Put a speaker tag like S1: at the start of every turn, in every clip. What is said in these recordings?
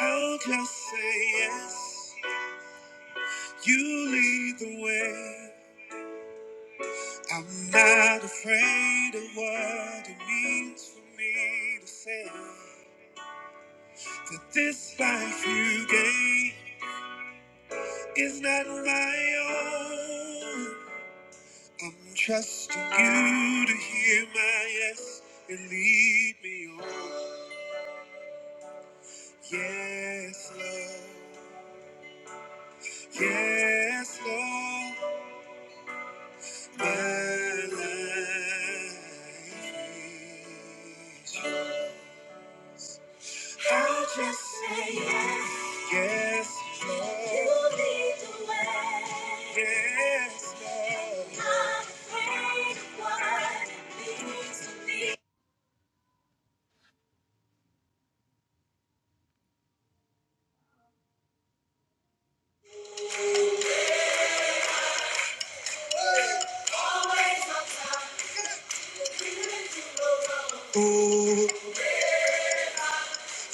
S1: I'll just say yes. You lead the way. I'm not afraid of what it means for me to say that this life you gave is not my own. I'm trusting you to hear my yes and lead me on. Yes, Lord. Yes, Lord. I'll just say yes. Yes, Lord. You lead the way. Yes, Lord. Not afraid of what it means to me. Always up to you to the road.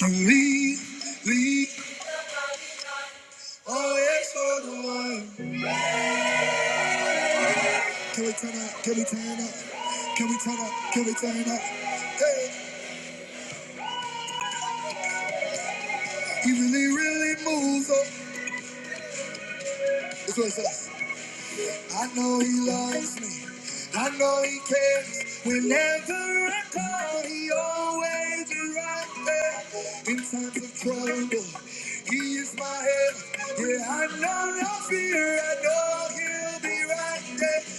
S1: Oh, you lead, lead. Always for the one. Can we turn up? Can we turn up? Can we turn up? Can we turn up? Hey, he really, really moves up. That's what it says. I know he loves me. I know he cares. Whenever I call, he always is right there. In times of trouble, he is my help. Yeah, I know no fear. I know he'll be right there.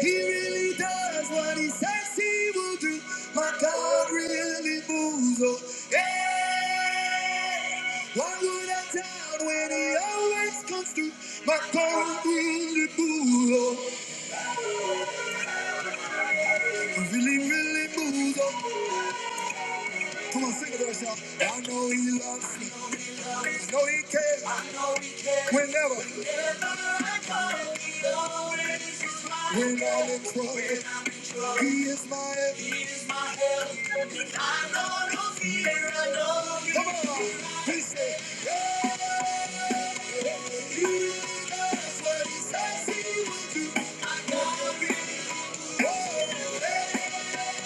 S1: He really does what he says he will do. My God really moves. Oh, hey, why would I doubt when he always comes through? My God really moves. Oh, really, really moves. Oh. Come on, sing it to yourself. I know he loves me. I know he cares. Whenever, when all is well. He is my help. He is my help. I know no fear. I know no fear. Come on. He said, yeah. He does what he says he will do. I'll be oh, hey.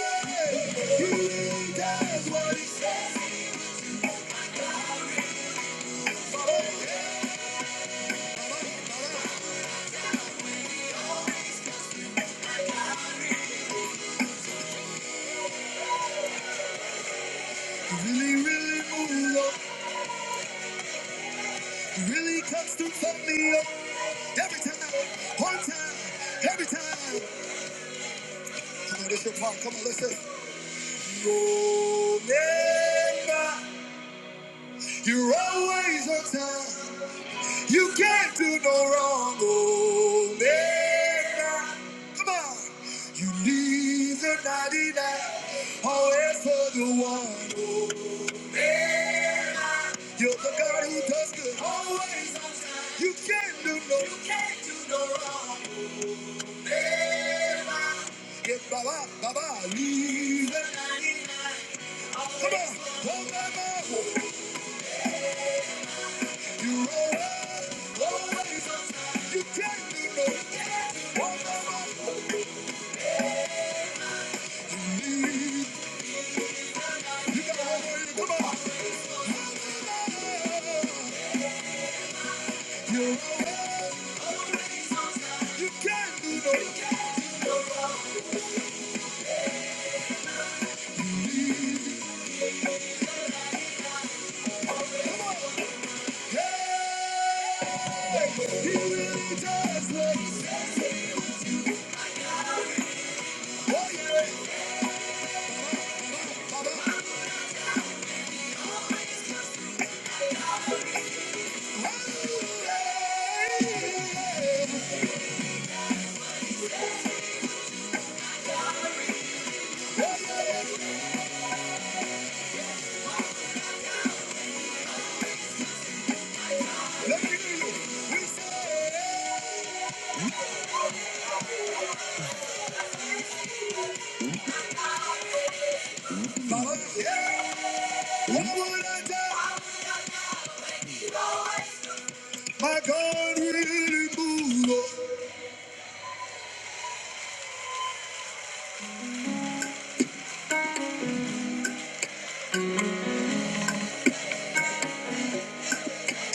S1: Oh, hey. He does what he says. He really, really moves on. He really comes to fuck me up. Every time. One time. Every time. Come on, this your part. Come on, listen. Omega, you're always on time. You can't do no wrong. oh, Omega, come on. You leave the 99, always for the one. You're the God who does good always. You can't do no wrong. Get Baba, Baba, leave the 99. Come on, oh Baba, you're always, always on time. You can't do no wrong. Baba, yeah. My God will move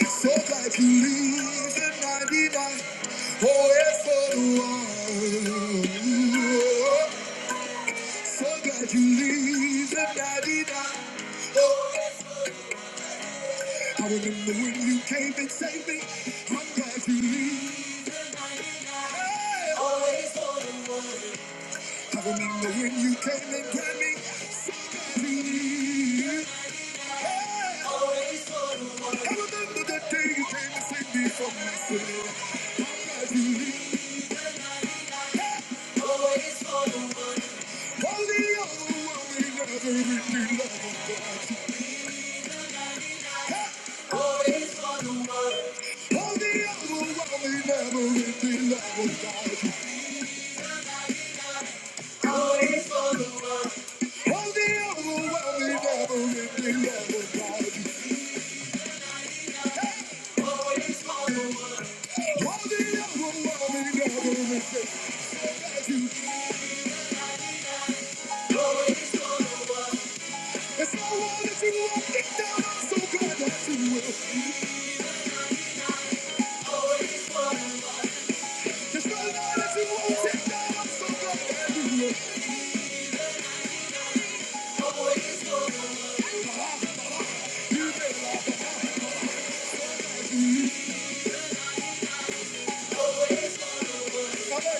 S1: so that you live in 99. Oh, yes, so do I. So that you live in 99. Oh, I remember when you came and saved me. I'm glad you leave. I remember when you came and grabbed me. So glad you leave. Always for the one.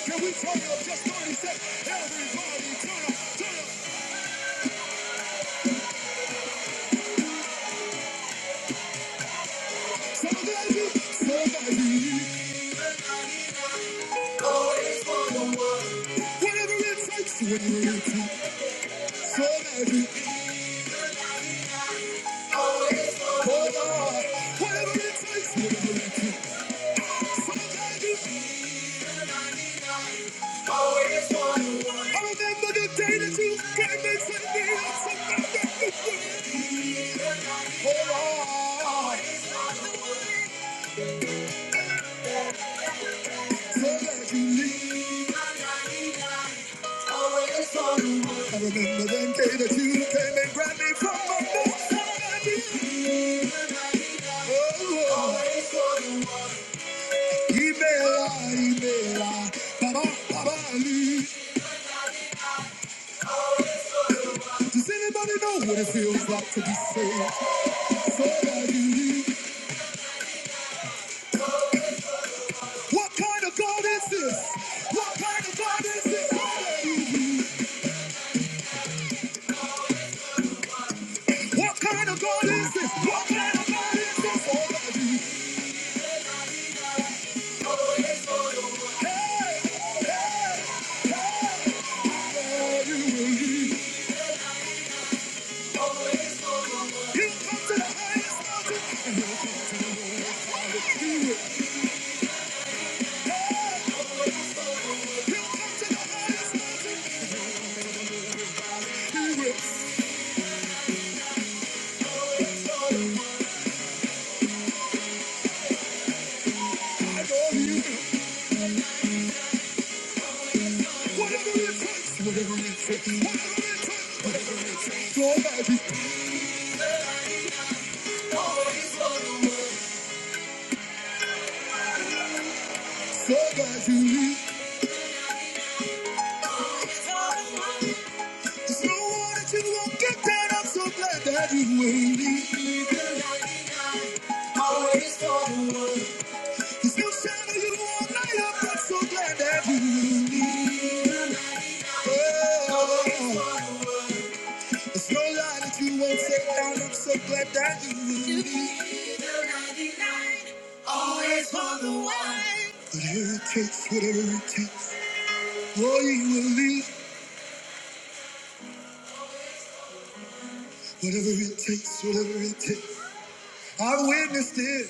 S1: Can we turn up just 30 seconds? Everybody turn up, turn up. Somebody, somebody. Always for the one. Whatever it takes, whatever it takes. so magic. I remember them day that you came and grabbed me from my bed. Oh, Always wanted Email, email, baba, baba, Does anybody know what it feels like to be saved? So are What kind of God is this? What kind of God is this? So What kind of God is this? What kind of God is this? So Hey, hey, hey, so you will lead. He'll come to the highest mountain and he'll come to the lowest valley. He will. Hey, he'll come to the highest mountain. He will. I know he will. Whatever it takes, whatever it takes, whatever it takes, whatever it takes. Somebody, always gonna win. Somebody, there's no one that you won't get down. I'm so glad that you ain't leaving. Always gonna win. There's no shadow you won't light up. I'm so glad that you will leave. Oh, there's no lie that you won't take down. I'm so glad that you will leave. It's for the one. Whatever it takes, whatever it takes, oh, you will leave. Whatever it takes, whatever it takes. I've witnessed it.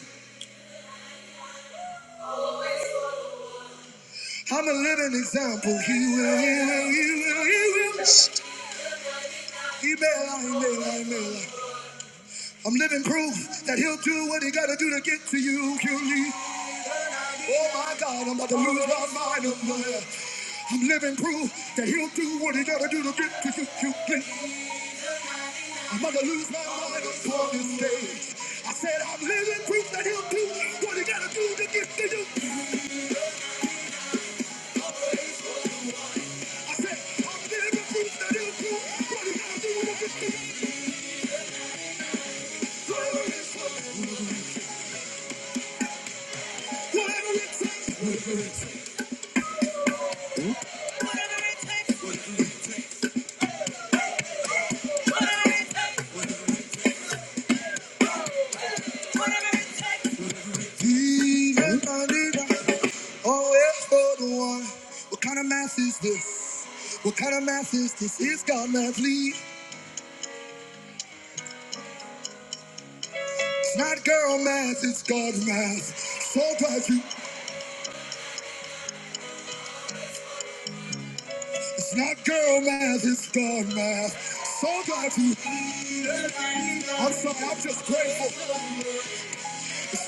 S1: I'm a living example. He will, he will, he will, he will. He may lie, he may lie, he may lie. I'm living proof that he'll do what he gotta do to get to you, QD. Oh my God, I'm about to lose my mind up there. I'm living proof that he'll do what he gotta do to get to you, QD. I'm about to lose my mind up on this stage. I said I'm living proof that he'll do what he gotta do to get to you. I said, I'm getting the fruits that he'll do. gonna do with the Whatever it takes. Whatever it takes. Whatever it takes. Whatever it takes. Jesus, always for the one. What kind of math is this? What kind of math is this? It's God math, lead. It's not girl math, it's God math. So glad you. It's not girl math, it's God math. So glad you. I'm sorry, I'm just grateful.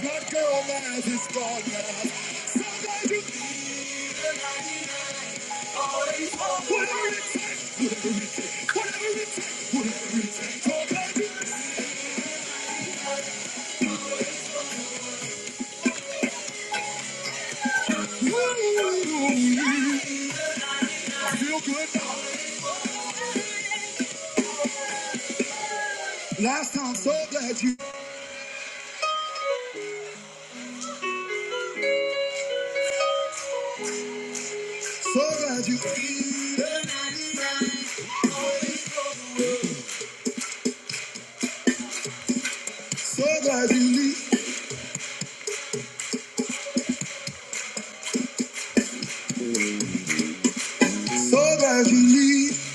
S1: That girl Maz is gone now. Somebody, whatever it takes, whatever it takes, whatever it takes, whatever it takes. Somebody, ooh, I feel good now. Last time, so glad you, so glad you, so glad you leave, so glad you leave.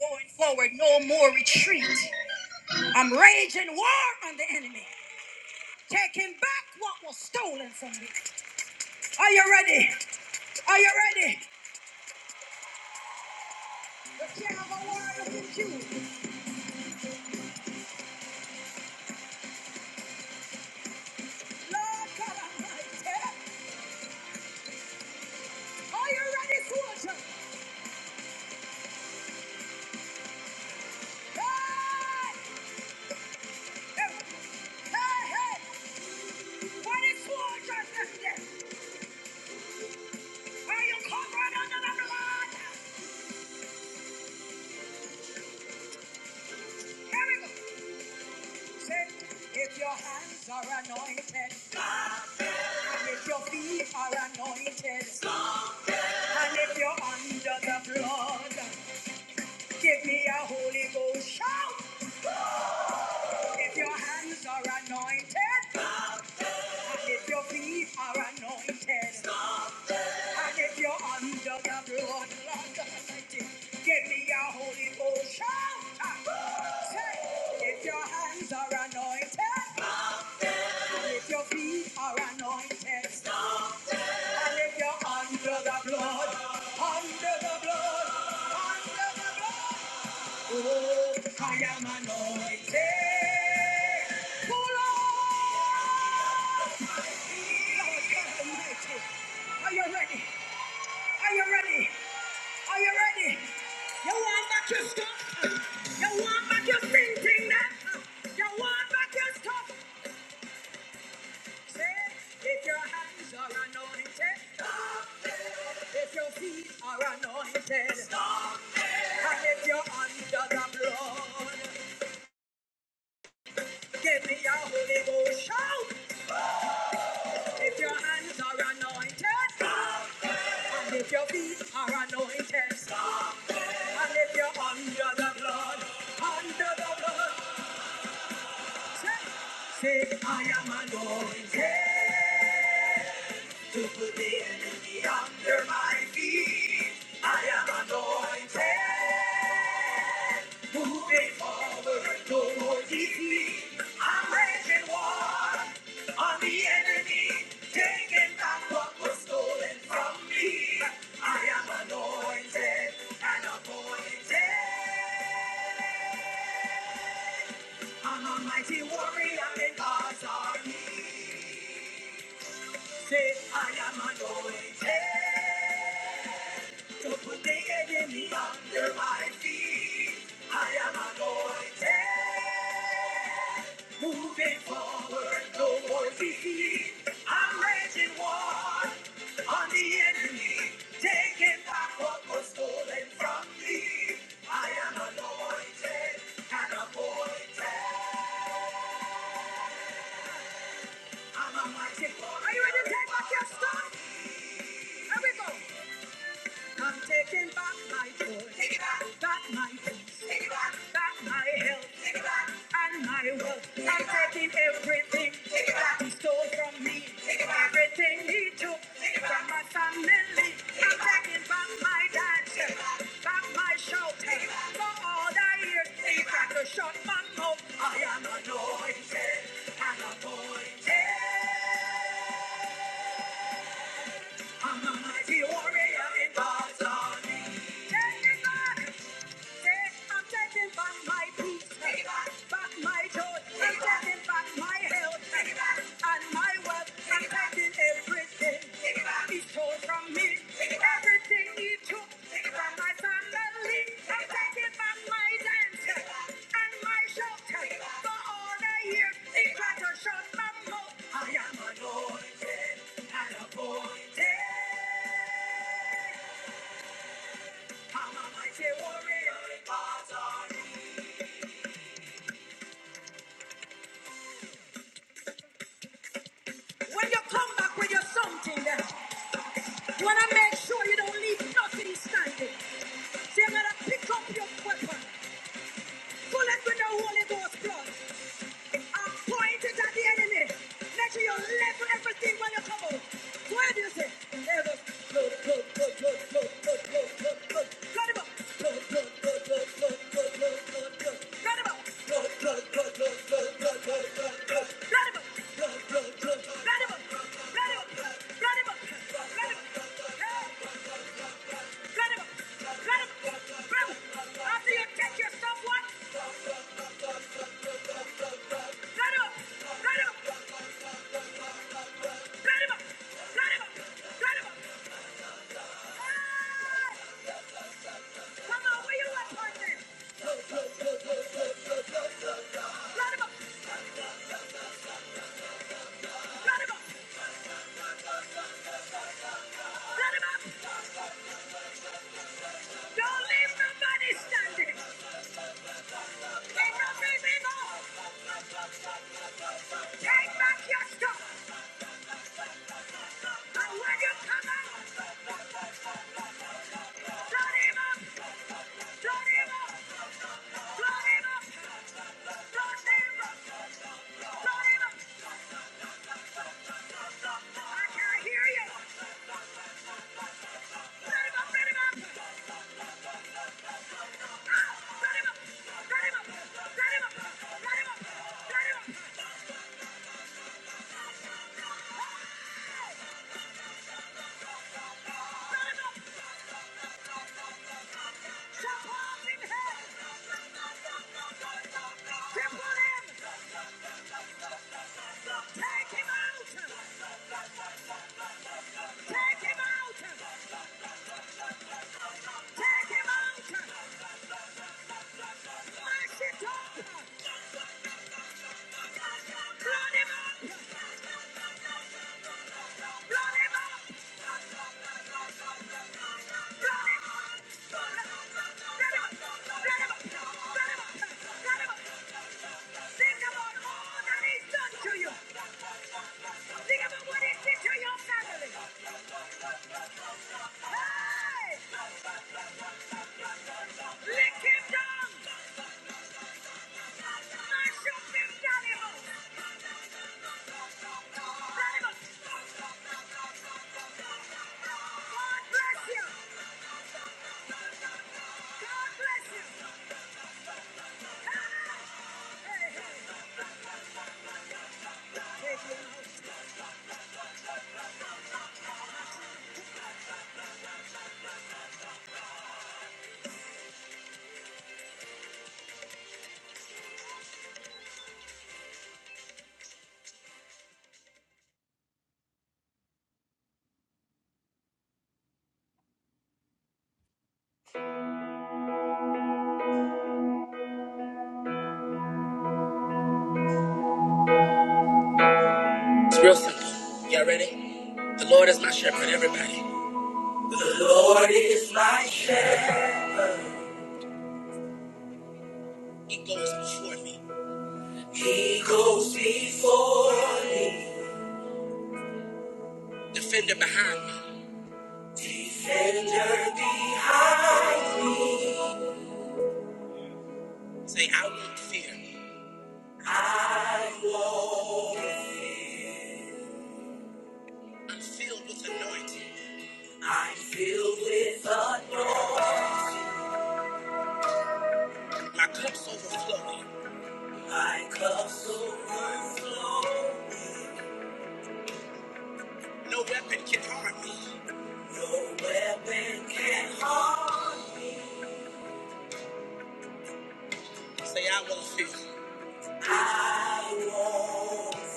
S1: Going forward, no more retreat. I'm raging war on the enemy, taking back what was stolen from me. Are you ready? Are you ready? If your hands are anointed, and if your feet are anointed, and if you're under the blood, give me a Holy Ghost shout. If your hands are anointed, and if your feet are anointed, If you're under the blood, Lord, give me your holy potion. Say, if your hands are anointed, and if your feet are anointed, and if you're under the blood, under the blood, under the blood, oh, I am anointed. Oh, Lord, Lord God Almighty, are you ready? Are you ready? Are you ready? You want back your stuff? You want back your thinking that? You want back your stuff? Say, if your hands are anointed, if your feet are anointed, and if you're under the blood, give me a Holy Ghost shout. If your hands are anointed, and if your feet are anointed, and if you're under the blood, under the blood. Say, I am anointed to put the enemy under my feet. I am anointed, moving forward towards defeat. I'm raging war on the enemy, taking back what was stolen from me. I am anointed and appointed. An almighty warrior in God's army. Say, I am anointed to put the enemy under my feet. I am anointed, moving forward, no more defeat. I'm raging war on the enemy, taking back what was stolen from me. I am a mighty warrior. Are you ready to take back your stuff? Here we go. I'm taking back my voice. Take it back. Back my peace. Take it back. Back my health. Take it back. And my wealth. Take I'm back. taking everything Take it back. that he stole from me. Take it back. Everything he took Take it back. from my family. Take it I'm back. taking back my dance. Take it back. Back my shout. Take it back. For all the years Take it he it tried back. to shut my mouth. I am anointed and appointed. I'm a mighty warrior in God's army. Take it back. I'm taking back my peace, back my joy, I'm taking back my health, and my wealth. I'm taking everything he stole from me, everything he took from my family. I'm taking back my dance and my shout for all the years he tried to shut my mouth. I am anointed and appointed. I'm a mighty warrior. When you come back with your something, eh, you want to make sure you don't leave nothing standing. So you got to pick up your weapon, pull it with the Holy Ghost blood, and point it at the enemy. Make sure you level everything when you come out. Where do you say? Level. Load, load, load, load, load, load, load, load, load. Load him up. Load, load him up. Load, load him up. Load, load, load, load him up. Load him up. Load him up. Load him up. Hey. Cut him! Cut him! Cut him! After you catch your somewhat, cut him! Cut him! Cut him! Cut him! Cut him! Ah! Come on, where you at, partner? Cut him up! Cut him up! Cut him up! Don't leave nobody standing! Ain't no leaving off! Take back your stuff! And when you come out, cut him up! Cut him up! Cut him up! Cut him up! Cut him up! I can't hear you! Cut him up! Cut him up! Run him up! Think about all that he's done to you. Think about what he did to your family. Hey! Lick him down! Mash up him down! God bless you! God bless you! He goes before me, defender behind. I'm filled with anointing. My cup's overflowing. My cup's overflowing. No weapon can harm me. No weapon can harm. me. Say, I won't fear. I won't.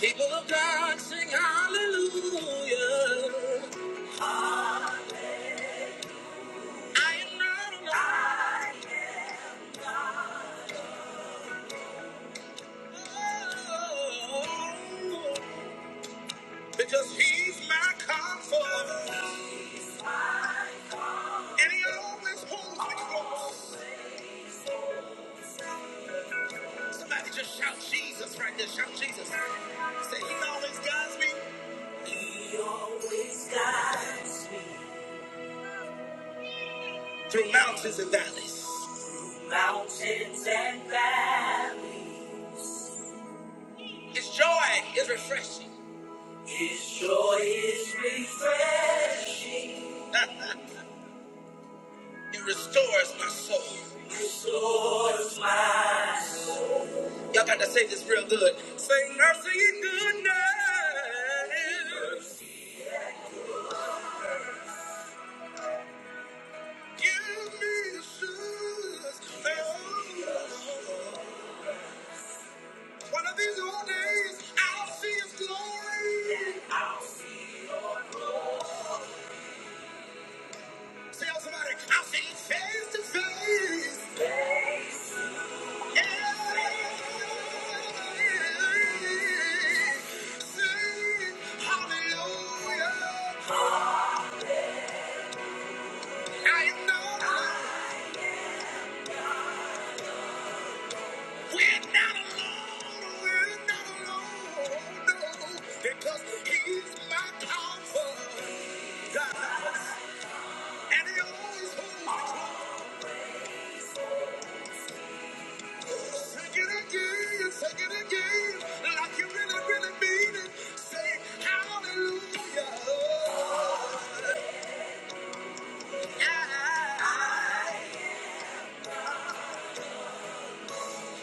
S1: People of God sing hallelujah. I am not alone. Because he's my comfort. And he always holds me close. Somebody just shout Jesus right there. Shout Jesus. Say, he always guides me. He always guides me. Through mountains and valleys. Mountains and valleys. His joy is refreshing. His joy is refreshing. It restores my soul. Y'all got to say this real good. Sing mercy and goodness. Give me assurance. that One of these old days, I'll see his glory. Tell somebody, I'll see his face to face. I know we're We're not not alone. we're not alone, no, Because he's my comfort, God, and he always holds me. Take it again, take it again, like you really, really mean it. Say hallelujah. I.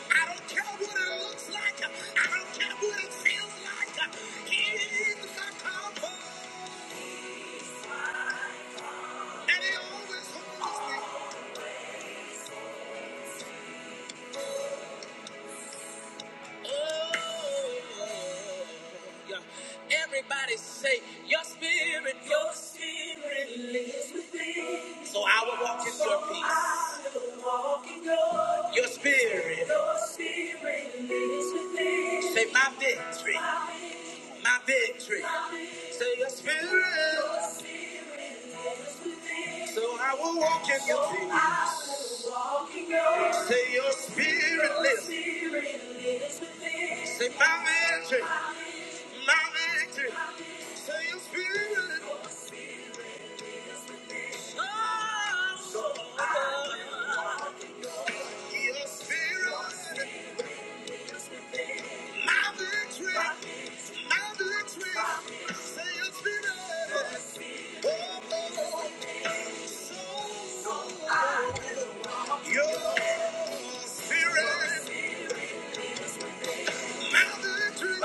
S1: I don't care what it looks like. I don't care what it feels like. He is the conqueror, and he always holds me. Oh, yeah. Everybody say, Your spirit, your spirit lives within. So I will walk in your peace. So I will walk in your Your spirit. Your spirit lives within. Say, My victory, my victory. Say, Your spirit. So I will walk in your peace. Say your spirit lives. Say my victory, my victory. Say your spirit, your spirit. My victory, my victory. Say your spirit. Oh, oh, oh. Your spirit, my victory, my victory.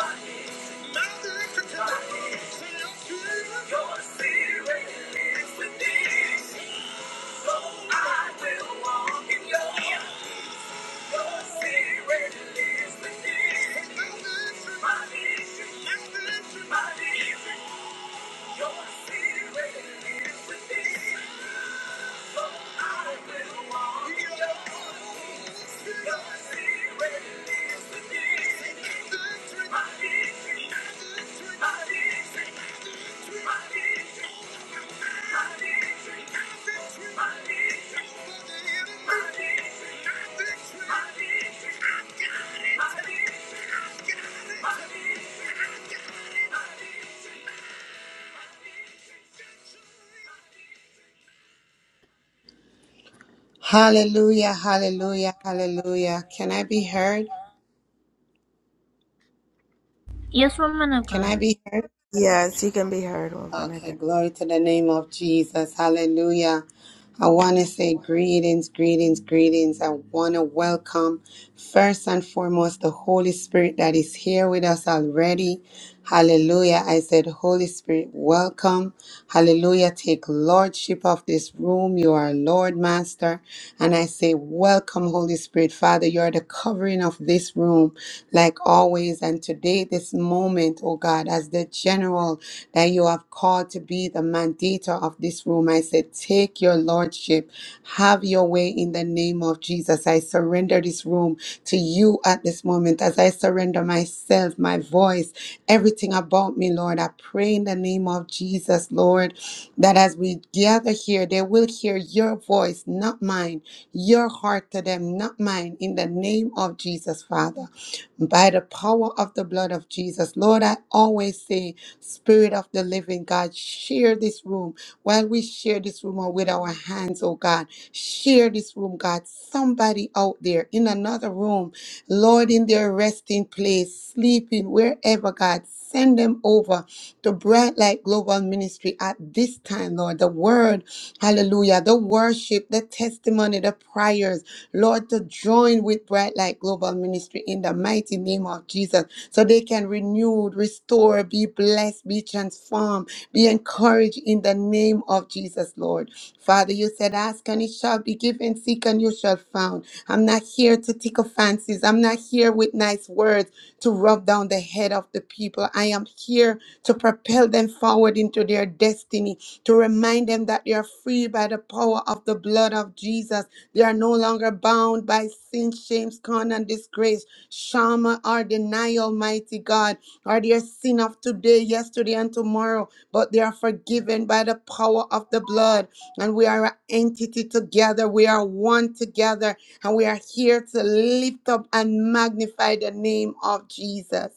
S1: Say your spirit. I will walk in your.
S2: Hallelujah, hallelujah, hallelujah. Can I be heard?
S1: Yes, woman of
S2: Can
S1: God.
S2: I be heard?
S3: Yes, you can be heard, woman of
S2: Okay,
S3: God.
S2: glory to the name of Jesus. Hallelujah. I want to say
S4: Amen.
S2: greetings, greetings, greetings. I want to welcome first and foremost the Holy Spirit that is here with us already. Hallelujah. I said, Holy Spirit, welcome. Hallelujah. Take lordship of this room. You are Lord, Master. And I say, welcome, Holy Spirit. Father, you are the covering of this room, like always. And today, this moment, oh God, as the general that you have called to be the mandator of this room. I said, Take your lordship, have your way in the name of Jesus. I surrender this room to you at this moment as I surrender myself, my voice, everything about me, Lord. I pray in the name of Jesus, Lord, that as we gather here, they will hear your voice, not mine, your heart to them, not mine, in the name of Jesus, Father by the power of the blood of Jesus. Lord, I always say Spirit of the living God, share this room. While we share this room with our hands, oh God, share this room, God. Somebody out there in another room, Lord, in their resting place, sleeping, wherever, God, send them over to Bright Light Global Ministry at this time, Lord. The word, hallelujah, the worship, the testimony, the prayers, Lord, to join with Bright Light Global Ministry in the mighty name of Jesus so they can renew, restore, be blessed, be transformed, be encouraged in the name of Jesus, Lord. Father, you said, ask and it shall be given, seek and you shall found. I'm not here to tickle fancies. I'm not here with nice words to rub down the head of the people. I am here to propel them forward into their destiny, to remind them that they are free by the power of the blood of Jesus. They are no longer bound by sin, shame, scorn, and disgrace Shama, our denial, mighty God. Are their sin of today, yesterday, and tomorrow, but they are forgiven by the power of the blood. And we are an entity together. We are one together. And we are here to lift up and magnify the name of Jesus.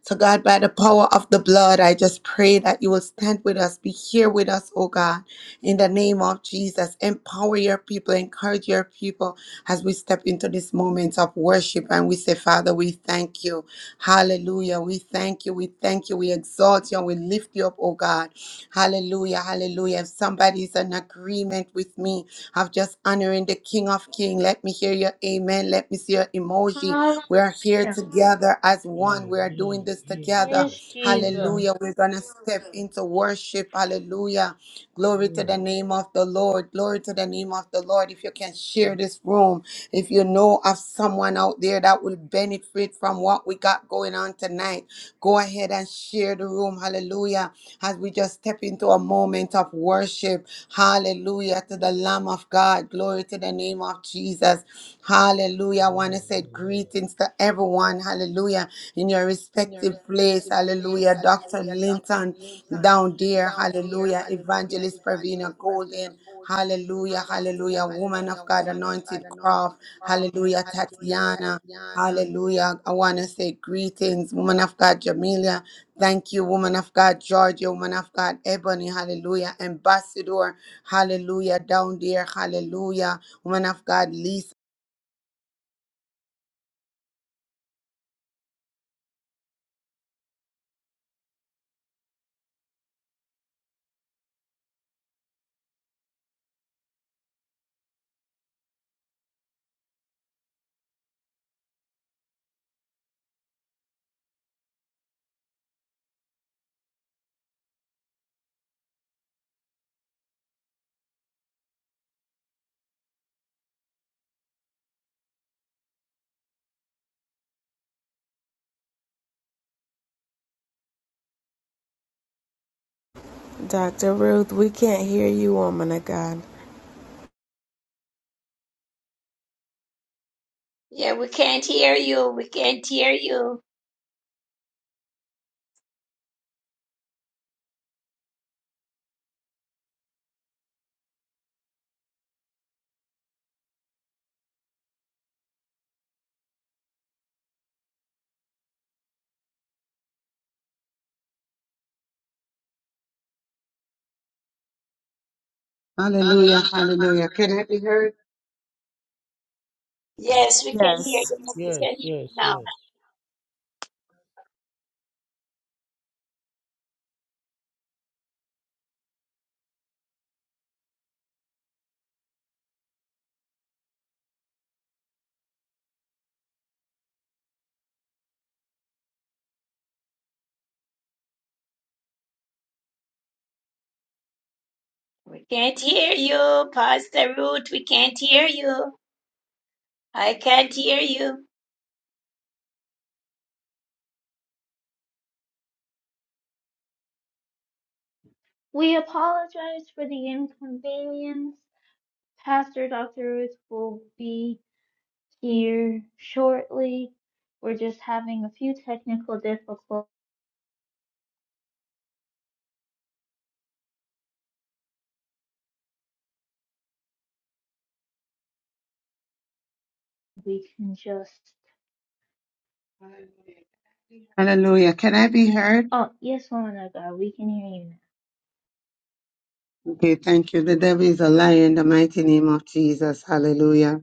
S2: So, God, by the power of the blood, I just pray that you will stand with us, be here with us, oh God. In the name of Jesus, empower your people, encourage your people as we step into this moment of worship. And we say, Father, we thank you. Hallelujah. We thank you. We thank you. We exalt you and we lift you up, oh God. Hallelujah. Hallelujah. If somebody is in agreement with me of just honoring the King of King, let me hear your amen. Let me see your emoji. We are here
S5: Hallelujah.
S2: together as one. We are doing
S4: Amen.
S2: this
S4: Yes.
S2: together.
S5: Yes, Jesus.
S4: Yes.
S2: Hallelujah. We're going to step into worship. Hallelujah. Glory to
S4: Amen.
S2: the name of the Lord. Glory to the name of the Lord. If you can share this room, if you know of someone out there that will benefit from what we got going on tonight, Go ahead and share the room. Hallelujah. As we just step into a moment of worship. Hallelujah to the Lamb of God. Glory to the name of Jesus. Hallelujah. I want to say
S4: Amen.
S2: greetings to everyone. Hallelujah. In your
S4: in your
S2: respective place.
S4: respective place.
S2: Hallelujah. Dr.
S4: Hallelujah. Dr.
S2: Linton
S4: Linton
S2: down there.
S4: down there.
S2: Hallelujah.
S4: Hallelujah.
S2: Evangelist
S4: Evangelist
S2: Pravina
S4: Pravina
S2: Golden.
S4: Golden.
S2: Hallelujah.
S4: Hallelujah.
S2: Hallelujah. Woman
S4: Hallelujah.
S2: of God,
S4: Woman of God,
S2: anointed
S4: anointed
S2: Croft,
S4: crop.
S2: Hallelujah.
S4: Hallelujah.
S2: Tatiana.
S4: Tatiana.
S2: Hallelujah. I want to say greetings, woman of God, Jamelia. Thank you, woman of God, Georgia, woman of God, Ebony. Hallelujah. Ambassador. Hallelujah. Down there. Hallelujah. Woman of God, Lisa.
S3: Dr. Ruth, we can't hear you, woman of God.
S6: Yeah, we can't hear you. We can't hear you.
S7: Hallelujah, hallelujah. Can I be heard?
S6: Yes, we can hear
S3: Yes.
S4: Yes,
S6: you.
S4: yes,
S6: now.
S4: yes.
S6: We can hear you now. We can't hear you, Pastor Ruth. We can't hear you. I can't hear you.
S5: We apologize for the inconvenience. Pastor Dr. Ruth will be here shortly. We're just having a few technical difficulties. We can just.
S7: Hallelujah. Can I be heard?
S5: Oh, yes, woman of God, we can hear
S7: Okay, thank you. The devil is a liar in the mighty name of Jesus. Hallelujah.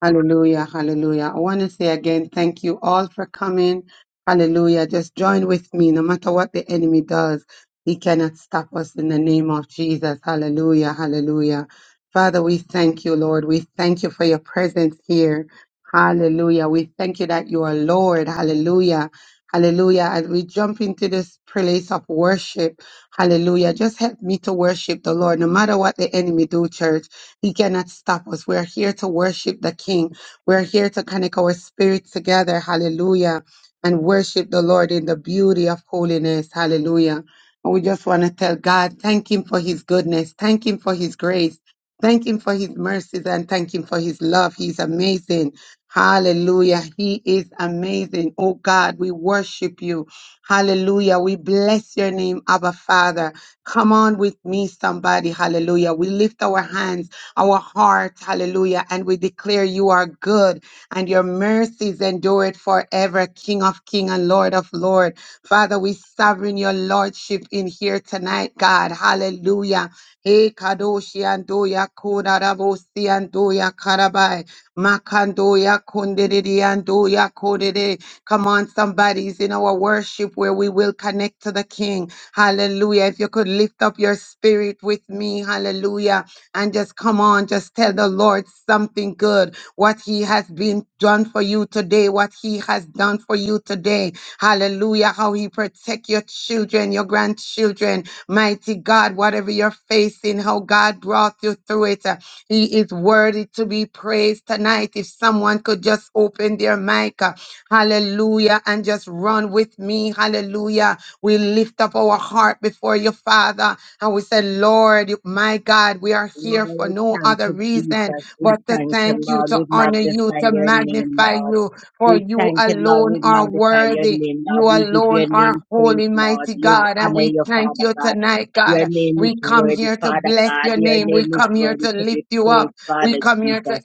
S7: Hallelujah, hallelujah. I want to say again, thank you all for coming. Hallelujah. Just join with me. No matter what the enemy does, he cannot stop us in the name of Jesus. Hallelujah, hallelujah. Father, we thank you, Lord. We thank you for your presence here. Hallelujah. We thank you that you are Lord. Hallelujah. Hallelujah. As we jump into this place of worship, hallelujah. Just help me to worship the Lord, no matter what the enemy do, church. He cannot stop us. We're here to worship the King. We're here to connect our spirits together. Hallelujah. And worship the Lord in the beauty of holiness. Hallelujah. And we just want to tell God, thank Him for His goodness. Thank Him for His grace. Thank Him for His mercies and thank Him for His love. He's amazing. Hallelujah. He is amazing. Oh God, we worship you. Hallelujah. We bless your name, Abba Father. Come on with me, somebody. Hallelujah. We lift our hands our hearts. Hallelujah. And we declare you are good and your mercies endure it forever, King of King and Lord of Lord. Father, we sovereign your lordship in here tonight, God. Hallelujah. Hey, Kadoshi Andoya Kodarabosi Andoya Karabai. Makandoya Kundidi Andoya Kodede. Come on, somebody's in our worship where we will connect to the King. Hallelujah. If you could lift up your spirit with me, hallelujah and just come on, just tell the Lord something good, what He has been done for you today, what He has done for you today. Hallelujah. How He protect your children, your grandchildren. Mighty God, whatever you're facing, how God brought you through it. Uh, He is worthy to be praised tonight. If someone could just open their mic. uh, Hallelujah. And just run with me. Hallelujah. We lift up our heart before you, Father. And we say, Lord, my God, we are here for
S8: Lord,
S7: no
S8: thank
S7: other
S8: you,
S7: reason
S8: Jesus. We
S7: but to
S8: thank you,
S7: thank you,
S8: Lord.
S7: to
S8: We
S7: honor you,
S8: magnify
S7: to
S8: your name,
S7: magnify
S8: Lord.
S7: you, for
S8: We
S7: you
S8: thank you, Lord.
S7: alone
S8: We
S7: are
S8: magnify your
S7: worthy.
S8: name,
S7: You
S8: Lord. We give your
S7: alone
S8: name
S7: are
S8: praise,
S7: holy,
S8: Lord.
S7: mighty
S8: You
S7: God, and
S8: honor
S7: we
S8: your
S7: thank
S8: Father
S7: you
S8: God.
S7: tonight,
S8: Your
S7: God.
S8: name is
S7: We come
S8: worthy,
S7: here to
S8: Father
S7: bless
S8: God.
S7: your
S8: Your
S7: name. We
S8: name is
S7: come here
S8: worthy
S7: to
S8: to
S7: lift
S8: be
S7: you up.
S8: praised,
S7: We
S8: Father
S7: come here to
S8: Jesus.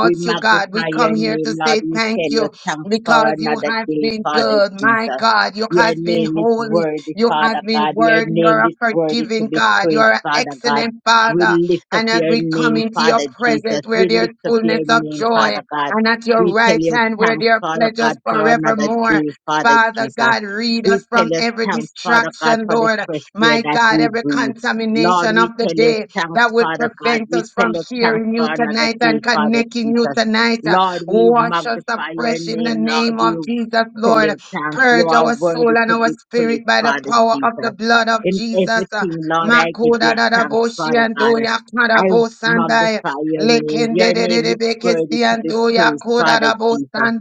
S8: We
S7: you, God. We
S8: magnify
S7: come
S8: your
S7: here to
S8: name, Lord.
S7: say
S8: We
S7: thank
S8: tell you
S7: you
S8: thanks for
S7: because you
S8: another
S7: have
S8: day,
S7: been
S8: Father
S7: good. My
S8: Jesus.
S7: God, you
S8: Your
S7: have been
S8: name is
S7: holy.
S8: worthy,
S7: You have
S8: Father
S7: been
S8: God. Your
S7: worthy.
S8: name
S7: You're a
S8: is worthy to
S7: forgiving
S8: be
S7: God.
S8: praised,
S7: You're an
S8: Father God.
S7: excellent Father.
S8: We lift up
S7: And as
S8: your
S7: we come
S8: name,
S7: into your
S8: Father Jesus.
S7: presence where
S8: We
S7: there's
S8: lift up your
S7: fullness of
S8: name,
S7: joy,
S8: Father God.
S7: and at your
S8: We tell
S7: right
S8: you
S7: hand where
S8: thanks,
S7: there are
S8: Father
S7: pleasures
S8: God, for another
S7: forevermore.
S8: day, Father
S7: Father
S8: Jesus.
S7: God, read
S8: We
S7: us
S8: tell
S7: from
S8: you
S7: every
S8: thanks, Father God,
S7: distraction,
S8: for the
S7: Lord.
S8: fresh air
S7: My
S8: that
S7: God,
S8: we
S7: every
S8: breathe. Lord,
S7: contamination
S8: we
S7: of the
S8: tell you
S7: day that
S8: thanks,
S7: would
S8: Father God.
S7: prevent
S8: We
S7: us
S8: tell
S7: from
S8: you thanks
S7: hearing you
S8: for another
S7: tonight and
S8: day, Father
S7: connecting you
S8: Jesus.
S7: tonight.
S8: Lord, we
S7: Wash us
S8: magnify your
S7: afresh in the
S8: name, Lord.
S7: name
S8: We
S7: of Jesus,
S8: tell you
S7: Lord.
S8: thanks. You
S7: Purge
S8: are
S7: our soul
S8: worthy
S7: and
S8: to
S7: our
S8: be
S7: spirit
S8: praised,
S7: by the
S8: Father
S7: power of the
S8: Jesus.
S7: blood of
S8: In
S7: Jesus. Uh,
S8: everything, Lord, I give
S7: Makoda
S8: you
S7: dada
S8: thanks,
S7: boshi
S8: Father
S7: and
S8: God.
S7: doya kada
S8: I
S7: bo
S8: magnify your name.
S7: Lekende
S8: Your
S7: de de
S8: name
S7: de
S8: is worthy
S7: bekesi
S8: to
S7: and
S8: be
S7: doya
S8: praised,
S7: koda
S8: Father
S7: da bo
S8: Jesus.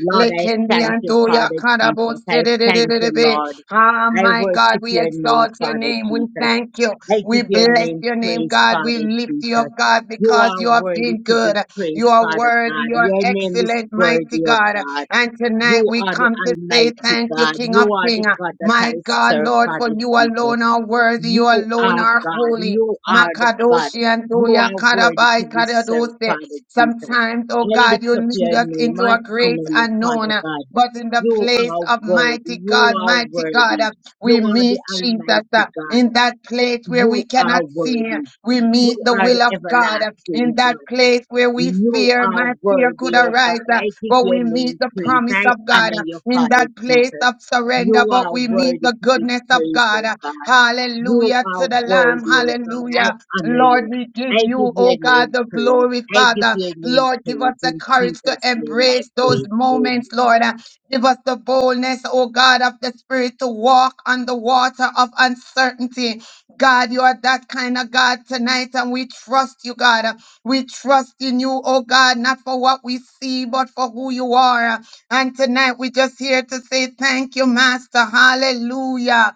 S8: Lord, I
S7: Lekendi
S8: thank
S7: and
S8: you,
S7: doya
S8: Father
S7: kada
S8: Jesus.
S7: bo
S8: I
S7: de de de
S8: thank
S7: de de
S8: you,
S7: be.
S8: Lord.
S7: Ah,
S8: I
S7: my God,
S8: worship
S7: we
S8: your name,
S7: exalt your
S8: Father
S7: name. We
S8: Jesus.
S7: thank you.
S8: I
S7: We
S8: give your
S7: bless
S8: name
S7: your name,
S8: praise,
S7: God. We
S8: Father
S7: lift you up,
S8: Jesus.
S7: God,
S8: You
S7: because
S8: are
S7: you have
S8: worthy
S7: been
S8: to
S7: good.
S8: be
S7: You
S8: praised,
S7: are
S8: Father
S7: worthy,
S8: God.
S7: you are
S8: Your name is
S7: excellent, mighty
S8: worthy, O
S7: God.
S8: God.
S7: And tonight
S8: You
S7: we
S8: are the
S7: come to say
S8: Almighty
S7: thank you,
S8: God.
S7: King of
S8: You are
S7: King.
S8: the God that
S7: My
S8: I
S7: God,
S8: serve,
S7: Lord, for
S8: Father
S7: you
S8: Jesus.
S7: alone are worthy, you
S8: You
S7: alone
S8: are
S7: are
S8: God.
S7: holy.
S8: You are the God.
S7: Makadoshi and
S8: You
S7: Doya
S8: are worthy to
S7: Kadabai
S8: be served,
S7: Kadadose.
S8: Father Jesus.
S7: Sometimes, oh
S8: I
S7: God,
S8: lift
S7: you
S8: up
S7: lead
S8: your
S7: us
S8: name.
S7: into
S8: I
S7: a great
S8: honor you,
S7: unknown.
S8: Father God.
S7: But in the
S8: You
S7: place
S8: are
S7: of
S8: worthy.
S7: mighty
S8: You
S7: God,
S8: are
S7: mighty God,
S8: worthy.
S7: uh,
S8: You
S7: we
S8: are the
S7: meet Jesus uh,
S8: Almighty
S7: in
S8: God.
S7: that place where we
S8: You
S7: cannot
S8: are
S7: see. uh,
S8: worthy.
S7: We meet
S8: You
S7: the
S8: are
S7: will
S8: the
S7: of God uh, in
S8: everlasting
S7: that
S8: God.
S7: place where we
S8: You
S7: fear.
S8: are
S7: My fear could
S8: worthy, oh
S7: arise,
S8: God.
S7: uh,
S8: I give
S7: but
S8: your
S7: we meet
S8: name
S7: the
S8: praise.
S7: promise
S8: I
S7: of God
S8: honor
S7: uh,
S8: your
S7: in
S8: Father
S7: that place
S8: Jesus.
S7: of
S8: You
S7: surrender. But
S8: are
S7: we meet
S8: worthy
S7: the
S8: to be
S7: goodness of
S8: praised,
S7: God.
S8: oh
S7: uh,
S8: God. You
S7: Hallelujah
S8: are
S7: to the Lamb.
S8: worthy, oh God. I
S7: Hallelujah.
S8: honor
S7: Lord,
S8: you.
S7: we give
S8: I
S7: you,
S8: give
S7: oh
S8: your
S7: God,
S8: name
S7: the
S8: praise.
S7: glory,
S8: I give
S7: Father.
S8: your name
S7: Lord, give us
S8: praise.
S7: the
S8: In
S7: courage to
S8: Jesus' name I
S7: embrace those
S8: pray.
S7: moments, Lord. Uh, Give us the boldness, oh God, of the Spirit to walk on the water of uncertainty. God, you are that kind of God tonight, and we trust you, God. Uh, We trust in you, oh God, not for what we see, but for who you are. Uh, And tonight, we're just here to say thank you, Master. Hallelujah.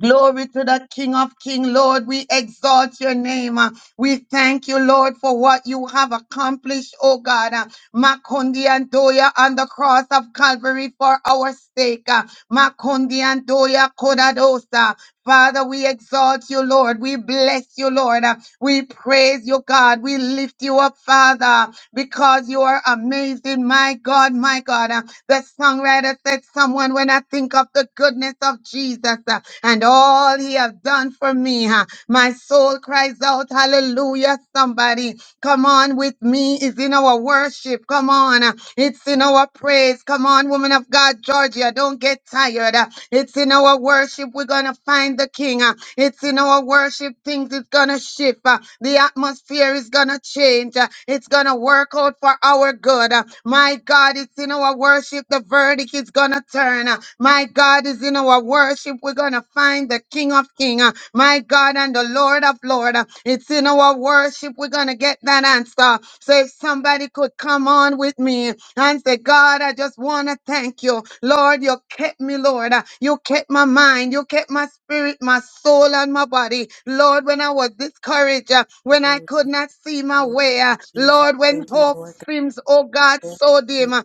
S7: Glory to the King of King, Lord. We exalt your name. Uh, We thank you, Lord, for what you have accomplished, oh God. Uh, Makundi and Doya on the cross of Calvary for our sake. Uh, Makundi and Doya Kodadosa. Father, we exalt you, Lord. We bless you, Lord. Uh, We praise you, God. We lift you up, Father, because you are amazing, my God, my God. Uh, The songwriter said, Someone, when I think of the goodness of Jesus uh, and all he has done for me, uh, my soul cries out, Hallelujah, somebody. Come on with me. It's in our worship. Come on. Uh, It's in our praise. Come on, woman of God, Georgia. Don't get tired. Uh, It's in our worship. We're going to find the king. uh, It's in our worship things is going to shift. uh, The atmosphere is going to change. uh, It's going to work out for our good. uh, My God, it's in our worship the verdict is going to turn. uh, My God is in our worship. We're going to find the king of kings. uh, My God and the Lord of lord. uh, It's in our worship. We're going to get that answer. So if somebody could come on with me and say, God, I just want to thank you. Lord, you kept me, Lord. Uh, You kept my mind mind. You kept my spirit, my soul, and my body. Lord, when I was discouraged, uh, when I could not see my way, uh, Lord, when
S3: Thank you,
S7: hope
S3: Lord.
S7: seems, oh God,
S3: God.
S7: so
S3: Thank
S7: dim. uh,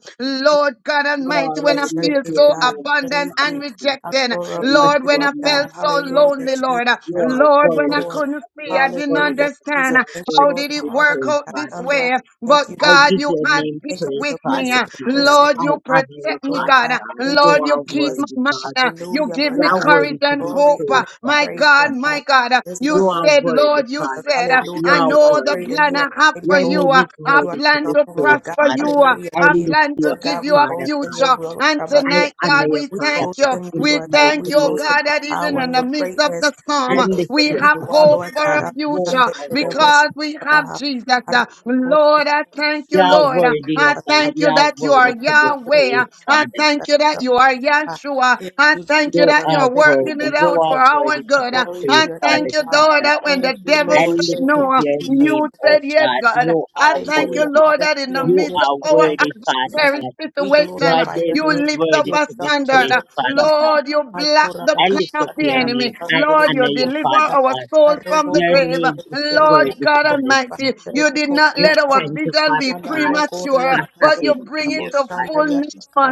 S3: you,
S7: Lord God
S3: Lord.
S7: Almighty,
S8: Lord,
S7: when
S8: I
S7: I
S3: Bless your
S8: lift
S7: feel
S3: name,
S8: your
S7: so
S3: God.
S8: name up,
S7: abandoned
S3: Praise
S7: and
S8: Father
S3: you. I
S8: Jesus.
S7: rejected,
S8: I
S3: glorify
S8: lift
S7: Lord,
S3: you,
S7: when
S8: your
S3: Lord
S7: I
S8: name
S7: felt
S3: God.
S8: up,
S7: so
S3: Hallelujah,
S8: Lord.
S7: lonely,
S3: Jesus.
S7: Lord, uh,
S8: You
S3: I honor
S8: are
S7: Lord,
S3: you,
S7: when I
S8: worthy,
S3: Lord.
S7: couldn't
S8: God. You
S7: see, I
S8: are
S7: didn't
S3: Hallelujah,
S8: worthy, God.
S7: understand
S8: You
S3: Jesus.
S7: uh,
S8: are
S3: Thank you,
S7: how
S8: worthy
S3: Lord,
S7: did
S8: to
S3: for
S7: it
S8: be
S3: all that
S7: work
S8: praised,
S3: you
S7: out
S3: have
S7: this
S8: Father
S3: done,
S7: way.
S3: Lord.
S8: God.
S3: Thank you,
S7: But
S8: I
S3: Jesus.
S7: God,
S8: give
S7: you
S8: your
S7: have
S8: name
S3: Thank
S7: been
S3: you
S8: praise,
S3: for
S7: with
S3: your
S7: me.
S3: grace
S8: Father
S3: and
S7: uh,
S3: your
S8: Jesus.
S3: mercy,
S7: Lord,
S3: Lord
S8: I
S7: you
S3: God.
S8: honor you,
S7: protect me,
S3: Lord
S8: Father
S7: God.
S3: God,
S7: uh,
S8: God.
S3: thank you,
S8: You
S7: Lord, you
S8: are
S7: keep
S3: Jesus.
S7: my
S8: worthy,
S7: mind.
S8: God.
S7: uh, You you
S3: Hallelujah,
S7: give
S3: Lord
S8: You
S7: me
S3: God.
S8: are
S3: I give
S7: courage
S8: worthy
S3: you
S8: to
S7: and
S8: be
S3: glory,
S7: hope. uh,
S3: honor,
S8: praised,
S3: and
S7: My
S8: Father
S3: praise,
S7: God,
S3: Lord God.
S7: my
S8: Jesus.
S7: God, uh,
S3: There's
S7: you
S8: You
S3: none like
S8: are
S7: said,
S3: you, Lord
S8: worthy,
S7: Lord, you
S3: Jesus.
S8: Father
S7: said, uh,
S8: God. You
S7: I
S3: Hallelujah.
S8: are
S3: You are
S7: know the
S3: great
S8: worthy.
S3: and
S7: plan
S3: you are
S7: I have
S3: mighty,
S7: for
S8: Your
S3: Lord.
S7: you.
S8: name
S7: uh,
S8: is
S7: I
S3: You
S8: worthy
S3: are
S8: to
S7: plan
S3: strong,
S8: be
S7: to
S8: praised,
S3: Lord God.
S7: prosper
S8: Father
S7: you. uh,
S8: God.
S3: Hallelujah,
S8: I
S7: I
S3: Jesus.
S8: lift
S7: plan
S8: you
S7: to
S3: Lord
S8: up,
S7: give
S3: God,
S7: you
S3: we
S7: a
S8: Father
S3: boast in
S8: God.
S3: your
S7: future.
S3: will,
S7: And
S3: Rabbi.
S8: I
S7: tonight,
S8: honor
S7: God,
S8: your
S7: we
S3: We
S8: Father
S7: thank
S3: boast
S7: you.
S8: God
S3: in you,
S8: in the
S7: We
S3: Lord God.
S7: thank
S3: We
S7: you,
S8: mighty
S7: oh
S3: boast
S8: name
S3: in
S7: God,
S3: your
S8: of
S7: that even
S3: power
S7: in
S3: and
S7: the
S3: your
S8: Jesus.
S7: midst of the
S3: greatness.
S8: I
S3: We
S7: storm, uh,
S8: lift
S3: boast
S7: we
S3: in
S8: your
S3: who
S7: have
S3: you are,
S7: hope
S8: name,
S3: Lord
S7: for
S3: God.
S8: God.
S7: a
S3: Rabba
S8: You
S7: future
S3: shanda
S8: are
S3: de
S8: worthy.
S7: because
S3: shanda
S7: we
S3: rabba
S7: have Jesus. Uh,
S3: Rabba koto de
S7: Lord, I thank you,
S8: You
S3: shanda
S8: are
S3: de
S7: Lord. Uh,
S8: worthy,
S7: I
S8: oh
S3: shata.
S8: God.
S7: thank
S8: You
S7: you
S8: are
S7: that you are
S8: worthy
S3: Rabba
S8: to be
S3: koto de
S7: Yahweh. Uh,
S8: praised,
S7: I
S8: Father
S3: shanda
S7: thank
S3: de
S7: you that
S8: Jesus.
S7: you are
S3: shata.
S7: Yahshua.
S3: Thank
S7: I I
S3: you,
S7: thank you
S8: You
S7: that
S3: Jesus.
S8: are
S7: you're working
S3: Hallelujah.
S7: it
S8: worthy. You
S3: Thank
S7: out
S3: you,
S8: are
S7: for our
S8: worthy
S3: Jesus.
S8: to
S7: good.
S8: be
S3: Glory to
S8: praised,
S7: I
S3: your
S7: thank
S8: Father
S3: name,
S7: you,
S3: God.
S7: Lord,
S8: Jesus.
S7: that when
S3: Thank
S7: the
S3: you,
S7: devil
S8: I
S3: Lord.
S7: said
S8: lift
S3: Thank
S8: up
S3: you,
S7: no,
S8: your
S3: Jesus.
S7: you
S8: name,
S3: Thank you,
S8: oh
S7: said yes,
S8: God.
S3: Jesus.
S7: God.
S8: You
S7: I
S8: are
S7: thank you,
S3: Hallelujah.
S8: worthy.
S7: Lord, that in the
S3: Hallelujah. We
S8: You
S7: midst
S3: lift
S8: are
S3: you
S7: of our
S3: high, Lord
S8: worthy, Father
S3: Jesus.
S7: adversary
S8: God.
S3: We
S8: Your
S7: situation,
S3: glorify
S8: name
S3: your
S7: you
S8: is
S3: name, God.
S7: lift up
S3: We
S8: worthy
S7: a
S8: to be
S3: exalt you,
S7: standard.
S8: praised,
S3: Lord
S8: Father
S3: Jesus.
S7: Lord,
S8: God.
S7: you block
S3: Ayora
S7: the
S3: da
S8: I lift
S7: plan of
S8: up
S3: katara
S7: the
S3: di
S8: your
S3: araba
S7: enemy.
S8: name. I
S3: sandere de
S7: Lord,
S3: di
S7: you
S8: honor
S3: abo
S8: your
S7: deliver
S8: Father
S3: sanda.
S7: our
S8: God.
S7: soul from
S3: Arrobo
S7: the
S8: Your
S3: kote
S7: grave.
S3: de
S8: name
S3: de
S8: is
S3: kandere di
S7: Lord
S8: worthy,
S3: arabo
S7: God
S3: kote
S8: Father
S3: de
S7: Almighty,
S8: Jesus.
S3: bakandere
S7: you
S3: de
S7: did
S3: kote
S7: not
S8: I
S3: di
S7: let
S3: araba.
S7: our
S8: thank you,
S7: vision be
S8: Father God,
S3: Alamo gori
S8: for
S7: premature,
S3: ama
S7: but
S3: kandere
S7: you
S3: de
S8: having
S3: di
S7: bring
S8: me
S7: it
S3: abo
S8: here,
S7: to
S3: sanda
S8: Father
S3: di
S7: fullness,
S3: araba ka.
S8: Jesus.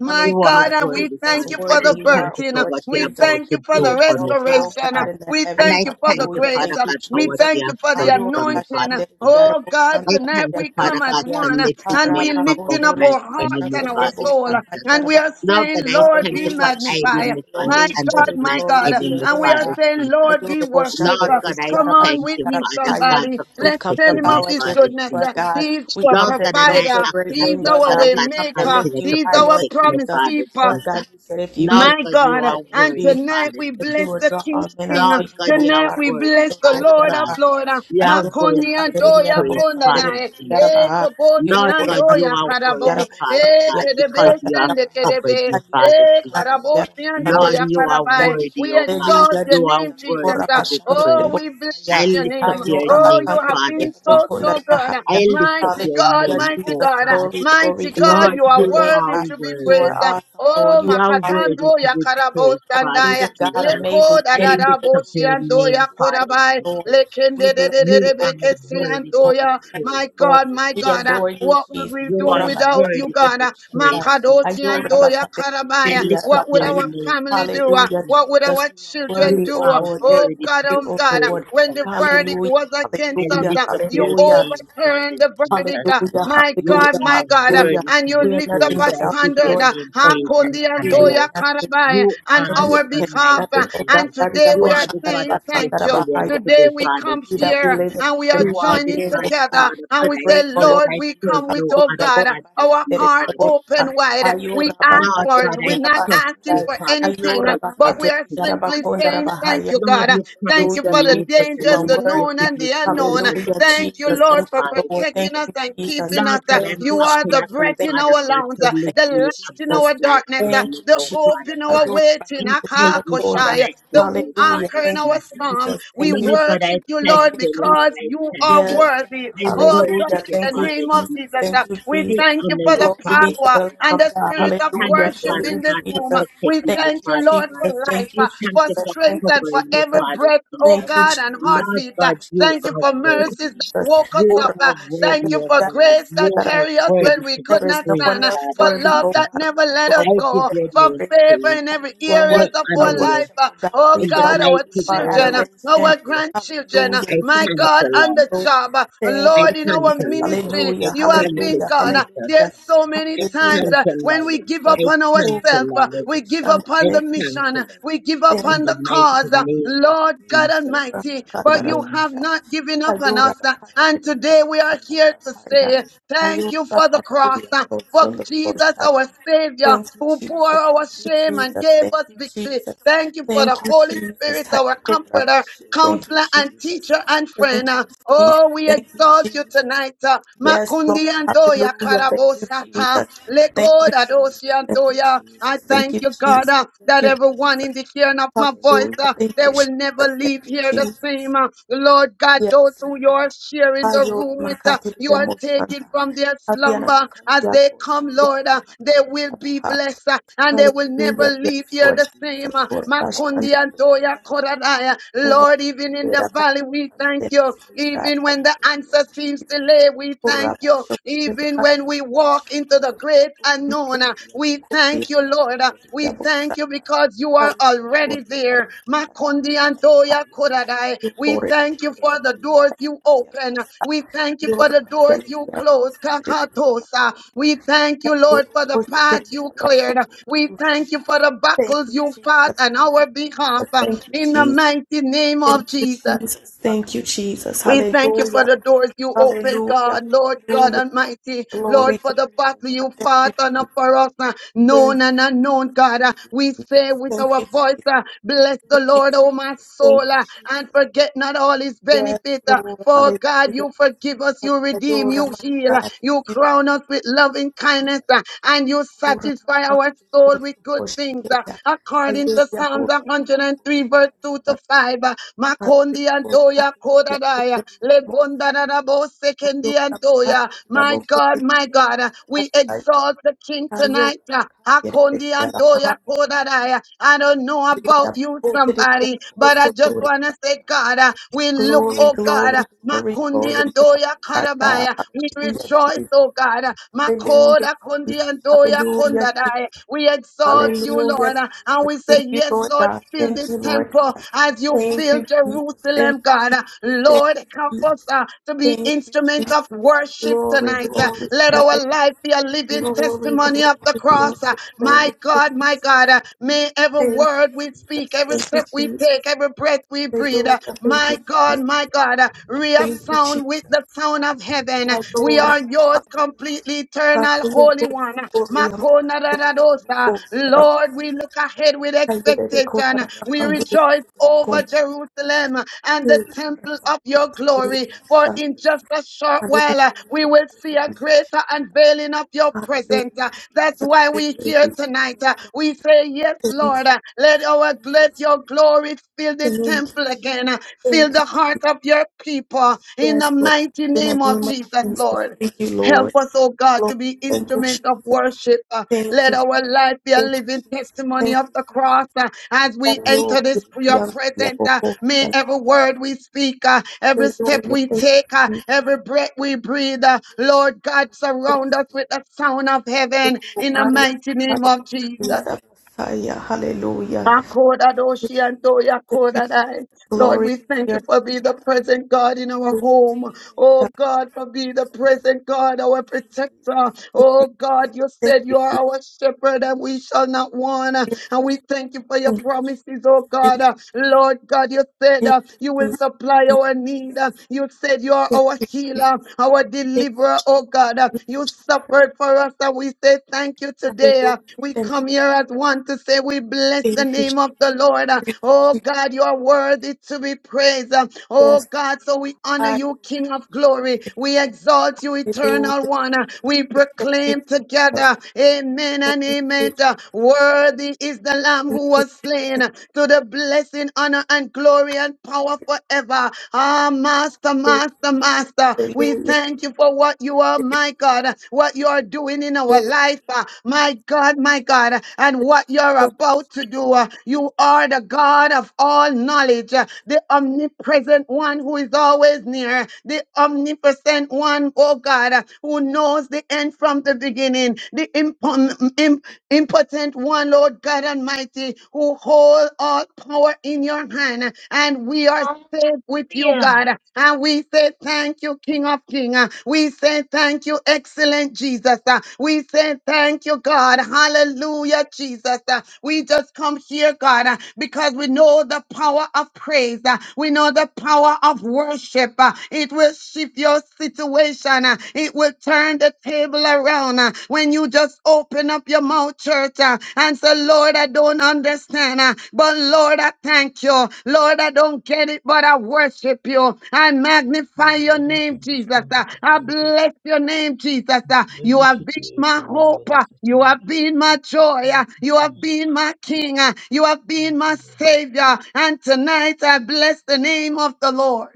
S7: my
S8: You are
S7: God,
S3: Hallelujah,
S7: and we
S8: worthy,
S7: thank
S3: Jesus.
S7: thank
S8: Father
S7: you for
S8: God. I
S3: Worthy
S7: the
S3: you
S8: thank
S3: are, O
S8: you for
S7: birthing.
S3: Lord
S8: what you're
S7: We
S3: Jesus.
S8: about
S7: thank
S8: to
S7: you for
S3: Be
S8: do
S7: the
S8: for me,
S3: exalted, O
S8: Father
S7: restoration.
S3: God,
S8: God.
S3: in the
S7: We
S8: And
S3: heavens.
S8: I
S7: thank you for the
S8: thank you,
S3: Hallelujah.
S7: grace.
S8: Father
S3: Thank you,
S8: God, for
S7: We
S8: what
S3: Jesus.
S7: thank
S8: you
S7: you
S8: have
S7: for the
S8: done
S3: Ayo
S8: for me,
S7: anointing.
S8: Father
S3: rabashandere
S8: Jesus.
S7: Oh
S3: diyarabo
S7: God,
S8: I
S3: sandara
S7: tonight
S8: thank you,
S7: we
S3: diyarabo
S7: come
S8: Father
S7: as
S8: God,
S3: saya.
S8: for
S7: one
S8: lifting
S7: and
S8: me
S7: we
S3: Araba
S8: up above
S7: lifting up
S3: kotori
S8: my
S7: our hearts
S8: enemy,
S7: and
S3: yarabashandere
S7: our
S3: debo
S8: Father
S7: soul.
S8: Jesus.
S3: shatari
S7: And we
S3: yarabaha.
S7: are
S8: Lord
S7: saying,
S8: God, I
S7: Lord,
S8: thank
S7: be
S8: you for
S3: Hallelujah, Jesus.
S8: hiding
S7: magnified.
S8: me from the
S7: My
S3: Glory,
S8: hands of
S7: God,
S3: glory,
S8: my
S7: my
S3: glory
S7: God.
S3: to your
S8: enemy,
S7: And we
S3: name,
S7: are
S8: Father
S3: God.
S7: saying,
S8: Jesus.
S7: Lord, be
S3: Ayobo
S7: worshiped.
S8: Lord
S3: shandere
S8: God,
S3: biki
S8: I
S7: Come
S3: araba
S7: on
S8: thank
S7: with
S8: you,
S3: shandara
S7: me,
S8: Father
S3: bahaya.
S8: God,
S7: somebody.
S8: for
S3: we
S7: Let's
S3: come
S7: tell
S3: to
S8: protecting
S7: him
S8: my
S7: of
S3: bow
S7: his
S3: at your
S8: Father
S3: feet,
S7: goodness.
S3: Lord
S8: Jesus.
S3: God.
S7: He's
S3: we
S7: our
S3: come
S8: Lord
S3: to
S8: God, and I
S3: exalt your
S7: provider.
S8: ask and
S3: great
S8: ask
S7: He's
S3: name,
S8: you,
S3: Lord
S7: our
S8: Father
S3: God.
S7: way
S3: we
S8: God, to
S3: come to
S7: maker.
S3: lift
S8: continue to
S3: you
S7: He's
S3: high,
S7: our
S3: Lord
S8: protect my
S7: promise
S3: Jesus.
S8: Father
S7: keeper.
S3: Lord
S8: Jesus.
S3: God, you said if you be
S8: Lord
S7: My
S8: God,
S3: lifted
S8: you
S3: high,
S7: God,
S8: are
S3: Lord
S7: and
S8: worthy,
S3: Jesus,
S7: tonight
S8: Father
S7: we
S3: that you
S7: bless
S3: will
S8: Jesus.
S7: the
S3: draw
S7: King
S3: all
S7: of
S3: men
S7: King.
S3: unto
S8: Lord
S3: you,
S8: God,
S3: O
S8: you are
S7: Tonight
S3: God.
S7: we
S3: Rabba
S8: worthy,
S7: bless the
S8: Father
S3: shotori
S7: Lord of
S8: God.
S3: araba.
S7: Lord.
S8: You are
S3: Ayore de
S8: worthy
S7: Makoni
S8: to be
S3: katere
S7: antoya
S3: yarabo
S8: praised,
S3: sandere
S8: Father
S7: kondanae.
S8: Jesus.
S7: E
S3: yarabaha
S7: kobosi
S8: Lord
S3: yokora
S8: God, you
S7: antoya
S8: are
S3: matandere
S8: worthy,
S7: karabo.
S3: yarabo
S8: Father
S3: sandere
S7: E
S8: God, because
S7: kedebe
S3: yarabakanda
S8: you have
S7: sende
S3: yabaha
S8: covered
S7: kedebe.
S8: me,
S3: ayore
S8: Father
S3: de
S7: E
S3: kale
S8: Jesus.
S3: yarabo
S7: karabosi
S8: Lord,
S7: antoya
S8: you are
S3: soya
S7: karabai.
S8: worthy,
S7: We
S8: O God.
S7: exalt
S3: Hallelujah,
S7: your
S8: You are
S7: name,
S3: Jesus.
S7: Jesus.
S3: Okora
S8: worthy to be
S3: bashandere de
S8: praised.
S7: Oh, we
S3: bosaya
S8: I
S7: bless your
S8: lift up
S7: name.
S8: your
S3: ayora
S7: Oh, you
S8: name,
S3: bakandere
S7: have
S8: Father
S7: been
S3: yarabo
S7: so,
S8: Jesus.
S7: so good.
S8: I
S3: bahaya
S8: lift up
S7: Mighty
S8: your
S7: God,
S3: Hallelujah,
S8: name,
S7: mighty
S8: oh
S3: Jesus.
S7: God.
S8: God.
S3: Glory, glory,
S7: Mighty God,
S3: glory
S8: Lord,
S7: you
S3: to
S7: are
S3: your
S8: you
S3: name,
S7: worthy
S8: are
S3: God.
S7: to be
S3: You are
S8: worthy.
S7: praised.
S3: awesome, Lord.
S7: Oh,
S3: You
S8: You
S3: are
S8: are
S3: awesome,
S7: Makatando
S8: worthy
S3: Lord
S8: to be
S3: Jesus.
S8: praised, Father
S7: Yakarabosandaya,
S3: Amazing
S8: Jesus.
S3: God,
S7: Leko
S3: amazing
S8: I
S3: King.
S8: lift up your
S3: Hallelujah,
S7: Dadabosiando
S3: Jesus.
S8: name,
S3: We
S8: Father
S3: bless you,
S7: Yakorabai,
S3: Lord.
S8: Jesus.
S3: We
S7: Lekende de de
S3: bless
S7: de
S3: you,
S7: de
S8: You
S3: Lord.
S8: are
S3: We bless you,
S8: worthy to
S3: Lord.
S8: be
S3: We
S7: Bekesiandoya.
S3: bless
S8: praised,
S7: My
S3: you, Lord.
S7: God,
S8: Father
S7: my
S3: We
S7: God, uh,
S8: Jesus.
S3: adore you,
S7: what would
S3: Jesus.
S7: we
S8: You
S7: do
S8: are
S7: without you,
S8: worthy to
S7: God?
S8: be
S7: Uh,
S3: Korabashanderebosanda.
S8: praised, Father God.
S7: Makadosiandoya
S8: I
S7: Karabaya,
S8: lift up
S7: what would
S8: your
S3: Ayorabakaterebekeyarabakaya.
S7: our
S8: name,
S7: family do?
S8: Father
S7: Uh,
S3: Hallelujah,
S8: Jesus.
S7: What would
S3: Jesus.
S7: our
S3: You are
S7: children
S3: worthy,
S8: You
S7: do?
S3: O
S7: Uh,
S8: are
S3: Lord. You
S7: Oh,
S3: are
S8: worthy
S7: God,
S8: to
S3: worthy,
S8: be
S7: oh,
S3: O
S7: God, uh,
S3: Lord.
S8: praised,
S7: when
S8: Father
S7: the verdict
S8: God.
S3: Hallelujah,
S7: was
S8: I
S7: against
S3: hallelujah,
S7: us,
S8: lift up your
S7: you
S3: hallelujah,
S8: name,
S7: overturn
S8: Father
S7: the
S8: Jesus.
S7: verdict, uh,
S3: hallelujah,
S7: my
S8: You
S7: God,
S3: hallelujah,
S7: my
S8: are
S7: God, uh,
S3: hallelujah.
S8: worthy
S7: and
S8: to
S7: you
S8: be
S3: We are
S7: lift
S3: nothing
S7: up
S8: praised.
S7: a
S8: I
S3: without
S8: give
S3: you,
S7: standard,
S8: your
S3: Lord
S7: uh,
S8: name
S3: Jesus.
S8: praise
S3: Apart
S8: and
S7: Hakundi
S3: from
S7: and
S3: you,
S8: honor
S3: we are
S7: Toya
S8: you.
S3: nothing
S7: Karabai,
S8: You
S7: on
S8: are
S3: you
S8: the
S7: our
S3: can do
S7: behalf.
S8: Almighty
S7: uh,
S3: nothing, oh God.
S7: And
S8: God.
S7: today
S8: You
S7: we
S3: Ariabo
S7: are
S8: are the God
S7: saying
S3: Shakaraba
S8: of
S7: thank you.
S8: yesterday and
S3: Sandarabahaya.
S8: today,
S7: Today we
S3: It is
S8: Father
S3: in
S7: come
S3: you that we
S8: Jesus.
S7: here
S3: live and
S7: and we
S3: move
S7: are
S3: and
S8: You
S3: have
S8: are
S3: our
S8: the
S7: joining
S3: being,
S8: God,
S3: oh God.
S7: together
S8: Father
S3: We're
S7: and
S8: God
S7: we
S8: I
S7: say,
S3: grateful,
S8: serve.
S3: Lord
S7: Lord,
S8: I
S7: we
S3: Jesus.
S8: serve
S7: come with,
S8: no
S7: oh
S3: Hallelujah.
S8: other
S7: God,
S8: God
S3: Goraba
S8: but
S7: our
S8: you,
S7: heart
S3: Shandarabo
S8: Father
S7: open
S3: Shah.
S8: Jesus.
S7: wide. We
S3: Ayoraba
S7: ask
S8: Lord
S7: for
S8: God,
S7: it. We're
S8: I
S7: not
S8: trust
S7: asking
S3: Katerabasandai.
S8: you,
S7: for
S8: Father God,
S7: anything, uh,
S8: with
S3: Ayoraba
S7: but we are
S8: everything,
S7: simply
S8: Father God.
S7: saying, Thank
S3: Katerabahaya.
S7: you,
S8: Lord,
S7: God. Uh,
S8: you
S7: Thank
S8: promised
S7: you
S3: Hallelujah,
S7: for
S8: me
S7: the
S8: you would
S3: Jesus.
S8: never
S3: You
S7: dangers,
S3: are
S7: the
S8: leave me. You
S7: known
S3: worthy.
S7: and the
S8: promised me you would
S7: unknown.
S8: never
S3: Hallelujah,
S7: Thank you,
S3: Jesus.
S8: forsake me,
S7: Lord,
S3: Thank
S7: for
S3: you,
S8: Father
S3: Lord. Thank
S7: protecting
S8: Jesus.
S7: us
S3: you,
S7: and
S3: Jesus.
S7: keeping us.
S8: Lord
S7: Uh,
S8: God,
S3: Thank
S8: I'm
S3: you,
S7: You are
S8: asking
S7: the
S8: of
S3: Jesus.
S8: you,
S7: breath
S3: Thank
S7: in
S3: you,
S8: Father
S7: our
S8: God,
S7: lungs,
S8: to
S7: uh,
S3: Jesus. Thank
S8: lift
S7: the
S3: you,
S8: me
S7: light in
S8: above
S3: Jesus.
S7: our
S8: my
S7: darkness, uh,
S3: Thank
S8: enemy,
S3: you,
S7: the
S8: Lord
S7: hope
S3: Jesus.
S8: Father
S7: in our
S8: God.
S3: Hallelujah.
S7: waiting,
S8: And hide me from
S3: Bakandalabokoya.
S7: Akakoshai,
S8: my
S7: the
S8: enemy,
S3: Hallelujah.
S7: anchor
S8: Father
S7: in
S3: Thank you,
S7: our
S8: Jesus.
S7: storm.
S3: Jesus.
S7: We
S3: Thank you,
S8: Lord God,
S3: Jesus.
S8: I
S7: worship you,
S8: thank
S3: Thank
S7: Lord,
S3: you,
S8: you, Lord,
S3: Jesus.
S7: because
S8: I
S7: you
S8: thank
S7: are
S3: Yes,
S8: you.
S7: worthy.
S3: God.
S8: I
S7: Oh, God
S3: Hallelujah.
S8: worship you,
S7: the
S3: Thank you,
S8: Father
S7: name of
S3: Jesus.
S7: Jesus.
S8: Jesus.
S3: Thank
S7: Uh,
S3: you,
S7: We
S8: I
S3: Jesus.
S7: thank you
S8: honor
S7: for
S8: you,
S7: the
S3: Glory be
S8: Father
S3: to
S7: power
S3: the
S8: God.
S3: Lamb
S7: and
S3: of
S7: the
S3: God.
S8: I
S7: spirit of
S8: thank
S3: Hallelujah.
S8: to
S7: worship
S3: Thank
S8: Father
S3: you,
S7: in this
S8: God for
S7: room. Uh,
S3: Jesus.
S7: We
S8: protecting me,
S3: Thank
S7: thank
S3: you,
S7: you,
S8: Father
S7: Lord, for
S8: God.
S3: Jesus.
S7: life,
S3: Thank you,
S7: uh,
S8: It's time
S7: for
S8: to
S3: Jesus.
S8: for
S3: Thank
S7: strength,
S3: you,
S7: and for
S8: covering me,
S7: every
S3: Jesus.
S8: Father
S7: breath, oh
S8: Jesus.
S3: Thank you,
S7: God, and
S3: Jesus.
S8: Lord
S7: heartbeat.
S3: Thank
S7: Uh,
S3: you,
S8: God, you
S7: Thank
S3: Jesus.
S7: you
S8: are
S7: for
S3: Thank you,
S8: worthy.
S7: mercies that
S3: Jesus.
S7: woke us
S8: You
S3: O
S7: up. Uh,
S8: are
S3: Rama
S7: Thank
S8: worthy
S3: Chandra
S7: you
S8: of
S7: for
S3: Yarabo
S8: God.
S7: grace
S8: You
S7: that
S3: Sandara
S8: are
S7: carry us
S3: Bahaya.
S7: when
S8: worthy
S7: we
S8: to be
S7: could
S3: There is
S7: not
S3: no
S8: praised,
S7: stand,
S3: one
S7: uh,
S3: else
S7: for
S8: Father
S3: worthy,
S7: love
S3: O
S8: Jesus.
S7: that
S3: God.
S7: never
S3: Only you
S7: let us
S3: are
S8: I
S3: worthy
S8: give
S7: go,
S3: of
S8: your
S3: our
S7: for
S8: name
S3: praise.
S7: favor
S8: praise.
S7: in
S3: Only
S7: every
S3: you are
S8: I
S7: areas
S3: worthy
S7: of
S3: of our
S7: our
S8: honor you
S7: life.
S3: worship,
S7: Uh,
S3: O God.
S7: Oh
S3: Only
S8: in
S3: you
S8: the
S3: are
S7: God, our
S3: worthy of
S8: mighty
S3: our
S8: name
S7: children,
S8: of
S3: adoration.
S7: our
S8: Jesus.
S7: grandchildren,
S3: Hallelujah,
S8: I
S7: my
S8: thank
S3: Jesus.
S7: God,
S8: you,
S3: Thank
S7: on
S3: you,
S8: Lord.
S7: the
S3: Lord.
S7: job,
S3: Thank
S8: I
S3: you,
S7: Lord, in
S8: thank
S7: our
S3: Jesus.
S8: you, Lord.
S7: ministry,
S8: I
S3: Hallelujah,
S7: you have
S8: thank
S7: been
S8: you,
S3: hallelujah,
S7: God.
S8: Jesus.
S7: There's
S3: hallelujah.
S7: so many
S8: I
S7: times
S3: Hallelujah.
S8: thank
S3: Thank
S7: uh,
S8: you,
S3: you,
S7: when we
S8: Lord.
S7: give
S3: Jesus.
S8: I
S7: up on
S3: Oh,
S8: thank
S3: my
S8: you,
S7: ourselves, uh,
S8: Lord.
S7: we
S3: God.
S7: give up
S3: Shanda.
S8: I
S7: on the
S3: Thank you,
S8: thank
S7: mission,
S8: you.
S3: Jesus.
S7: we give up
S3: Thank
S8: in
S7: on
S3: you,
S8: the
S7: the cause.
S3: Jesus.
S8: mighty
S7: uh,
S8: name of
S7: Lord God
S8: Jesus.
S3: Basura
S7: Almighty, but
S3: makatara
S7: you
S8: Amen.
S7: have
S3: basha.
S7: not given up on
S3: Ayora
S7: us. uh,
S3: bakatara
S7: And
S3: diya
S7: today we are
S3: bosandara
S7: here to
S3: basaya.
S7: say thank
S3: Ayora
S7: you for the
S3: bakatara
S7: cross,
S3: diya
S7: uh, for
S3: bosandara
S7: Jesus, our
S3: bosaya.
S7: Savior,
S3: Thank you,
S7: who bore
S3: Jesus.
S7: our
S3: Thank you,
S7: shame and
S3: Jesus.
S7: gave
S3: Thank
S7: us
S3: you,
S7: victory.
S3: Jesus.
S7: Thank you for
S3: Thank
S7: the
S3: you,
S7: Holy
S3: Jesus.
S7: Spirit, our
S3: Hayora
S7: Comforter,
S3: mashi. Thank you,
S7: counselor and
S3: Jesus.
S7: teacher and
S3: Thank
S7: friend.
S3: you,
S7: Uh,
S3: Jesus.
S7: Oh, we
S3: Thank you,
S7: exalt you
S3: Jesus.
S7: tonight. Uh,
S3: Yes,
S7: Makundi
S3: Lord.
S7: andoya
S3: Hallelujah. Thank you,
S7: karabosata
S3: Jesus. Thank you,
S7: lekoda dosi
S3: Jesus. Thank you,
S7: andoya.
S3: Jesus.
S7: I
S3: Thank
S7: thank
S3: you,
S7: you,
S3: Jesus.
S7: God, uh,
S3: Thank
S7: that
S3: you,
S7: everyone
S3: Jesus.
S7: in the hearing of my voice,
S3: Hallelujah.
S7: uh,
S3: Thank
S7: they
S3: you, Jesus.
S7: will never
S3: Thank
S7: leave
S3: you,
S7: here the
S3: Jesus.
S7: same. Uh, Lord God,
S3: Yes,
S7: those who
S3: my
S7: you are
S3: God.
S7: sharing the
S3: Hayor
S7: room with, uh,
S3: makati
S7: you
S3: ya
S7: are taking
S3: moshanda.
S7: awaking from their
S3: Ariana
S7: slumber.
S3: makandi
S7: As
S3: ya
S7: they
S3: bochi
S7: come,
S3: ya
S7: Lord,
S3: la
S7: uh, they
S3: makati
S7: will
S3: ya
S7: be
S3: baha.
S7: blessed uh, and they will never
S3: Hallelujah. Yes,
S7: leave here
S3: Lord
S7: the same.
S3: Jesus.
S7: uh,
S3: Kora
S7: Makundi
S3: bashande de
S7: Antoya
S3: kora baha.
S7: Koradaya.
S3: Over the
S7: Lord, even in
S3: Spirit
S7: the
S3: of God.
S7: valley, we thank
S3: Let
S7: you.
S3: God,
S7: Even
S3: have
S7: when
S3: your
S7: the
S3: way,
S7: answer
S3: Lord
S7: seems
S3: Jesus.
S7: delayed, we thank
S3: Kora
S7: you.
S3: bashokore
S7: Even when
S3: de
S7: we walk
S3: bochi
S7: into
S3: ya.
S7: the great
S3: Kora makati
S7: unknown, uh,
S3: ya
S7: we
S3: bochi
S7: thank
S3: ya
S7: you,
S3: la
S7: Lord. uh, We
S3: makati ya
S7: we
S3: bochi.
S7: thank you because you are
S3: Arime
S7: already
S3: kori yanda
S7: there.
S3: bashanda
S7: Makundi
S3: rakakara
S7: Antoya
S3: bahaya.
S7: Kodadai. We
S3: Ikore
S7: thank you
S3: itere
S7: for the
S3: itiri
S7: doors you open. We thank you for
S3: Yora
S7: the doors
S3: bakeli
S7: you
S3: yara
S7: close.
S3: mosandre
S7: Kakatosa. We thank you,
S3: Tayo
S7: Lord, for the
S3: bose
S7: path
S3: keri
S7: you
S3: yara baso
S7: cleared. We thank you for the
S3: Thank
S7: buckles
S3: you,
S7: you fought
S3: Jesus.
S7: on
S3: Thank
S7: our
S3: you,
S7: behalf.
S3: Jesus. Thank you,
S7: In the
S3: Jesus.
S7: mighty name of
S3: Thank you,
S7: Jesus.
S3: Jesus.
S9: Thank
S3: Thank you, Jesus.
S7: We thank you for
S3: Hallelujah.
S7: the doors you open,
S3: Hallelujah.
S7: God, Lord God
S3: Hallelujah.
S7: Almighty, Lord,
S3: Glory
S7: for
S3: to
S7: the
S3: your name,
S7: battle
S3: God.
S7: you
S3: Thank
S7: fought
S3: you,
S7: on uh,
S3: Jesus.
S7: for us, uh,
S3: Thank you, Jesus.
S7: known and unknown, God.
S3: Thank
S7: Uh,
S3: you,
S7: We say
S3: Jesus.
S7: with
S3: Thank you,
S7: our voice,
S3: Jesus.
S7: uh, bless the
S3: Thank you,
S7: Lord, oh my
S3: Jesus.
S7: soul,
S3: Thank you,
S7: uh, and
S3: Jesus.
S7: forget not all his
S3: Yes,
S7: benefit. uh,
S3: Lord.
S7: For God, you
S3: Hallelujah.
S7: forgive us, you redeem,
S3: Hallelujah.
S7: you
S3: My
S7: heal,
S3: God.
S7: uh, you
S3: Thank you,
S7: crown us with
S3: Jesus. Thank you,
S7: loving kindness,
S3: Jesus.
S7: uh, and you
S3: Glory, my
S7: satisfy
S3: God.
S7: our soul
S3: Glory,
S7: with good
S3: worship
S7: things.
S3: you,
S7: uh,
S3: God.
S7: According
S3: Hallelujah.
S7: to Psalms
S3: Hallelujah.
S7: 103, verse 2 to to 5. uh, Makondi Antoya
S3: Hallelujah.
S7: Kodadaya. Lebondarabo Sekendi Antoya. My God, my God, uh, we exalt the King tonight. uh,
S3: Hallelujah.
S7: Hakondi
S3: Hallelujah.
S7: Antoya Kodadaya. I don't know about you,
S3: Hallelujah.
S7: somebody, but I just
S3: Hallelujah.
S7: want to say, God, uh, we look,
S3: Glory,
S7: oh God,
S3: glory,
S7: uh,
S3: glory,
S7: Makundi
S3: glory to the
S7: Antoya
S3: Most High God.
S7: Karabaya. We
S3: Hallelujah,
S7: rejoice,
S3: Jesus.
S7: oh God. uh,
S3: Hallelujah,
S7: Makoda Kundi
S3: Jesus.
S7: Antoya
S3: Hallelujah, Jesus.
S7: Kondadaya. We exalt you,
S3: Hallelujah,
S7: Lord. uh, and
S3: Jesus.
S7: we
S3: Thank
S7: say,
S3: you,
S7: Yes,
S3: Lord
S7: Lord,
S3: God.
S7: fill
S3: Thank
S7: this
S3: you, Lord
S7: temple
S3: God.
S7: as you
S3: Thank
S7: fill
S3: you, Jesus. Thank
S7: Jerusalem,
S3: you,
S7: God.
S3: Jesus. Thank
S7: Lord,
S3: you,
S7: help
S3: Jesus.
S7: us uh, to be
S3: Thank you,
S7: instrument
S3: Jesus.
S7: of worship
S3: Glory,
S7: tonight. Uh,
S3: glory,
S7: Let
S3: glory,
S7: our life be a living
S3: glory, glory,
S7: testimony of the
S3: glory,
S7: cross. Uh, My
S3: glory. Thank
S7: God,
S3: you,
S7: my God, uh, may every
S3: Jesus.
S7: word we speak, every
S3: Thank you,
S7: step
S3: Jesus. Thank you,
S7: we
S3: Jesus.
S7: take, every breath we breathe,
S3: Hallelujah.
S7: uh,
S3: Thank
S7: my
S3: you,
S7: God,
S3: Jesus.
S7: my God, uh,
S3: Thank you,
S7: resound
S3: Jesus.
S7: with the sound of heaven. Uh, We are yours
S3: Adora.
S7: completely, eternal,
S3: Hallelujah,
S7: holy
S3: Lord,
S7: one.
S3: for glory, I'm a candidate, I'm a
S7: Makonadadadosa.
S3: glory, I'm a
S7: Lord, we
S3: fire.
S7: look ahead with
S3: Hallelujah, God,
S7: expectation.
S3: I'm a
S7: We
S3: candidate,
S7: rejoice
S3: I'm a
S7: over
S3: glory, I'm
S7: Jerusalem and the
S3: a
S7: temple
S3: fire.
S7: of your
S3: Hallelujah,
S7: glory.
S3: my
S7: For
S3: son.
S7: in just a short while, uh,
S3: Hallelujah, my
S7: we
S3: God.
S7: will see a greater unveiling of your
S3: Hallelujah,
S7: presence. Uh, That's
S3: Jesus.
S7: why we are
S3: Hallelujah.
S7: here
S3: we
S7: tonight. Uh, We say, Yes,
S3: Thank you,
S7: Lord, uh, let our let your glory fill
S3: thank
S7: this
S3: you,
S7: temple again. Uh, Fill
S3: thank
S7: the heart
S3: you,
S7: of your people
S3: Jesus.
S7: in
S3: Yes,
S7: the
S3: Lord,
S7: mighty
S3: God, in the
S7: name of
S3: name of
S7: Jesus,
S3: Jesus.
S7: Lord.
S3: Thank you,
S7: Help
S3: Lord.
S7: us, oh God,
S3: Lord,
S7: to be
S3: thank you,
S7: instruments
S3: Jesus.
S7: of worship. Uh,
S3: Thank
S7: let
S3: you,
S7: our life be a
S3: thank you,
S7: living testimony
S3: thank
S7: of
S3: you,
S7: the
S3: Jesus.
S7: cross uh, as we
S3: you,
S7: enter this your
S3: Hallelujah,
S7: presence. Uh, may every word we speak, uh, every step
S3: Hallelujah,
S7: we
S3: thank you,
S7: take, uh,
S3: Jesus.
S7: every breath we breathe, uh, Lord God, surround us with the sound of heaven in the mighty name of Jesus.
S3: Hallelujah. Hallelujah.
S7: Akodadoshi anto
S3: Thank you, Jesus.
S7: yakodadai. Lord,
S3: Glory
S7: we
S3: be to
S7: thank you
S3: your
S7: for
S3: name,
S7: being the
S3: God.
S7: present God in our
S3: Glory be to
S7: home.
S3: your name,
S7: Oh
S3: God.
S7: God,
S3: Thank you,
S7: for being the
S3: Jesus.
S7: present God, our protector. Oh God, you
S3: Thank
S7: said
S3: you,
S7: you are
S3: Jesus.
S7: our shepherd and we shall not want.
S3: Thank
S7: And we thank you for your promises, oh
S3: you, Jesus. Thank
S7: God.
S3: you,
S7: Uh, Lord God, you said uh, you will
S3: Jesus.
S7: supply our need. Uh, You said you are
S3: Thank
S7: our
S3: you, Jesus. Thank you, Jesus.
S7: healer, our
S3: Thank you,
S7: deliverer, oh
S3: Jesus.
S7: God. Uh,
S3: Thank you,
S7: You
S3: Jesus.
S7: suffered for us, and we say thank you today. Uh,
S3: Hallelujah.
S7: We
S3: Thank you,
S7: come
S3: Jesus.
S7: here as one to say we bless
S3: Thank you, Jesus.
S7: the name of the Lord. Uh,
S3: Thank you,
S7: Oh
S3: Jesus.
S7: God, you are worthy to be praised. Uh, Oh
S3: Yes.
S7: God, so we honor
S3: I
S7: you, King of glory. We exalt you, Eternal
S3: Hallelujah.
S7: One. Uh, We
S3: Hallelujah. Thank you,
S7: proclaim
S3: Jesus.
S7: together, Amen
S3: Thank
S7: and
S3: you,
S7: Amen.
S3: Jesus.
S7: Uh, Worthy is the Lamb
S3: Thank
S7: who
S3: you,
S7: was slain to the blessing, honor, and glory and power forever. Ah, Master,
S3: Jesus.
S7: Master, Master, we
S3: Hallelujah.
S7: thank you for what you are, my God, what you are doing in our life, ah, my God, my God, and what you're about to do. ah. You are the God of all knowledge, ah, the omnipresent one who is always near, the omnipotent one, oh God, ah, who knows the end from the beginning, the imp- impotent one, Lord God Almighty, who hold all power in your hand, and we are saved with
S5: you
S7: you,
S5: now.
S7: God. And we say thank you, King of Kings. We say thank you, excellent Jesus. We say thank you, God. Hallelujah, Jesus. We just come here, God, because we know the power of praise. We know the power of worship. It will shift your situation. It will turn the the table around. uh, When you just open up your mouth, church, uh, and say, Lord, I don't understand, uh, but Lord, I thank you. Lord, I don't get it, but I worship you. I magnify your
S4: I don't
S7: name, Jesus.
S4: understand,
S7: uh,
S4: but I
S7: I
S4: thank you.
S7: bless your name, Jesus.
S4: In
S7: uh, You
S4: every
S7: have been my
S4: situation, oh Lord,
S7: hope.
S4: I
S7: uh,
S4: say
S7: You
S4: thank
S7: have
S4: you,
S7: been
S4: thank
S7: my
S4: you,
S7: joy. uh,
S4: thank you,
S7: You have
S4: Jesus.
S7: been my king. uh, You have been
S4: Thank you,
S7: my
S4: Lord.
S7: savior. And tonight I bless the name of the Lord.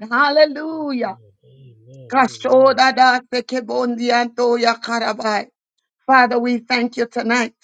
S4: Yes,
S7: Hallelujah.
S4: Amen. Amen.
S7: Kashoda da sekebondianto ya karabai. Father, we thank you tonight.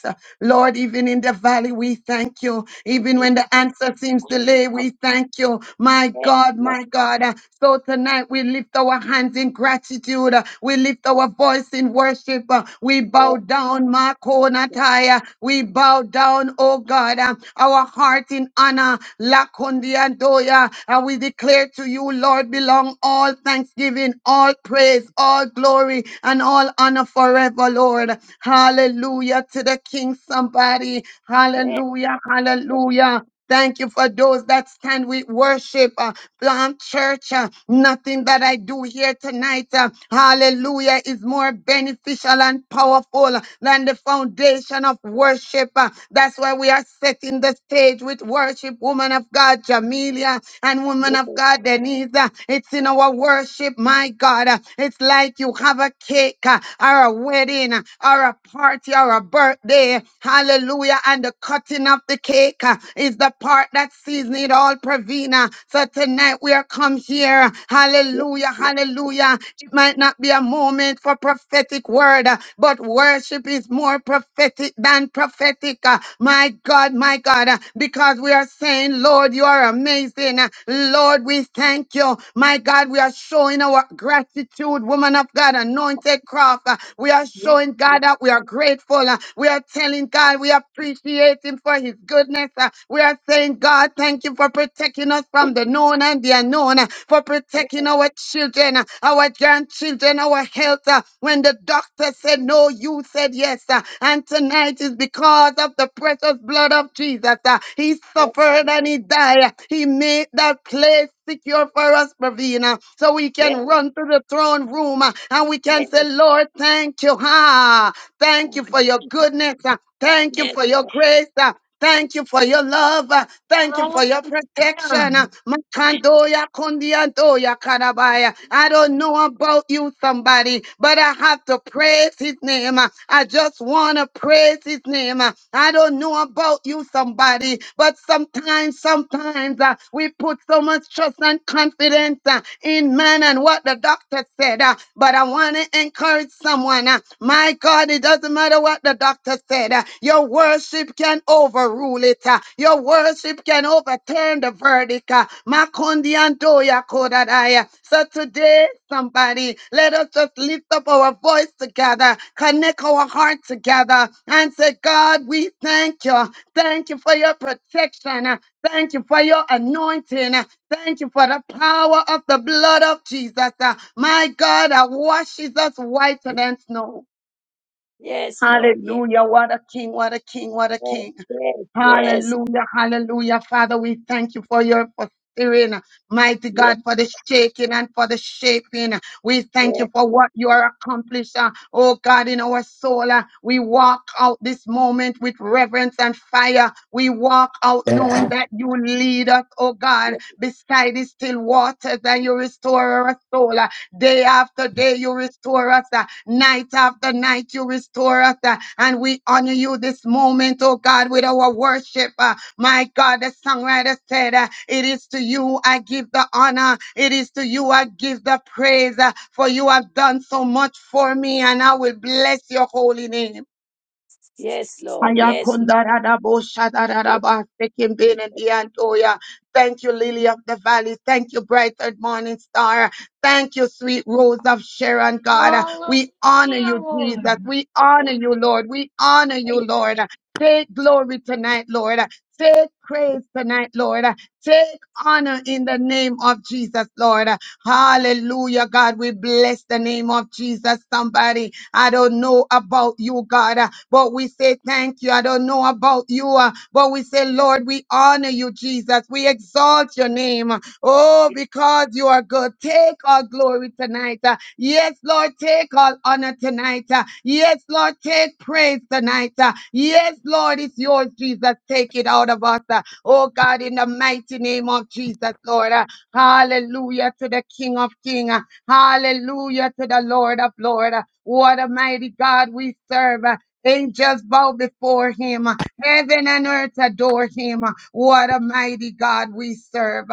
S7: Lord, even in the valley, we thank you. Even when the answer seems delayed, we thank you. My God, my God. Uh, So tonight we lift our hands in gratitude. Uh, We lift our voice in worship. Uh, We bow down, Makonataya. We bow down, oh God, Uh, our heart in honor, Lakondiandoya. And we declare to you, Lord, belong all thanksgiving, all praise, all glory, and and all honor forever, Lord. Hallelujah to the King, somebody. Hallelujah, hallelujah. Thank you for those that stand with worship, uh, plant church. uh, nothing that I do here tonight, uh, hallelujah, is more beneficial and powerful than the foundation of worship. uh. that's why we are setting the stage with worship, woman of God, Jamelia, and woman of God, Denise. uh, it's in our worship, my God. God. Uh, It's like you have a cake uh, or a wedding uh, or a party or a birthday. Hallelujah. And the cutting of the cake uh, is the part that season it all, Pravina. So tonight we are come here. Hallelujah. Hallelujah. It might not be a moment for prophetic word, uh, but worship is more prophetic than prophetic. uh, My God, my God, uh, because we are saying, Lord, you are amazing. uh, Lord, we thank you. My God, we are showing our gratitude, woman of God, anointed craft. Uh, We are showing God that we are grateful. Uh, We are telling God we appreciate Him for His goodness. Uh, We are saying, God, thank you for protecting us from the known and the unknown, uh, for protecting our children, uh, our grandchildren, our health. uh, When the doctor said no, you said yes. uh, And tonight is because of the precious blood of Jesus. uh, He suffered and He died. He made that place secure for us, Pravina, so we can run to the throne room uh, and we can say, Lord, thank you. Ha! Thank you for your goodness. uh, Thank you for your grace. uh, Thank you for your love. uh, Thank you for
S5: Hallelujah.
S7: your protection. uh,
S5: Hallelujah.
S7: Makandoya kundiandoya karabaya. I don't know about you, somebody, but I have to praise his name. uh, I just want to praise his name. uh, I don't know about you, somebody, but sometimes mind sometimes. uh, we put so much trust and confidence uh, in man and what the doctor said. uh, but I want to encourage someone. uh, my God, it doesn't matter what the doctor said. uh, your worship can overrule it. uh, your worship can overturn the verdict. uh, Makundi and Doya Kodadaya. So today, somebody, let us just lift up our voice together, connect our heart together, and say, God, we thank you. Thank you for your protection. Thank you for your anointing. Thank you for the power of the blood of Jesus. Uh, My God that washes us whiter than snow.
S6: Yes, Lord. yes,
S7: Hallelujah. What a king, what a king, what a king.
S6: yes, yes,
S7: Hallelujah, hallelujah. Father, we thank you for your for stirring, mighty
S6: yes,
S7: God, for the shaking and for the shaping. We thank you for what you are accomplishing. Oh God, in our soul, uh, we walk out this moment with reverence and fire. We walk out knowing that you lead us, oh God,
S6: yes,
S7: beside the still waters and you restore our soul. uh, Day after day, you restore us. uh, Night after night, you restore us. uh, And we honor you this moment, oh God, with our worship. uh, My God, the songwriter said, uh, It is to you I give the honor. It is to you I give the praise. uh, For you have done so much for me, and I will bless your holy name.
S6: yes, yes, yes, Lord. yes, Lord.
S7: Ayakondaraboshadarabastekimbenediantoya. Thank you, Lily of the Valley. Thank you, Bright and Morning Star. Thank you, sweet Rose of Sharon, God. We honor
S5: Hallelujah,
S7: you, Jesus.
S5: Lord.
S7: We honor you, Lord. We honor you, Lord. Take glory tonight, Lord. Take praise tonight, Lord. Take honor in the name of Jesus, Lord. Hallelujah, God. We bless the name of Jesus. Somebody, I don't know about you, God, uh, but we say thank you. I don't know about you, uh, but we say, Lord, we honor you, Jesus. We exalt your name. Oh, because you are good. Take all glory tonight. Uh, Yes, Lord, take all honor tonight. Uh, Yes, Lord, take praise tonight. Uh, Yes, Lord, it's yours, Jesus. Take it out of us. Uh, Oh, God, in the mighty name of Jesus, Lord. uh. Hallelujah to the King of King. Hallelujah to the Lord of Lord. What a mighty God we serve. Angels bow before him. Heaven and earth adore him. What a mighty God we serve.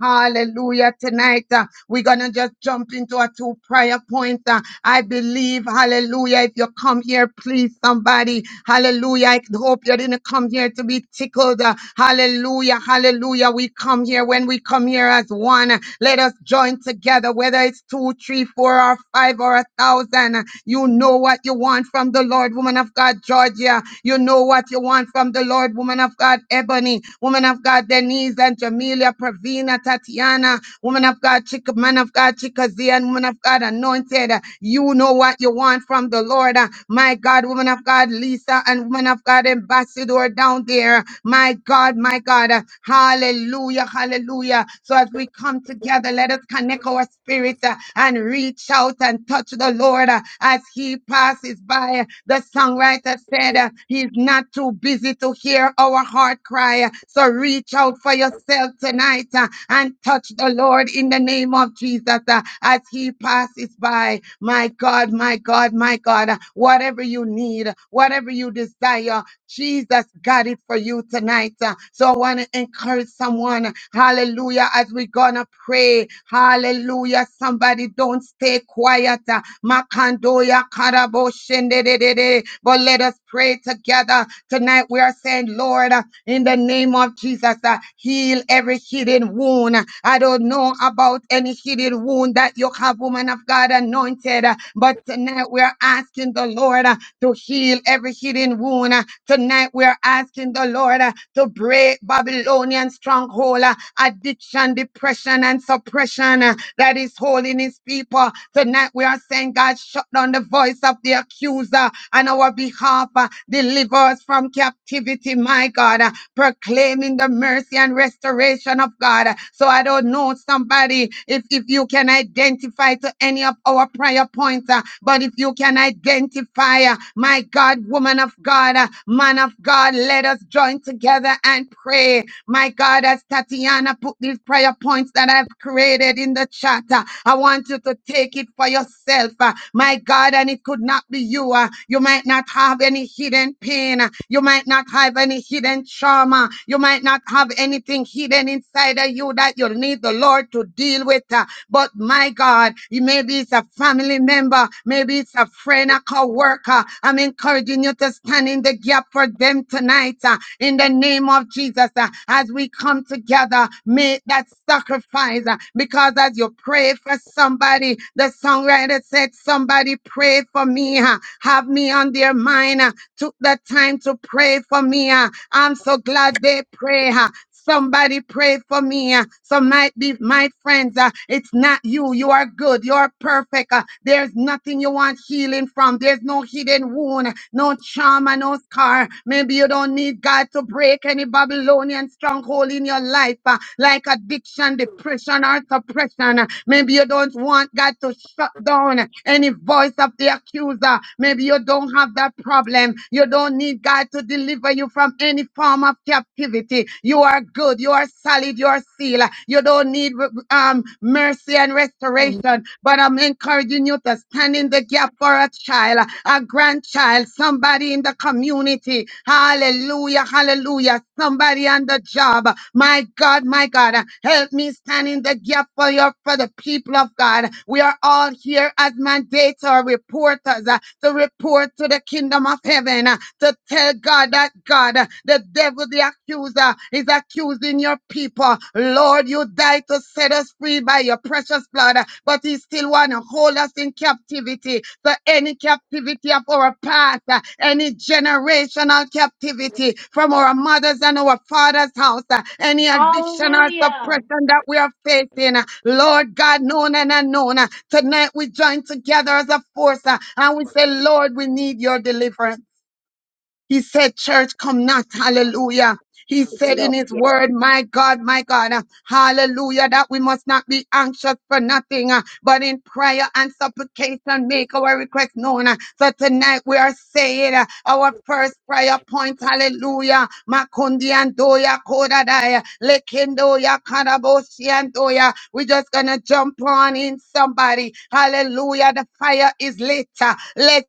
S7: Hallelujah. Tonight, uh, we're going to just jump into a two prayer point. I believe, hallelujah, if you come here, please somebody, hallelujah. I hope you didn't come here to be tickled. Uh, Hallelujah, hallelujah. We come here when we come here as one. uh, Let us join together, whether it's two, three, four, or five, or a thousand. uh, You know what you want from the Lord, woman of God, Georgia. You know what you want from the Lord, woman of God, Ebony, woman of God, Denise and Jamelia, Pravina, Tatiana, woman of God, Chick, man of God, Chickazee, and woman of of God, anointed. uh, You know what you want from the Lord. uh, My God, woman of God, Lisa, and woman of God, ambassador down there. My God, my God. uh, Hallelujah, hallelujah. So as we come together, let us connect our spirit uh, and reach out and touch the Lord uh, as he passes by. The songwriter said uh, he's not too busy to hear our heart cry. So reach out for yourself tonight uh, and touch the Lord in the name of Jesus. Jesus, uh, as he passes by. My God, my God, my God, uh, whatever you need, whatever you desire, Jesus got it for you tonight. uh, So I want to encourage someone, hallelujah, as we're going to pray, hallelujah. Somebody don't stay quiet, uh, Makandoya karabo shende de de de. but let us pray together tonight. We are saying, Lord, uh, in the name of Jesus, uh, heal every hidden wound. I don't know about any hidden wound that you have, woman of God, anointed, uh, but tonight we are asking the Lord uh, to heal every hidden wound. Uh, Tonight we are asking the Lord uh, to break Babylonian stronghold, uh, addiction, depression, and suppression uh, that is holding his people. Tonight we are saying, God, shut down the voice of the accuser on our behalf uh, Deliver us from captivity, my God. uh, Proclaiming the mercy and restoration of God. Uh, So I don't know somebody if, if you can identify to any of our prayer points, uh, but if you can identify, uh, my God, woman of God, uh, man of God, let us join together and pray. My God, as Tatiana put these prayer points that I've created in the chat, uh, I want you to take it for yourself. uh, my God, and it could not be you. uh, you might not have any any hidden pain. You might not have any hidden trauma. You might not have anything hidden inside of you that you'll need the Lord to deal with. Uh, But my God, it- maybe it's a family member, maybe it's a friend, a co-worker. I'm encouraging you to stand in the gap for them tonight uh, in the name of Jesus. uh, As we come together, make that sacrifice uh, because as you pray for somebody, the songwriter said, Somebody pray for me, uh, have me on their mind. uh, took the time to pray for me. ah. I'm so glad they pray. ah. Somebody pray for me. ah. Some might be my friends. ah, It's not you. You are good. You are perfect. ah. There's nothing you want healing from. There's no hidden wound, no trauma, no scar. Maybe you don't need God to break any Babylonian stronghold in your life, ah, like addiction, depression, or suppression. uh, Maybe you don't want God to shut down any voice of the accuser. Maybe you don't have that problem problem. You don't need God to deliver you from any form of captivity. You are good. You are solid. You are sealed. You don't need um, mercy and restoration. But I'm encouraging you to stand in the gap for a child, a grandchild, somebody in the community. Hallelujah. Hallelujah. Somebody on the job. My God, my God, help me stand in the gap for your for the people of God. We are all here as mandates or reporters uh, to report to the kingdom of heaven heaven uh, to tell God that God, uh, the devil, the accuser, is accusing your people. Lord, you died to set us free by your precious blood, uh, but he still want to hold us in captivity. So any captivity of our past, uh, any generational captivity from our mothers and our fathers' house, uh, any addiction or
S5: Hallelujah.
S7: suppression that we are facing, uh, Lord God, known and unknown, uh, tonight we join together as a force uh, and we say, Lord, we need your deliverance. He said, Church, come not. Hallelujah. He
S6: Yes, Lord. yes, Lord. yes, Lord. Yes, yes, yes, yes, yes, yes, yes, yes,
S7: said in
S6: Lord. Yes, Lord. Yes, Lord. Yes, Lord.
S7: his
S6: Yes,
S7: word, My God, my God, uh, hallelujah, that we must not be anxious for nothing, uh, but in prayer and supplication make our request known. uh. So tonight we are saying uh, our first prayer point, hallelujah. Makundi and Doya Kodadaya, Lekindoya Kanaboshi and Doya. We're just gonna jump on in somebody. Hallelujah. The fire is lit. uh,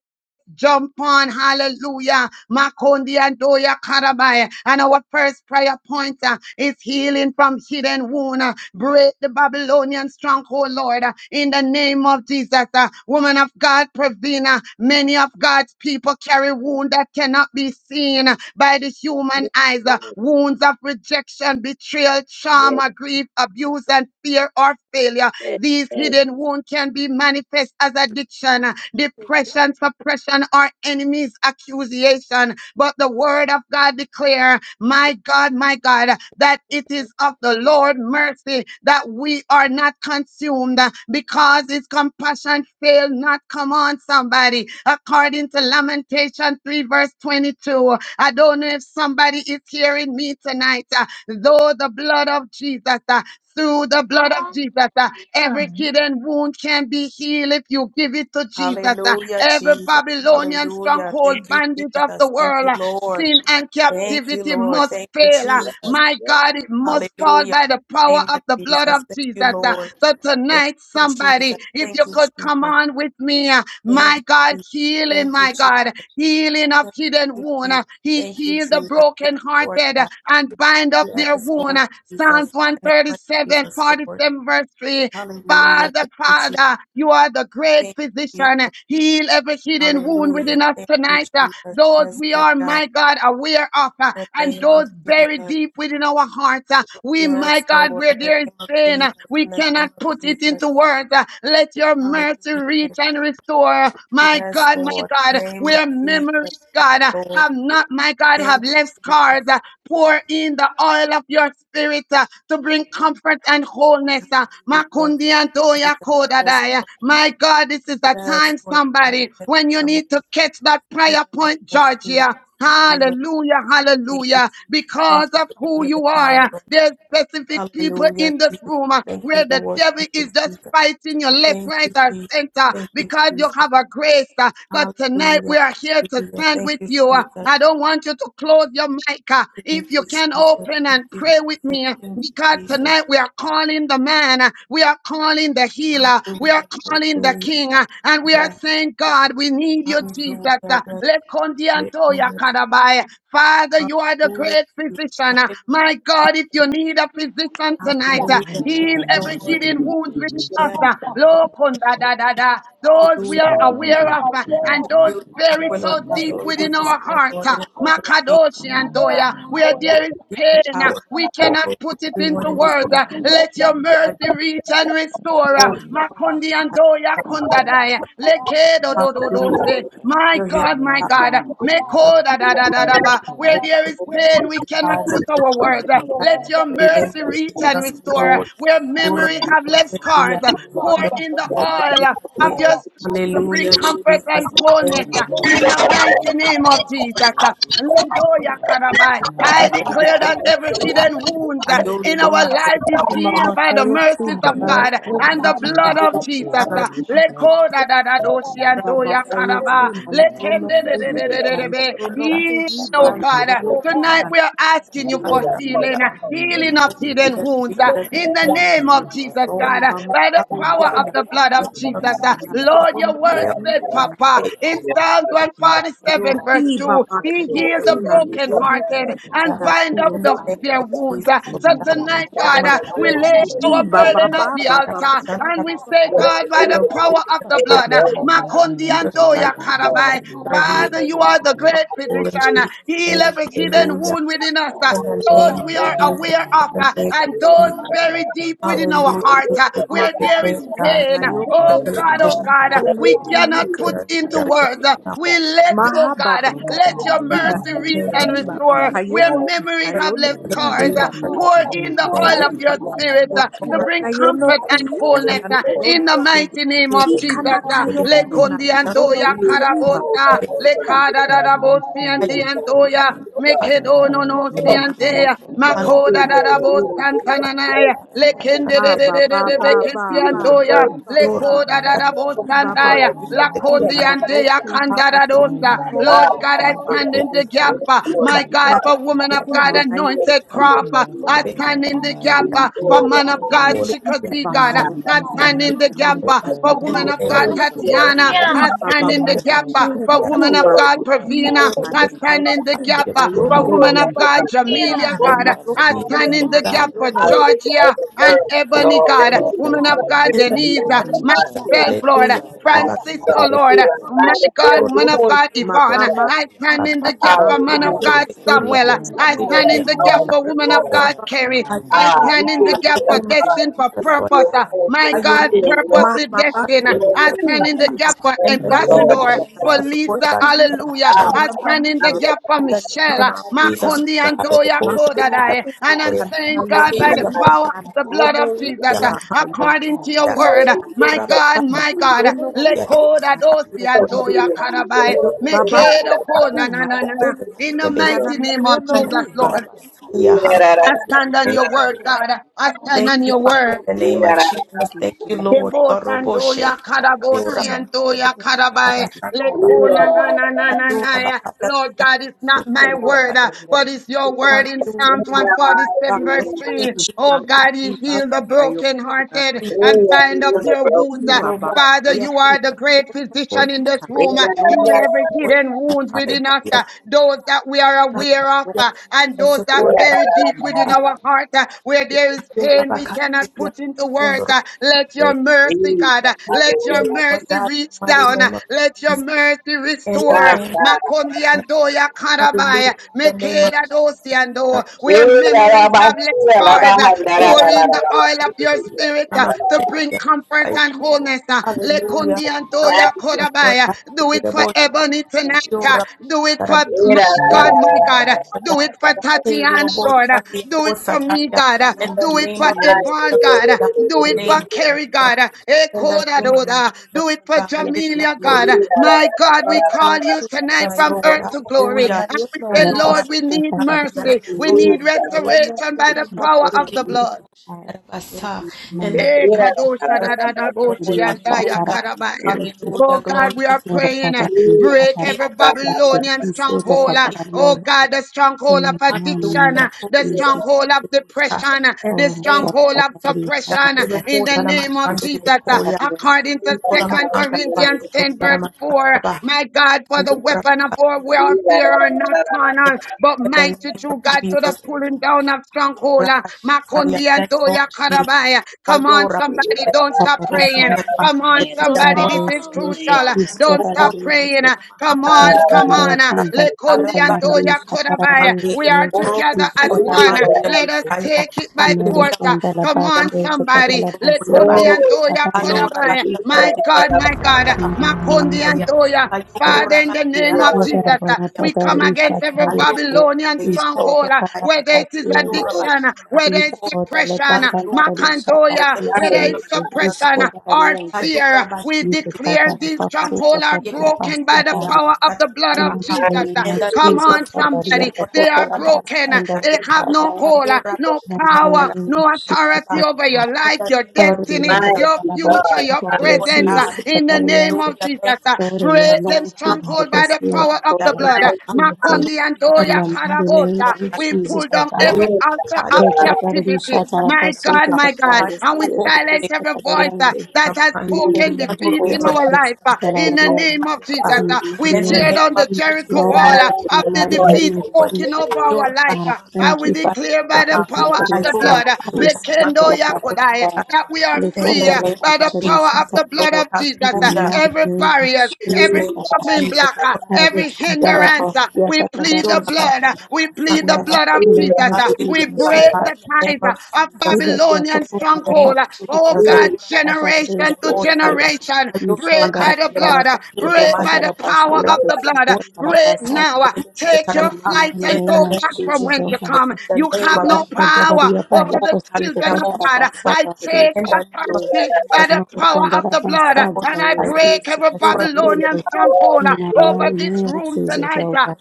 S7: jump on. Hallelujah. Makondi and Doya Karabai. And our first prayer point uh, is healing from hidden wound. uh, break the Babylonian stronghold, Lord, uh, in the name of Jesus. Uh, woman of God, Pravina, many of God's people carry wounds that cannot be seen uh, by the human
S6: yes,
S7: eyes. uh,
S6: yes.
S7: wounds of rejection, betrayal,
S6: yes,
S7: trauma, grief, abuse, and fear or failure.
S6: Yes,
S7: These
S6: yes,
S7: hidden wounds can be manifest as addiction, depression, suppression, or enemies' accusation. But the word of God declare, my God, my God, that it is of the Lord mercy that we are not consumed because his compassion fail not. Come on, somebody. According to Lamentation 3 verse 22, I don't know if somebody is hearing me tonight. uh, though the blood of Jesus, uh, through the blood of Jesus. uh, Every
S5: Hallelujah.
S7: hidden wound can be healed if you give it to Jesus. uh,
S3: Hallelujah,
S7: Every
S3: Jesus.
S7: Babylonian
S3: Hallelujah.
S7: stronghold,
S3: Thank you,
S7: bandage of the
S3: Jesus. Thank
S7: world,
S3: you,
S7: uh,
S3: Lord.
S7: sin and
S3: Thank you,
S7: captivity
S3: Lord.
S7: must
S3: Thank you,
S7: fail. uh,
S3: Jesus.
S7: My God, it must fall
S3: Hallelujah.
S7: by the power
S3: Name
S7: of
S3: of
S7: the blood of
S3: Jesus. Thank
S7: Jesus.
S3: you,
S7: Jesus. Uh,
S3: Lord.
S7: So
S3: Thank
S7: tonight,
S3: you,
S7: somebody,
S3: Jesus.
S7: if you
S3: Thank you,
S7: could come
S3: Jesus.
S7: on with me, uh,
S3: Thank
S7: my
S3: you,
S7: God,
S3: Jesus.
S7: healing,
S3: Thank you,
S7: my
S3: Jesus.
S7: God, healing of
S3: Thank
S7: hidden
S3: you,
S7: wound.
S3: Jesus.
S7: Uh, He
S3: Thank you,
S7: healed the
S3: Jesus. Yes, Lord
S7: brokenhearted uh,
S3: God.
S7: and bind up their
S3: Yes,
S7: wound.
S3: Lord
S7: Uh, Psalms
S3: Jesus. In the name of
S7: 137:47,
S3: Jesus, Lord.
S7: verse 3.
S3: Hallelujah.
S7: Father,
S3: Thank you, Jesus.
S7: Father, you are the great
S3: Thank you,
S7: physician.
S3: Jesus.
S7: Heal every hidden wound
S3: Hallelujah.
S7: within us
S3: Thank you,
S7: tonight. uh,
S3: Jesus.
S7: Those
S3: Yes,
S7: we
S3: Lord
S7: are,
S3: God.
S7: my God, aware of, uh,
S3: the
S7: and
S3: name
S7: those
S3: of
S7: buried
S3: Jesus.
S7: deep within our hearts. uh, We,
S3: Yes,
S7: my God,
S3: Lord,
S7: where
S3: in the
S7: there is
S3: name of
S7: pain, uh,
S3: Jesus,
S7: we
S3: in the
S7: cannot
S3: name of
S7: put it
S3: Jesus.
S7: into words. uh, Let your mercy reach
S3: Hallelujah.
S7: and restore. My
S3: Yes,
S7: God, my
S3: Lord, in
S7: God,
S3: the name of
S7: where
S3: Jesus.
S7: memories,
S3: Thank
S7: God,
S3: you,
S7: uh,
S3: Lord.
S7: have not, my God, have
S3: Thank
S7: left
S3: you, Jesus.
S7: scars. uh, Pour in the oil of of your spirit uh, to bring comfort and wholeness. uh,
S3: Hallelujah.
S7: Makundi
S3: Thank you, Jesus.
S7: Antoya
S3: Yes,
S7: Kodadaya.
S3: Lord
S7: My
S3: God.
S7: God, this is the
S3: Yes,
S7: time,
S3: Lord God.
S7: somebody, when you
S3: Hallelujah,
S7: need to catch that
S3: In
S7: prayer
S3: the
S7: point,
S3: name of Jesus.
S7: Georgia.
S3: Thank you, Lord.
S7: Hallelujah,
S3: Thank you,
S7: hallelujah.
S3: Jesus. Thank
S7: Because
S3: you
S7: of
S3: for
S7: who
S3: your
S7: you
S3: giving power,
S7: are, uh,
S3: Lord God.
S7: there's specific people
S3: Hallelujah,
S7: in this
S3: Jesus.
S7: room uh,
S3: Thank
S7: where
S3: you,
S7: the
S3: Lord.
S7: devil
S3: Thank
S7: is
S3: you,
S7: just
S3: Jesus.
S7: fighting you left,
S3: Thank
S7: right,
S3: you,
S7: or
S3: Jesus.
S7: center
S3: Thank you,
S7: because you
S3: Jesus.
S7: have a grace. uh, But tonight we
S3: Hallelujah.
S7: are here to
S3: Hallelujah.
S7: stand
S3: Thank
S7: with
S3: you,
S7: you. uh,
S3: Jesus. Thank
S7: I don't want you to close your mic. uh,
S3: you,
S7: If you
S3: Jesus.
S7: can
S3: Thank
S7: open
S3: you,
S7: and pray
S3: Jesus.
S7: with
S3: Thank
S7: me, uh,
S3: you,
S7: because
S3: Jesus.
S7: tonight we are calling the man, uh, we are calling the healer, we are
S3: Hallelujah.
S7: calling the
S3: Hallelujah. Hallelujah.
S7: king, uh, and
S3: Hallelujah.
S7: we are
S3: Yes.
S7: saying, God, we need you, Jesus. Uh,
S3: Hallelujah.
S7: Lekondiantoya kadabai. Father, you are the
S3: Hallelujah,
S7: great
S3: Jesus.
S7: physician. Uh, My
S3: Hallelujah,
S7: God, if you
S3: Jesus.
S7: need a
S10: Hallelujah,
S7: physician tonight, uh,
S10: mighty name
S3: Hallelujah.
S10: of
S3: Yes,
S7: heal every
S10: Jesus, Lord. Hallelujah,
S3: Lord.
S10: King
S7: hidden wound
S10: of
S7: which us.
S3: Yes.
S7: uh, Lo
S10: worship,
S7: kunda, da da da.
S10: God,
S7: Those we
S10: in
S3: Hallelujah.
S7: are
S10: the
S7: aware of uh,
S10: mighty name
S7: and
S3: To
S7: those
S3: you is
S7: buried
S3: power, Lord
S7: so
S3: God,
S7: deep
S3: flow through
S7: within
S3: this
S7: our
S3: room,
S7: heart.
S3: Lord,
S7: uh,
S3: in the name of Jesus,
S7: Makadoshi and
S3: God.
S7: Doya, where
S3: Let
S7: there is
S3: your
S7: pain.
S3: healing
S7: uh,
S3: power, Lord
S7: We
S3: God,
S7: cannot
S3: flow through
S7: put it
S3: everyone
S7: into
S3: in
S10: you,
S3: this
S7: words.
S10: thank
S3: room,
S7: uh,
S10: you, thank
S7: Let your mercy
S3: Lord
S7: reach and restore. uh,
S3: Oh,
S7: Makundi and Doya
S10: you, I lift you up, I
S7: Kundadai.
S10: magnify you, I glorify you,
S7: Lekedo
S10: I
S7: do do do
S3: hallelujah,
S7: se.
S10: praise you.
S3: Jesus.
S7: My
S3: Your
S10: In
S7: God,
S3: healing
S10: the
S7: my
S10: mighty
S3: power
S10: name
S3: is
S7: God. uh,
S10: of Jesus, Father
S3: the
S7: Meko
S10: God,
S7: da
S3: hearts
S7: da
S10: Jesus,
S3: and
S7: da da
S3: minds
S7: da
S10: cover
S3: of the
S10: them,
S7: ba.
S10: keep
S7: Where
S10: them
S7: there is
S3: emotions
S10: in blood,
S7: pain, we
S10: Jesus.
S3: and
S7: cannot
S3: lives of
S7: put
S3: your
S7: our
S3: people,
S10: Father,
S7: words.
S10: take the head to the
S7: uh,
S3: Lord God,
S10: right
S7: Let
S3: in the
S7: your
S3: mighty name
S7: mercy
S3: of
S7: reach and
S3: Jesus, we
S7: restore. uh,
S3: Lord.
S7: Where
S3: Oh,
S7: memory
S3: Rabba,
S10: and
S7: have
S3: oh,
S10: strength,
S7: left
S3: Sidi,
S7: scars,
S3: Yara,
S10: Father
S7: uh,
S10: God.
S7: pour
S3: Sando,
S7: in
S10: Father
S7: the
S3: oh,
S10: God,
S7: oil.
S3: Sidi,
S7: uh, of
S3: Sidi.
S10: follow
S7: your
S10: her heart,
S7: spirit
S10: give
S7: to bring
S10: her
S3: Hallelujah,
S10: peace
S7: comfort
S3: Jesus,
S7: and
S10: in her
S3: in
S10: heart, give her peace
S3: the
S7: wholeness
S3: name
S10: in
S3: of
S7: uh,
S10: her mind,
S7: in
S3: Jesus.
S7: the mighty
S10: Father God. In the mighty name of Jesus, Father
S7: name of
S10: God, lift
S7: Jesus.
S10: the addiction,
S3: I
S7: uh.
S10: Father
S7: Lendoya
S10: God. In
S7: Karabai.
S10: the mighty
S7: I
S3: shout that it
S7: declare
S3: be
S10: name
S3: a
S7: that
S10: of
S3: good
S10: Jesus,
S7: every
S10: Father
S3: Satan.
S7: hidden
S10: God.
S7: wounds uh,
S3: I yell
S9: you,
S7: in
S3: that
S7: our
S3: it shout
S9: Jesus.
S3: that
S7: life is
S3: it be a good
S9: Mama
S7: healed by
S3: Satan. I yell that it shout that it be a
S7: the
S3: good Satan.
S9: kayoku
S7: mercies
S9: na
S7: of
S10: Heavenly
S9: nare
S7: God
S10: Father,
S7: and the
S10: God,
S9: okuji
S7: blood
S10: Jesus,
S7: of
S10: you said
S7: Jesus.
S10: by
S7: uh.
S3: Hallelujah,
S10: your stripes that you are saved,
S7: Lekoda da da
S10: Father
S7: doshi
S9: baba
S7: andoya Karaba.
S9: kayoku
S10: God, in
S9: na
S10: the
S9: nayo no
S7: Lekende de
S10: mighty
S7: de
S9: kuji
S7: de
S10: name of Jesus,
S7: de de
S9: na
S7: de
S10: Father
S7: be.
S9: nayo
S10: God.
S9: no
S7: Heal,
S9: kuji
S7: Oh
S9: baba
S10: Help us,
S7: God, uh,
S10: Father
S9: kayoku
S7: tonight
S9: na
S10: God.
S7: we are asking you for
S10: Come into my
S3: hallelujah.
S10: life,
S7: healing.
S10: Father
S7: uh
S10: God, in the mighty name
S7: healing of
S10: of
S7: hidden
S3: Hallelujah,
S10: Jesus,
S7: wounds uh,
S10: Father
S3: Jesus, in
S7: in
S10: God.
S3: the
S7: the
S3: name
S10: Come
S3: of
S9: nayo
S7: name
S10: into my
S7: of
S10: heart,
S3: Jesus,
S7: Jesus,
S3: Lord.
S9: kuji
S7: God,
S10: Father
S7: uh,
S9: mama
S10: God.
S7: by the
S10: Come into my
S7: power
S9: kayoku
S7: of
S9: na
S3: Hallelujah,
S10: mind,
S7: the
S3: in the
S7: blood of
S10: in
S3: name
S10: the
S7: Jesus.
S3: of
S10: mighty
S9: ika
S7: uh,
S10: name of
S9: na
S3: Jesus,
S10: Jesus, Father
S3: Lord.
S7: Lord,
S9: nayo
S10: God.
S9: no
S7: your
S10: In my mind, Father God, in the
S7: word
S9: kuji
S7: said,
S10: mighty
S9: na
S7: Papa,
S3: Yaraboshande,
S11: Lord, everything that
S7: in
S10: name
S7: Psalms
S10: of Jesus, Father
S7: 147,
S10: God.
S7: verse
S9: i
S7: 2,
S9: baba
S7: He
S10: She's
S3: yoramakabashande,
S7: heals
S9: kayoku
S7: the
S10: seeking
S9: na
S10: your
S9: nayo
S10: face,
S9: no
S3: yoramakabashande.
S7: brokenhearted
S10: Father
S9: kuji
S10: God. She's
S7: and
S9: na
S7: bind up
S9: nayo
S10: calling,
S3: In the
S7: the,
S10: Father
S3: name
S7: their
S10: God.
S3: of
S7: wounds. uh.
S3: Jesus,
S10: Give
S3: Lord
S7: So
S10: her
S3: God, in the
S7: tonight,
S10: direction,
S3: name
S7: God,
S3: of
S10: Father
S7: uh,
S10: God, in
S7: we
S3: Jesus,
S7: lay
S10: the mighty
S9: i
S7: our
S10: name of
S9: baba
S10: Jesus,
S7: burden at the
S9: baba
S10: Father
S9: baba
S7: altar
S3: yarabashande,
S9: baba
S7: and we say,
S3: yarabashande.
S7: God,
S9: baba
S7: by
S9: baba
S7: the
S3: Lord, we
S7: power
S3: thank you
S7: of
S3: that
S7: the
S3: by
S9: baba
S7: blood,
S3: your
S7: uh,
S10: God.
S9: baba
S10: Appoint me
S7: Makundi
S3: your
S10: the direction, Father God. Show me, let me
S7: Antoya
S10: know,
S3: stripes,
S10: Father
S3: Lord
S10: God,
S7: Karabai,
S3: Jesus,
S10: in
S3: we
S10: the
S3: are
S10: mighty
S3: healed.
S10: name
S7: Father,
S10: of
S7: you
S10: Jesus,
S7: are the
S3: We
S10: Father God.
S3: are
S7: great
S3: whole in
S7: physician. Uh,
S3: Jesus'
S7: Heal
S3: name.
S7: every hidden
S3: Hallelujah.
S7: wound within us. uh,
S10: Father
S3: In the
S7: Those
S3: name
S10: God,
S3: of
S7: we
S10: that
S7: are
S10: Lord, I
S3: Jesus,
S7: aware
S10: thank
S3: in
S7: of,
S3: the
S7: uh,
S10: you for your love, that
S3: name of
S7: and
S10: God
S7: those
S3: Jesus.
S7: buried deep within
S3: Hallelujah.
S7: our heart,
S3: Glory
S7: uh,
S3: be
S7: where
S3: to your
S7: there is
S3: name,
S9: makayoku na
S3: God.
S7: pain.
S10: I
S9: nayo
S10: thank
S7: Oh
S3: Cause
S9: kuji
S3: your
S10: you, Father God. God, Father God,
S3: light
S7: God,
S10: Lord,
S3: to
S7: oh
S3: shine,
S9: na
S7: God,
S10: God, Father God, that
S7: uh,
S9: nayo
S3: Lord
S9: no
S3: God,
S10: casts
S7: we
S10: my love,
S7: cannot
S9: kuji
S7: put
S3: where in the
S7: into
S3: darkness
S7: words.
S3: is
S7: uh,
S3: in the
S7: We
S3: hearts
S10: Father
S3: and
S7: let,
S3: the minds
S7: oh
S3: of
S9: Maha
S3: your
S7: God,
S3: people.
S7: uh,
S9: Baba,
S10: God,
S7: let
S10: Father.
S7: your
S3: In
S9: kayoku
S10: Anything the
S3: the
S10: enemy
S7: mercy
S10: has
S3: mighty
S7: reach
S3: name of
S7: and
S3: Jesus,
S10: planned,
S9: Mahababa
S7: restore where
S9: kayokuna kayoku na,
S7: memory
S3: bring
S7: have
S9: nayono
S10: Every
S7: left
S3: healing and
S7: scars. uh,
S10: religious
S9: kulibaba
S3: deliverance,
S10: rebuke
S7: Pour
S3: oh
S10: of
S3: God.
S10: every
S7: in
S3: In
S7: the
S3: the name
S7: oil
S3: of
S7: of
S10: organization,
S9: libaba
S7: your
S10: every
S7: spirit uh, to
S3: Torah,
S9: kayokuna
S10: physical
S3: by
S7: bring
S9: nayono
S7: comfort and wholeness
S9: kuikana
S10: state,
S7: uh,
S3: Santa,
S10: God.
S9: nayono
S7: in the
S9: ku
S7: mighty name
S3: who is
S7: of
S10: In the
S9: ikana
S7: Jesus.
S10: name of
S3: the
S7: Karabosa,
S10: Jesus, Father God, we thank
S3: living
S10: you, God,
S7: Le
S10: for
S3: God,
S10: your mercy and
S9: kayokuna
S3: Shanta,
S9: nayono
S7: Condiantoya
S10: grace,
S9: kuliba
S3: the
S7: Carabosa,
S3: living
S7: Le
S10: Father God. Father God, vindicate us, Father God. Bring restoration,
S3: God, you
S10: Father God,
S7: Carabosiantiantoya,
S3: are God,
S10: in the
S7: Mekedono
S10: name
S7: no
S3: the
S10: of
S3: living
S11: hurts,
S10: Jesus,
S3: God,
S10: Father.
S7: Siantea,
S10: Give her understanding in you, Father
S3: Hallelujah,
S7: Makoda Darabos
S10: God,
S11: everything
S3: Father,
S7: Santananaya, Le
S3: by Shanta,
S7: Kende
S3: the
S7: de
S3: living
S7: de
S3: God,
S9: Baba,
S7: de de
S9: ba
S7: de
S9: ba ba
S10: in the
S11: that
S9: ba ba
S7: Bekesiantoya,
S10: name
S11: hurts,
S9: ba
S7: Le
S3: Lord,
S9: ba
S3: by
S7: Coda
S3: God,
S7: Darabos
S9: libaba
S7: Sandaya,
S10: of
S7: La
S3: the living
S9: kayokuna
S10: Jesus,
S3: God,
S10: Father
S7: Condiantea
S10: God.
S9: nayoku
S3: Father,
S9: ikana
S10: Calm
S7: Candaradosa.
S9: nayono
S7: Lord God, I
S10: her
S9: kulibaba
S7: stand in
S9: yo
S10: to
S7: the gap,
S10: things that
S7: uh,
S10: she can
S7: my
S10: touch, see,
S9: ikana
S7: God, for
S10: breathing, Father.
S7: woman of
S10: Father
S7: God,
S10: God.
S7: anointed
S10: Help
S7: crop.
S10: me
S7: uh,
S10: now,
S3: the
S7: I
S3: living God,
S10: Father
S7: stand in the
S10: God,
S7: gap uh,
S10: in the mighty name of Jesus,
S7: for man of
S10: Father God.
S7: God,
S10: Father
S3: Holy, we are
S7: Chickasee
S10: God,
S3: the Son,
S7: God.
S3: the
S10: nobody
S7: I
S10: can
S3: Lord, who is
S7: stand
S9: bakayokubana
S3: the
S7: in
S3: living
S10: help
S7: the
S10: the
S3: God,
S7: gap
S10: murder,
S3: Lord.
S7: uh,
S10: Father
S7: for
S3: In
S7: woman of
S3: the name
S7: God
S3: of
S9: ukuthathayonokuba
S3: Jesus,
S7: Tatiana.
S3: Lord
S10: God.
S3: God,
S7: I
S5: Hallelujah.
S3: the
S10: Let me help them, Father God. Through you, Father God, in
S3: living
S7: stand
S3: God, the
S10: the
S7: in the
S3: living
S10: mighty
S7: gap
S3: God,
S10: name
S7: uh,
S3: Shanta, the
S7: for woman
S3: living God,
S7: of
S9: bakukuba
S10: of
S7: God
S10: Jesus, Father
S3: I
S7: Pravina.
S3: will
S10: God. Give
S3: to
S7: I
S10: me
S3: the
S10: your
S3: cover
S7: stand
S3: of
S10: strength,
S3: the
S7: in the
S10: Father
S9: kanakayokuba
S10: God.
S7: gap
S3: high of
S10: Give
S3: the
S10: me your
S7: uh,
S10: strength,
S12: Amen.
S3: court
S7: for
S3: of
S10: Father
S3: the
S10: God,
S7: woman
S9: nayonoku
S10: in
S7: of
S3: high
S7: God Jamelia,
S3: I name
S10: the
S7: God.
S10: mighty name
S9: kananayokuba
S3: of
S7: I
S10: of
S7: stand
S3: Jesus, Lord
S7: in the
S10: Jesus,
S3: God,
S7: gap
S3: of
S10: Father
S3: the
S7: for
S11: I
S3: court
S9: kananayonoku
S3: of
S10: God.
S3: the under
S7: Georgia
S3: the
S7: and
S3: yard of the
S7: Ebony,
S3: court
S10: Yes,
S7: God.
S10: Father
S7: Woman
S3: of
S10: God,
S7: of
S3: the high.
S7: God
S3: In
S10: only
S3: the
S10: you can
S7: Denise,
S3: name
S7: uh,
S3: of
S10: do it,
S3: Jesus,
S10: Father
S7: myself,
S10: God, in the mighty
S7: Lord.
S3: hallelujah, for
S10: name
S3: Rabaka
S10: of
S7: Francisco,
S11: God,
S3: the
S11: if
S10: Jesus,
S7: Lord.
S11: you
S3: high,
S11: are
S10: Father
S7: My
S10: God.
S11: kind of there,
S7: God,
S3: Lord
S11: we
S3: of the
S7: man of
S11: want
S3: king
S7: God,
S3: of
S11: you,
S3: the
S9: mama
S3: bush,
S7: Yvonne.
S11: God,
S7: I
S9: mama
S7: stand in the
S3: Bakaya,
S7: gap
S9: mama
S7: for
S10: Thank you
S7: man
S3: I
S7: of
S9: mama
S3: will
S11: hallelujah,
S7: God,
S3: the
S10: for restoring every
S3: Korea,
S10: person
S7: Samuel.
S11: because you
S10: that
S7: I
S3: the
S7: stand
S3: Korea,
S7: in
S3: the
S7: the gap
S11: God,
S3: Masha,
S7: for woman
S3: the
S7: of
S11: Lord,
S3: Korea,
S7: God,
S9: baba
S10: my
S7: Carrie.
S3: I
S10: mind
S3: will
S7: I
S10: is, God.
S11: ah, you
S7: stand in
S11: do
S7: the
S3: Rabaka,
S11: it,
S3: in the
S7: gap for
S3: name of
S9: kananayoku
S11: God,
S7: destined
S11: you
S7: for
S11: do
S3: Jesus,
S11: it, you
S3: Lord
S11: do
S7: purpose.
S3: God,
S7: Uh, My
S3: I
S11: it,
S3: will
S11: you
S7: God,
S11: do
S9: ma
S7: purposely
S9: baba
S7: destined.
S3: Rabaka, the
S11: Lord,
S7: I
S3: court
S9: yoku
S3: of
S7: stand
S3: the
S7: in the
S3: high.
S9: hiba
S7: gap for
S3: In
S10: In
S3: the
S9: kaku
S3: name of
S7: ambassador, for
S3: Jesus, Lord
S7: Lisa,
S3: Rabaka, the
S9: yokubika
S7: hallelujah.
S9: mama
S7: I stand
S9: mama
S7: in
S3: Masha,
S7: the
S11: Hallelujah.
S7: gap for
S9: mama
S3: the name of
S7: Michelle,
S9: mama
S3: Jesus,
S9: mama
S3: O
S7: Makondi and
S3: God, in the
S7: Doya
S3: course of the year of
S7: Kodadai.
S9: makayoku
S7: And I'm
S3: Alexandria.
S7: saying,
S3: I
S7: God,
S3: think
S9: kananayoku
S7: by
S3: you
S7: the
S3: have a
S7: power
S3: chance
S7: of the
S3: to come
S7: blood
S3: to
S7: of Jesus,
S3: the Yala
S7: uh,
S3: Mahanda
S9: kananayonoku
S7: according to
S3: Rabasaya.
S7: your word, uh,
S3: You
S7: my
S3: are a
S7: God,
S3: Kata
S9: kuna
S7: my God, uh,
S10: the
S3: Rabashanda,
S9: rono
S10: name
S3: the Yara
S10: of
S3: Bosa,
S7: Lekoda
S9: kana
S3: the
S7: Dosi
S9: yo
S3: Yara
S7: and
S10: Amen. Yes,
S7: Doya
S3: Boshanda.
S9: kuka
S7: Karabai,
S3: You are a
S9: baba
S3: Kata
S7: Mekedo Kona na
S9: kuna
S7: na na. na.
S9: rono
S3: Rabahaya,
S7: In the
S3: the
S9: kuni
S3: best.
S9: kana
S7: mighty
S9: na
S7: name of
S9: yono
S3: And the
S7: Jesus,
S9: huba
S3: Yara
S7: Lord,
S3: Basaya, hallelujah,
S7: I stand on
S3: in the name
S7: your
S3: of Jesus.
S7: word, God. I stand
S3: Thank
S7: on
S3: you,
S7: your
S3: Father,
S7: word.
S3: in the name of Jesus.
S9: thank you
S3: Thank you,
S9: Jesus
S3: Lord.
S7: Debo sando
S3: Karoboshe.
S7: ya karabo
S5: Hallelujah.
S3: Ayura
S7: siento ya
S3: bakata
S7: karabai.
S3: rabasanda
S7: Leto na
S3: rabasaya.
S7: na na na
S5: Hallelujah,
S7: na na
S3: Ayura
S5: Lord.
S7: ya.
S3: bakata
S7: Lord God, it's not
S3: rabasanda
S7: my word,
S3: rabasaya.
S7: uh, but it's your word in
S3: Hallelujah.
S7: Psalms 147
S3: Lord.
S7: verse
S3: Thank
S7: 3.
S9: kuna
S3: you,
S9: na
S7: Oh
S3: Lord.
S7: God,
S3: Thank you,
S7: you
S9: kuni baba
S7: heal
S3: Lord.
S7: the
S9: kayo kuna
S7: brokenhearted
S3: Thank you,
S7: and
S3: Jesus.
S7: bind up their wounds.
S9: kuni
S7: uh,
S9: baba
S7: Father,
S9: kayo
S7: you
S9: kuna
S7: are the
S9: na
S7: great physician
S9: kuni
S7: in this
S9: kana
S7: room. Uh, Heal
S9: yono
S3: Yes,
S7: every
S3: Lord
S7: hidden
S3: God.
S7: wounds within us,
S3: Hallelujah,
S7: uh,
S3: Jesus.
S7: those that we are
S9: kuma
S7: aware of,
S9: kayo
S3: Hallelujah,
S7: uh,
S3: Jesus.
S7: and
S3: Yes,
S7: those that bury deep
S9: kuna
S7: within our heart. uh, Where there is pain we cannot put into words. uh, Let your mercy, God, uh, let your
S3: Lord
S7: mercy
S3: God, in the
S7: reach
S3: mighty
S7: down. uh,
S3: name of
S7: Let your
S3: Jesus.
S7: mercy
S3: In the
S7: restore. uh,
S3: name of
S7: Makondi and
S3: Jesus.
S7: Doya Karabaya,
S3: Hallelujah. In the name of
S7: Mekeda Dosi and Do, where memories have left scars. uh, Pour in the oil of your spirit. uh, uh, to bring comfort
S3: Jesus.
S7: and wholeness. uh,
S3: Hallelujah.
S7: Lekundi
S3: In the
S7: and
S3: name of
S7: Toya
S3: Jesus, Lord
S7: Korabaya.
S3: God.
S7: Do it for
S3: Hallelujah.
S7: Ebony tonight. uh, Do it
S3: Rabashanda,
S7: for
S3: Rabashanda,
S7: my God, my God. uh,
S3: Lord God.
S7: Do it for
S3: In the
S7: Tatiana, Lord. uh, Do it for me, God. uh,
S9: thank
S7: Do
S9: you
S7: it
S3: name
S7: for
S3: of
S7: Yvonne,
S3: Jesus,
S9: Jesus
S7: God.
S3: Lord
S7: uh,
S3: God. In
S7: Do
S3: the
S7: it for
S3: name
S9: amen
S3: of
S7: Kerry,
S3: Jesus.
S7: God. uh,
S3: In the name of
S9: amen
S7: Ekoradoda.
S3: Jesus,
S7: Do it
S3: oh
S7: for
S3: God.
S9: thank
S3: In
S9: you
S7: Jamelia, God.
S9: Jesus
S7: uh, My God,
S9: baba
S7: we
S3: the name
S9: kayo
S7: call
S3: of
S7: you
S9: kuna
S7: tonight
S9: na
S3: Jesus,
S9: yo
S7: from
S3: Lord.
S7: earth
S9: kuni
S7: to glory.
S9: kana na
S3: Hallelujah.
S7: And we
S9: yono
S13: Estando contra
S7: say,
S9: huba
S3: Ayora
S7: Lord, we need
S3: bashaka
S13: la
S3: liyana
S7: mercy. We
S3: masonde
S7: need
S9: kana na yono
S7: restoration
S3: liyabosaya.
S7: by
S9: kuni
S7: the power
S9: baba
S7: of
S3: Ayeke
S7: the blood.
S3: liyabosanda
S9: Thank
S3: rabasa.
S9: you,
S3: In
S9: Jesus.
S3: the
S7: Eh,
S3: name of
S7: kadosa
S3: Jesus,
S7: da da
S3: thank
S7: da
S3: you, Lord.
S7: bosi
S9: Thank
S7: andaya
S3: Hallelujah.
S7: karabaya.
S3: Hallelujah.
S7: Oh
S9: you, Jesus.
S7: God,
S3: Glory
S7: we
S3: be
S7: are
S3: to your name,
S7: praying. uh,
S3: God. Thank you,
S7: Break every
S3: Jesus.
S9: Thank you,
S11: Oh,
S7: Babylonian
S3: Thank you,
S7: stronghold.
S9: Jesus.
S7: uh,
S3: Jesus.
S7: Oh God, the stronghold of addiction,
S3: Hallelujah.
S7: uh, the stronghold of
S3: Koremashandrebosa.
S7: depression, uh,
S3: In
S7: the
S3: the name of
S7: stronghold of
S3: Jesus, Lord God.
S7: suppression. uh,
S3: every
S7: In the
S3: and I'm
S7: name of
S3: under the
S7: Jesus, uh,
S3: Koya, and
S7: according
S3: then
S7: to
S3: It was for
S7: Second
S3: Tanamashandrebokoya.
S7: Corinthians 10, verse 4.
S3: Halenikoramahanda-basutoyaramakandaraba.
S7: My God, for the weapon of our
S3: Alorabakandriya.
S7: warfare are not carnal, but
S3: In the
S7: mighty
S3: name of
S7: through God to the
S3: Jesus, oh
S7: pulling
S3: God.
S7: down of stronghold. uh,
S3: Rabashataya.
S7: Makundi and
S3: Yes, Lord
S7: Toya
S3: Jesus.
S7: Karabaya. Come on,
S3: Ayora
S7: somebody,
S3: bakandere
S7: don't
S3: diya
S7: stop
S3: bosa,
S7: praying. Come
S5: Yes,
S7: on,
S3: bakandere diya
S5: Jesus.
S7: somebody. This
S3: bosa
S7: is crucial. Uh,
S5: Hallelujah. Hallelujah.
S7: Don't stop
S3: ya.
S7: praying. Uh, Come on, come on. Uh,
S13: palanca,
S7: Lekundi and
S13: la
S7: Doya
S13: risa, para
S7: Kodabai.
S13: reír,
S7: We
S13: y
S7: are
S13: de que
S7: together
S13: tus
S7: as
S13: otra
S7: one. Uh,
S13: la
S7: Let us
S13: llanta,
S7: take it by force. Uh,
S13: Norikwenda la
S7: Come on,
S13: base to
S7: somebody.
S13: Catala Base,
S7: Lekundi and Doya
S13: Tatarian,
S3: Allora
S13: El
S7: Kodabai.
S13: Iso,
S3: basciandere
S7: My
S3: le via
S7: God, my
S3: possa
S7: God. Uh,
S3: andare a andare a
S7: Makundi and
S13: Namanini,
S3: baia.
S7: Doya.
S13: so
S3: Ayoko
S7: Father, in the
S3: ramandi
S7: name of
S3: araba
S7: Jesus,
S13: water
S7: uh,
S3: sokoria
S13: Abolata,
S7: we come
S3: machanda.
S13: Isha
S7: against every
S3: Ayoko
S13: Taris,
S7: Babylonian
S3: maye
S13: Iso,
S7: stronghold,
S3: mosha
S13: the
S7: uh, whether
S13: Catala
S7: it is
S13: Base,
S7: addiction, uh, whether
S13: Ita
S7: it's
S13: Hotala
S7: depression, uh,
S13: Pacanda,
S3: Hallelujah,
S13: Isha
S3: Jesus. In the
S7: Macandoya,
S3: name
S13: Taris,
S7: whether
S3: of
S7: it's
S13: the
S3: Jesus, oh
S7: suppression
S13: Isco
S7: uh,
S3: God.
S7: or
S13: Tarient,
S7: fear.
S3: Ayora
S7: uh, We
S13: you the
S3: bashanderia
S7: declare
S13: Catala
S7: these
S3: bosanda.
S13: Base, the
S7: strongholds are
S13: Catala
S3: Yekilime
S13: Base,
S7: broken by the
S3: kundia
S7: power
S13: Tatari.
S7: of
S3: masata
S7: the blood
S13: In
S7: of
S3: yarabaha.
S7: Jesus.
S13: the
S11: Mighty
S7: uh.
S13: name
S3: In
S13: of
S3: the
S7: Come
S3: name
S13: Jesus,
S7: on,
S3: of Jesus.
S13: Tataria,
S7: somebody.
S13: the
S3: Okora
S7: They are
S13: Cotala
S3: bashanderia
S13: Base,
S7: broken. uh,
S13: and
S7: They
S13: the
S3: bokotarabaha.
S7: have
S13: Isha
S7: no
S13: Taris.
S7: hold, uh,
S3: Ayora
S7: no
S13: In the
S7: power,
S3: bashanderia
S13: name of
S7: no authority
S13: Jesus,
S7: over your
S3: in
S7: life,
S3: the
S7: your
S3: name of
S7: destiny,
S13: Toriyanda
S3: Jesus,
S7: your
S11: mighty
S7: future
S13: Katalaba,
S7: future,
S3: hallelujah.
S11: God,
S7: your
S3: Thank
S11: I
S3: you,
S13: Kotari
S3: Lord
S11: see
S7: presence uh,
S13: Seas,
S11: you.
S3: God.
S7: in the name
S13: Kataliante,
S7: of
S3: Hallelujah.
S7: Jesus.
S3: Thank you,
S7: uh, Break
S3: Jesus.
S13: Toriyanda,
S7: them
S3: Okora bakende
S7: stronghold
S3: de
S7: by the
S13: Tiharikosia,
S3: bekoni
S7: power of the
S13: Kotala
S3: yandaya.
S7: blood. uh,
S11: Mighty
S3: Arobo
S13: Pasiate,
S7: Makondi
S3: sobo
S7: and
S13: in the
S3: yaraba
S7: Doya
S13: mighty
S3: shandere de
S13: name
S3: debo
S7: Karabosa.
S13: of
S7: We
S3: shataya.
S13: Jesus,
S7: pull
S13: O
S7: down
S13: God.
S7: every
S3: Ayora
S7: altar
S3: bakari
S11: God,
S7: of
S13: Let
S3: yabo
S11: I
S3: kundi
S13: Kotari
S3: yabo
S7: captivity.
S3: sakata
S7: My
S13: Shatarapasu, the
S7: God,
S3: yabaha.
S7: my God.
S13: Katari
S7: And
S3: Arobo
S7: we
S13: Seas, the
S3: kote de
S7: silence every
S3: bekate de
S7: voice uh,
S3: bekuti
S13: Kiskataliante,
S7: that
S3: yaraba
S7: has
S11: see
S3: hande.
S7: spoken
S11: you.
S13: Loriyanda
S3: Aloro
S7: defeat in
S13: Hota,
S7: our
S3: yamashanda
S7: life. uh, In the
S13: Kiskatalaria,
S7: name of Jesus,
S13: in the
S7: uh,
S13: mighty
S7: we
S3: in the
S13: name
S7: tear
S13: of
S3: name
S7: down the
S3: of
S13: Jesus,
S7: Jericho
S3: Jesus,
S13: no
S3: thank
S7: wall
S3: you,
S7: uh,
S13: homes,
S11: Silence
S13: in
S3: Lord
S7: of
S13: the
S11: the
S7: the
S3: God.
S13: mighty
S3: Yes,
S11: voice
S7: defeat
S13: name of
S11: of the
S3: Lord.
S13: Jesus.
S7: spoken over
S11: enemy.
S7: our life.
S13: And I
S7: uh, And
S13: thank
S7: we
S13: you for
S7: declare
S13: the
S7: by the
S3: Ayurabashandarabakayarabaha.
S7: power
S13: privilege
S7: of
S11: My
S13: that you
S7: the
S11: God, I
S13: see and
S7: blood, uh,
S13: I respect all
S7: Mekendo
S13: of us.
S7: Yakodai, that
S3: Ayurabakayarabahandriyobotataya.
S7: we are
S13: Look
S3: In
S13: on
S3: the
S7: free
S13: the
S7: uh,
S13: like
S3: name
S13: and
S3: of
S7: by the
S13: that you
S7: power of
S3: Jesus,
S13: shut
S3: oh
S7: the blood of
S3: Lord,
S7: Jesus.
S13: In the
S7: uh,
S3: hallelujah.
S13: mighty
S7: Every
S13: name of
S7: barrier,
S11: see
S3: In the
S7: every
S13: Jesus,
S3: name
S11: you. I
S3: of
S7: stumbling
S3: Jesus,
S7: block, uh,
S3: Ukora
S13: I
S7: every
S13: would
S3: Bashanda
S13: gather
S7: hindrance,
S13: about
S7: uh,
S13: the
S3: Yarabasanda,
S7: we
S13: other
S7: plead
S13: that
S7: the
S13: you
S3: Ayora
S13: shut
S7: blood. uh,
S13: up.
S3: Bashanda
S7: We plead
S3: Rabasanda
S7: the
S13: In
S7: blood
S3: Rabaha,
S7: of
S11: see
S13: the
S11: you.
S13: name
S7: Jesus.
S11: I
S13: of
S7: uh,
S11: see
S7: We
S3: Hallelujah
S13: Jesus,
S11: you.
S7: break
S3: Rabasa,
S11: I
S13: Father.
S7: the
S3: in the name
S7: ties
S3: of
S7: uh, of
S13: You
S3: Jesus,
S13: let your talk
S7: Babylonian
S3: in the name
S7: stronghold.
S13: about
S7: uh,
S3: of
S13: the
S11: see
S7: Oh
S3: Jesus, In
S7: God,
S13: other
S3: the name of
S13: that
S3: Jesus,
S13: you
S7: generation to
S3: Yabosu
S13: shut up.
S7: generation, break
S13: Ishon
S7: by the
S13: Darakandala
S7: blood, uh,
S3: Kuri
S13: Pasuda
S7: break by
S3: Yamandi,
S7: the
S13: Kadala
S7: power of
S13: Pasi, the
S7: the
S3: Arabasu
S7: blood.
S13: Kista
S3: your
S7: right
S3: Yana and
S7: now.
S13: Parapasada,
S3: Rebekota
S7: Take
S13: in
S7: your
S13: the
S3: Rabaha,
S7: flight
S13: mighty
S3: in
S7: and
S13: name
S3: the
S7: go
S13: of
S7: back from
S13: Jesus,
S7: whence
S13: O
S7: you
S13: Father.
S7: come. You
S3: name
S7: have
S3: of
S7: no
S13: Northern
S7: power
S3: Jesus, I
S7: over
S13: Pahala
S7: the
S3: hope that in
S13: Postura
S7: children
S3: your
S7: of
S3: mouth and the name of Jesus, Ayoba Kati Yamosanda
S7: God.
S13: Katarabasa
S7: I
S3: Rabaha,
S7: take
S3: in
S13: Darisha
S3: the name
S11: you.
S3: of
S7: authority by
S3: Jesus,
S7: the
S3: Ukora
S7: power
S13: Northern
S7: of the blood
S13: Basta
S7: and I
S13: Darius
S3: Bashanda
S7: break every
S11: I
S3: Yabosaya,
S11: see the
S7: Babylonian
S13: Katarabasa
S11: power of
S7: stronghold
S11: the blood. I
S7: over
S13: Namal
S7: this
S13: New
S7: room
S13: Jesus
S3: in
S7: tonight.
S3: the
S13: Oga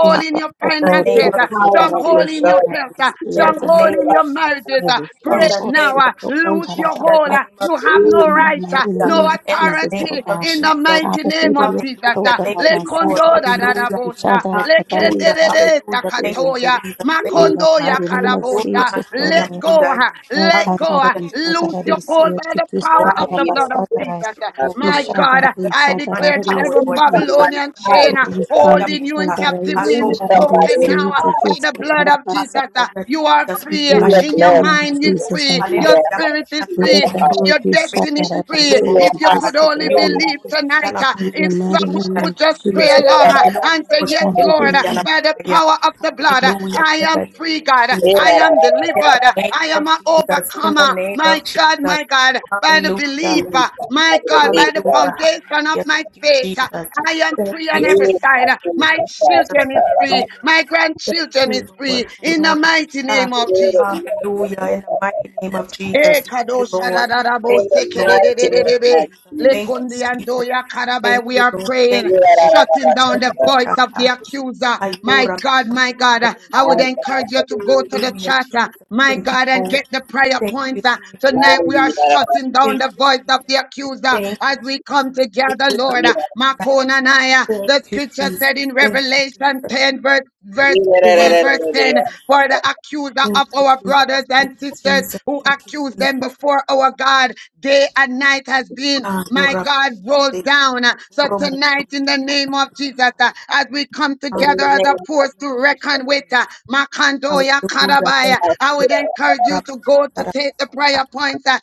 S13: Yes
S7: in
S13: but
S7: your
S13: the
S11: see
S3: name
S13: Korea
S11: the
S3: of
S13: the
S7: finances,
S11: power
S3: Jesus.
S11: of the
S13: Kotararia
S7: Stronghold in your
S11: blood.
S13: Shana
S3: Hallelujah.
S7: health, uh,
S13: is
S11: Jesus.
S3: In
S11: I
S3: the
S13: the
S7: stronghold
S3: name
S7: in
S3: of
S7: your
S3: Jesus.
S7: marriages, uh,
S13: every
S3: In
S7: break
S3: the
S13: stronghold
S3: name
S7: now,
S13: is
S7: uh,
S3: of
S13: the
S7: lose
S3: Jesus.
S7: your
S3: In the
S7: hold.
S13: Kondarabasa
S7: uh,
S3: name of
S7: You have
S3: Jesus.
S7: no
S13: in the
S7: right, uh,
S13: mighty
S7: no
S13: name of
S3: Hallelujah. In the
S13: Jesus
S3: name
S7: authority
S3: of
S13: Oga
S7: in the
S3: Jesus.
S7: mighty
S13: Father
S7: name of
S13: Fidia
S7: Jesus. uh,
S3: Hallelujah. Thank you,
S13: Kotarabasa
S3: Lord.
S7: Lekondo da da da
S3: Hallelujah.
S7: bosa,
S13: Ishadara
S7: lekende
S3: Hallelujah.
S7: de
S13: Katarisha
S7: de da
S3: Hallelujah.
S13: in
S3: Thank you,
S7: katoya,
S3: Jesus. Thank you,
S13: the
S7: makondo
S3: Jesus.
S7: ya
S13: mighty name of
S7: karabosa.
S13: Jesus
S3: Oramakiria
S7: Let
S13: over.
S7: go,
S3: Pondaya.
S7: uh,
S13: In the
S7: let go, uh,
S3: Hallelujah.
S13: mighty name
S3: Thank you,
S7: lose
S13: of
S7: your
S3: Jesus.
S7: hold
S3: Thank you,
S7: the
S3: Jesus.
S7: power
S3: Thank
S7: of
S3: you
S7: the
S11: see
S3: for
S7: blood of
S3: breaking
S11: I see.
S3: every
S7: Jesus.
S11: I see. I
S3: stronghold, Lord
S7: My
S3: God.
S7: God,
S3: Every
S7: I
S3: demonic
S7: declare that
S3: power,
S7: every
S11: see
S3: Lord
S11: from
S3: Jesus.
S11: my
S7: Babylonian chain uh,
S11: heart.
S3: Oramakiria
S7: holding you in
S3: Pondaya.
S7: captivity
S11: see
S7: is
S3: Arobo
S11: somebody
S7: broken
S3: Koteleme
S7: now uh,
S11: uh,
S3: Andrebe
S7: by the
S3: Koya.
S7: blood of Jesus. uh.
S3: Hallelujah,
S7: You are
S3: Jesus.
S7: free.
S11: who has
S7: In
S3: Orabashanda
S7: your
S11: loved
S7: mind
S3: Rabaka.
S7: is
S11: them,
S13: Jesus,
S7: free.
S13: our
S11: who
S13: God,
S7: Your
S11: their
S3: Hallelujah.
S11: heart,
S7: spirit is
S11: who
S3: Bushata.
S13: we
S11: their
S7: free.
S13: look
S3: Thank you
S13: at the
S3: for
S7: and
S11: heart,
S13: word
S7: Your
S13: you
S3: breaking every
S13: shut
S7: destiny
S3: chain
S13: out
S7: is
S13: of
S3: and
S11: who
S13: us,
S7: free.
S11: their
S13: say
S3: shackle,
S13: it
S7: If
S3: Lord
S13: to
S7: you
S11: heart,
S3: God.
S13: this
S7: could only
S13: people,
S3: Your
S13: we are
S7: believe
S13: good.
S3: almost
S7: tonight,
S3: Yala
S7: uh,
S13: In the
S7: if
S3: Masandrebe
S13: mighty
S7: someone
S3: Koya
S13: name
S7: could
S13: of
S7: just
S11: who their
S7: pray
S13: Jesus,
S7: along
S11: heart,
S7: uh,
S3: Hallelujah.
S7: and say, Yes,
S3: Bushata.
S7: Lord,
S13: Hallelujah.
S7: by the power of the
S3: Hallelujah.
S7: blood. I
S3: In
S7: am
S3: the name
S7: free,
S3: of
S7: God.
S3: Jesus.
S11: who
S7: I
S11: their
S7: am delivered.
S3: In
S11: heart.
S3: the
S7: I
S3: name of
S7: am an
S3: Jesus. In the
S7: overcomer.
S3: name
S7: My
S3: of
S7: God,
S3: Jesus.
S7: my God, by the
S3: Hallelujah.
S7: belief, uh,
S11: Jesus,
S7: my God, by the
S11: aleluya.
S3: Hallelujah.
S7: foundation of
S3: Hallelujah.
S7: my
S3: Thank you,
S7: faith, uh,
S3: Jesus.
S7: I am
S3: Thank
S7: free
S3: you,
S7: on
S3: Jesus.
S7: every
S11: Esta
S7: side.
S3: Thank
S7: My
S3: you,
S11: culpa pasa
S3: Jesus.
S7: children is
S11: para la
S7: free.
S3: Hallelujah.
S7: My
S3: Thank
S7: grandchildren
S3: you,
S7: is free.
S3: Lord.
S7: In the mighty
S3: Hallelujah.
S7: name of
S11: gloria de
S7: Jesus.
S11: Dios.
S3: Hallelujah. In the mighty name of
S7: E
S3: Jesus. Thank you,
S7: kadosha
S3: Lord.
S7: da da da bo
S11: In
S3: Thank
S11: the
S3: you,
S7: seke ke de
S3: Lord.
S7: de
S11: mighty
S7: de
S3: Thank
S7: de
S3: you,
S7: de
S11: name
S7: de.
S11: of
S3: Jesus.
S7: Le
S3: Thank you,
S7: and
S11: Jesus.
S7: ando
S3: Jesus.
S7: ya karabai.
S3: Thank
S7: We
S3: you,
S7: are
S3: Lord.
S7: praying,
S3: Thank
S7: shutting down
S3: you,
S7: the voice of the
S3: Lord.
S7: accuser. My
S3: Ayora
S7: God, my
S3: Mashandere
S7: God, uh, I would
S3: Yabosaya.
S7: encourage you to go to the
S3: Hallelujah,
S7: chat, uh,
S3: Jesus.
S7: my
S3: Thank you,
S7: God, and get
S3: Lord.
S7: the prayer
S3: Thank you,
S7: points. uh.
S3: Jesus.
S7: Tonight
S3: Thank
S7: we
S3: you,
S7: are
S3: Jesus.
S7: shutting down
S3: Thank
S7: the
S3: you,
S7: voice of the
S3: Jesus.
S7: accuser
S3: Thank
S7: as
S3: you,
S7: we come
S3: Jesus.
S7: together,
S3: Ekora
S7: Lord. uh,
S3: Mashandere.
S7: Makona and I, uh, the
S3: Thank you,
S7: scripture
S3: Jesus.
S7: said in
S3: Thank you,
S7: Revelation
S3: Jesus.
S7: 10, verse, verse
S11: In
S7: 12
S3: Thank you,
S7: verse
S11: the
S7: 10
S3: Jesus.
S7: for the accuser
S3: Thank
S7: of
S3: you,
S7: our
S3: Jesus.
S7: brothers and
S3: Thank you,
S7: sisters
S3: Jesus.
S7: who
S3: Thank you,
S7: accuse them
S3: Jesus.
S7: before our God day and night has been my
S3: Ayora
S7: God rolled
S3: Mashandere.
S7: down so
S3: Oromo
S7: tonight in
S3: Sore
S7: the name of
S3: Makabara
S7: Jesus
S3: Maka.
S7: uh, as we come together as
S3: Amaka
S11: name
S7: a force to reckon with
S3: Mashandere.
S7: uh, Makandoya
S3: Hallelujah. Thank
S7: Karabaya
S3: you,
S7: I would
S11: of
S3: Jesus.
S7: encourage
S3: Ora
S7: you to go to take the
S3: Mashandere.
S7: prayer points uh,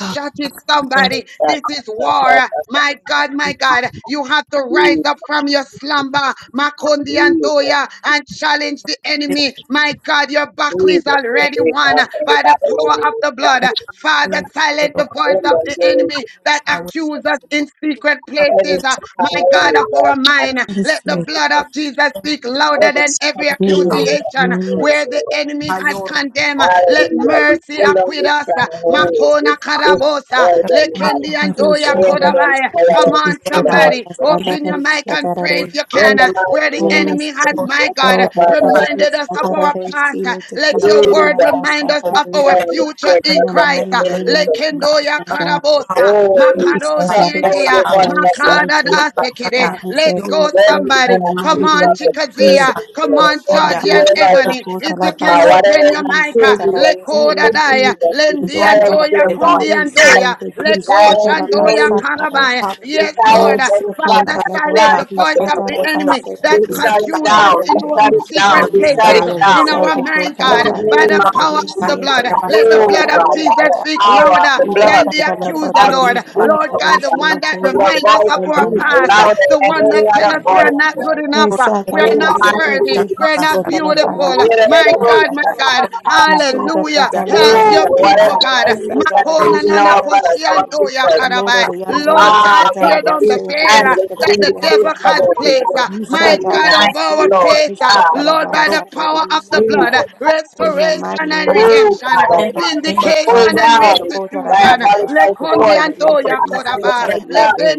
S3: Oh my
S7: it
S3: God, thank
S7: somebody
S3: you, thank
S11: that
S7: this is
S11: that
S3: you,
S7: war
S11: that
S3: Jesus.
S11: that
S7: my God my
S3: Thank
S7: God you have to rise up from your
S3: you,
S7: slumber
S3: Jesus,
S7: Makondi Antoya, and challenge the
S3: on this
S7: enemy. My God, your battle is
S11: the
S3: side of
S7: already
S11: big
S7: won
S3: Jesus.
S11: house and the
S7: by the
S11: body of
S7: power
S11: the
S7: of
S11: Lord.
S7: the blood.
S3: Thank you for your
S7: Father,
S3: healing power,
S7: silence
S3: Lord
S7: the
S3: God.
S7: voice
S11: In
S7: of
S3: Thank you
S11: the
S7: the
S3: for your
S11: name
S7: enemy
S11: of
S3: delivering
S7: that
S3: power, Lord
S7: accuses us
S11: Jesus.
S7: in
S3: Jesus.
S7: secret
S11: Every
S7: places. uh,
S3: Hallelujah.
S11: time
S7: My
S11: we
S7: God, of our
S11: love God,
S7: mind,
S13: That is
S7: let the
S13: true.
S3: Thank you,
S7: blood of
S3: Lord.
S7: Jesus
S3: Thank
S7: speak louder
S11: every
S7: than
S3: you,
S11: time
S7: every
S3: Lord,
S13: In
S3: for
S11: we
S13: the
S3: power.
S13: mighty
S11: love
S7: accusation
S13: name of
S7: where the
S11: God.
S7: enemy has
S3: Ayora, my
S7: condemned. Uh,
S3: son, the
S7: Let
S11: Hallelujah. We
S7: mercy
S11: pull on
S7: acquit
S11: the
S7: us. Uh,
S11: strongholds. We
S7: Makona karabosa,
S11: destroy
S3: name of
S11: them
S13: In the
S3: power,
S11: now.
S7: lekendi
S3: Lord God,
S13: mighty name
S7: andoya
S13: of
S11: Remember them,
S7: kodabaya. Come
S11: Father,
S7: on,
S13: Jesus,
S3: in
S13: my
S3: the
S11: Lord.
S13: God,
S7: somebody.
S3: mighty
S7: Open
S3: name of
S7: your mic and
S3: Jesus,
S7: pray
S3: Lord.
S7: if you
S11: In
S7: can. uh,
S11: the
S3: Ayora,
S7: Where
S3: my
S7: the
S11: mighty
S3: son,
S11: name
S3: the
S11: of
S7: enemy
S3: name
S7: has,
S3: Most
S7: my
S11: Jesus,
S3: High,
S7: God, uh,
S3: Ayora,
S11: Father,
S3: my
S7: reminded us of our past. uh, Let
S3: Ayora, my son, the Ayora,
S7: your
S11: we
S7: word
S11: God, we
S7: remind us
S3: the
S11: come
S7: of
S3: accuser
S7: our
S11: down
S3: that
S11: with the
S3: comes to
S7: future
S11: court
S3: bring
S7: in
S11: of the
S7: Christ. uh,
S3: accusations against
S11: enemy
S3: us, oh God,
S7: Lekendo ya
S3: shut up the mouth.
S7: karabosa,
S11: Oh,
S13: every
S7: makado
S11: not
S3: Hallelujah.
S13: Saturday,
S11: knowing
S7: shientia,
S11: your wife that you ask
S7: makada da
S11: Jesus.
S7: sekede.
S13: silence
S7: Let's
S13: every
S7: go,
S13: accuser
S11: Mercy and
S7: somebody.
S13: in the
S11: ask
S7: Come
S13: mighty
S11: Jesus
S7: on,
S13: name of
S11: and
S13: Jesus.
S7: Chikazia,
S11: mercy,
S7: Come
S11: Lord.
S7: on,
S11: Mercy,
S7: Georgie and
S11: whatever,
S7: Ebony. If you can
S11: uh,
S7: open
S11: whatever is
S7: your mic, uh,
S11: accused in the people,
S7: lekoda daya,
S11: Jesus, we
S7: lendi
S13: Ishanda
S11: silence
S7: andoya,
S11: their
S7: kundi
S11: voice.
S7: andoya,
S11: We
S7: leko
S11: silence the
S7: shandoya
S11: enemy.
S7: karabaya.
S11: We
S7: Yes, Lord.
S11: silence
S7: uh,
S11: every
S13: Merciful
S11: plot
S7: Father,
S11: and
S7: silence
S11: plan
S13: Lord,
S7: the
S13: we
S11: of
S7: voice
S11: the
S3: May
S13: shout
S7: of
S3: the
S13: out
S7: the
S13: our
S11: enemy.
S3: voices of
S7: enemy
S3: the
S13: pastor to
S7: that
S11: We
S3: enemies
S13: this
S3: be
S11: shut it
S7: accuses us
S11: down.
S3: silenced in
S13: Catalanian.
S7: in
S11: We
S3: the
S7: our
S3: name
S11: shut
S3: of
S11: it down.
S7: secret
S3: Jesus,
S13: Holy
S11: We shut
S7: places,
S11: it
S13: Spirit, the
S11: down.
S7: in
S13: Son
S7: our
S13: of God,
S7: mind,
S11: In
S13: our
S7: God,
S11: the
S7: by
S13: pastor,
S11: name
S7: the
S11: of
S13: our
S7: power of the
S11: Jesus.
S13: receiver, the
S7: blood.
S13: King
S7: Let
S3: oh
S7: the
S13: of
S3: God.
S11: Oh,
S7: blood
S13: our
S7: of
S11: God,
S7: Jesus
S11: by the
S13: receiver,
S7: speak
S11: power
S10: Father
S11: of
S7: louder
S11: the
S13: the
S11: blood
S7: than the
S13: Defender of
S7: accuser,
S13: our
S11: of
S7: Lord.
S10: God.
S13: receiver,
S7: Lord
S13: our
S7: God,
S11: Jesus.
S7: the one
S13: receiver,
S7: that
S13: the
S11: Your
S7: reminds us
S11: voice
S7: of our
S11: is
S13: Lamb
S7: past,
S13: of
S7: uh,
S13: God,
S11: louder than
S7: the
S13: our
S7: one
S11: any
S7: that tells
S11: other
S7: us we are
S13: receiver.
S11: voice.
S7: not good enough,
S13: Praise
S7: uh,
S13: God,
S7: we
S11: In
S7: are
S13: our
S11: the
S7: not
S11: mighty
S13: receiver,
S7: worthy,
S13: the
S11: name
S7: we
S13: King
S7: are
S11: of
S13: of
S7: not beautiful. My
S11: Jesus.
S7: God, my God,
S13: so Soda
S7: hallelujah.
S13: Catala
S7: Help
S13: Pasta
S7: your
S11: Oh, whatever
S7: people,
S13: Catala
S7: God.
S13: Pasta
S11: thing that you
S7: Makona
S13: Dararisha
S11: know about us, our
S7: nana
S13: Dararisi
S7: Mantoya
S11: sisters.
S13: Nora
S7: Karabai, Lord
S13: Yando to
S7: God,
S11: Ah,
S7: tear
S11: God,
S7: down the
S11: you
S13: Catarabasi to
S7: veil
S13: Kiss
S11: and
S7: uh,
S11: the
S7: that
S11: thing
S7: the
S11: is
S7: devil has
S13: Catarayanta
S7: placed, uh, my
S13: Yusha
S7: God,
S11: Tonight,
S7: over our
S13: Darabasi to
S11: Lord,
S7: faith,
S13: Kiss
S7: uh,
S11: ah,
S7: Lord, by the power of the
S13: Catarabarabadarisha
S7: blood, uh,
S13: God
S11: Jesus.
S13: in the
S7: restoration
S13: mighty
S7: and
S13: name of
S11: Oh,
S7: redemption,
S13: Jesus
S7: uh,
S11: God,
S13: O
S3: In
S13: God
S3: the name
S11: Almighty.
S3: of
S11: pull
S7: vindication
S13: Father
S3: Jesus,
S7: and
S13: here
S11: down
S3: oh,
S13: to go to
S7: restitution. uh,
S13: Rabana Pasu
S11: diabolical
S13: to
S11: force,
S13: Catarayanta
S11: compress
S7: Lekondiantoya
S13: to Kiss
S11: and the
S7: koraba,
S11: pressure.
S13: Catarayanta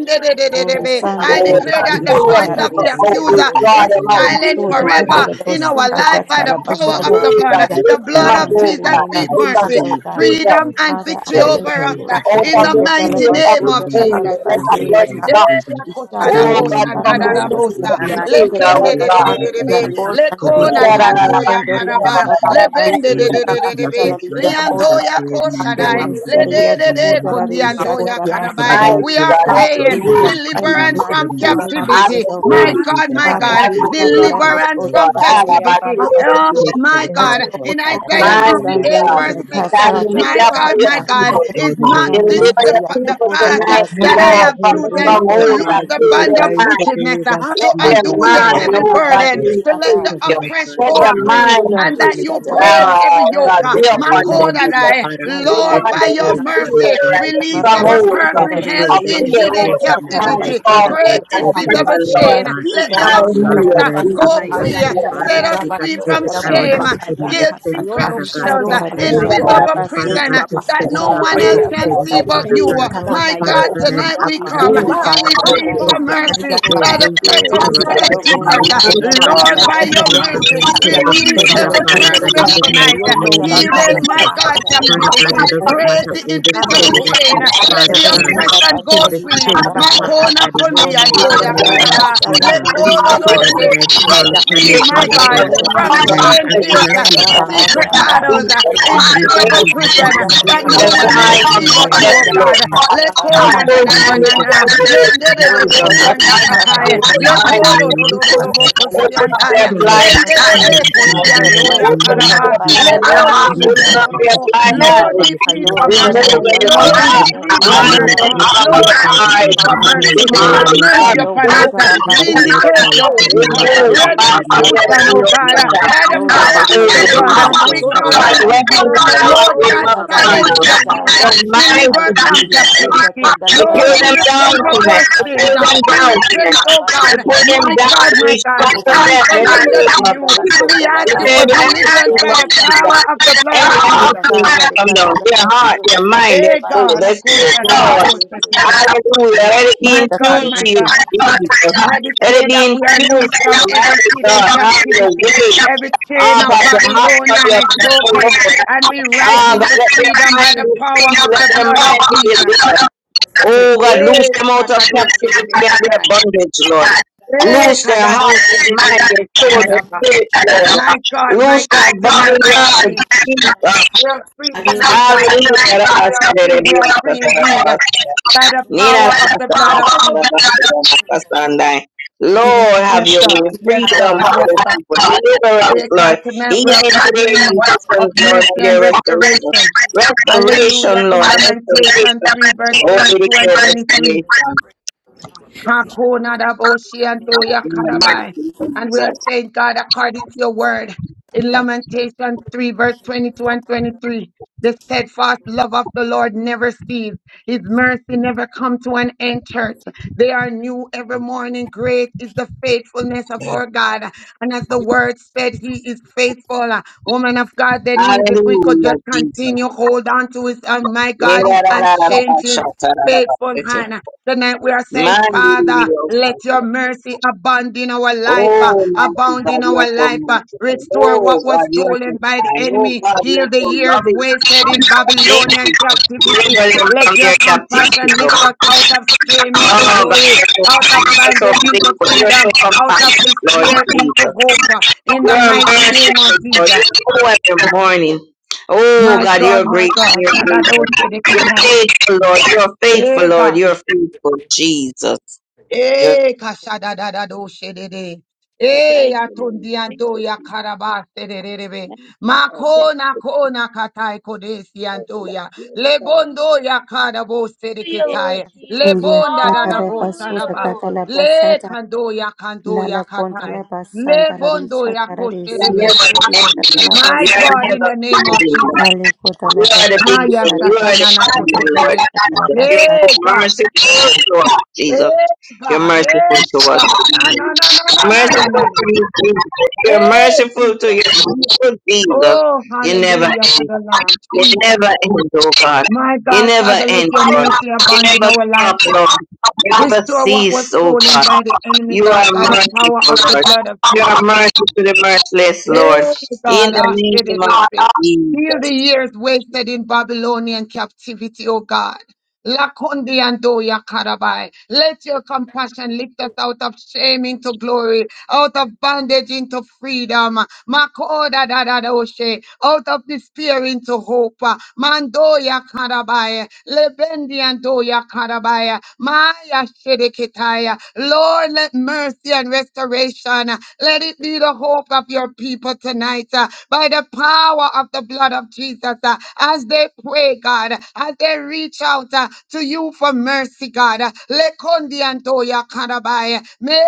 S13: O
S11: Oh,
S13: Risando
S7: I
S8: I
S7: declare
S11: God,
S7: that
S8: declare
S7: the
S11: pull
S8: I
S13: Cotarabisha
S11: your
S7: voice
S8: should
S7: of
S8: know
S11: people
S8: that
S7: the
S8: the blood
S11: out
S13: Dararisi
S11: and
S8: of
S7: accuser
S8: Jesus
S11: draw
S7: is
S3: Hallelujah.
S11: them out
S8: and the
S11: in the
S7: silent
S13: Soda
S8: Spirit
S11: name of
S7: forever
S8: God
S3: Lord,
S13: Catala
S8: of
S11: Jesus.
S3: I
S7: in
S8: God.
S3: ask
S7: our
S13: Pasu to
S3: you,
S7: life by
S8: I
S7: the
S3: I you
S7: power
S8: declare
S3: the
S7: of
S3: Lord,
S8: and
S13: Catarabasa
S7: the
S3: who
S11: Oh,
S7: blood.
S8: decree
S11: God,
S3: be
S8: that the blood
S3: my
S7: The
S11: lift
S8: of
S11: them
S7: blood
S13: in
S11: up,
S13: the
S7: of
S8: Jesus
S11: oh,
S13: mighty
S8: and
S7: Jesus
S11: God,
S13: name
S3: I
S7: speak
S13: of
S8: the
S11: out of
S7: mercy
S11: the
S13: Jesus, oh
S8: Spirit
S13: God.
S8: of
S11: accuser,
S3: the
S11: out
S7: freedom
S8: God.
S3: hand of
S7: and
S3: the
S13: Father,
S11: of
S13: I
S7: victory
S11: the
S8: I
S11: face
S13: thank
S3: Savior,
S7: over
S8: declare
S13: you,
S7: us
S13: Lord
S7: uh,
S13: God.
S7: in
S3: In
S8: that the
S13: that
S7: the
S8: blood of
S13: the
S3: the name
S7: mighty
S3: of
S8: Jesus,
S11: of
S7: name
S11: the
S8: Lord,
S7: of
S13: Telebasuta,
S8: I
S13: the
S7: Jesus.
S11: enemy.
S8: reach to
S11: Let
S8: my
S9: Thank
S11: the
S9: you,
S3: Hallelujah,
S8: feet,
S11: blood
S3: Lord,
S8: Father
S3: I
S13: Telebasieti,
S9: Jesus.
S3: have
S11: drop,
S8: Jesus,
S3: my
S8: to
S9: Ayo,
S13: Ishatara,
S11: oh,
S3: soul,
S11: God,
S8: remember
S11: from
S8: me,
S11: the
S3: and the
S9: yono,
S8: Father,
S13: Ishatara,
S3: Lord,
S11: city,
S3: who
S8: Lord,
S11: the
S8: I
S3: be my
S9: anai,
S8: reach
S9: anai,
S8: to
S11: accuser,
S8: my
S3: hand,
S11: oh,
S8: feet,
S11: God.
S8: Father
S13: Ishatalabasuta, the
S3: Hallelujah,
S8: Jesus,
S3: boss
S13: Teliente,
S8: to
S3: under the
S8: wash
S9: anai,
S3: Lord,
S8: me in
S13: Lune
S8: your blood,
S13: Condori,
S8: Father God.
S13: Ishatara,
S8: I
S3: Hallelujah.
S13: Basieti,
S8: reach
S3: Kora
S8: to my
S3: bashi
S8: feet,
S3: kere di
S8: Father
S3: yara
S13: Ishataliente,
S3: bo
S8: Jesus, to
S3: sandara
S8: remember
S3: mahaya.
S8: me
S9: baba,
S13: Ole
S8: in the
S3: Arebe
S9: baba,
S8: mighty
S13: Serieto,
S3: kete
S8: name
S3: kete
S8: of
S13: Codara,
S3: sandere
S9: baba,
S3: de
S8: Jesus.
S3: kote
S13: Ishatara,
S3: di yama
S8: Cover the
S11: My
S13: Basatara,
S3: handaya.
S7: We
S8: repair
S7: are
S11: God, have
S8: place, oh
S13: Ishatara.
S11: your
S7: praying
S8: God,
S11: way,
S3: Hallelujah.
S8: and
S9: baba,
S8: cover
S13: In
S3: Rabashi
S11: Jesus.
S13: the
S8: my
S7: deliverance
S3: kere
S13: mighty
S3: di
S8: repair
S7: from
S13: name
S3: kola
S13: of
S8: ministry.
S9: baba, baba,
S11: have
S3: mahandi
S7: captivity.
S13: Jesus,
S11: your
S13: oh
S3: yara bo
S11: way,
S7: My
S13: God.
S8: Lord
S9: baba,
S7: God,
S11: Jesus.
S8: Jesus
S9: baba,
S7: my
S3: sandaya.
S13: Father,
S8: Christ,
S7: God,
S11: have
S13: heal
S11: your
S13: the
S8: take
S11: way,
S8: for
S3: Ayora
S8: the
S13: Catararis,
S7: deliverance
S11: Jesus.
S13: or
S8: prodigal,
S3: bashandere
S13: the
S7: from
S3: de
S11: God,
S8: Father
S9: yes,
S3: kote de
S11: all
S8: God.
S3: de
S13: Catarian,
S11: about
S7: captivity.
S9: baba,
S3: handere de
S7: Oh,
S9: baba,
S13: Balabatarin,
S3: kaya.
S8: Take
S11: you,
S8: for
S7: my
S8: the
S9: baba,
S7: God,
S3: Ayora
S8: prodigal,
S3: bo
S7: in
S8: Father
S3: soto di
S8: God,
S7: Isaiah
S13: Oh,
S8: in
S11: Mighty
S3: yara
S8: the
S7: 58
S8: mighty
S13: Sando,
S3: bashandere
S11: God,
S9: baba,
S3: de
S7: verse
S9: baba,
S8: name
S3: kote
S8: of
S7: 6,
S3: de de
S7: uh,
S11: stand in
S13: Takasara,
S8: Jesus.
S11: the
S3: kote
S9: baba,
S3: di
S7: my
S11: gap
S3: yama
S11: for
S9: baba.
S7: God,
S3: ha.
S11: your
S7: my God.
S13: Tapichata,
S8: Have your
S7: God,
S11: people.
S3: Ayora
S7: is
S3: de
S13: in
S3: kote di
S7: not
S13: the
S3: yama
S7: this
S11: Deliver
S3: handere
S7: the,
S13: mighty
S3: de
S8: whole
S11: your
S7: fa- the
S3: handere
S11: people
S3: de
S13: Atokota,
S7: fast
S3: kote
S9: ooh,
S7: uh,
S3: di
S11: tonight,
S3: yama
S7: that
S13: Pasi,
S7: I
S11: Lord,
S3: handaya.
S7: have
S11: from the
S13: in
S8: way,
S7: chosen
S13: the
S9: ooh,
S8: oh
S7: to
S11: strongholds
S9: baba,
S13: mighty
S7: loose
S11: that
S8: God,
S13: name
S7: the
S13: of
S8: in
S11: fill
S8: the
S3: Andara
S7: band
S11: their
S3: bo
S7: of
S13: Jesus,
S8: mighty
S11: mind.
S3: sandaya.
S7: wickedness,
S3: Yara
S8: name
S7: uh,
S8: of
S9: baba,
S3: bashandere
S11: Let
S7: to
S11: their
S7: undo
S13: Father,
S8: Jesus
S9: ooh,
S7: the
S9: baba,
S11: mind,
S13: Sando,
S8: Christ
S7: heavy
S8: of
S11: oh God,
S13: Kandara,
S11: be
S7: burden,
S3: de kote di
S8: Nazareth.
S7: to
S3: yama
S7: let the
S13: Shata,
S3: handaya
S8: Cover
S11: filled.
S9: oh,
S8: my
S7: oppressed
S8: father,
S11: Let
S7: go
S3: you,
S9: ha,
S11: their
S8: Jesus.
S7: free,
S11: mind
S13: Alekuda,
S7: and
S11: be,
S8: Cover
S7: that
S8: my
S7: you
S13: Shata,
S8: father,
S7: break
S8: God.
S11: uh,
S7: every
S13: Rabasada,
S7: yoke.
S11: God,
S7: uh,
S8: Lord
S11: be
S3: Thank you
S8: God,
S7: My
S3: for
S11: upon you,
S3: setting us
S8: remember my
S11: Jesus.
S3: free,
S7: I,
S3: oh
S8: father,
S9: ooh, baba,
S8: God.
S3: God, in
S11: We
S3: the
S11: come
S7: Lord,
S3: name
S13: Hallelujah,
S3: of
S8: Open
S7: by
S9: baba, baba,
S11: against
S7: your
S11: the
S13: Jesus.
S8: doors
S3: Jesus.
S8: for my
S7: mercy,
S11: fear and
S8: father,
S11: the
S7: release
S8: Jesus.
S3: Thank
S7: every
S3: you for
S11: strongholds of
S13: Marabasuda,
S7: person
S3: breaking
S8: Every
S3: every
S8: door
S7: held
S11: of
S3: chain
S13: Risi,
S8: that
S7: in
S3: and
S13: and
S8: is
S11: fear
S7: hidden
S3: shackle,
S11: over
S8: placed
S13: Tekis,
S3: Lord
S11: their
S8: in my
S3: God, of our
S11: mind,
S8: life,
S7: captivity.
S3: shame, that
S8: Father
S13: Katarabasuda,
S3: of
S9: yono,
S7: Break
S8: God,
S3: our-
S11: torment and
S9: yono,
S13: Kata,
S3: up
S8: open
S9: ooh,
S8: it,
S9: na,
S7: invisible
S11: oppression,
S3: above your
S8: Father
S11: Lord.
S7: chain.
S3: people,
S8: God.
S3: Lord
S9: ee,
S7: Let
S13: Dakuda,
S7: the
S3: God, and
S9: baba,
S3: we
S13: Shata,
S8: Lord
S3: are
S7: oppressed
S11: Hallelujah,
S3: both
S8: God,
S7: uh,
S3: son
S9: yoku,
S8: I'm
S3: that
S9: na,
S11: Jesus.
S3: of
S7: go
S9: na,
S3: our
S13: Rabasada,
S8: I'm asking that
S3: higher.
S7: free.
S9: yoku,
S8: you,
S3: The
S8: Father
S3: cool
S7: Set
S13: Keskatalayan,
S7: us
S3: of our
S8: Jesus,
S7: free
S3: son
S13: Tekis,
S7: from
S3: that
S8: every
S3: of our
S8: arrow
S3: both
S8: that
S9: Kiba
S3: shut,
S7: shame.
S8: the
S3: and we are
S8: enemy
S13: Katarabasuda,
S9: kayaka
S7: Guilt,
S3: both
S8: sends,
S3: shut,
S9: yo
S7: secret
S9: no
S3: uh,
S8: Father God.
S3: I
S9: kuhi
S7: battles,
S3: know
S7: uh,
S3: of
S13: Shadara,
S3: our
S9: kana
S11: In the
S8: I'm
S9: na
S3: things that
S8: asking
S3: we
S8: that
S13: Shadara,
S7: invisible
S11: mighty
S3: are
S8: you,
S3: both
S8: Father
S3: shut,
S7: prison
S13: Basete,
S8: God,
S3: that
S7: uh,
S9: Kiba
S3: of
S8: to
S9: ba
S3: our
S7: that
S8: send
S13: Kis,
S3: higher.
S8: it
S7: no
S9: yo
S8: back
S7: one
S8: to
S3: Break
S7: else
S9: kuna
S8: the
S11: name
S3: every
S7: can
S9: yo
S8: sender,
S9: no
S7: see
S11: of
S3: limitation
S7: but
S8: Father
S3: and
S7: you.
S9: kuhi
S7: uh.
S8: God.
S3: hindrance
S9: kana
S3: of
S13: Lord,
S3: the
S7: My
S9: na
S3: Lord, that
S8: Father
S7: God,
S3: of
S8: God,
S3: our
S8: I'm
S3: son,
S7: tonight
S3: that
S9: Ha
S3: of
S7: we
S3: our
S9: ba
S8: asking
S9: ba
S8: that
S7: come uh,
S3: higher.
S8: you,
S11: Jesus.
S9: ba
S7: and
S8: Father
S3: In
S9: ba
S7: we
S3: our
S9: ba
S8: God,
S7: plead
S3: lives,
S9: ba
S3: oh
S7: for
S3: God,
S9: ba
S8: every,
S3: and the
S7: mercy
S3: are both
S13: Holy
S7: by the
S3: son
S8: every
S3: that of our
S13: Spirit,
S7: precious
S13: we
S3: shut,
S8: arrow
S3: that
S8: that
S3: of
S7: blood
S13: stand
S8: the
S3: our
S7: of
S13: up
S3: higher.
S9: Jesus.
S13: on
S7: Jesus.
S13: the
S8: enemy
S7: uh.
S13: like
S3: O
S11: Jesus.
S13: on
S8: sends, Father
S7: Lord,
S8: God,
S9: Makayo
S7: by your
S8: send
S9: kuna
S8: it
S9: na
S8: back
S7: mercy,
S9: ki.
S8: and
S13: experience
S8: kill
S3: Okorabashandererebosaya.
S8: the
S7: release
S3: Go
S9: Kiba
S3: to
S13: No,
S8: sender,
S9: ba
S3: the
S13: the
S7: every
S8: Father
S9: kayo
S3: gate,
S8: God, in
S7: person
S13: Cantolian,
S8: the
S9: kuna na
S7: tonight.
S13: this
S9: yo
S8: mighty
S7: uh,
S9: no
S8: name of
S9: huna
S3: Okorabashandabahaya.
S13: Cotalaba,
S9: na
S7: Heathen,
S13: so
S7: my
S9: ka.
S13: the
S8: Jesus.
S7: God,
S13: Cataya,
S9: Kiba
S8: Father
S9: ba
S8: God,
S7: captivity.
S8: it
S9: yo
S8: doesn't
S7: Break
S8: matter
S7: the
S9: kuhi
S13: CEC,
S8: who the
S9: kana na
S7: invisible
S9: yo
S8: sender
S7: chain.
S8: is,
S13: Holy
S9: kuhi
S3: Okorabahetererebosikererebandererebesoya.
S7: uh,
S13: Stand
S9: kana
S7: Let
S3: In
S9: na
S8: Father
S7: the
S13: up
S3: the
S13: on the
S3: name
S8: God.
S3: of
S13: lap
S7: oppression
S13: of
S7: go
S8: Kill
S3: Jesus,
S8: the
S7: free.
S8: sender,
S9: Jesus.
S8: Father
S7: Makona
S8: God, in
S3: Okorabashandabahaya.
S8: the
S7: kundi
S13: Lord, we get the
S8: mighty
S3: Father,
S7: andoya
S3: for
S8: name of
S13: Catarabas,
S7: karaba.
S3: breakthrough, Lord
S9: Thank
S8: Jesus.
S3: God.
S13: Satara,
S9: you
S13: we
S8: Father
S9: Jesus.
S8: God,
S7: Lekododo
S8: I
S7: Set
S8: call
S9: Kiba
S3: Rererebosandabahaya.
S8: upon
S9: kayo
S3: We
S7: free,
S8: you,
S11: Remove
S7: my
S3: thank
S9: kuna
S8: Father
S3: you,
S9: na
S11: my
S13: Healing,
S7: God,
S3: Lord,
S8: God,
S9: yo
S3: for
S13: that
S9: no
S13: we
S7: from
S8: and
S3: breakthrough,
S9: kuhi
S3: oh
S8: I'm
S13: anoint,
S3: God,
S7: shame,
S3: in
S9: kana.
S13: that
S3: every
S13: we
S8: asking
S7: guilt,
S8: of
S7: uh,
S13: shut
S3: area
S8: you,
S3: of
S13: that
S3: our
S13: I
S8: Father
S3: lives, oh
S7: secret
S9: Thank
S13: shut
S9: you
S8: Jesus,
S7: battles, uh,
S3: God.
S9: Jesus.
S7: invisible
S8: anybody that you
S9: Thank
S7: prison
S13: Holy
S7: uh,
S9: you
S8: send up
S7: that
S13: Spirit,
S7: no
S8: error
S9: Jesus.
S7: one else
S13: Resano
S8: towards
S7: see
S8: my
S7: but
S13: Kundala
S7: you,
S8: life,
S7: oh
S8: Father
S13: Basuda
S7: God.
S8: God,
S13: Katala
S8: I'm
S7: Leko na na
S9: thank
S13: Basanda
S9: you
S7: na
S8: asking of
S9: Jesus
S7: na
S8: you
S7: na
S8: to
S7: na.
S8: send
S13: Ishata,
S8: it
S7: Let
S8: back to the
S7: Lendere de
S13: Lord
S7: bo
S8: sender, Father
S13: Kotor
S8: God,
S7: sanda
S8: in
S13: Ishata
S7: katai.
S8: the mighty
S13: Basata,
S7: Leko do
S8: name
S7: do
S8: of
S7: do
S13: Isi
S7: do do bo
S8: Jesus,
S13: Seta
S8: that
S7: kosiandaya.
S13: Ishata
S8: cry, that
S13: Risi,
S7: Lendere de
S8: sender, in the
S7: kosiando
S8: mighty
S13: Historia
S7: ya
S8: name of
S7: karaba.
S13: Tokota
S8: Jesus,
S7: Lebo
S13: Basata
S7: do
S8: and
S7: do
S8: that
S7: do
S8: you
S7: do
S13: Ishata
S9: Kanakayokunanayonokuhikananayonohunaya.
S7: do do
S8: have the
S7: bo.
S13: Risi, and
S8: sender,
S7: Lord, we
S8: send, send
S7: plead
S8: it,
S7: for
S13: Lord
S8: Father
S7: mercy.
S8: God,
S13: Kondolian
S7: Lord,
S8: let
S7: we
S8: them
S13: Balapata
S7: plead for
S8: silence,
S13: Ishata
S7: mercy.
S8: let clear,
S13: Risi,
S7: Lord,
S13: and
S7: we
S8: Father
S7: plead
S8: God,
S9: Hibabakayokunanayonohubabababababababa.
S8: in
S7: for
S8: the
S13: Holy
S7: mercy.
S8: mighty
S7: Have
S13: Spirit,
S8: name of
S7: mercy
S13: Resano
S8: Jesus.
S7: upon us. uh,
S13: Kundala
S8: Father God,
S13: Bata
S8: I
S7: Vindicate
S8: call
S7: your
S13: Ishata
S8: upon you now,
S13: Risi,
S7: people
S13: and
S8: Father God, and I'm
S13: Isandala
S11: fear
S7: restitution,
S8: asking
S7: oh
S8: us,
S13: Yante,
S7: God,
S9: Hikayokunanayokuhikananayohubabakayokuhikananayo.
S7: uh,
S8: Father
S7: by the
S8: Jesus,
S13: Lord
S7: power of
S8: for
S11: of
S7: the
S11: your
S8: us
S7: blood.
S13: Risi,
S7: uh,
S8: that
S7: We
S8: own
S7: call
S8: will,
S11: God,
S13: Tikeskatala
S7: out to
S11: let
S8: Father
S11: them
S7: you,
S11: go
S13: Basata.
S8: Jesus,
S11: out
S7: Lord
S11: with
S7: God,
S8: amen.
S11: love
S8: so
S11: behind
S13: Shadarari,
S7: silence
S9: Hibabakayokunanayonokuhikananayonohubabakayo.
S7: the
S11: us.
S8: Amen.
S13: Shadaya.
S7: accuser,
S11: The
S7: deliver
S11: minds
S7: us
S9: In
S11: of
S7: from
S13: Hallelujah.
S9: Jesus'
S11: Jesus.
S13: Sienda
S7: captivity.
S13: kandale
S11: To
S7: Lord,
S11: pull
S7: we
S11: them
S13: kandarari,
S11: down
S7: repent of
S13: Shadara
S11: tonight.
S7: our
S11: To
S7: sins.
S11: pull
S7: uh,
S13: basandaya.
S11: them
S7: We
S11: down
S7: repent,
S11: tonight.
S13: Shatala
S7: oh
S11: To
S7: God,
S11: pull
S13: basandarari,
S11: them
S7: my
S11: down.
S7: God,
S13: Shada.
S11: We
S7: my God,
S11: shut the
S7: and
S13: Holy
S9: name, in
S7: we
S11: death and
S7: surrender
S13: Spirit,
S11: everything
S7: to
S11: up.
S7: you,
S13: Bondala,
S9: Jesus'
S7: and
S9: name.
S7: we ask
S11: We
S13: Bondala,
S7: you
S11: say
S7: for
S11: that
S13: Batarari,
S7: deliverance
S11: everything
S7: by
S11: must
S7: the
S13: Shadarari,
S11: come down.
S7: power of
S13: Siente.
S7: the blood of
S13: Oh,
S7: Jesus.
S11: Everything must
S13: Kandari,
S11: come down.
S13: Katala,
S11: Their heart, their
S13: Basuda,
S11: mind,
S13: Kandala,
S11: their
S7: Hey
S11: soul.
S13: Batarari,
S7: God,
S11: Let's go.
S7: Akosha,
S13: Shadarari,
S11: Lord.
S7: Rarabose,
S13: Siente.
S7: Tete.
S11: Hallelujah.
S13: Oh,
S11: Let it be
S7: my
S11: in tune
S7: God,
S13: Katala,
S11: to
S7: my
S11: you,
S7: God.
S13: Yente.
S11: Jesus.
S7: I
S11: Let it
S7: declare
S11: be
S7: that
S11: in
S7: we are
S11: tune
S7: loose
S11: to
S7: from
S11: your
S7: every
S11: mighty
S7: hidden
S11: God. Have your
S7: captivity.
S11: way.
S7: Every chain
S11: Ah,
S7: of
S11: by
S3: Even
S11: the heart of
S7: Babylonian
S11: your
S7: is
S11: people,
S7: broken,
S11: Lord.
S7: and we rise
S11: Ah, God,
S7: into
S11: let their
S7: freedom
S11: mind
S7: by the
S11: be free.
S7: power of
S11: Let
S7: the
S11: their
S7: blood
S11: mind
S7: of
S11: be
S7: Jesus.
S11: delivered. Oh, God,
S7: Eh,
S11: loose them out of captivity and their
S7: yakadadoshedebeketai.
S11: bondage, Lord.
S7: Eh,
S11: Loose their heart, their mind, their soul, their
S7: kadadoshedebeketai.
S11: spirit, Lord.
S7: My God, my
S11: Loose
S7: God,
S11: their body,
S7: tonight we are
S11: Lord.
S7: free.
S11: Jesus.
S7: We are free tonight, God. We are free. We are free. We are free indeed
S11: Hallelujah.
S7: by the
S11: Nina
S7: power of the blood of Jesus.
S11: Lord, have
S7: Yes,
S11: your
S7: God.
S11: way.
S7: Yes,
S11: Freedom,
S7: God. Yes, God.
S11: Deliverance,
S7: Because
S11: Lord.
S7: tonight
S11: Healing
S7: we are
S11: today,
S7: proclaiming of
S11: blessings, Lord,
S7: mercy and
S11: their restoration.
S7: restoration. Hallelujah.
S11: Restoration,
S7: In
S11: Lord,
S7: Lamentation 3, verse
S11: restoration. Oh, we
S7: 22
S11: declare
S7: and 23.
S11: restoration
S7: Hakuna da boshi and do ya
S11: in the mighty
S7: karabai.
S11: name of
S7: And we are
S11: Jesus.
S7: saying, God, according to your word, in Lamentation 3, verse 22 and 23, the steadfast love of the Lord never ceases. His mercy never come to an end, church. They are new every morning. Great is the faithfulness of our God. And as the word said, he is faithful. Woman of God, Denise, if we could
S11: Hallelujah,
S7: just
S11: Jesus.
S7: continue, hold on to his, oh my God, is
S11: Nina
S7: unchanging faithful
S11: Sunday.
S7: hand. Tonight we are saying, Father, let
S11: Mandy,
S7: your mercy abound in our life, uh,
S11: Oh, mighty
S7: abound
S11: God,
S7: in
S11: you are
S7: our
S11: so
S7: life, uh,
S11: merciful.
S7: restore
S11: Oh,
S7: what was
S11: God, you are so
S7: stolen by the
S11: kind. Oh,
S7: enemy,
S11: God, you are
S7: heal the
S11: so
S7: years
S11: loving.
S7: wasted in
S11: Thank
S7: Babylonian
S11: You for
S7: captivity.
S11: deliver them
S7: Let
S11: from
S7: your
S11: their captivity,
S7: compassion
S11: Lord.
S7: lift us out of shame into
S11: Oh,
S7: glory, out of
S11: God,
S7: bondage into
S11: you are so kind. You are so faithful. You are so
S7: freedom, out of
S11: compassionate, Lord
S7: despair into
S11: Jesus.
S7: hope, uh,
S11: You
S7: in the
S11: are
S7: mighty name of Jesus.
S11: merciful, Lord. You are the morning. Oh,
S7: My
S11: God,
S7: God,
S11: you're
S7: my
S11: great.
S7: God. Father, those
S11: You're faithful. You're faithful, Lord. You're faithful, Lord. You're faithful, Jesus. You're,
S7: Eh, kashada da da do shedede. Eh,
S6: Thank you, Lord.
S7: atondi
S6: Thank
S7: ando
S6: you,
S7: ya
S6: Jesus.
S7: karabase de de de be.
S6: Thank you, Lord. Thank
S7: Makona
S6: you,
S7: kona katai kodesi
S6: uh,
S7: ando
S6: Lord.
S7: ya.
S6: Yes, Lord.
S7: Lebondo ya karabo sede
S5: Hallelujah, Lord
S7: ketai.
S6: Yes,
S13: Oh,
S5: Jesus.
S13: yes,
S7: Lebonda da da
S13: Katala,
S7: bo
S5: Hallelujah,
S13: Basuda,
S7: sadaba.
S5: Lord.
S13: Katala,
S7: Le
S13: Basada.
S7: kando ya kando ya
S13: Nala,
S7: katai.
S13: Kondala, Basandala,
S7: Lebondo ya
S13: Shadarari,
S11: you're
S7: koshedebe
S13: Siente.
S11: never
S7: sedebe.
S11: ending, God.
S7: My
S11: You're
S7: God, in
S11: never
S7: the name of
S11: ending.
S7: Jesus.
S13: Hallelujah.
S11: You
S13: Thank you, Lord.
S11: are the
S7: Maya
S13: I
S11: beginning. You are the
S7: sasanana
S13: Hallelujah.
S11: beginning,
S7: koshede
S11: Lord
S7: de.
S11: Jesus. You're
S7: Hey,
S11: so
S7: God.
S11: merciful to us, Jesus.
S7: Yes,
S11: You're
S7: God.
S11: merciful to
S7: Yes,
S11: us.
S7: God. Na, na, na, na, na, na, na,
S11: Merciful
S7: na. na.
S11: to you, Jesus. You're
S7: Yes,
S11: merciful to
S7: Jesus.
S11: your people, Jesus.
S7: Oh,
S11: You never
S7: hallelujah to
S11: end.
S7: the Lamb.
S11: You
S7: Jesus.
S11: never end, oh God.
S7: My
S11: You
S7: God,
S11: never
S7: Father, let
S11: end,
S7: your
S11: Lord.
S7: mercy
S11: You
S7: abound in
S11: never
S7: our life.
S11: stop, Lord. You never
S7: Restore what was
S11: cease, oh
S7: stolen
S11: God.
S7: by the enemy,
S11: You are
S7: God, by the power
S11: merciful,
S7: of the
S11: Lord.
S7: blood of
S11: You are
S7: Jesus.
S11: merciful to the merciless, Lord.
S7: Yes,
S11: In
S7: God.
S11: the
S7: Ah, di- di-
S11: name
S7: di- di-
S11: of
S7: di.
S11: Jesus.
S7: Heal the years wasted in Babylonian captivity, O God. Lakundi and Doya Karabai. Let your compassion lift us out of shame into glory out of bondage into freedom. Makoda da da doshe, out of despair into hope. Mandoya karabaya, lebendi andoya karabaya, maya shedeketaya. Lord, let mercy and restoration, let it be the hope of your people tonight uh, by the power of the blood of Jesus. uh, As they pray, God, as they reach out uh, to you for mercy, God. Uh, Antoya Karabaya. Me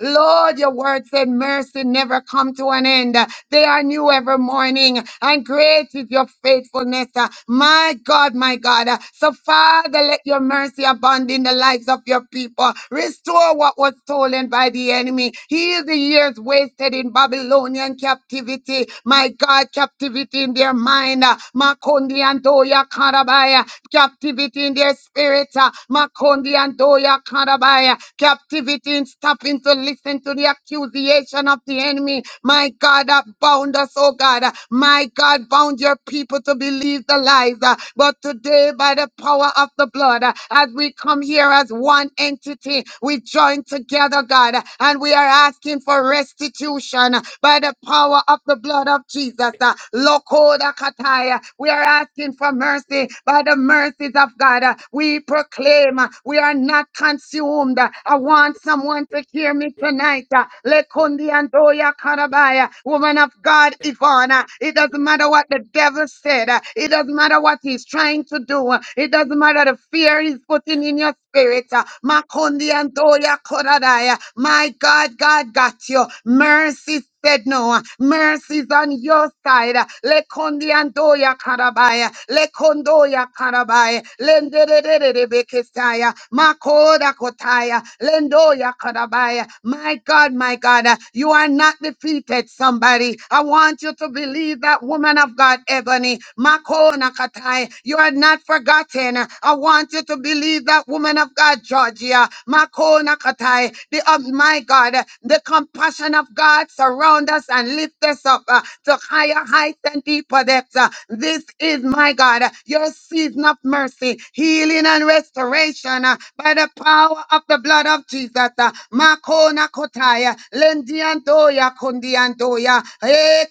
S7: Lord, your word said mercy never come to an end. They are new every morning, and great is your faithfulness. My God, my God. So, Father, let your mercy abound in the lives of your people. Restore what was stolen by the enemy. Heal the years wasted in Babylonian captivity. My God, captivity in their mind. Makondi Antoya Doya Karabaya, captivity in their spirit. uh, Makondi and Doya Karabaya, captivity in stopping to listen to the accusation of the enemy. My God, that bound us, oh God. uh, My God, bound your people to believe the lies. uh, But today, by the power of the blood, uh, as we come here as one entity, we join together, God, uh, and we are asking for restitution uh, by the power of the blood of Jesus. uh, uh, Lokoda Kataya. We are asking for mercy by the mercies of God. uh, We proclaim uh, we are not consumed. uh, I want someone to hear me tonight. uh, Lekundi Andoya Karabaya, woman of God, Ivana. It doesn't matter what the devil said. uh, It doesn't matter what he's trying to do. uh, It doesn't matter the fear he's putting in your spirit. uh, Makondi Andoya Koradaya. My God, God got you. Mercy said no. Mercy's on your side. Lekondiandoya karabaya. Lekondoya karabaya. Lendererebekesaya. Makoda kotaya. Lendoya karabaya. My God, my God, uh, you are not defeated, somebody. I want you to believe that woman of God, Ebony. Makona katai. You are not forgotten. I want you to believe that woman of God, Georgia. Makona Sakatai, the of my God, uh, the compassion of God surround us and lift us up uh, to higher heights and deeper depths. uh. This is my God, uh, your season of mercy, healing and restoration uh, by the power of the blood of Jesus. uh. Makona kotaya, lendiandoya kundiandoya, eh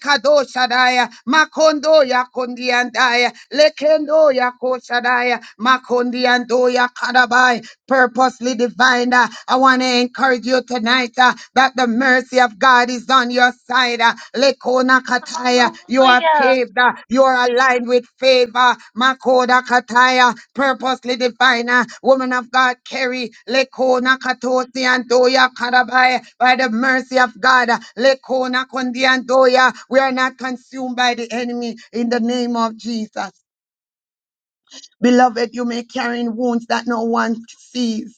S7: makondoya kundiandaya, lekendoya koshadaya, Makondiandoya. Kadoya Kadabai, purposely divine. uh, I want to encourage you tonight uh, that the mercy of God is on your side. uh, Lekona Kataya, you are
S5: Hallelujah.
S7: paved, uh, you are aligned with favor. Makoda Kataya, purposely divine. uh, Woman of God, carry Lekona Katosi and Doya Kadabai by the mercy of God. uh, Lekona Kondi and Doya, we are not consumed by the enemy in the name of Jesus. Beloved, you may carry in wounds that no one sees.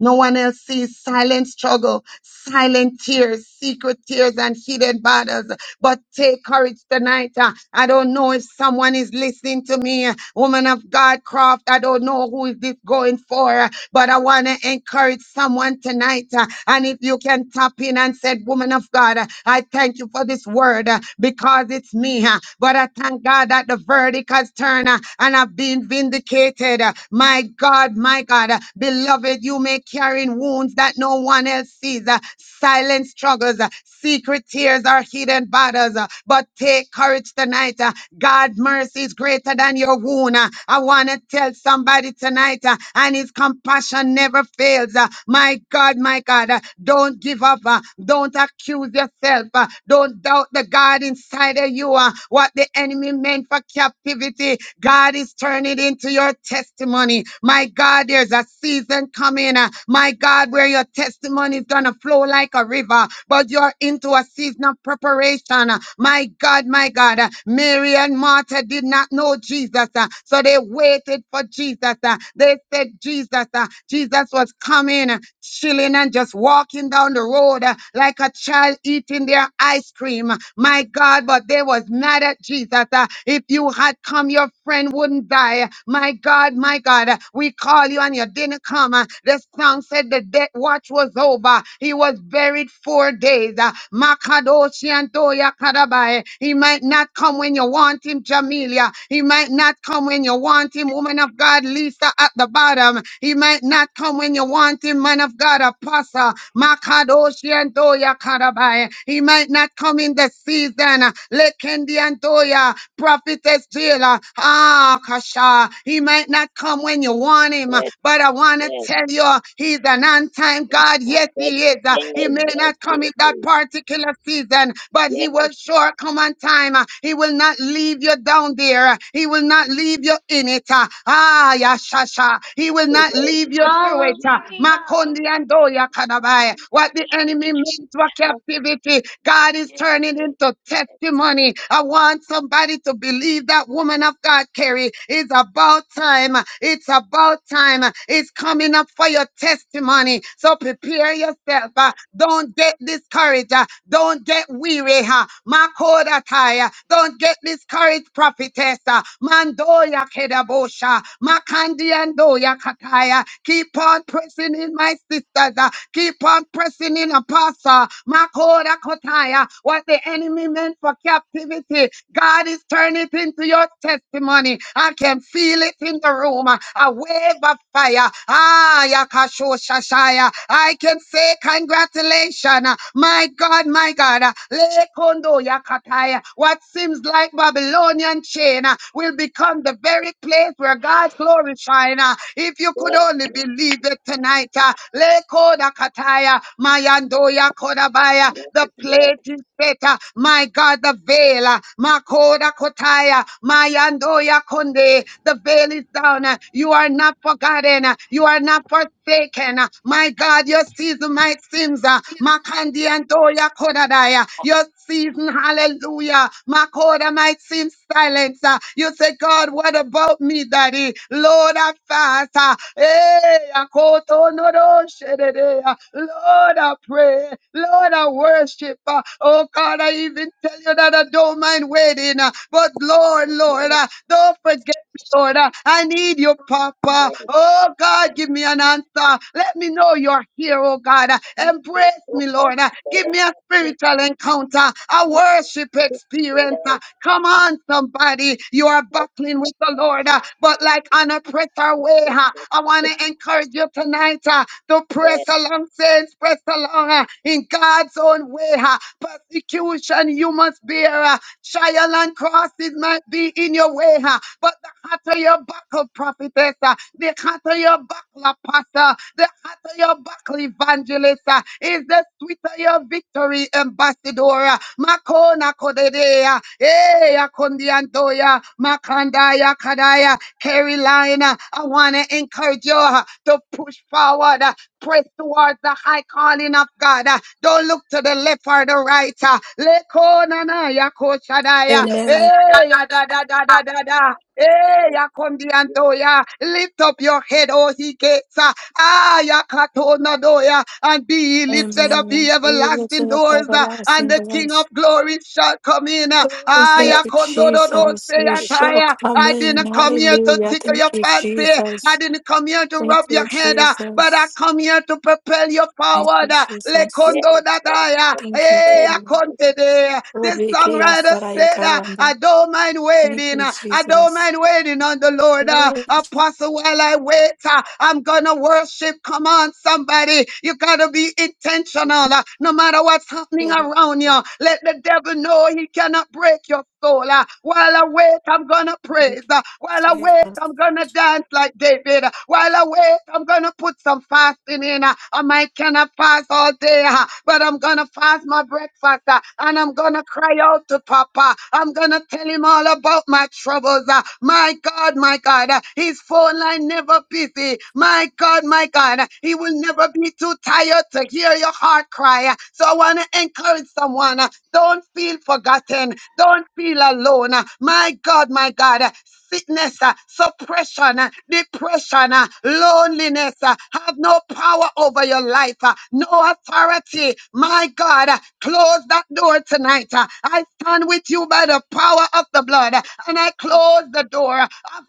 S7: No one else sees silent struggle, silent tears, secret tears, and hidden battles. But take courage tonight. uh, I don't know if someone is listening to me. uh, Woman of God Croft, I don't know who is this going for, uh, but I want to encourage someone tonight. uh, And if you can tap in and said, Woman of God, uh, I thank you for this word uh, because it's me. uh, But I thank God that the verdict has turned uh, and I've been vindicated. uh, My God, my God, uh, beloved, you may carry wounds that no one else sees. uh, Silent struggle struggles. uh, Secret tears are hidden battles. uh, But take courage tonight. uh, God's mercy is greater than your wound. uh, I want to tell somebody tonight, uh, and his compassion never fails. uh, My God, my God, uh, don't give up. uh, Don't accuse yourself. uh, Don't doubt the God inside of you. uh, What the enemy meant for captivity, God is turning it into your testimony. My God, there's a season coming. uh, My God, where your testimony testimony is going to flow like a river, but you're into a season of preparation. My God, my God. Mary and Martha did not know Jesus, uh, so they waited for Jesus. uh, They said, Jesus, uh, Jesus was coming, uh, chilling and just walking down the road uh, like a child eating their ice cream. My God, but they was mad at Jesus. uh, If you had come, your friend wouldn't die. My God, my God, uh, we call you and you didn't come come. Uh, The song said the death watch was over. He was buried four days. Uh, Makadoshi Antoya Kadabai. He might not come when you want him, Jamelia. He might not come when you want him, woman of God, Lisa at the bottom. He might not come when you want him, man of God, Apostle. Makadoshi Antoya Kadabai. He might not come in the season. Uh, Lekendi Antoya prophetess Jailer. Ah, Kasha. He might not come when you want him. uh,
S6: yes,
S7: But I want to
S6: yes.
S7: tell you, uh, he's an on time
S6: Yes,
S7: God.
S6: yes,
S7: Yes,
S6: yes, yes,
S7: he is. uh,
S6: yes,
S7: He
S6: yes, yes,
S7: may not come in that particular season,
S6: yes.
S7: but he
S6: Yes,
S7: will sure come on time. uh, He will not leave you down there. uh, He will not leave you in it. uh, Ah, yashasha. He will
S6: yes,
S7: not leave you
S6: yes,
S7: through it. uh,
S5: Hallelujah.
S7: Makondi andoya kanabai. What the enemy meant for captivity, God is turning into testimony. I want somebody to believe that woman of God, Carrie. It's about time. It's about time. It's coming up for your testimony. So prepare yourself. uh, Don't get discouraged. uh, Don't get weary. uh, Makodatai, uh, Don't get discouraged, prophetess. uh, Mandoya kedabosha. Makandiandoya kataya. Keep on pressing in, my sisters. uh, Keep on pressing in, apostle. Makoda kotaya. What the enemy meant for captivity, God is turning it into your testimony. I can feel it in the room. A wave of fire. Ah, yakasho shashaya. I can say congratulations. My God, my God. Lekondo yakataya. What seems like Babylonian chain uh, will become the very place where God's glory shine. uh, If you could only believe it tonight. uh, Lekoda kataya. Mayandoya kodabaya. The plate is Beta, my God, the veil, uh, Makoda Kotaya, Mayandoya Konde, the veil is down. uh, You are not forgotten. uh, You are not forsaken. uh, My God, your season, my sins, uh, Makandi Andoya Kodadaya, your season, hallelujah, Makoda, my sin silence. uh, You say, God, what about me, Daddy? Lord, I fast. uh, Hey, Akoto Nodo Shedede, uh, Lord, I pray way. Lord, I worship. uh, Oh God, I even tell you that I don't mind waiting. uh, But Lord, Lord, uh, don't forget. me, Lord, uh, I need you, Papa. Oh God, give me an answer. Let me know you're here, oh God. Uh, Embrace me, Lord. Uh, Give me a spiritual encounter, a worship experience. Uh, Come on, somebody. You are battling with the Lord, uh, but like on a pressure way, huh, I want to encourage you tonight uh, to pray Press along, saints, press along uh, in God's own way. uh, Persecution you must bear. uh, Trial and crosses might be in your way, uh, but the hotter your buckle, prophetess, uh, the hotter your buckle, apostle, the hotter your buckle, evangelist, uh, is the sweeter your victory, ambassador. uh, Makona kodedea, eh, akondiandoya, makandaya kadaya, Carolina. I want to encourage you you uh, to push forward, uh, press towards the high calling of God. uh, Don't look to the left or the right. uh, Leko na ya ko shadaya.
S14: Amen.
S7: Hey, ya da da da da da da. Hey, ya
S6: yes,
S7: kondi antoya. Lift up your head, O he gates. uh, Ah, ya kato na doya. And be ye lifted up,
S14: Amen.
S7: ye
S14: We lift
S7: everlasting
S14: up
S7: doors. uh, And
S14: everlasting
S7: the King of
S14: doors.
S7: glory shall come in. uh,
S14: Oh,
S7: Ah,
S14: thank
S7: ya
S14: you,
S7: kondo do do
S14: Jesus.
S7: se
S14: We
S7: ya
S14: shall
S7: taya.
S14: come
S7: I
S14: in.
S7: didn't come here to
S14: Hallelujah.
S7: tickle your
S14: Thank you,
S7: fancy. I
S14: Jesus.
S7: didn't come here to
S14: Thank
S7: rub your
S14: you,
S7: head, uh, but I
S14: Jesus.
S7: come here to propel you
S14: Thank you,
S7: forward. uh,
S14: Jesus.
S6: yes,
S7: Lekondo dadaya,
S14: Thank you,
S7: eh,
S14: God.
S7: akonte de.
S14: Oh,
S7: This
S14: Riki
S7: songwriter
S14: Yasarai
S7: said, uh, I
S14: Kayanda.
S7: don't mind
S14: Thank
S7: waiting.
S14: you,
S7: uh, I don't
S14: Jesus.
S7: mind waiting on the Lord. uh,
S14: Thank
S7: Apostle, while I wait, uh, I'm gonna worship. Come on, somebody. You gotta be intentional. uh, No matter what's happening
S14: you,
S7: around you, let the devil know he cannot break your soul. uh, While I wait, I'm gonna praise. Uh, While I wait,
S14: Jesus.
S7: I'm gonna dance like David. Uh, While I wait, I'm gonna put some fasting in. Uh, I might cannot fast all day, uh, but I'm gonna fast my breakfast uh, and I'm gonna cry out to Papa. I'm gonna tell him all about my troubles. uh, My God, my God, uh, his phone line never busy. My God, my God, uh, he will never be too tired to hear your heart cry. Uh, So I wanna encourage someone. uh, Don't feel forgotten alone. Don't feel alone. Uh, My God, my God. uh, Sickness, uh, suppression, uh, depression, uh, loneliness uh, have no power over your life, uh, no authority. My God, uh, close that door tonight. uh, I stand with you by the power of the blood, uh, and I close the door uh,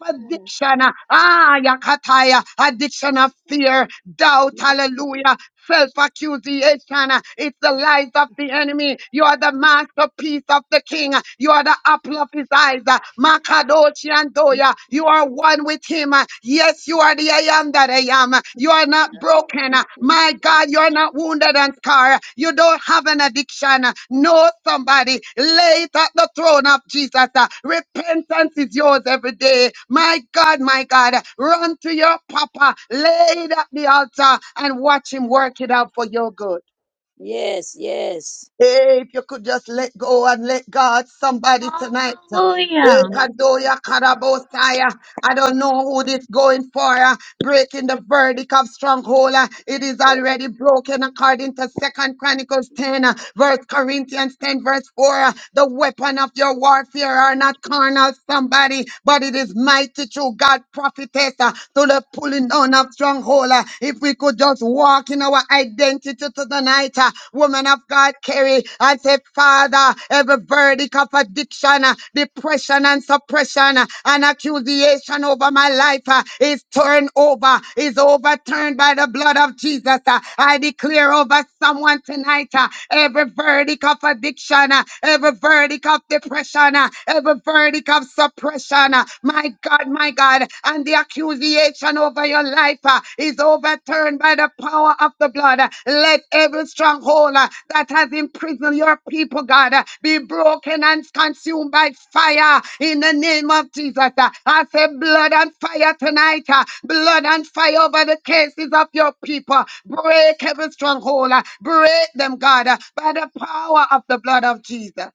S7: of
S6: yes, yes,
S7: addiction. uh, Ah, yakataya, addiction of fear, doubt, hallelujah, self accusation. It's the lies of the enemy me. You are the masterpiece of the King. You are the apple of his eyes. Makadoshi and
S6: yes.
S7: Doya. You are one with him. Yes, you are the I am that I am. You are not
S6: And I thought,
S7: broken.
S6: I
S7: My God, you are not
S6: said,
S7: wounded and scarred. You don't have an addiction. Know somebody. Lay it at the throne of Jesus. Repentance is yours every day. My God, my God, run to your papa. Lay it at the altar and watch him work it out for your good.
S6: Yes, yes.
S7: Hey, If you could just let go and let God, somebody tonight. Hey,
S5: Hallelujah.
S6: Yes, yes,
S7: Kadoya
S6: yes, yes,
S7: Karabosaya. I don't
S6: yes,
S7: know who this going for breaking the verdict of stronghold. uh, It is
S6: yes,
S7: already broken according to Second Chronicles 10, uh, verse Corinthians 10, verse 4. uh, The weapon of your warfare are not carnal, somebody, but it is mighty through God prophetess uh, to the pulling down of stronghold. uh, If we could just walk in our identity to tonight, uh, woman of God, carry and say, Father uh, every verdict of addiction, uh, depression, and suppression, uh, and accusation over my life uh, is turned over, is overturned by the blood of Jesus. uh. I declare over someone tonight uh, every verdict of addiction, uh, every verdict of depression, uh, every verdict of suppression. uh, My God, my God, and the accusation over your life your life uh, is overturned by the power of the blood. Uh, Let every stronghold uh, that has imprisoned your people, God, uh, be broken and consumed by fire in the name of Jesus. Uh, I say blood and fire tonight, uh, blood and fire over the cases of your people. Break every stronghold, uh, break them, God, uh, by the power of the blood of Jesus.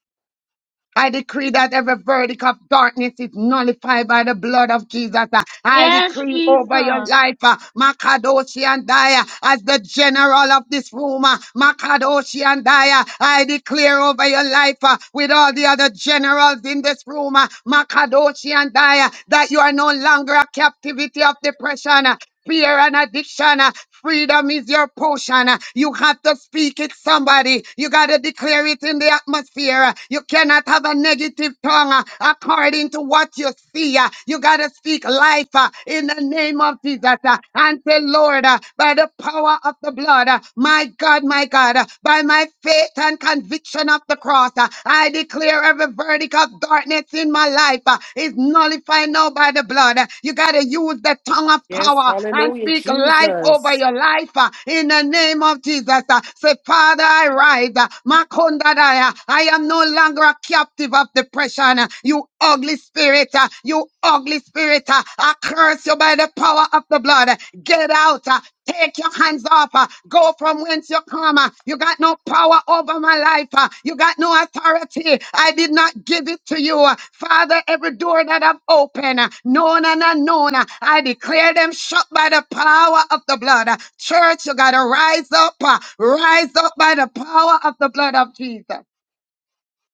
S7: I decree that every verdict of darkness is nullified by the blood of Jesus. Uh, I
S5: Yes,
S7: decree over your
S5: Jesus.
S7: life, uh, Makadoshi and Daya, as the general of this room, uh, Makadoshi and Daya. I declare over your life uh, with all the other generals in this room, uh, Makadoshi and Daya, that you are no longer a captivity of depression. uh, fear and addiction. uh, Freedom is your potion. uh, You have to speak it, somebody. You got to declare it in the atmosphere. uh, You cannot have a negative tongue uh, according to what you see. uh, You got to speak life uh, in the name of Jesus. uh, And say, Lord, uh, by the power of the blood, uh, my God, my God, uh, by my faith and conviction of the cross, forth. Uh, I declare every verdict of darkness in my life uh, is nullified now by the blood. Uh, You got to use the tongue of
S15: Yes,
S7: power and
S15: hallelujah,
S7: speak life over
S15: Jesus.
S7: your life uh, in the name of Jesus. Uh, Say, Father, I rise. Uh, Makondadaya. I am no longer a captive of depression. Uh, You ugly spirit. uh, You ugly spirit. uh, I curse you by the power of the blood. Get out. uh, Take your hands off. uh, Go from whence you come. uh, You got no power over my life. uh, You got no authority. I did not give it to you. uh, Father, every door that I've opened, uh, known and unknown, uh, I declare them shut by the power of the blood. uh, Church, you got to rise up. uh, Rise up by the power of the blood of Jesus.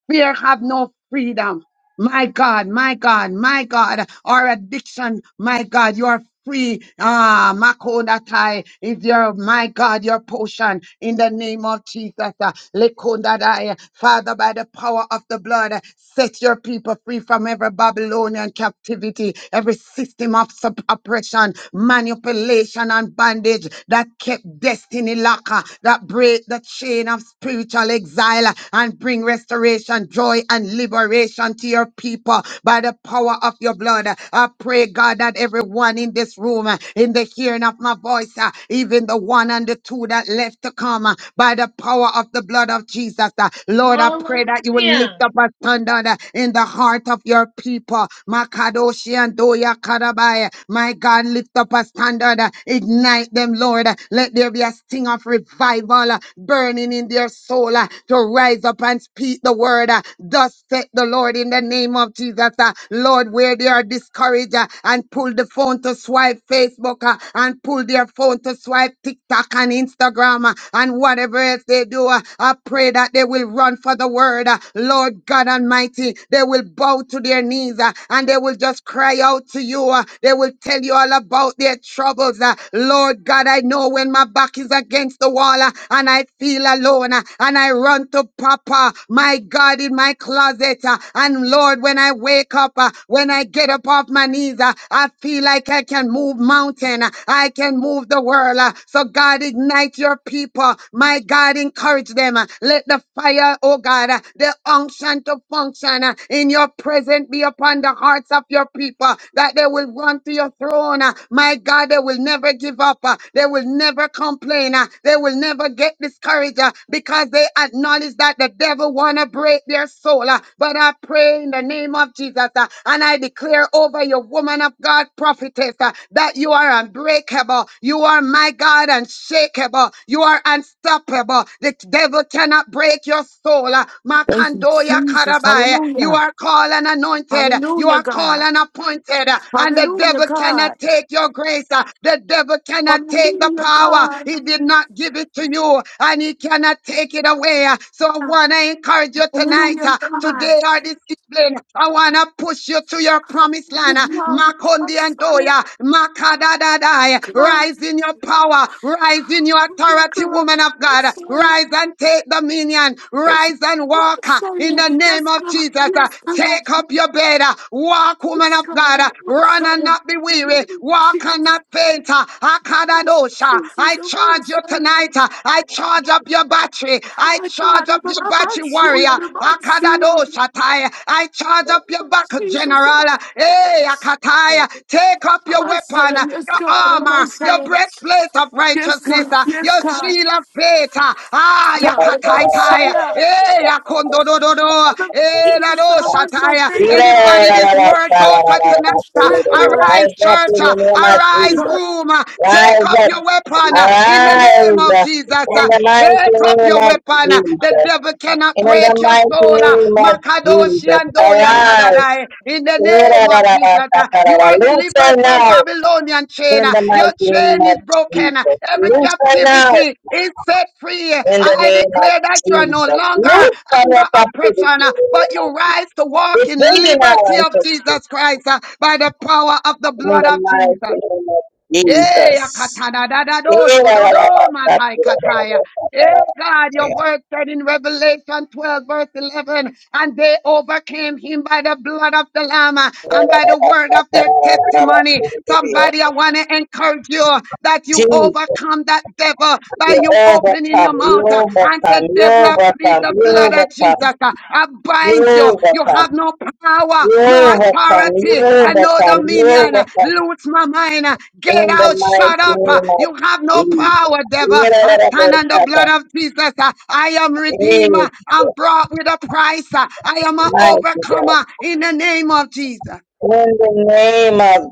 S7: Fear have no freedom. My God, my God, my God, our addiction, my God, you are free. Ah, Makodatai is your, my God, your potion in the name of Jesus. Ah, Lekondadai. Father, by the power of the blood, set your people free from every Babylonian captivity, every system of sup- oppression, manipulation, and bondage that kept destiny locker, that break the chain of spiritual exile and bring restoration, joy, and liberation to your people by the power of your blood. I pray, God, that everyone in this room, uh, in the hearing of my voice, uh, even the one and the two that left to come, uh, by the power of the blood of Jesus, uh, Lord, I pray that you will lift
S5: Hallelujah.
S7: up a standard uh, in the heart of your people. Makadoshi and Doya Karabai. My God, lift up a standard, uh, ignite them, Lord. Uh, Let there be a sting of revival uh, burning in their soul uh, to rise up and speak repeat the word. uh, Thus said the Lord in the name of Jesus. uh, Lord, where they are discouraged uh, and pull the phone to swipe Facebook uh, and pull their phone to swipe TikTok and Instagram uh, and whatever else they do, uh, I pray that they will run for the word. uh, Lord God Almighty, they will bow to their knees uh, and they will just cry out to you. uh, They will tell you all about their troubles. uh, Lord God, I know when my back is against the wall uh, and I feel alone uh, and I run to Papa, my God, in my closet. uh, And Lord, when I wake up, uh, when I get up off my knees, uh, I feel like I can move mountain. uh, I can move the world. uh, So God, ignite your people. My God, encourage them. uh, Let the fire, oh God, uh, the unction to function uh, in your presence be upon the hearts of your people, that they will run to your throne. uh, My God, they will never give up. uh, They will never complain. uh, They will never get discouraged marriage uh, because they acknowledge that the devil want to break their soul. uh, But I pray in the name of Jesus uh, and I declare over your woman of God prophetess uh, that you are unbreakable. You are my God unshakable. You are unstoppable. The devil cannot break your soul. uh,
S15: Thank you,
S7: Makandoya
S15: Jesus.
S7: Karabai. You
S15: Hallelujah.
S7: are called and anointed. You
S15: Hallelujah,
S7: are called
S15: God.
S7: and appointed. uh, And the
S15: Hallelujah,
S7: devil
S15: God.
S7: cannot take your grace. uh, The devil cannot take the
S15: Hallelujah,
S7: power.
S15: God.
S7: He did not give give it to you and he cannot take it away. So I want to encourage you tonight,
S15: Hallelujah,
S7: uh,
S15: God.
S7: today or this evening. I want to push you to your promised land.
S15: Hallelujah,
S7: uh,
S15: God.
S7: Makondi and
S15: Messiah,
S7: Doya, Makadadadai.
S15: God.
S7: Rise in your power, rise in your
S15: Hallelujah,
S7: authority,
S15: God.
S7: woman of God.
S15: Messiah.
S7: Rise and take dominion,
S15: Yes,
S7: rise and walk uh, in
S15: Messiah.
S7: the name
S15: Yes,
S7: of
S15: God.
S7: Jesus. uh,
S15: Yes, God.
S7: Take up your bed, uh, walk, woman
S15: Yes,
S7: of
S15: God.
S7: God. uh, Run and
S15: Messiah.
S7: not be
S15: In the name
S7: weary,
S15: of
S7: walk and
S15: Jesus.
S7: not faint. uh, Akadadosha. I charge you
S15: Jesus, Messiah.
S7: tonight. uh, I
S6: yes, yes,
S7: charge up
S6: yes,
S7: your battery.
S15: Oh
S7: I
S15: my
S7: charge
S15: God,
S7: up
S15: I'm
S6: yes,
S7: your
S15: a
S7: battery,
S15: man, so i a
S7: warrior.
S15: man, see,
S7: Akadadoshatai. I charge up your back,
S6: yes,
S15: Jesus, I'm
S7: general.
S15: a
S6: yes,
S15: man,
S7: Hey, Akatai.
S6: Father, thank
S7: Take up your weapon, uh,
S15: yes,
S7: your
S15: God, I'm a man,
S7: armor, your breastplate of
S15: yes,
S7: righteousness,
S15: God,
S7: uh,
S15: yes,
S7: your
S15: God,
S7: shield of faith. uh,
S6: you
S7: Ah,
S6: for this
S15: God, I'm a
S11: Rise
S15: man,
S7: Yakataitai. Hey, Akondodododo. Hey,
S15: Jesus, I'm a man,
S7: Dadoshatai.
S15: thank you, God,
S7: Anybody this word go for
S15: give
S7: tonight?
S15: me the
S7: Uh,
S15: strength, God,
S7: Arise,
S11: up
S7: church.
S11: in
S7: Uh,
S11: the name of
S7: Arise,
S15: God.
S11: Jesus.
S7: room. Uh, Take
S11: Rise
S7: up
S11: up.
S7: your weapon uh, in the
S11: Arise in
S7: name of
S11: the
S7: Jesus. Uh,
S11: mighty
S7: Take up
S11: name
S7: your
S11: of
S7: weapon. Uh, The
S11: Jesus.
S7: devil cannot
S11: In the
S7: break your
S11: mighty
S7: soul. Uh,
S11: name of
S7: Makadoshi
S11: Jesus.
S7: and Doya
S11: Arise.
S7: Kadadai. In the
S11: Loose
S7: name of Jesus. Uh, You are delivered
S11: her
S7: delivered from
S11: now
S7: Babylonian chain.
S11: in the
S7: Your
S11: mighty name
S7: chain is
S11: of
S7: broken.
S11: Jesus.
S7: Every
S11: Loose her now
S7: captivity is set free.
S11: in the
S7: I
S11: name of
S7: declare that you are no
S11: Jesus.
S7: longer
S11: Loose from your
S7: under oppression,
S11: captivity.
S7: but you rise to walk
S11: It's
S7: in
S11: bringing
S7: liberty
S11: now
S7: of Jesus Christ uh, by the power of the
S11: in
S7: blood
S11: the
S7: of
S11: mighty
S7: Jesus.
S11: name of
S7: Yea,
S11: Jesus.
S7: akatana dadado, shododo, matai kataya. Hey God, your word said in Revelation 12 verse 11, and they overcame him by the blood of the Lamb uh, and by the word of their testimony. Somebody, I want to encourage you that you
S11: Jesus,
S7: overcome that devil by
S11: you
S7: you opening
S11: overcome,
S7: your mouth
S11: you
S7: uh, and
S11: overcome,
S7: said,
S11: you
S7: devil, I plead
S11: overcome,
S7: the
S11: you
S7: blood of
S11: overcome,
S7: Jesus. uh, I
S11: you
S7: bind you. You
S11: overcome,
S7: have no power,
S11: you
S7: no
S11: overcome, you
S7: authority, and no
S11: overcome, you
S7: dominion.
S11: overcome,
S7: Lose my mind. Get
S11: in the
S7: out.
S11: mighty
S7: Shut up.
S11: name of
S7: You have no
S11: Jesus.
S7: power, devil. I stand on the blood of Jesus. I am redeemer. I'm brought with a price. I am an
S11: Mighty God,
S7: overcomer in the name of Jesus.
S11: In the name of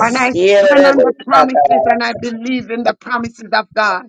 S7: And I
S11: Amen.
S7: stand on the
S6: gift.
S11: Hallelujah.
S7: promises and I believe in the promises of God.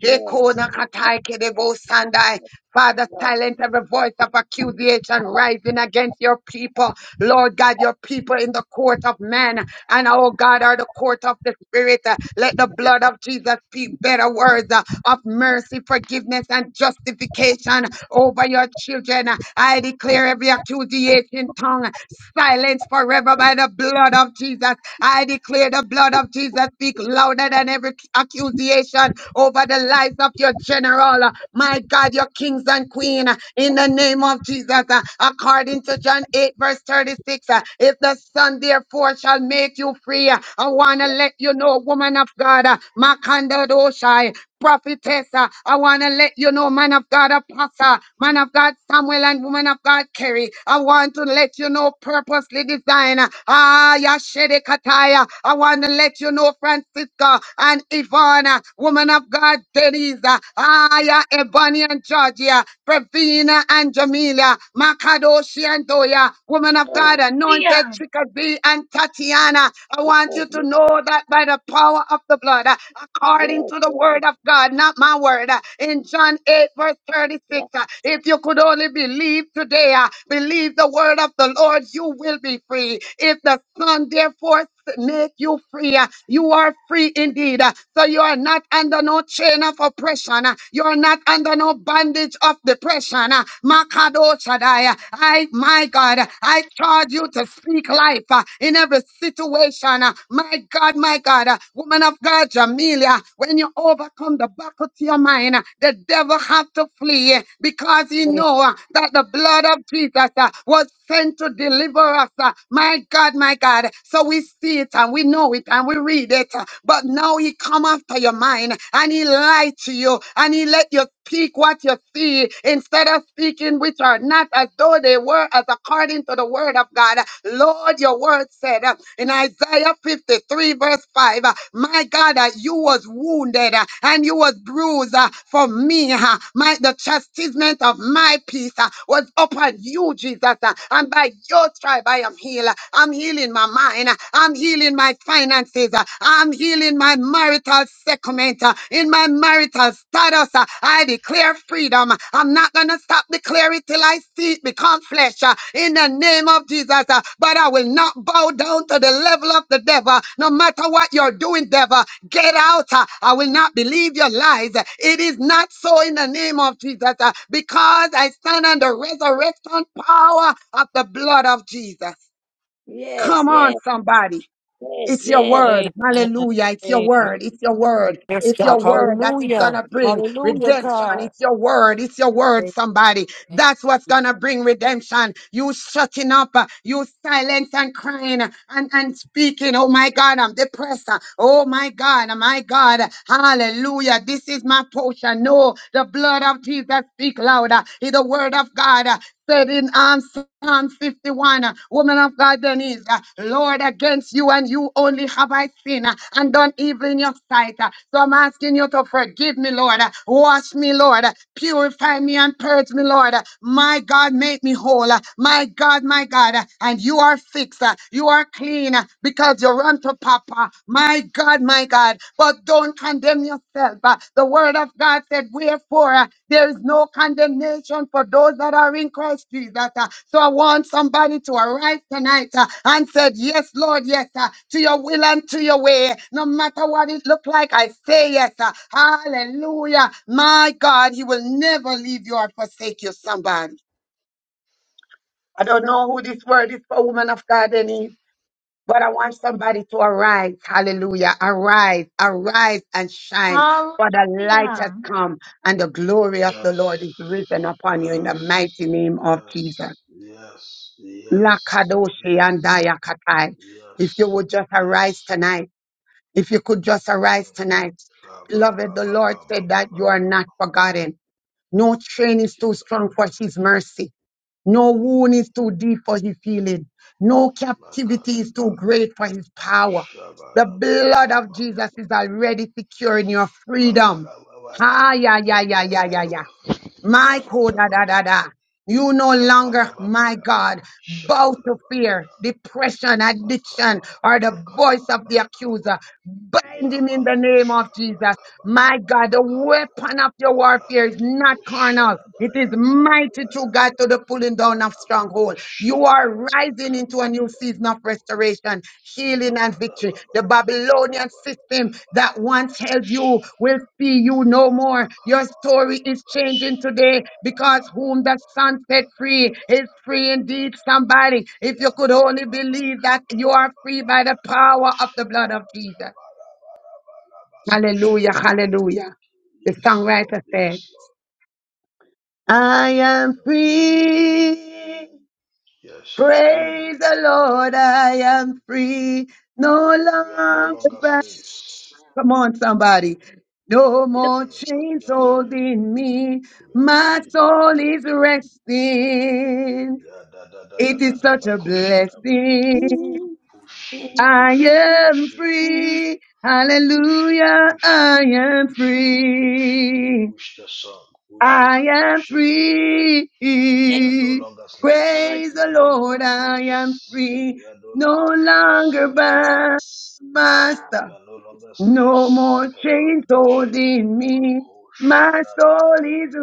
S6: yes. yes,
S7: Hekonakataikerebosandai. Father,
S6: No,
S7: silence every voice of accusation rising against your people. Lord God, your people in the court of man and oh God, are the court of the spirit. Uh, Let the blood of Jesus speak better words uh, of mercy, forgiveness, and justification over your children. Uh, I declare every accusation tongue silenced forever by the blood of Jesus. I declare the blood of Jesus speak louder than every accusation over the lives of your general. My God, your kings and queen, in the name of Jesus, uh, according to John 8, verse 36, uh, if the Son therefore shall make you free, uh, I want to let you know, woman of God, uh, Makandadoshai, prophetess. uh, I want to let you know, man of God, apostle, man of God, Samuel, and woman of God, Kerry. I want to let you know, purposely design. uh, Ah, Yashede Kataya. I want to let you know, Francisca and Ivana, woman of God, Denise. uh, Ah, yeah, Ebony and Georgia, Pravina and Jamila, Makadoshi and Doya, woman of God,
S6: yes,
S5: Hallelujah.
S7: anointed Trickerbee and Tatiana. I want you to know that by the power of the blood, uh, according to the the word of God, not my word. Uh, In John 8, verse 36, uh, if you could only believe today, uh, believe the word of the Lord, you will be free. If the Son, therefore, make you free. uh, You are free indeed. uh, So you are not under no chain of oppression. uh, You are not under no bondage of depression. uh, Makadosh Shaddai, uh, I, my God, uh, I charge you to speak life uh, in every situation. uh, My God, my God, uh, woman of God, Jamelia, when you overcome the battle to your mind, uh, the devil have to flee uh, because he know uh, that the blood of Jesus uh, was sent to deliver us. uh. My God, my God. So we see it and we know it and we read it. uh, But now he come after your mind and he lie to you and he let you Speak what you see instead of speaking which are not as though they were, as according to the word of God. Lord, your word said uh, in Isaiah 53, verse 5, uh, My God, uh, you was wounded uh, and you was bruised uh, for me. uh, My the chastisement of my peace uh, was upon you, Jesus. uh, And by your Lord, stripe, I am healed. I'm healing my mind. I'm healing my finances. I'm healing my marital settlement. In my marital status, I declare freedom. I'm not going to stop declaring till I see it become flesh. In the name of Jesus, but I will not bow down to the level of the devil. No matter what you're doing, devil, Get out. uh, I will not believe your lies. It is not so in the name of Jesus uh, because I stand on the resurrection power of the blood of Jesus.
S6: yes,
S7: Come on, somebody.
S6: yes, yes, yes,
S7: It's
S6: yes,
S7: your word.
S9: Amen.
S7: Hallelujah. It's your
S9: Amen.
S7: word. It's your word.
S15: Yes,
S7: It's your
S15: God,
S7: word that is going
S15: hallelujah,
S7: to bring
S15: hallelujah, God, hallelujah,
S7: redemption.
S15: God.
S7: It's your word. It's your word,
S9: Amen.
S7: somebody. That's what's going to bring redemption. You shutting up, uh, you silent and crying uh, and, and speaking. Oh my God, I'm depressed. uh, Oh my God, uh, my God. Hallelujah. This is my portion. No, the blood of Jesus speak louder. It's the word of God. uh, Said in um, Psalm 51, uh, woman of God, Denise, uh, Lord. Lord, against you and you only have I sinned uh, and done evil in your sight. uh. So I'm asking you to forgive me, Lord. uh, Wash me, Lord. uh, Purify me and purge me, Lord. uh. My God, make me whole. uh. My God, my God. uh, And you are fixed. uh, You are clean uh, because you run to Papa. My God, my God. But don't condemn yourself yourself. Uh, The word of God said, Wherefore uh, there is no condemnation for those that are in Christ Jesus. Uh, So I want somebody to arise tonight uh, and said, Yes, Lord, yes, uh, to your will and to your way. No matter what it look like, I say yes. uh, Hallelujah. My God, He will never leave you or forsake you, somebody. I don't know who this word is for, woman of God, any? But I want somebody to arise. Hallelujah. Arise, arise and shine. For the light has
S5: Hallelujah.
S7: come and the glory of the
S16: Yes.
S7: Lord is risen upon you in the
S16: Yes.
S7: mighty name of
S16: Yes.
S7: Jesus.
S16: Yes. Yes.
S7: Lakadoshi and
S16: Yes.
S7: Dayakatai.
S16: Yes.
S7: If you would just
S16: Yes.
S7: arise tonight, if you could just arise
S16: Mm.
S7: tonight.
S16: Ba ba ba
S7: Beloved, the
S16: ba ba
S7: Lord
S16: ba
S7: said
S16: ba
S7: that
S16: ba
S7: you are
S16: ba.
S7: not forgotten. No train is too
S16: Shiba.
S7: strong for his mercy. No
S16: Mm.
S7: wound is too deep for his healing. No captivity is
S16: Makadeba.
S7: too great for his power.
S16: Shaba
S7: The
S16: da ba ba
S7: blood
S16: ba
S7: of
S16: ba ba
S7: Jesus
S16: ba.
S7: is already securing your freedom.
S16: Kawara ba ba da ba.
S7: Ah, yeah, yeah, yeah, yeah, yeah,
S16: Kawara ba.
S7: yeah. My code,
S16: Kabada
S7: da,
S16: ba
S7: da,
S16: da
S7: da,
S16: ba.
S7: da. You no
S16: Kabada
S7: longer,
S16: ba ba
S7: my
S16: ya.
S7: God,
S16: Shaba
S7: bow
S16: da
S7: to
S16: ba ba
S7: fear,
S16: Shabadababada.
S7: depression, addiction,
S16: Bakaba.
S7: or the
S16: Bakaba.
S7: voice of the
S16: Bakaba.
S7: accuser. Bind him in the name
S16: Yabakosha
S7: of Jesus.
S16: bakabara
S7: My God,
S16: baba
S7: the
S16: kabara
S7: weapon of your
S16: bara
S7: warfare is
S16: baba
S7: not
S16: kosha
S7: carnal. It is
S16: baya kara
S7: mighty through
S16: baya
S7: God to the pulling down of
S16: bara
S7: stronghold.
S16: bakosha
S7: You are
S16: baya
S7: rising into a
S16: kabara
S7: new season
S16: baba
S7: of
S16: ko
S7: restoration, healing, and
S16: yabara
S7: victory.
S16: baba
S7: The
S16: kabara
S7: Babylonian
S16: baba
S7: system
S16: kabara
S7: that
S16: baba
S7: once held
S16: Dosha
S7: you will see you
S16: Yes,
S7: no more. Your story is changing today because whom the Son set free is free indeed. Somebody, if you could only believe that you are free by the power of the blood of Jesus. Hallelujah, hallelujah. The songwriter
S16: Lord.
S7: said,
S16: Yes, Lord.
S7: I am
S16: Mm.
S7: free.
S16: Yes, I'm free.
S7: Praise the Lord. I am free. No
S16: We are no
S7: longer
S16: longer
S7: bound.
S16: slaves.
S7: Come on, somebody. No
S6: yes, yes, yes, yes, yes.
S7: more
S16: Mm.
S7: chains
S16: We are free.
S7: holding me.
S16: We are
S7: My
S16: free.
S7: soul
S16: We are
S7: is
S16: free.
S7: resting.
S16: Yeah, da da da da
S7: It
S16: da
S7: is
S16: da.
S7: such a
S16: Bakosha
S6: No,
S16: da
S7: blessing.
S16: push it,
S6: and
S7: I
S16: push it,
S7: am
S16: push it,
S7: free.
S16: push it, push it,
S7: Hallelujah.
S16: push it,
S7: I am
S16: push it, push it,
S7: free.
S16: push the song, push it,
S7: I am
S16: push it.
S7: free.
S16: We
S6: yes,
S16: are no longer
S6: Lord,
S16: slaves.
S7: Praise
S16: We
S7: the
S16: are no longer
S7: Lord, I am
S16: slaves. We
S7: free.
S16: are no
S7: No
S16: longer slaves
S7: longer
S16: to fear.
S7: bound,
S16: We
S7: master.
S16: are no longer slaves.
S7: No more
S6: oh,
S7: chains
S16: Kadabado shabadi
S7: holding
S16: baba
S7: me. My
S16: shada da da
S7: soul
S16: da da
S7: is
S16: da.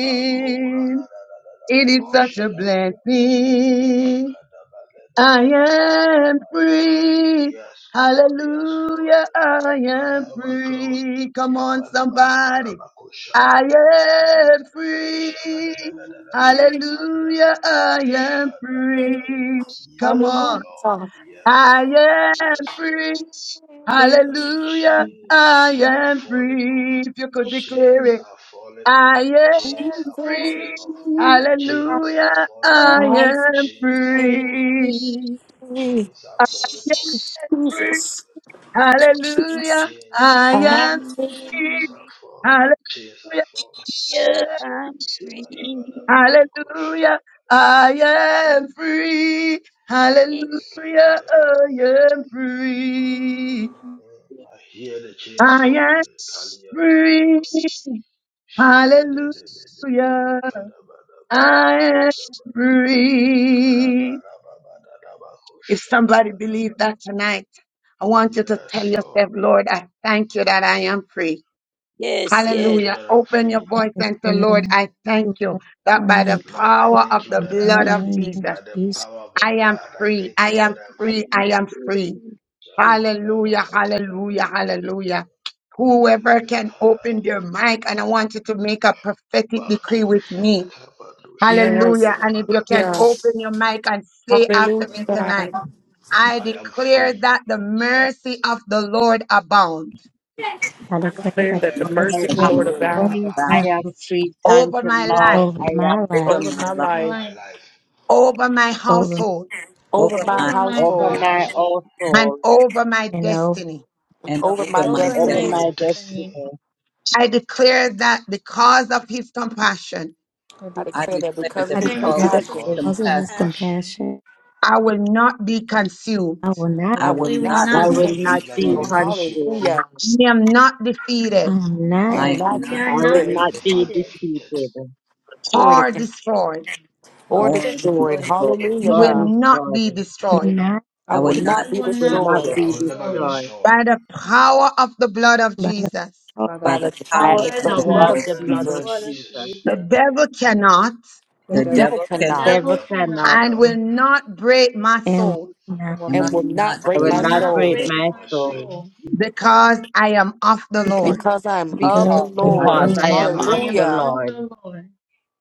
S16: Bako ra da da da da da
S7: It is
S16: baka
S6: oh,
S7: such a
S16: shada ba ya ba.
S7: blessing.
S16: Baka da ba le be
S7: I
S16: kalabako ra
S7: am
S16: ba ya ba.
S7: free.
S16: Yes, Lord. Yes,
S7: Hallelujah.
S16: Lord.
S7: I am
S16: Ayawakawa,
S7: free. Come on, somebody.
S16: Kabanabababako,
S7: I am
S16: Shadadabakabanabada,
S7: free. Hallelujah.
S16: Shabadabadabakatandadabro,
S7: I am
S16: Shadadadab.
S7: free.
S15: I
S7: Come
S16: Yes,
S7: on.
S16: Lord.
S15: thank
S16: Yes,
S7: I
S16: Lord.
S7: am
S16: Yes, Lord.
S7: free.
S16: Lord,
S7: Hallelujah. I
S16: Chains are
S7: am
S16: falling off.
S7: free. If you could declare
S16: Chains
S7: it,
S16: are falling off.
S7: I
S16: Chains
S7: am
S16: are falling
S7: free.
S16: off. Chains
S7: Hallelujah.
S16: are falling
S7: I
S16: off.
S7: am
S16: Chains are falling.
S7: free.
S15: you,
S16: Chains are
S7: I
S16: falling off.
S7: am free.
S15: Jesus, Jesus.
S7: Hallelujah.
S16: Chains
S7: I
S16: are
S7: am
S16: falling. Chains
S7: free.
S16: are falling.
S7: Hallelujah.
S16: Chains are falling.
S6: yeah,
S7: I
S6: I'm
S7: am free.
S6: free.
S16: Yabadabadababakosha.
S7: Hallelujah. I am free. Hallelujah.
S16: Marebekatayaba.
S7: I am free.
S16: Mm, I hear the chains
S7: I am
S16: falling. Kalia Tayaba.
S7: free. Hallelujah. I am
S16: Shebedebedebedebekadabadabakadabadabadaba.
S7: free. If
S16: Rabarababadabakosha.
S7: somebody
S16: dabadaba.
S7: believed that tonight, I want you to tell
S16: Yes, Lord.
S7: yourself, Lord, I thank you that I am free.
S6: Yes,
S16: I
S6: yes.
S16: thank you
S7: Hallelujah.
S16: that I'm
S7: Open your
S16: free.
S7: voice and say, Lord, I thank you that by the
S6: And
S16: Lord, I
S7: power of
S16: thank you
S7: the
S13: In the
S16: that I'm
S13: mighty
S7: blood of
S16: free.
S13: name of
S7: Jesus,
S16: By the
S13: Jesus,
S16: power of the
S7: I am
S16: blood, I
S7: free.
S16: thank
S7: I
S16: you
S7: am
S16: that I'm
S6: I
S7: free.
S16: free.
S6: want
S7: I
S6: to
S7: am
S6: do
S7: free.
S6: the
S7: Hallelujah.
S16: Jabalabakatababa.
S7: Hallelujah. Hallelujah. Whoever can
S16: Madelebekaya.
S7: open their mic, and I want you to make a prophetic decree with me.
S15: Yes,
S7: Hallelujah. And if you can
S16: Bakoshakabadoshabadiyamakataya.
S15: yeah.
S7: open your mic and say
S15: Hallelujah.
S7: after me
S16: Mm.
S7: tonight.
S15: I
S7: I
S16: I am
S7: declare
S16: free.
S7: that the mercy of the Lord abound
S13: I declare
S16: I
S15: declare
S13: that
S15: that
S16: declare
S15: the
S13: the
S16: that the
S13: mercy
S15: mercy
S17: of
S15: of
S17: the
S8: I
S13: of
S16: mercy
S15: the
S13: the
S8: am
S16: of
S15: Lord
S16: the
S17: Lord
S16: Lord
S13: Lord
S15: abound
S8: free.
S17: bound
S16: abound
S13: abounds
S8: I am free. Thank
S7: over
S8: you,
S7: my
S8: Lord.
S7: life,
S13: over
S8: I
S13: my
S8: am
S13: life,
S17: over
S15: over
S8: free.
S17: my
S15: my
S5: Over
S17: life,
S5: my
S16: over
S15: life,
S16: my
S5: life,
S16: life,
S7: over my
S13: over my-
S7: household,
S9: over
S15: over
S17: over
S6: one is
S15: my
S17: my
S5: over my
S16: over my
S8: Over
S15: household,
S8: my
S5: household,
S16: household,
S8: own
S7: and
S8: soul,
S7: over my
S13: and over.
S7: destiny.
S15: and
S17: and
S9: and
S15: over
S9: over
S6: not
S17: over
S15: my
S5: and
S17: my
S16: and
S5: over
S8: over
S16: over
S5: my
S16: my
S17: destiny.
S15: destiny.
S8: my
S5: destiny.
S16: destiny.
S8: destiny,
S7: I declare that because of his compassion,
S9: and
S15: I
S17: I
S9: declare,
S15: declare that
S17: declare
S5: We
S16: I
S15: because of
S17: that
S13: I
S15: his
S5: declare
S8: I
S16: declare
S13: declare
S17: because
S16: that
S17: of
S5: because
S13: that
S5: of
S17: his
S15: compassion,
S8: declare,
S5: his
S16: because of
S13: because
S16: his
S13: of His
S17: compassion,
S16: compassion,
S5: compassion,
S13: compassion,
S7: I will not be consumed.
S13: I will
S9: I
S13: not,
S17: I
S15: I
S9: will not,
S17: will
S15: will
S5: we will
S15: not
S17: not
S8: I
S15: be
S5: not
S17: be
S16: I
S13: I
S5: be
S8: will
S16: will
S15: taken.
S8: not
S16: never
S8: be
S17: consumed.
S16: be
S5: consumed.
S16: consumed.
S8: consumed.
S15: Hallelujah.
S7: I am not defeated
S13: am
S15: I
S13: not,
S9: I
S17: I
S15: am
S9: will,
S17: am
S15: not
S5: We
S17: not
S16: I
S8: I
S5: are
S8: will
S5: not
S16: am
S15: defeated.
S8: not be
S16: never
S5: defeated
S16: defeated.
S8: defeated.
S15: Glory to
S7: or
S15: God.
S7: destroyed.
S5: or
S15: Or
S17: or
S9: oh,
S15: destroyed.
S5: destroyed.
S16: in
S17: destroyed.
S16: All
S15: Hallelujah,
S7: We
S16: this
S8: God
S7: will
S8: is
S16: world.
S15: God.
S7: not
S8: God.
S7: be destroyed
S13: not
S9: I
S15: I
S17: I
S9: will
S15: will
S9: not
S17: will not
S15: not
S5: We
S15: be
S8: I
S5: will
S8: will
S5: not
S16: You,
S8: not
S17: be
S5: be
S15: destroyed
S16: I
S8: be
S16: will
S17: destroyed
S16: never be
S5: destroyed.
S8: destroyed
S16: destroyed
S7: by the power of the blood of
S13: by the
S7: Jesus.
S13: power of
S9: by the
S17: by
S15: by
S9: power
S15: the
S17: the power
S8: by
S17: of
S16: by
S15: power
S8: the
S15: of
S16: the
S5: By
S15: the
S9: of
S5: the
S17: the
S16: power
S8: power
S15: blood
S13: Jesus.
S17: blood
S8: of
S15: of
S17: of
S5: power
S16: of the
S8: the
S5: of
S16: blood
S8: blood
S5: the
S16: of
S8: of
S17: Jesus.
S5: blood
S15: Jesus.
S5: of
S8: Jesus.
S16: Jesus.
S7: The
S5: Jesus,
S7: devil cannot
S9: the
S13: I
S17: The
S15: The
S9: devil
S13: am
S15: devil
S17: devil
S5: the
S17: cannot
S16: The
S15: cannot
S8: devil
S5: devil
S16: devil
S5: cannot
S8: cannot.
S7: and
S16: cannot
S7: will not break my
S13: and
S7: soul
S9: I
S13: now
S9: will
S17: and
S15: and
S17: will
S9: not,
S15: will not
S17: not
S8: I
S15: break
S5: and
S8: will
S17: break
S15: my
S5: will
S16: and
S17: my
S16: will
S8: not
S5: not
S15: soul.
S8: break
S16: not
S17: faith
S5: break
S16: break
S8: my
S16: my
S5: my
S8: soul
S16: soul
S5: soul,
S7: because I am of the
S13: because
S7: Lord.
S15: because I am
S13: I
S9: because
S15: of the
S13: love
S17: because I
S9: I
S13: the
S9: love
S17: am
S8: because
S15: Lord.
S17: of
S8: I
S13: Lord.
S16: because
S5: because
S8: am
S17: the
S16: I
S5: I
S8: of
S17: Lord.
S16: am of
S5: am
S8: the
S16: the
S15: Hallelujah.
S16: Lord.
S5: of
S8: Lord.
S5: the Lord.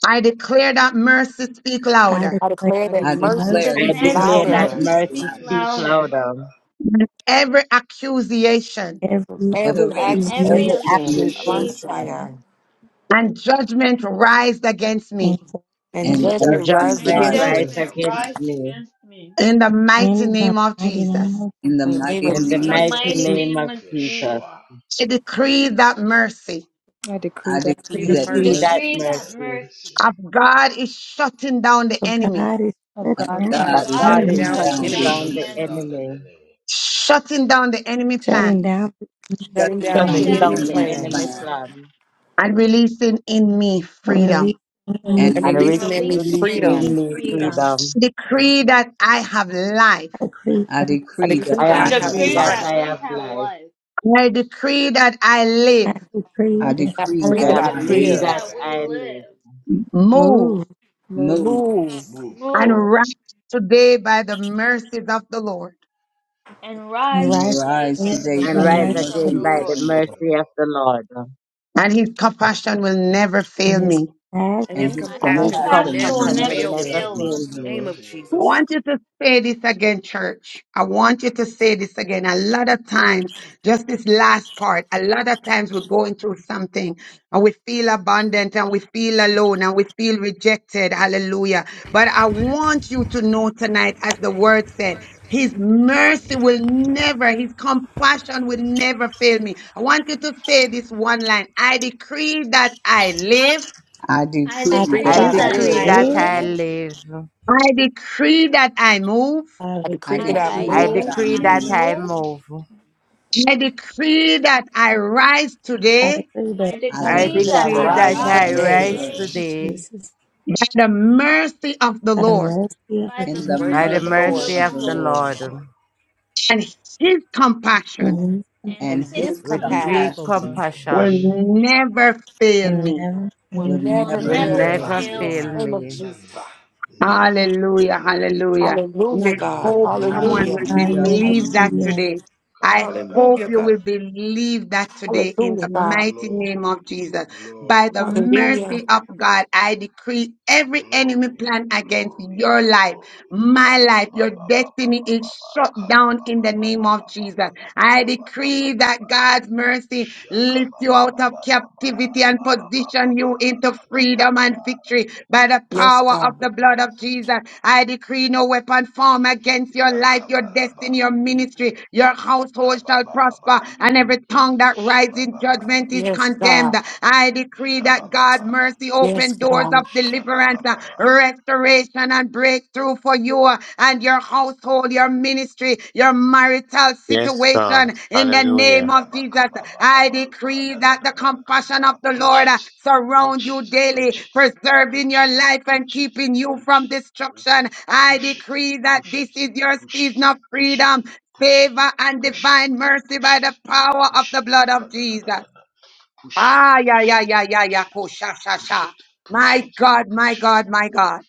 S7: I declare that mercy speak
S13: I
S7: louder.
S15: I
S13: declare
S15: declare
S9: it. I
S15: that
S17: I
S6: bad.
S9: declare
S6: I
S5: We
S15: mercy
S13: mercy
S17: declare
S8: I
S17: that
S15: speaks
S16: I
S5: declare that
S8: declare
S13: speaking
S17: mercy
S8: that
S13: out
S15: louder.
S16: declare
S5: mercy
S17: speaks
S16: that
S8: mercy
S5: speaks
S17: loud.
S16: mercy
S8: speaks
S16: speak
S5: louder
S8: louder.
S16: louder
S7: than Every accusation
S13: every
S9: with
S15: Every
S9: the
S6: I
S17: Every
S5: Then
S16: than
S5: every
S13: accusation
S16: every
S8: Every
S15: accusation,
S16: accusation
S17: accusation
S8: accusation
S15: Messiah,
S5: accusation
S7: and judgment raised against
S13: and
S7: me
S15: and
S17: and
S13: judgment
S9: injunction,
S6: I
S8: and
S15: judgment
S16: and
S15: rises
S17: judgment
S5: and
S8: judgment
S13: as
S16: judgment
S13: it
S15: against
S17: rise
S13: can
S8: rise
S16: rise
S15: me.
S17: against
S5: judgment
S8: against
S16: against me.
S5: rised
S8: me
S5: against me.
S7: in the mighty
S13: in the
S7: name of
S13: mighty name
S7: Jesus.
S13: of
S17: In the
S15: In the name
S17: mighty
S16: In
S15: of
S16: the
S8: in the
S5: In
S17: name
S5: the
S17: of
S16: mighty
S15: Jesus,
S8: mighty
S5: mighty
S16: name
S8: name
S5: name
S8: of
S16: of
S5: of Jesus,
S8: Jesus.
S16: Yeshua,
S7: I decree that mercy
S9: I decree
S17: I
S15: I
S9: that
S8: To
S15: decree
S17: decree
S9: the
S16: I
S15: the
S9: mercy
S13: Jesus.
S17: that
S5: we
S8: decree
S15: mercy
S8: that
S5: decree
S16: decree
S17: mercy
S5: that
S16: that
S8: mercy,
S16: mercy
S5: mercy
S7: of God is shutting down the
S13: So
S7: enemy,
S13: God is
S9: of
S13: shutting
S17: of
S9: God
S15: of
S9: is
S13: down
S15: God
S5: of
S8: that
S15: is
S17: God
S13: the
S17: is
S5: God
S8: God
S15: shutting
S5: is
S8: is
S13: enemy,
S17: shutting
S15: down the
S17: down
S16: is
S5: shutting
S8: shutting
S17: the
S5: down
S8: down
S15: enemy,
S17: enemy,
S5: the
S8: the
S16: shutting down
S5: enemy,
S16: the
S8: enemy,
S16: enemy,
S7: shutting down the enemy
S13: shutting
S7: plans
S13: down the enemy,
S15: shutting
S17: shutting
S15: down
S17: down
S5: shutting
S13: and
S15: the
S8: shutting
S17: the
S16: shutting
S5: down
S15: enemy's
S16: down
S8: down
S5: the
S8: the
S16: the
S17: enemy's
S5: enemy
S16: enemy's
S8: enemy
S15: plans,
S16: plan,
S17: plan,
S5: plans,
S8: plan,
S7: and releasing in me freedom.
S13: releasing
S9: in relation
S13: me.
S17: and
S15: and
S8: and
S5: and
S8: re-
S15: releasing
S16: and
S15: in
S17: releasing
S15: me
S17: in
S5: releasing
S16: releasing in
S5: in
S16: me
S17: me
S8: releasing
S15: freedom.
S5: me
S16: freedom.
S8: me
S17: freedom.
S5: freedom.
S7: I
S8: freedom.
S7: decree that I have life.
S13: I decree,
S17: I
S9: to
S15: I
S17: decree
S9: you.
S16: I
S17: that
S15: decree
S8: I
S15: that
S17: I
S5: We
S8: am
S15: I
S16: decree
S15: have
S8: free
S17: have
S5: decree
S8: that
S15: life.
S17: life.
S16: that
S5: that
S16: I
S8: I
S5: we
S8: have
S16: have
S5: have
S16: life.
S8: life.
S5: life.
S7: I decree that I
S13: I
S7: live,
S9: I
S17: I
S13: decree,
S9: did
S13: that
S15: I
S17: decree
S8: I
S13: I
S15: decree
S16: I
S15: that
S17: that
S5: We
S8: am
S15: I
S17: I
S16: decree
S8: free
S5: decree
S15: live,
S16: that
S17: live,
S8: that
S5: that
S16: I
S5: we
S8: I
S16: live.
S8: live
S5: live,
S7: move,
S13: move
S9: move
S17: move,
S15: move.
S16: Move
S7: and
S5: move,
S7: rise today by the mercies of the Lord.
S5: and
S13: and
S5: rise
S17: and
S13: rise
S5: today
S17: arise
S16: and
S5: by
S13: away
S16: run
S5: the
S17: today
S8: and
S13: the
S17: by the
S8: rise
S13: mercy
S16: today
S5: mercies
S16: by
S5: of
S13: of
S16: the
S8: again
S5: the
S17: mercy
S8: by
S17: of
S8: the
S5: Lord.
S16: mercy
S17: the
S16: of the
S17: Lord.
S8: mercy
S16: Lord.
S8: of the Lord,
S7: and his compassion will never
S13: and
S7: fail
S13: his
S7: me.
S13: past.
S15: and
S9: and
S17: And
S15: his
S5: and
S17: his
S6: I I
S5: his
S16: and
S8: and
S16: His
S8: his
S9: pastor.
S15: compassion
S16: co-
S15: will
S17: compassion
S5: compassion
S16: co-
S5: will
S15: never
S17: will
S8: compassion will
S5: never
S16: compassion
S17: never
S15: fail
S8: never
S17: fail
S15: me.
S17: me.
S5: fail
S16: will
S5: us.
S8: fail
S16: never
S15: Name
S8: me.
S15: of
S16: fail
S7: I
S16: me.
S15: Jesus.
S7: want you to say this again, church. I want you to say this again. A lot of times, just this last part, a lot of times we're going through something and we feel abandoned, and we feel alone and we feel rejected. Hallelujah. But I want you to know tonight, as the word said, his mercy will never, his compassion will never fail me. I want you to say this one line. I decree that I live.
S17: I
S5: I
S13: I
S17: decree
S6: I
S15: Decree that
S8: I
S17: that
S15: I
S5: decree
S13: decree
S16: I I
S13: that
S17: I
S5: that
S8: decree
S13: I
S16: decree
S5: I
S15: live.
S16: that
S8: that
S13: live.
S17: live.
S16: I
S6: want
S8: I
S5: live.
S6: to
S16: live.
S8: live.
S6: do-
S7: I decree that I move.
S13: I
S15: I
S17: I
S15: decree that
S5: I
S15: I
S6: I
S13: repent.
S17: decree
S8: I
S16: I
S5: decree
S17: that
S15: move.
S5: that
S8: decree
S17: I
S5: I
S16: decree
S8: that
S17: move.
S16: that
S8: I
S5: move.
S16: I move.
S8: move.
S7: I decree that I rise
S13: I
S7: today
S13: decree
S5: I
S13: that
S17: I
S15: And
S13: I
S15: I
S8: I
S4: I
S15: decree
S5: decree
S15: that
S17: decree
S16: I
S15: I
S5: that
S17: that
S8: decree
S4: decree
S5: I
S4: that
S17: I
S8: that
S15: rise
S13: repent
S16: decree
S8: I
S16: that
S5: rise
S4: I
S17: rise
S16: I
S13: and I
S4: rise
S15: today.
S5: today
S8: rise
S17: today.
S4: today
S16: rise
S13: repent,
S16: today
S8: today
S13: Jesus.
S7: by the mercy of the
S13: Out of
S7: Lord,
S13: mercy, I
S5: by the
S17: in the
S13: forgive
S16: by
S8: by
S15: Mercy
S16: the
S8: the
S15: of the
S5: mercies
S17: mercy
S15: Lord.
S5: of
S8: mercy
S17: of
S5: the
S8: of
S17: the
S16: mercy
S8: the
S16: of
S5: Lord,
S16: the
S17: Lord,
S8: Lord,
S16: Lord.
S7: and his
S13: and
S7: compassion
S13: wisdom,
S5: and
S17: and
S15: And his
S5: his
S17: his
S8: with
S4: and his
S8: great
S15: compassion
S5: compassion
S16: His
S17: compassion
S4: compassion
S7: will
S16: compassion
S8: compassion,
S7: never fail
S13: and
S7: me.
S13: never
S15: will
S17: will
S13: fail.
S5: will
S15: never
S16: will
S17: never
S8: will
S4: will
S15: fail
S5: never
S15: me.
S17: fail
S16: never,
S4: never
S8: never
S17: me.
S4: fail
S5: fail
S8: fail
S4: me.
S5: us.
S15: Name of
S8: me.
S15: Jesus.
S16: never, never
S7: Hallelujah,
S16: fail me.
S7: hallelujah. And
S15: Hallelujah,
S7: I
S15: God.
S7: hope
S16: Glory,
S4: Amen.
S7: someone
S16: glory,
S7: will
S15: Hallelujah.
S17: Hallelujah,
S16: glory.
S7: believe that
S17: hallelujah.
S13: Hallelujah.
S7: today. I hope
S15: Hallelujah,
S7: you
S16: Kabadababa.
S15: God.
S7: will believe that today in
S15: Hallelujah,
S7: the
S15: God.
S7: mighty name
S16: Glory,
S7: of Jesus. By
S16: glory,
S7: the mercy
S15: Hallelujah.
S16: glory.
S7: of God, I decree every enemy
S16: Glory,
S7: plan against
S16: glory,
S7: your life,
S16: glory. Ka
S7: my
S16: ba
S7: life,
S16: ba
S7: your
S16: ba ba ba
S7: destiny
S16: ba ba
S7: is
S16: ba.
S7: shut
S16: Ka ba
S7: down
S16: ba
S7: in
S16: ba
S7: the
S16: ba
S7: name
S16: ba
S7: of
S16: ba ba
S7: Jesus.
S16: ba ba ba
S7: I
S16: ba ba ba ba
S7: decree
S16: ba
S7: that
S16: ba.
S7: God's mercy
S16: Shaka
S7: lifts
S16: ba
S7: you
S16: ba
S7: out
S16: ba
S7: of
S16: ba ba
S7: captivity and
S16: ba ba ba ba ba
S7: position
S16: ba.
S7: you into
S16: Ka ba ba
S7: freedom
S16: ba ba.
S7: and victory by the
S15: Yes,
S7: power of
S15: God.
S7: the blood of Jesus. I decree no weapon formed against your
S16: Ya
S7: life,
S16: ka
S7: your
S16: ba la ba.
S7: destiny, your ministry, your
S16: Ka
S7: household
S16: ba
S7: shall
S16: ba ba ba.
S7: prosper, and every tongue that
S16: Sha
S7: rises
S16: ba
S7: in
S16: ba ba.
S7: judgment is
S15: Yes,
S7: condemned.
S15: God.
S7: I decree
S16: ba
S7: that
S16: ba
S7: God's
S16: ba.
S7: mercy
S15: Yes,
S7: open open doors
S15: God.
S7: of
S16: ba
S7: deliverance, uh,
S16: ba ba.
S7: restoration, and breakthrough for you uh, and your household, your ministry, your marital
S18: Yes, God.
S7: situation. In the name
S18: Hallelujah.
S7: of Jesus,
S16: Yabakaba baba
S7: I decree
S16: kada da
S7: that the
S16: da da kaba,
S7: compassion of the
S16: Preach
S7: Lord uh,
S16: it, preach
S7: surround you
S16: it,
S7: daily,
S16: preach it,
S7: preserving
S16: preach
S7: your
S16: it,
S7: life and
S16: preach it,
S7: keeping you
S16: preach
S7: from
S16: it, preach it,
S7: destruction. I
S16: push it,
S7: decree that
S16: push
S7: this
S16: it,
S7: is your
S16: push it,
S7: season of freedom,
S16: push it,
S7: favor and
S16: push it,
S7: divine mercy
S16: push
S7: by
S16: it, push it,
S7: the power of
S16: push
S7: the
S16: it,
S7: blood of
S16: kada da da
S7: Jesus.
S16: da da, push it,
S7: Ah, yeah,
S16: push
S7: yeah,
S16: it,
S7: yeah, yeah,
S16: push
S7: yeah.
S16: it,
S7: Ko, sha, sha,
S16: push
S7: sha.
S16: it, push
S7: My
S16: it,
S7: God, my
S16: push it.
S7: God, my God.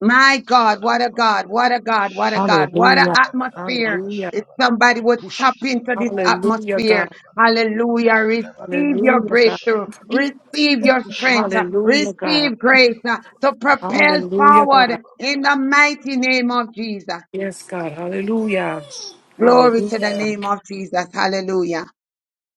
S7: My God,
S16: kaba da
S7: what a
S16: baba
S7: God,
S16: baba kaba,
S7: what
S16: kaba, da,
S7: a
S16: Kabadababababakaba.
S7: God, what a God,
S16: Shh.
S7: what a
S15: Hallelujah.
S7: atmosphere.
S15: Hallelujah.
S7: If
S16: Kabadababadabakashadabadab.
S7: somebody would
S16: Push it.
S7: tap into
S16: kaba
S7: this
S16: da baba kaba
S15: Hallelujah, God.
S7: atmosphere,
S16: Kabadababa.
S7: hallelujah, receive your
S15: Hallelujah, God.
S7: breakthrough,
S16: Lebanabalamakashadaba.
S7: receive your
S16: Push it.
S7: strength, uh,
S15: Hallelujah, God.
S7: receive grace uh,
S16: Kabadabadabadabadabadaba.
S7: to propel
S15: Hallelujah, God.
S7: forward in the mighty name
S16: Yabanabadabadabadabadabadaba.
S7: of Jesus.
S15: Yes, God. Hallelujah.
S7: Glory to the
S15: Hallelujah.
S7: name of Jesus. Hallelujah.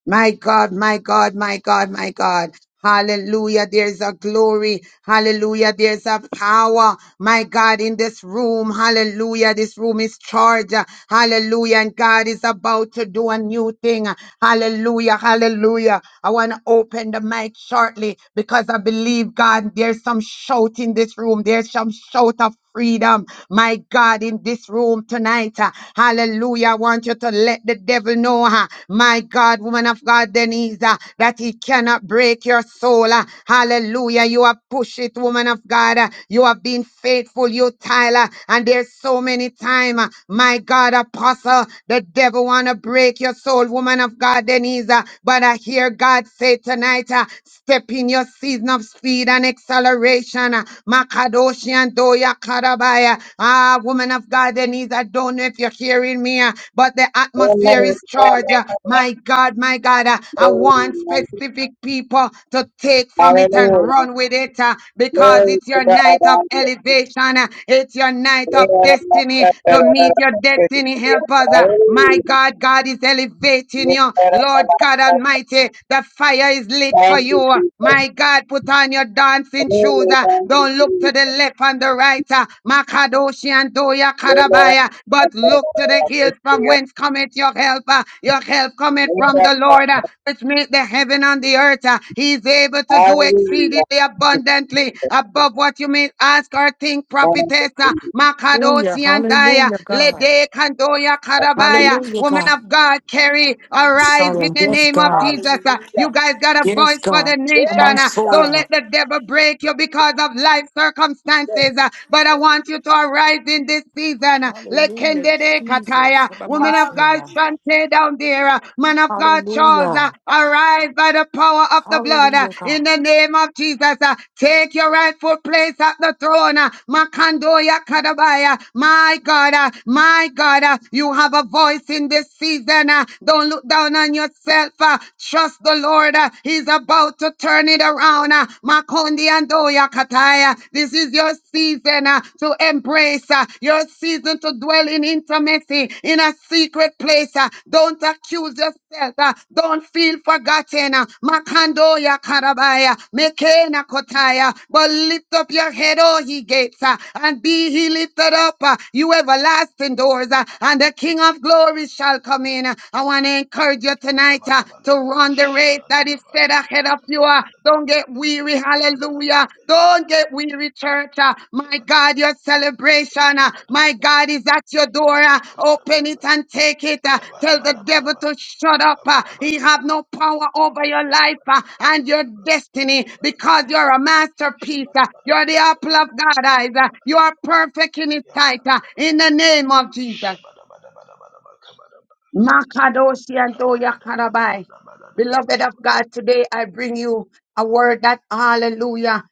S7: My God, my God, my God, my God. Hallelujah. There's a glory. Hallelujah. There's a power. My God, in this room. Hallelujah. This room is charged. Hallelujah. And God is about to do a new thing. Hallelujah. Hallelujah. I want to open the mic shortly because I believe God, there's some shout in this room. There's some shout of freedom, my God, in this room tonight. uh, Hallelujah. I want you to let the devil know, uh, my God, woman of God, Denise, uh, that he cannot break your soul. uh, Hallelujah. You have pushed it, woman of God. uh, You have been faithful, you Tyler. And there's so many time, uh, my God, apostle, the devil want to break your soul, woman of God, Denise. uh, But I hear God say tonight, uh, step in your season of speed and acceleration. uh, Makadoshianto karabaya, Ah, woman of God, Denise, I don't know if you're hearing me, uh, but the atmosphere is charged. uh, My God, my God, uh, I want
S11: Glory
S7: specific people to take from it and run with it uh, because it's
S11: to
S7: your night of
S11: God.
S7: elevation. uh, It's your night of destiny to meet your destiny helpers. uh, My God, God is elevating you. Lord God
S11: Hallelujah.
S7: Almighty, the fire is lit for
S11: Thank
S7: you.
S11: you,
S7: uh,
S11: Jesus.
S7: My God, put on your dancing shoes.
S11: Glory,
S7: uh,
S11: thank you,
S7: Don't look to
S11: Jesus.
S7: the left and the right. uh, Makadoshi and Doya Karabaya. But look to the hills from whence cometh your help. uh, Your help cometh from the Lord, uh, which made the heaven and the earth. uh, He's able to do
S11: Hallelujah.
S7: exceedingly abundantly above what you may ask or think,
S11: Thank you,
S7: prophetess. uh,
S11: Jesus.
S15: Hallelujah.
S7: Makadoshi and Daya.
S15: Hallelujah, God.
S7: Lede Kandoya Karabaya.
S15: Hallelujah,
S7: Woman
S15: God.
S7: of God, carry,
S15: Yes,
S7: arise in
S15: Father.
S7: the
S15: Yes,
S7: name of
S15: God.
S7: Jesus. uh, You
S17: Hallelujah.
S7: guys got got a
S15: Yes,
S7: voice for the
S15: God.
S7: nation.
S17: Yes,
S7: Uh, Don't
S17: God.
S7: let
S15: Amansoya.
S7: the devil break you because of life circumstances.
S17: Yes.
S7: Uh, But I want you to arise in this season. Uh,
S15: Hallelujah,
S7: Lekendede
S15: Jesus.
S7: kataya. Woman of
S17: Hallelujah.
S7: God,
S15: Amansoya.
S7: Shante down there. Uh, Man of God, Charles, uh,
S15: Hallelujah.
S7: arise by the power of the blood. uh,
S15: Hallelujah, God.
S7: In the name of Jesus, Uh, take your rightful place at the throne. uh, Makandoya kadabaya. My God, uh, my God, uh, you have a voice in this season. uh, Don't look down on yourself yourself. uh, Trust the Lord. uh, He's about to turn it around. uh, Makondi and Oya Kataya. This is your season uh, to embrace, uh, your season to dwell in intimacy, in a secret place. uh, Don't accuse yourself. uh, Don't feel forgotten. uh, Makandoya Karabaya. Mekena Kotaya. But lift up your head, O ye gates, uh, and be he lifted up, uh, you everlasting doors, uh, and the King of glory shall come come in. Uh, I want to encourage you tonight uh, to run the race that is set
S16: Kabanabadabakashadadadabadabadaba.
S7: ahead of you. Uh, Don't get
S16: Kabadabadabadabadabadaba.
S7: weary. Hallelujah.
S16: Kabanabadabadabadabadaba.
S7: Don't get weary, church. Uh, My God,
S16: Kabadaba-
S7: your celebration, uh, my
S16: shabadabadabadaba.
S7: God, is at your door. Uh, Open it
S16: Yakabadabadaba.
S7: and take it. Uh, Tell the devil
S16: Kabadabadabadaba.
S7: to shut up. Uh, He have
S16: Kabadabadabadaba.
S7: no power over your life uh, and your
S16: Kabadabadabadabadabadaba.
S7: destiny because you're a
S16: Shabadabadabadaba.
S7: masterpiece. Uh, You're the apple
S16: Shabadabadabadabadabadabadabadabadaba.
S7: of God's eyes. Uh, You are perfect in his sight. uh, In the
S16: Yabadabadabadabadaba.
S7: name of Jesus.
S16: Shabadabadabadabadabadabadaba.
S7: Makadoshi and
S16: Kabada
S7: Toya Karabai. Beloved of God, today I bring you a word that hallelujah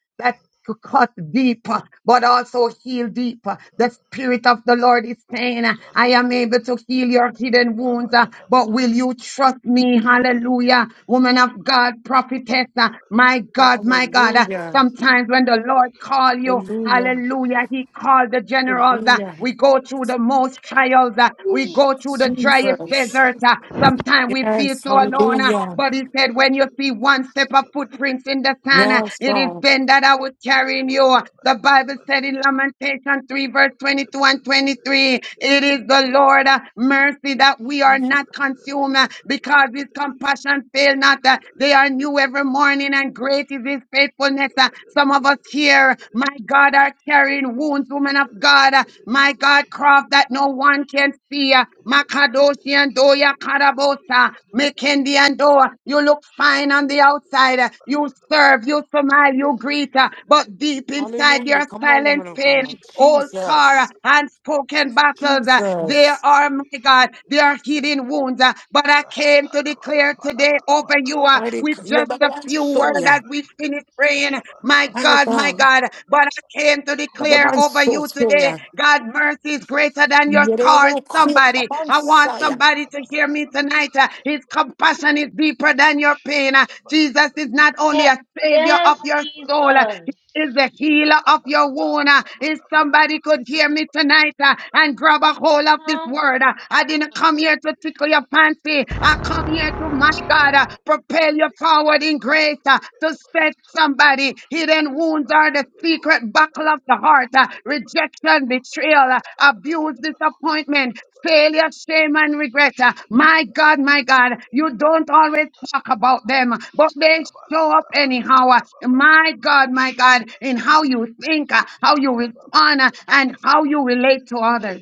S7: to cut deeper, but also heal deeper. The Spirit of the Lord is saying, uh, I am able to heal your hidden wounds, uh, but will you trust me? Hallelujah. Woman of God, prophetess, uh, my God, my God. uh,
S15: Hallelujah.
S7: Sometimes when the Lord call you,
S15: Hallelujah.
S7: hallelujah, he called the generals. uh,
S15: Hallelujah.
S7: We go through the most trials. uh, We
S15: Ooh,
S7: go through the driest
S15: Jesus.
S7: desert. uh, Sometimes we feel
S15: Yes.
S7: so
S16: Yabba
S7: alone
S16: dabba
S7: uh,
S16: dabba dabba
S15: Hallelujah.
S7: But
S16: dabba,
S7: he said, when you see one step of footprints in the sand, uh,
S15: Yes,
S7: it is
S15: God.
S7: then that I was carrying you. The Bible said in Lamentation 3, verse 22 and 23, it is the Lord uh, mercy that we are
S16: yabba dabba
S7: not
S16: dabba
S7: consumed uh,
S16: dabba
S7: because his
S16: dabba,
S7: compassion fail not. uh,
S16: Yakata
S7: They are new every morning and great is his faithfulness. uh, Some of us here, my God, are carrying wounds, women of God. uh, My God, craft that that no one can see. Makadoshi and Doya Karabosa, Mekendi and Doa. You look fine on the outside. You serve, you smile, you greet, uh, but deep inside your
S15: Hallelujah. Come on,
S7: silent
S15: woman of
S7: pain,
S15: God.
S7: old scar,
S15: Jesus.
S7: unspoken battles, there
S15: Jesus.
S7: are, my God, there are hidden wounds. uh, But I came to
S16: la
S7: declare
S16: bakaba la
S7: today
S16: bala
S7: over you uh,
S16: bakaba la
S15: Mighty
S7: with
S15: God.
S16: bala
S15: Yeah,
S7: just
S15: Baba
S7: a
S15: Man
S16: bakaba
S7: few
S16: la
S7: words as
S15: Soya.
S16: bala
S7: we finish praying.
S16: Yabana
S7: My God.
S15: My
S7: God, my
S15: God.
S7: God. But I came to
S15: Baba
S7: declare
S15: Man
S7: over
S15: So-
S7: you today,
S15: Soya.
S7: God, mercy is greater than your scars.
S15: Yerero Kuya
S7: Somebody,
S15: Baba Man
S7: I want
S15: Saya.
S7: somebody to hear me tonight. Uh, His compassion is deeper than your pain. Uh, Jesus is not only a
S5: Ye-
S7: savior
S5: Yes,
S7: of your
S5: Jesus.
S7: soul. uh, is the healer of your wound. Uh, If somebody could hear me tonight uh, and grab a hold of this
S5: Hallelujah.
S7: word, uh, I didn't come here to tickle your fancy. I come here to, my God, uh, propel you forward in grace uh, to set somebody. Hidden
S16: Shabba dabba dabba dabba, kabba
S7: wounds are the secret buckle of the heart. uh, Rejection, betrayal, uh, abuse, disappointment failure, shame, and regret. Uh, My God, my God, you don't always talk about them, but they show up anyhow. Uh, My God, my God, in how you think, uh, how you respond, uh, and how you relate to others.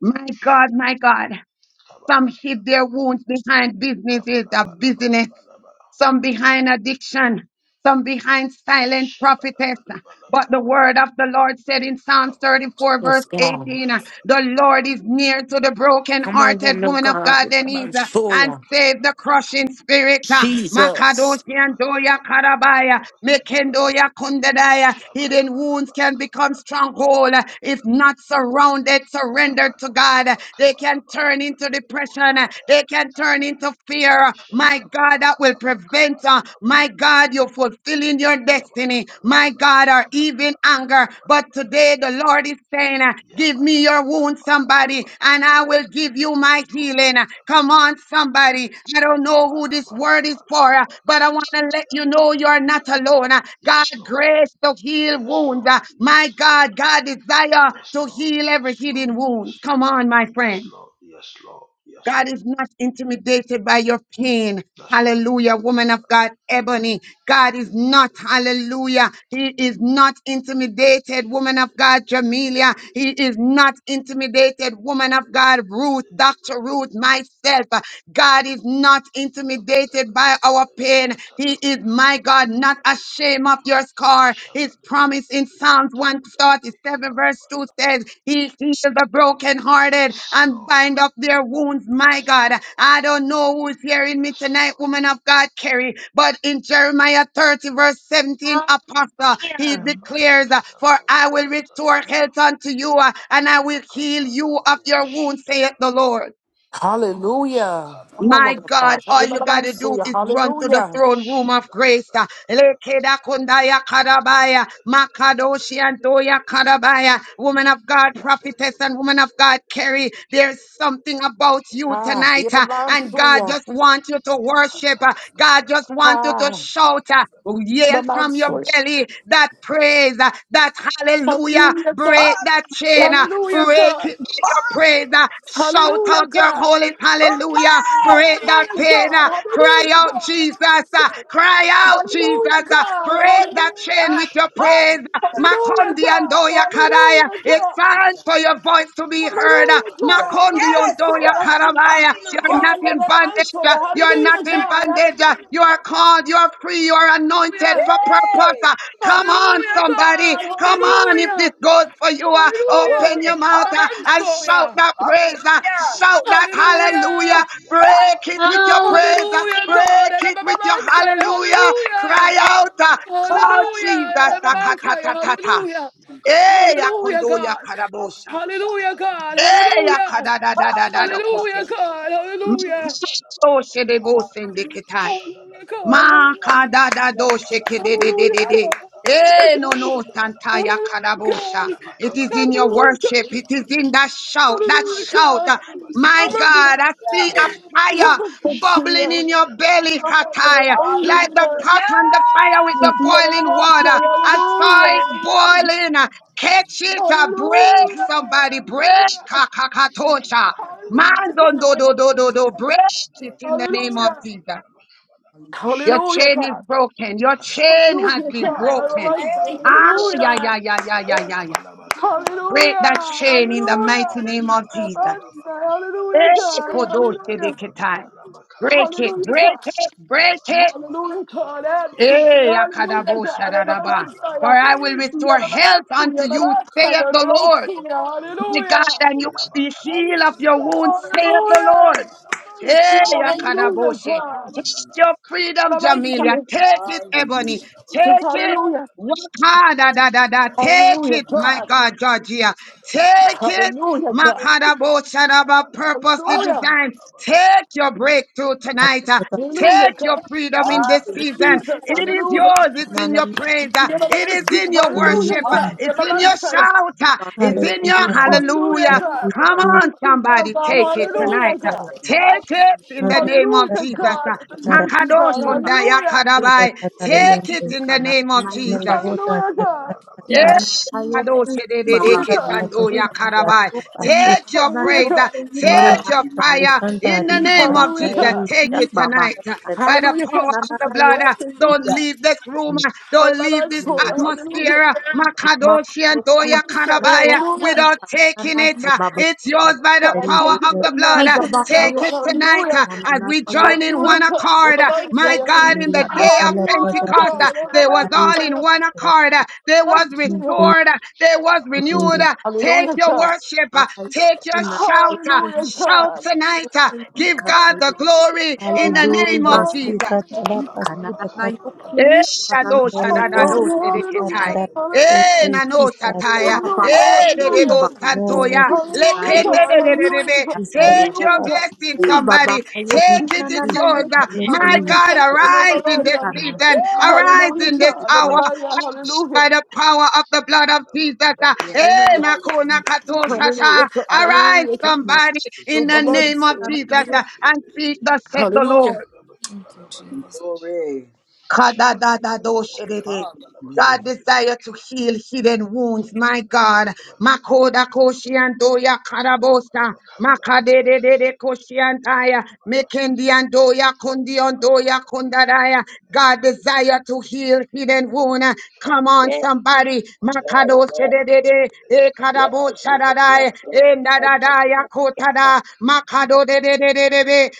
S7: My God, my God. Some hid their wounds behind businesses of business some behind addiction, some behind silent prophetess. But the word of the Lord said in Psalms
S16: dabba
S7: 34,
S16: dabba
S15: Yes,
S7: verse
S16: dabba,
S15: God.
S7: 18, uh,
S16: kusha dabba
S7: the
S16: dabba.
S7: Lord is near to the
S15: Come on,
S7: broken-hearted
S15: woman of
S7: woman
S16: Kabalabalaba,
S7: of
S15: God.
S7: God,
S15: It's Baba
S7: Denise,
S15: Man
S7: uh,
S16: kabalabalabalaba,
S7: and
S15: Soya.
S7: save the
S16: kabalaba.
S7: crushing spirit. uh,
S15: Jesus.
S7: Makadoshi
S16: Yabalabalaba,
S7: and Doya Karabaya,
S16: kabalabalabalaba, kabala.
S7: Mekendoya Kundadaya. Hidden wounds
S16: Shabalabalaba,
S7: can become stronghold uh, if
S16: kabalabalabalabalaba.
S7: not surrounded, surrendered to God. Uh,
S16: Yabalabalaba,
S7: They can turn into
S16: kabalabalabalaba,
S7: depression. uh,
S16: kodabaya,
S7: They can turn
S16: kataya.
S7: into fear uh, my God, that will
S16: Shakabalabalabalaba,
S7: prevent, uh, my
S16: kabalabalabalaba.
S7: God, you fulfilling your destiny, my
S16: Yabalabalabalaba,
S7: God, or even anger. But
S16: kabalabalabalabalaba.
S7: today the Lord is saying, uh, Give me
S16: Yabalaba,
S7: your wound, somebody,
S16: kabalabalabalaba,
S7: and I will give you
S16: kabalabalabalaba,
S7: my healing. Uh, Come
S16: kodabalabalaba.
S7: on, somebody. I don't know who this word is for, uh, but I want to
S16: Yabalabakabalabakabalaba,
S7: let you know you're
S16: yabalabaka.
S7: not alone. Uh, God,
S16: Yes, Lord.
S7: grace to heal
S16: Yes,
S7: wounds. Uh,
S16: Lord.
S7: My
S16: Yes, Lord.
S7: God, God desire
S16: Yes,
S7: to
S16: Lord.
S7: heal
S16: Yes,
S7: every
S16: Lord.
S7: hidden wounds.
S16: Yes,
S7: Come
S16: Lord.
S7: on, my
S16: Yes,
S7: friend.
S16: Lord. Yes, Lord. Yes,
S7: God
S16: Lord.
S7: is not intimidated by your pain.
S16: That's right.
S7: Hallelujah, woman of God, Ebony. God is not,
S16: Kabalabalaba,
S7: hallelujah. He is not intimidated, woman of God, Jamelia. He is
S16: kibidibidibidibidibidi,
S7: not intimidated, woman of God, Ruth, Dr. Ruth,
S16: shibidibidibidibidi,
S7: myself. God is not intimidated by our
S16: yabalabalabalaba,
S7: pain. He is, my God, not ashamed of
S16: katalabakabalabalabalaba,
S7: your scar. His promise in
S16: shabadibidibidibidi,
S7: Psalms 137, verse 2
S16: katalabalabalaba.
S7: says, He heals the brokenhearted
S16: Yes,
S7: and
S16: Lord.
S7: bind up their wounds, my
S16: Yes,
S7: God.
S16: Lord.
S7: I don't know who's hearing me
S16: Yes,
S7: tonight,
S16: Lord.
S7: woman of God, Carrie, but in Jeremiah 30, verse 17, Apostle, he
S16: Yabade
S7: declares, uh, For
S16: kadabaya
S7: I will restore
S16: katadaba.
S7: health unto you, uh, and I will heal you of
S16: Yabakatadabaya
S7: your wounds, saith the
S16: shadabaka.
S7: Lord.
S16: Mako
S15: Hallelujah. Come on,
S7: My
S15: woman of
S16: sakadadadada.
S7: God,
S15: God. Yeah,
S7: all you
S15: Baba
S7: got
S15: Man
S7: to do
S16: Shadadada.
S15: Soya.
S7: is run to the
S15: Hallelujah.
S7: throne room of grace. uh,
S16: Shadadadada.
S7: Lekeda kundaya kadabaya, makadoshi andoya kadabaya.
S16: Lakatadadadada.
S7: Woman of God,
S16: Shut
S7: prophetess and woman of God, Carrie, there's something about you
S15: Ha.
S7: tonight,
S15: Yeah,
S7: uh,
S15: Baba Man
S7: and God
S15: Soya.
S7: just wants you to worship. uh, God just wants you to
S15: Ha.
S7: shout, uh, yell
S15: Baba Man
S7: from your
S15: Soya.
S7: belly that praise, uh, that hallelujah,
S15: Hallelujah,
S7: break
S15: God.
S7: that chain, uh,
S15: Hallelujah,
S7: break
S15: God.
S7: it with your praise, uh, shout
S15: Hallelujah,
S7: out your
S15: God.
S7: holy hallelujah
S17: Yes.
S7: break that
S15: Hallelujah,
S7: pain,
S15: God.
S7: uh, cry
S15: Hallelujah,
S7: out,
S15: God. And
S7: Jesus,
S15: I'm
S7: uh,
S15: sorry.
S7: cry out, Jesus,
S15: Hallelujah,
S7: uh,
S15: God.
S7: break that
S15: Hallelujah.
S7: chain with your praise.
S17: Hallelujah.
S7: uh,
S15: Hallelujah,
S7: Makondi and
S15: God.
S7: Karaya,
S15: Hallelujah,
S7: it's
S15: God.
S7: time for
S16: up,
S7: your voice to be heard.
S16: Yabada
S7: uh,
S15: Hallelujah, God.
S16: bakabala
S15: And
S7: Makondi and
S15: I'm
S16: babada
S17: Yes,
S15: sorry.
S17: God.
S16: lebeko bada
S7: Karabaya,
S16: bada,
S7: you're
S17: Hallelujah.
S16: bada
S7: not in
S15: Hallelujah, and I'm
S16: bakabada
S7: bondage,
S15: sorry.
S7: uh,
S16: bada
S7: you're
S16: bede
S7: not
S15: Hallelujah,
S7: in
S16: bede
S15: God.
S7: bondage, uh, you
S15: Hallelujah.
S7: are
S16: lebeko
S7: called,
S16: bala
S7: you're free,
S16: babada
S7: you're
S16: lebeko
S7: anointed
S16: da
S7: for
S16: bada
S7: purpose.
S16: bada
S17: Yay.
S7: uh, Come
S16: bada,
S7: on,
S15: Hallelujah,
S7: somebody.
S15: God.
S7: Come on, if this
S15: Hallelujah.
S7: goes for you, uh, open
S15: Hallelujah.
S17: Glory.
S7: your
S15: And
S7: mouth uh,
S15: I'm
S17: Hallelujah.
S7: and
S15: sorry.
S7: shout that praise, uh,
S17: Hallelujah.
S7: shout that
S16: Yakataya,
S7: hallelujah,
S15: Hallelujah.
S17: Hallelujah.
S7: Break
S16: Yakataya,
S7: it with your
S5: Hallelujah.
S7: praise.
S16: Yakataya,
S7: uh,
S15: Hallelujah, God.
S16: Bakataya,
S7: Break
S15: And
S7: it with
S5: Hallelujah.
S7: your
S15: I'm
S16: Bakataya,
S15: sorry.
S16: Ba-
S7: hallelujah.
S15: Hallelujah.
S7: Cry
S16: Yakataya,
S7: out. uh,
S16: Baraba,
S7: Call
S16: Katanaba,
S7: Jesus.
S15: Hallelujah.
S7: ta.
S17: Hallelujah.
S7: ta-
S16: Kobanaba,
S5: Hallelujah.
S7: ta-
S15: Yarabankaya.
S7: ta-
S16: Bakanaba,
S7: ta- ta.
S15: Hallelujah.
S7: Eh,
S16: Yakabanaba,
S7: ya
S15: Hallelujah,
S7: kondo ya
S15: God.
S16: Bakatanaba,
S7: karabosha.
S16: Nabanaba,
S17: Hallelujah.
S15: Hallelujah,
S16: Katanaba,
S15: God.
S16: Naba,
S7: Eh, ya
S15: Hallelujah.
S7: kada
S16: Katanaba,
S7: da da da da
S17: Hallelujah.
S16: Banaba,
S15: Hallelujah,
S7: kadadadadadadokose.
S15: God.
S16: Katanaba, Kataya,
S15: Hallelujah.
S16: Banaba, Naba,
S7: Msoshe de bose
S16: Kabanaba,
S17: Hallelujah.
S7: ndeketai.
S16: Bakashadana,
S15: Hallelujah,
S16: Naba,
S15: God.
S7: Ma
S16: Kabanaba,
S7: kada da do
S15: Hallelujah.
S7: sheke
S16: Yabanaba,
S7: de de de
S15: Hallelujah,
S16: Banaba,
S7: de de.
S15: God.
S16: Katanaba, Naba,
S7: Eh no no
S16: Kashadaba, Naba,
S7: santa ya
S15: Hallelujah,
S16: Kabanaba,
S7: kadabosha.
S15: God. Hallelujah, God.
S7: It is
S17: Thank
S7: in
S16: Yabakabanaba,
S7: your
S16: Naba,
S15: Hallelujah, God.
S7: worship. It
S16: Katanaba,
S7: is in
S16: Naba,
S7: that
S16: Kabanaba,
S7: shout. That
S15: Hallelujah,
S16: Yabala
S7: shout.
S15: God.
S16: Yabalabalaba,
S17: you.
S7: My God, I see
S17: Hallelujah.
S7: a fire bubbling
S15: Hallelujah.
S7: in your belly, Kataya,
S17: Hallelujah!
S7: like the pot on the fire with the boiling
S15: Hallelujah.
S7: water. I saw
S15: Hallelujah.
S7: it boiling.
S17: Praise
S7: Catch it,
S17: God,
S7: uh, break
S15: Hallelujah.
S7: somebody, break
S15: Hallelujah.
S7: kakakatosha.
S15: Hallelujah,
S7: Man, do do
S15: God.
S7: do do do do, break it
S17: Lord God.
S7: in the name of
S15: Hallelujah.
S7: Jesus. Your
S15: Hallelujah,
S7: chain is
S15: God.
S7: broken. Your chain has
S15: Hallelujah,
S7: been
S15: God.
S7: broken.
S17: Thank you,
S7: Ah,
S16: kabalabalaba,
S17: Lord.
S7: yeah,
S15: Hallelujah.
S7: yeah, yeah, yeah, yeah, yeah, yeah.
S16: koshalabalabalaba, kabalabalaba.
S7: Break
S15: Hallelujah.
S7: that chain in the mighty
S15: Hallelujah.
S17: Hallelujah.
S7: name of Jesus.
S15: Hallelujah,
S7: Eh,
S15: God. Hallelujah.
S7: kodoshedeketai. Break
S16: Yabalababadalabakabadaba.
S7: it,
S15: Hallelujah, God. Hallelujah, God.
S7: break it, break
S15: Absolutely.
S7: it.
S15: Hallelujah, God.
S7: Eh,
S16: Yabalababakatalabakoshada.
S15: Hallelujah.
S7: akadaboshadadaba. For I will restore health unto
S15: Hallelujah.
S16: Yabalababalabakalabakabalababa.
S7: you, saith the Lord.
S17: Thank you,
S16: Makabalabalabalabakabada.
S7: My
S17: Lord.
S7: God, and you will be
S17: Hallelujah.
S7: healed of your wounds, saith the
S15: Hallelujah.
S7: Lord. Hey,
S16: Labakalabakatadabadabakatadabadabakabalaba.
S17: Hallelujah.
S7: Akadaboshe. Take your freedom, Jamelia.
S15: Hallelujah,
S7: Take it, Ebony.
S17: Hallelujah.
S15: God.
S7: Take it.
S15: Hallelujah.
S7: Work
S16: Yabalababadalabakabadabadalabakabalabadalabakabalabadalabakabalabadalabakabalaba.
S7: hard, da, da, da, da. Take
S15: Hallelujah,
S7: it, my
S15: God.
S7: God, Georgia. Take it.
S15: Hallelujah, God.
S16: Yabakabadabadabadabakabadabadaba.
S7: Makadabo Shadaba,
S17: Hallelujah.
S7: purposely
S15: Hallelujah.
S7: designed.
S17: Hallelujah.
S7: Take your breakthrough tonight. uh,
S15: Hallelujah,
S7: Take
S16: Yabalabakatadabadabakabadabadabakabadabadabakabadaba.
S7: your
S15: God.
S7: freedom
S9: I
S7: in this
S9: decree,
S7: season.
S9: I
S17: Hallelujah.
S15: Jesus,
S7: It
S9: do,
S7: is
S15: hallelujah.
S7: yours. It's
S9: and I am
S7: in your praise.
S9: mighty,
S7: uh,
S9: I
S7: It is
S9: decree,
S15: Yabba-dabba-see.
S7: in your
S13: Hallelujah.
S15: Hallelujah,
S7: worship. uh,
S15: God.
S7: It's
S9: she,
S7: in
S16: Bakabadabadabadabadabakabadabadabadabakabadabadabadaba.
S7: your
S15: Yabba-dabba-see.
S7: shout. uh,
S9: by
S7: It's
S9: your
S7: in
S13: Hallelujah.
S7: your
S9: kuna,
S15: Hallelujah,
S7: hallelujah.
S15: God. For
S7: Come
S15: the
S9: and
S7: on,
S15: breaking down,
S7: somebody,
S15: God.
S7: take it
S9: your kuna,
S15: Hallelujah,
S7: tonight. uh,
S15: God.
S17: Hallelujah.
S7: Take
S17: Hallelujah.
S7: it in the name
S16: Badabadabadabadabakabadabadabadabakabadabadabadaba.
S7: of
S15: Hallelujah,
S7: Jesus.
S13: Hallelujah.
S15: God.
S7: uh,
S15: For the
S13: Hallelujah.
S15: breaking
S7: Makadosh
S15: down.
S9: she, by
S7: Tondaya
S15: Hallelujah.
S7: Kadabai.
S9: your
S7: Take it in the
S9: kuna,
S7: name of Jesus.
S9: kana,
S15: Hallelujah, God.
S9: Hika
S17: Hallelujah.
S7: Yes.
S9: naka yoku baba
S15: Hallelujah, God.
S9: yoku nana yoku
S7: Take
S9: hika
S7: your
S9: nana
S15: Hallelujah,
S7: praise, uh,
S15: God.
S9: yoku hika
S13: Nela
S7: take your
S9: nana
S7: fire
S13: Raikanta
S7: in the
S9: yoku
S7: name
S13: Arisa
S9: baba
S7: of
S15: Hallelujah,
S7: Jesus.
S15: God.
S9: yoku
S7: Take
S13: Arisa
S7: it
S9: baba
S7: tonight uh, by the
S15: Hallelujah,
S7: power
S15: God.
S7: of
S9: nana
S7: the
S9: nana
S7: blood. uh,
S9: yoku
S7: Don't
S9: hika
S7: leave this room, uh,
S16: Shabada
S7: don't leave this
S15: Yabba-dabba-see.
S16: Adelebeka
S15: Hallelujah.
S7: atmosphere uh,
S9: mama
S7: Makadoshi
S16: balabalabalabadosha
S7: and
S9: yoku
S7: Doya
S15: Yabba-dabba-see.
S9: nana
S16: debedebelebeka
S7: Karabaya
S9: yoku
S15: Hallelujah.
S7: without
S16: tadabadaba.
S9: hika
S7: taking
S9: nana hi
S7: it. uh,
S9: baba
S7: It's
S16: Adelebeka
S7: yours
S9: yoku
S7: by the
S15: God, I
S7: power
S15: thank
S7: of
S9: yoku
S15: you
S7: the
S15: now.
S9: hi
S15: I
S7: blood. uh,
S15: thank
S9: baba
S15: you
S16: balababakabalababadeboko
S15: now,
S7: Take
S15: God.
S7: it
S9: yoku hika
S7: tonight
S15: Hallelujah.
S16: boloboloboko
S7: uh, as we
S16: debelebeke
S7: join in
S15: Hallelujah,
S7: one
S15: God.
S7: accord uh,
S16: belebelebelebeka
S7: My
S15: Hallelujah,
S16: tadaba.
S7: God, in the day of
S15: Hallelujah,
S7: Pentecost,
S16: Matadebelebeka
S7: uh,
S15: God. I'm a
S7: they was
S15: man,
S7: all in
S15: Sire.
S7: one accord. uh, They
S16: balabalabalabakabalabalabalabaka
S7: was
S15: Man, Sire.
S7: restored. uh,
S16: tadabadabadaba.
S7: They was renewed. uh, Take
S15: Hallelujah,
S7: your
S15: God.
S7: worship.
S16: Yabalabalabalabakabalababadebeka
S7: uh, Take your shout. uh,
S15: Hallelujah,
S16: tadabadabakabalabadaba.
S7: Shout
S15: God.
S7: tonight. uh, Give God the
S15: Hallelujah,
S7: glory in the
S15: Hallelujah,
S16: Makabalababakabalababakabalabadaba.
S7: name of
S13: Hallelujah.
S7: Jesus.
S13: Sika tada
S9: Makayakayi
S13: pasuta
S7: Eh,
S9: kananayokuyi
S7: dado
S13: katele
S16: Balabalabalabakabalabadabadaba.
S13: konta
S7: shadadado
S15: Hallelujah,
S9: kananayohu
S16: Yabba
S13: kista
S9: makaya
S7: sedeketai.
S15: hallelujah,
S13: tada
S15: hallelujah,
S7: Eh,
S15: hallelujah.
S7: nano sataya.
S15: Hallelujah,
S13: kista
S7: Eh,
S17: Hallelujah.
S9: habakayi
S15: hallelujah,
S7: dedebo
S9: bakayoku
S13: more
S7: santoya.
S15: hallelujah,
S7: Lekende
S15: God, hallelujah, God,
S9: nanayokuyi
S15: hallelujah,
S7: dededebe.
S15: God,
S13: kista
S7: Take
S13: tada
S9: kananayohi
S7: your
S15: hallelujah,
S7: blessing,
S13: pasuta.
S7: somebody.
S9: babakayoku
S13: Thank
S7: Take it, it's
S13: you. Jesus.
S7: yours.
S15: God,
S9: nananayokuyi
S7: Uh, My
S15: hallelujah,
S13: Hallelujah.
S7: God, arise in this
S9: kananayohi
S7: season. Arise
S17: Yes,
S7: in this
S15: God, hallelujah,
S7: hour.
S15: God,
S7: By
S15: hallelujah,
S7: the power of the blood of Jesus. Ah, eh,
S15: hallelujah,
S7: nako nakato shasha.
S15: Hallelujah.
S7: Arise,
S15: Hallelujah.
S7: somebody, in the
S9: bakayonanayokuyi
S16: Kabala
S7: name of
S15: Babansi.
S7: Jesus, ah,
S9: kananayokayo
S7: and speak the said the
S15: Hallelujah.
S7: Lord.
S17: glory.
S7: Kadadadadoshedede.
S17: Hallelujah.
S7: God desire to heal hidden wounds, my God. Makoda koshiandoya karabosa. Makadedede koshiantaya. Mekendiandoya kondiondoya kondadaya. God desire to heal hidden wound. Come on,
S6: Yes,
S7: somebody.
S16: Mandela
S6: yes,
S7: Makadoshedede. E
S6: yes, yes, yes,
S7: karaboshadadaya. E
S6: yes,
S7: nadadaya
S6: yes.
S7: kotada.
S6: Lord, yes,
S7: Makado de de de de de be.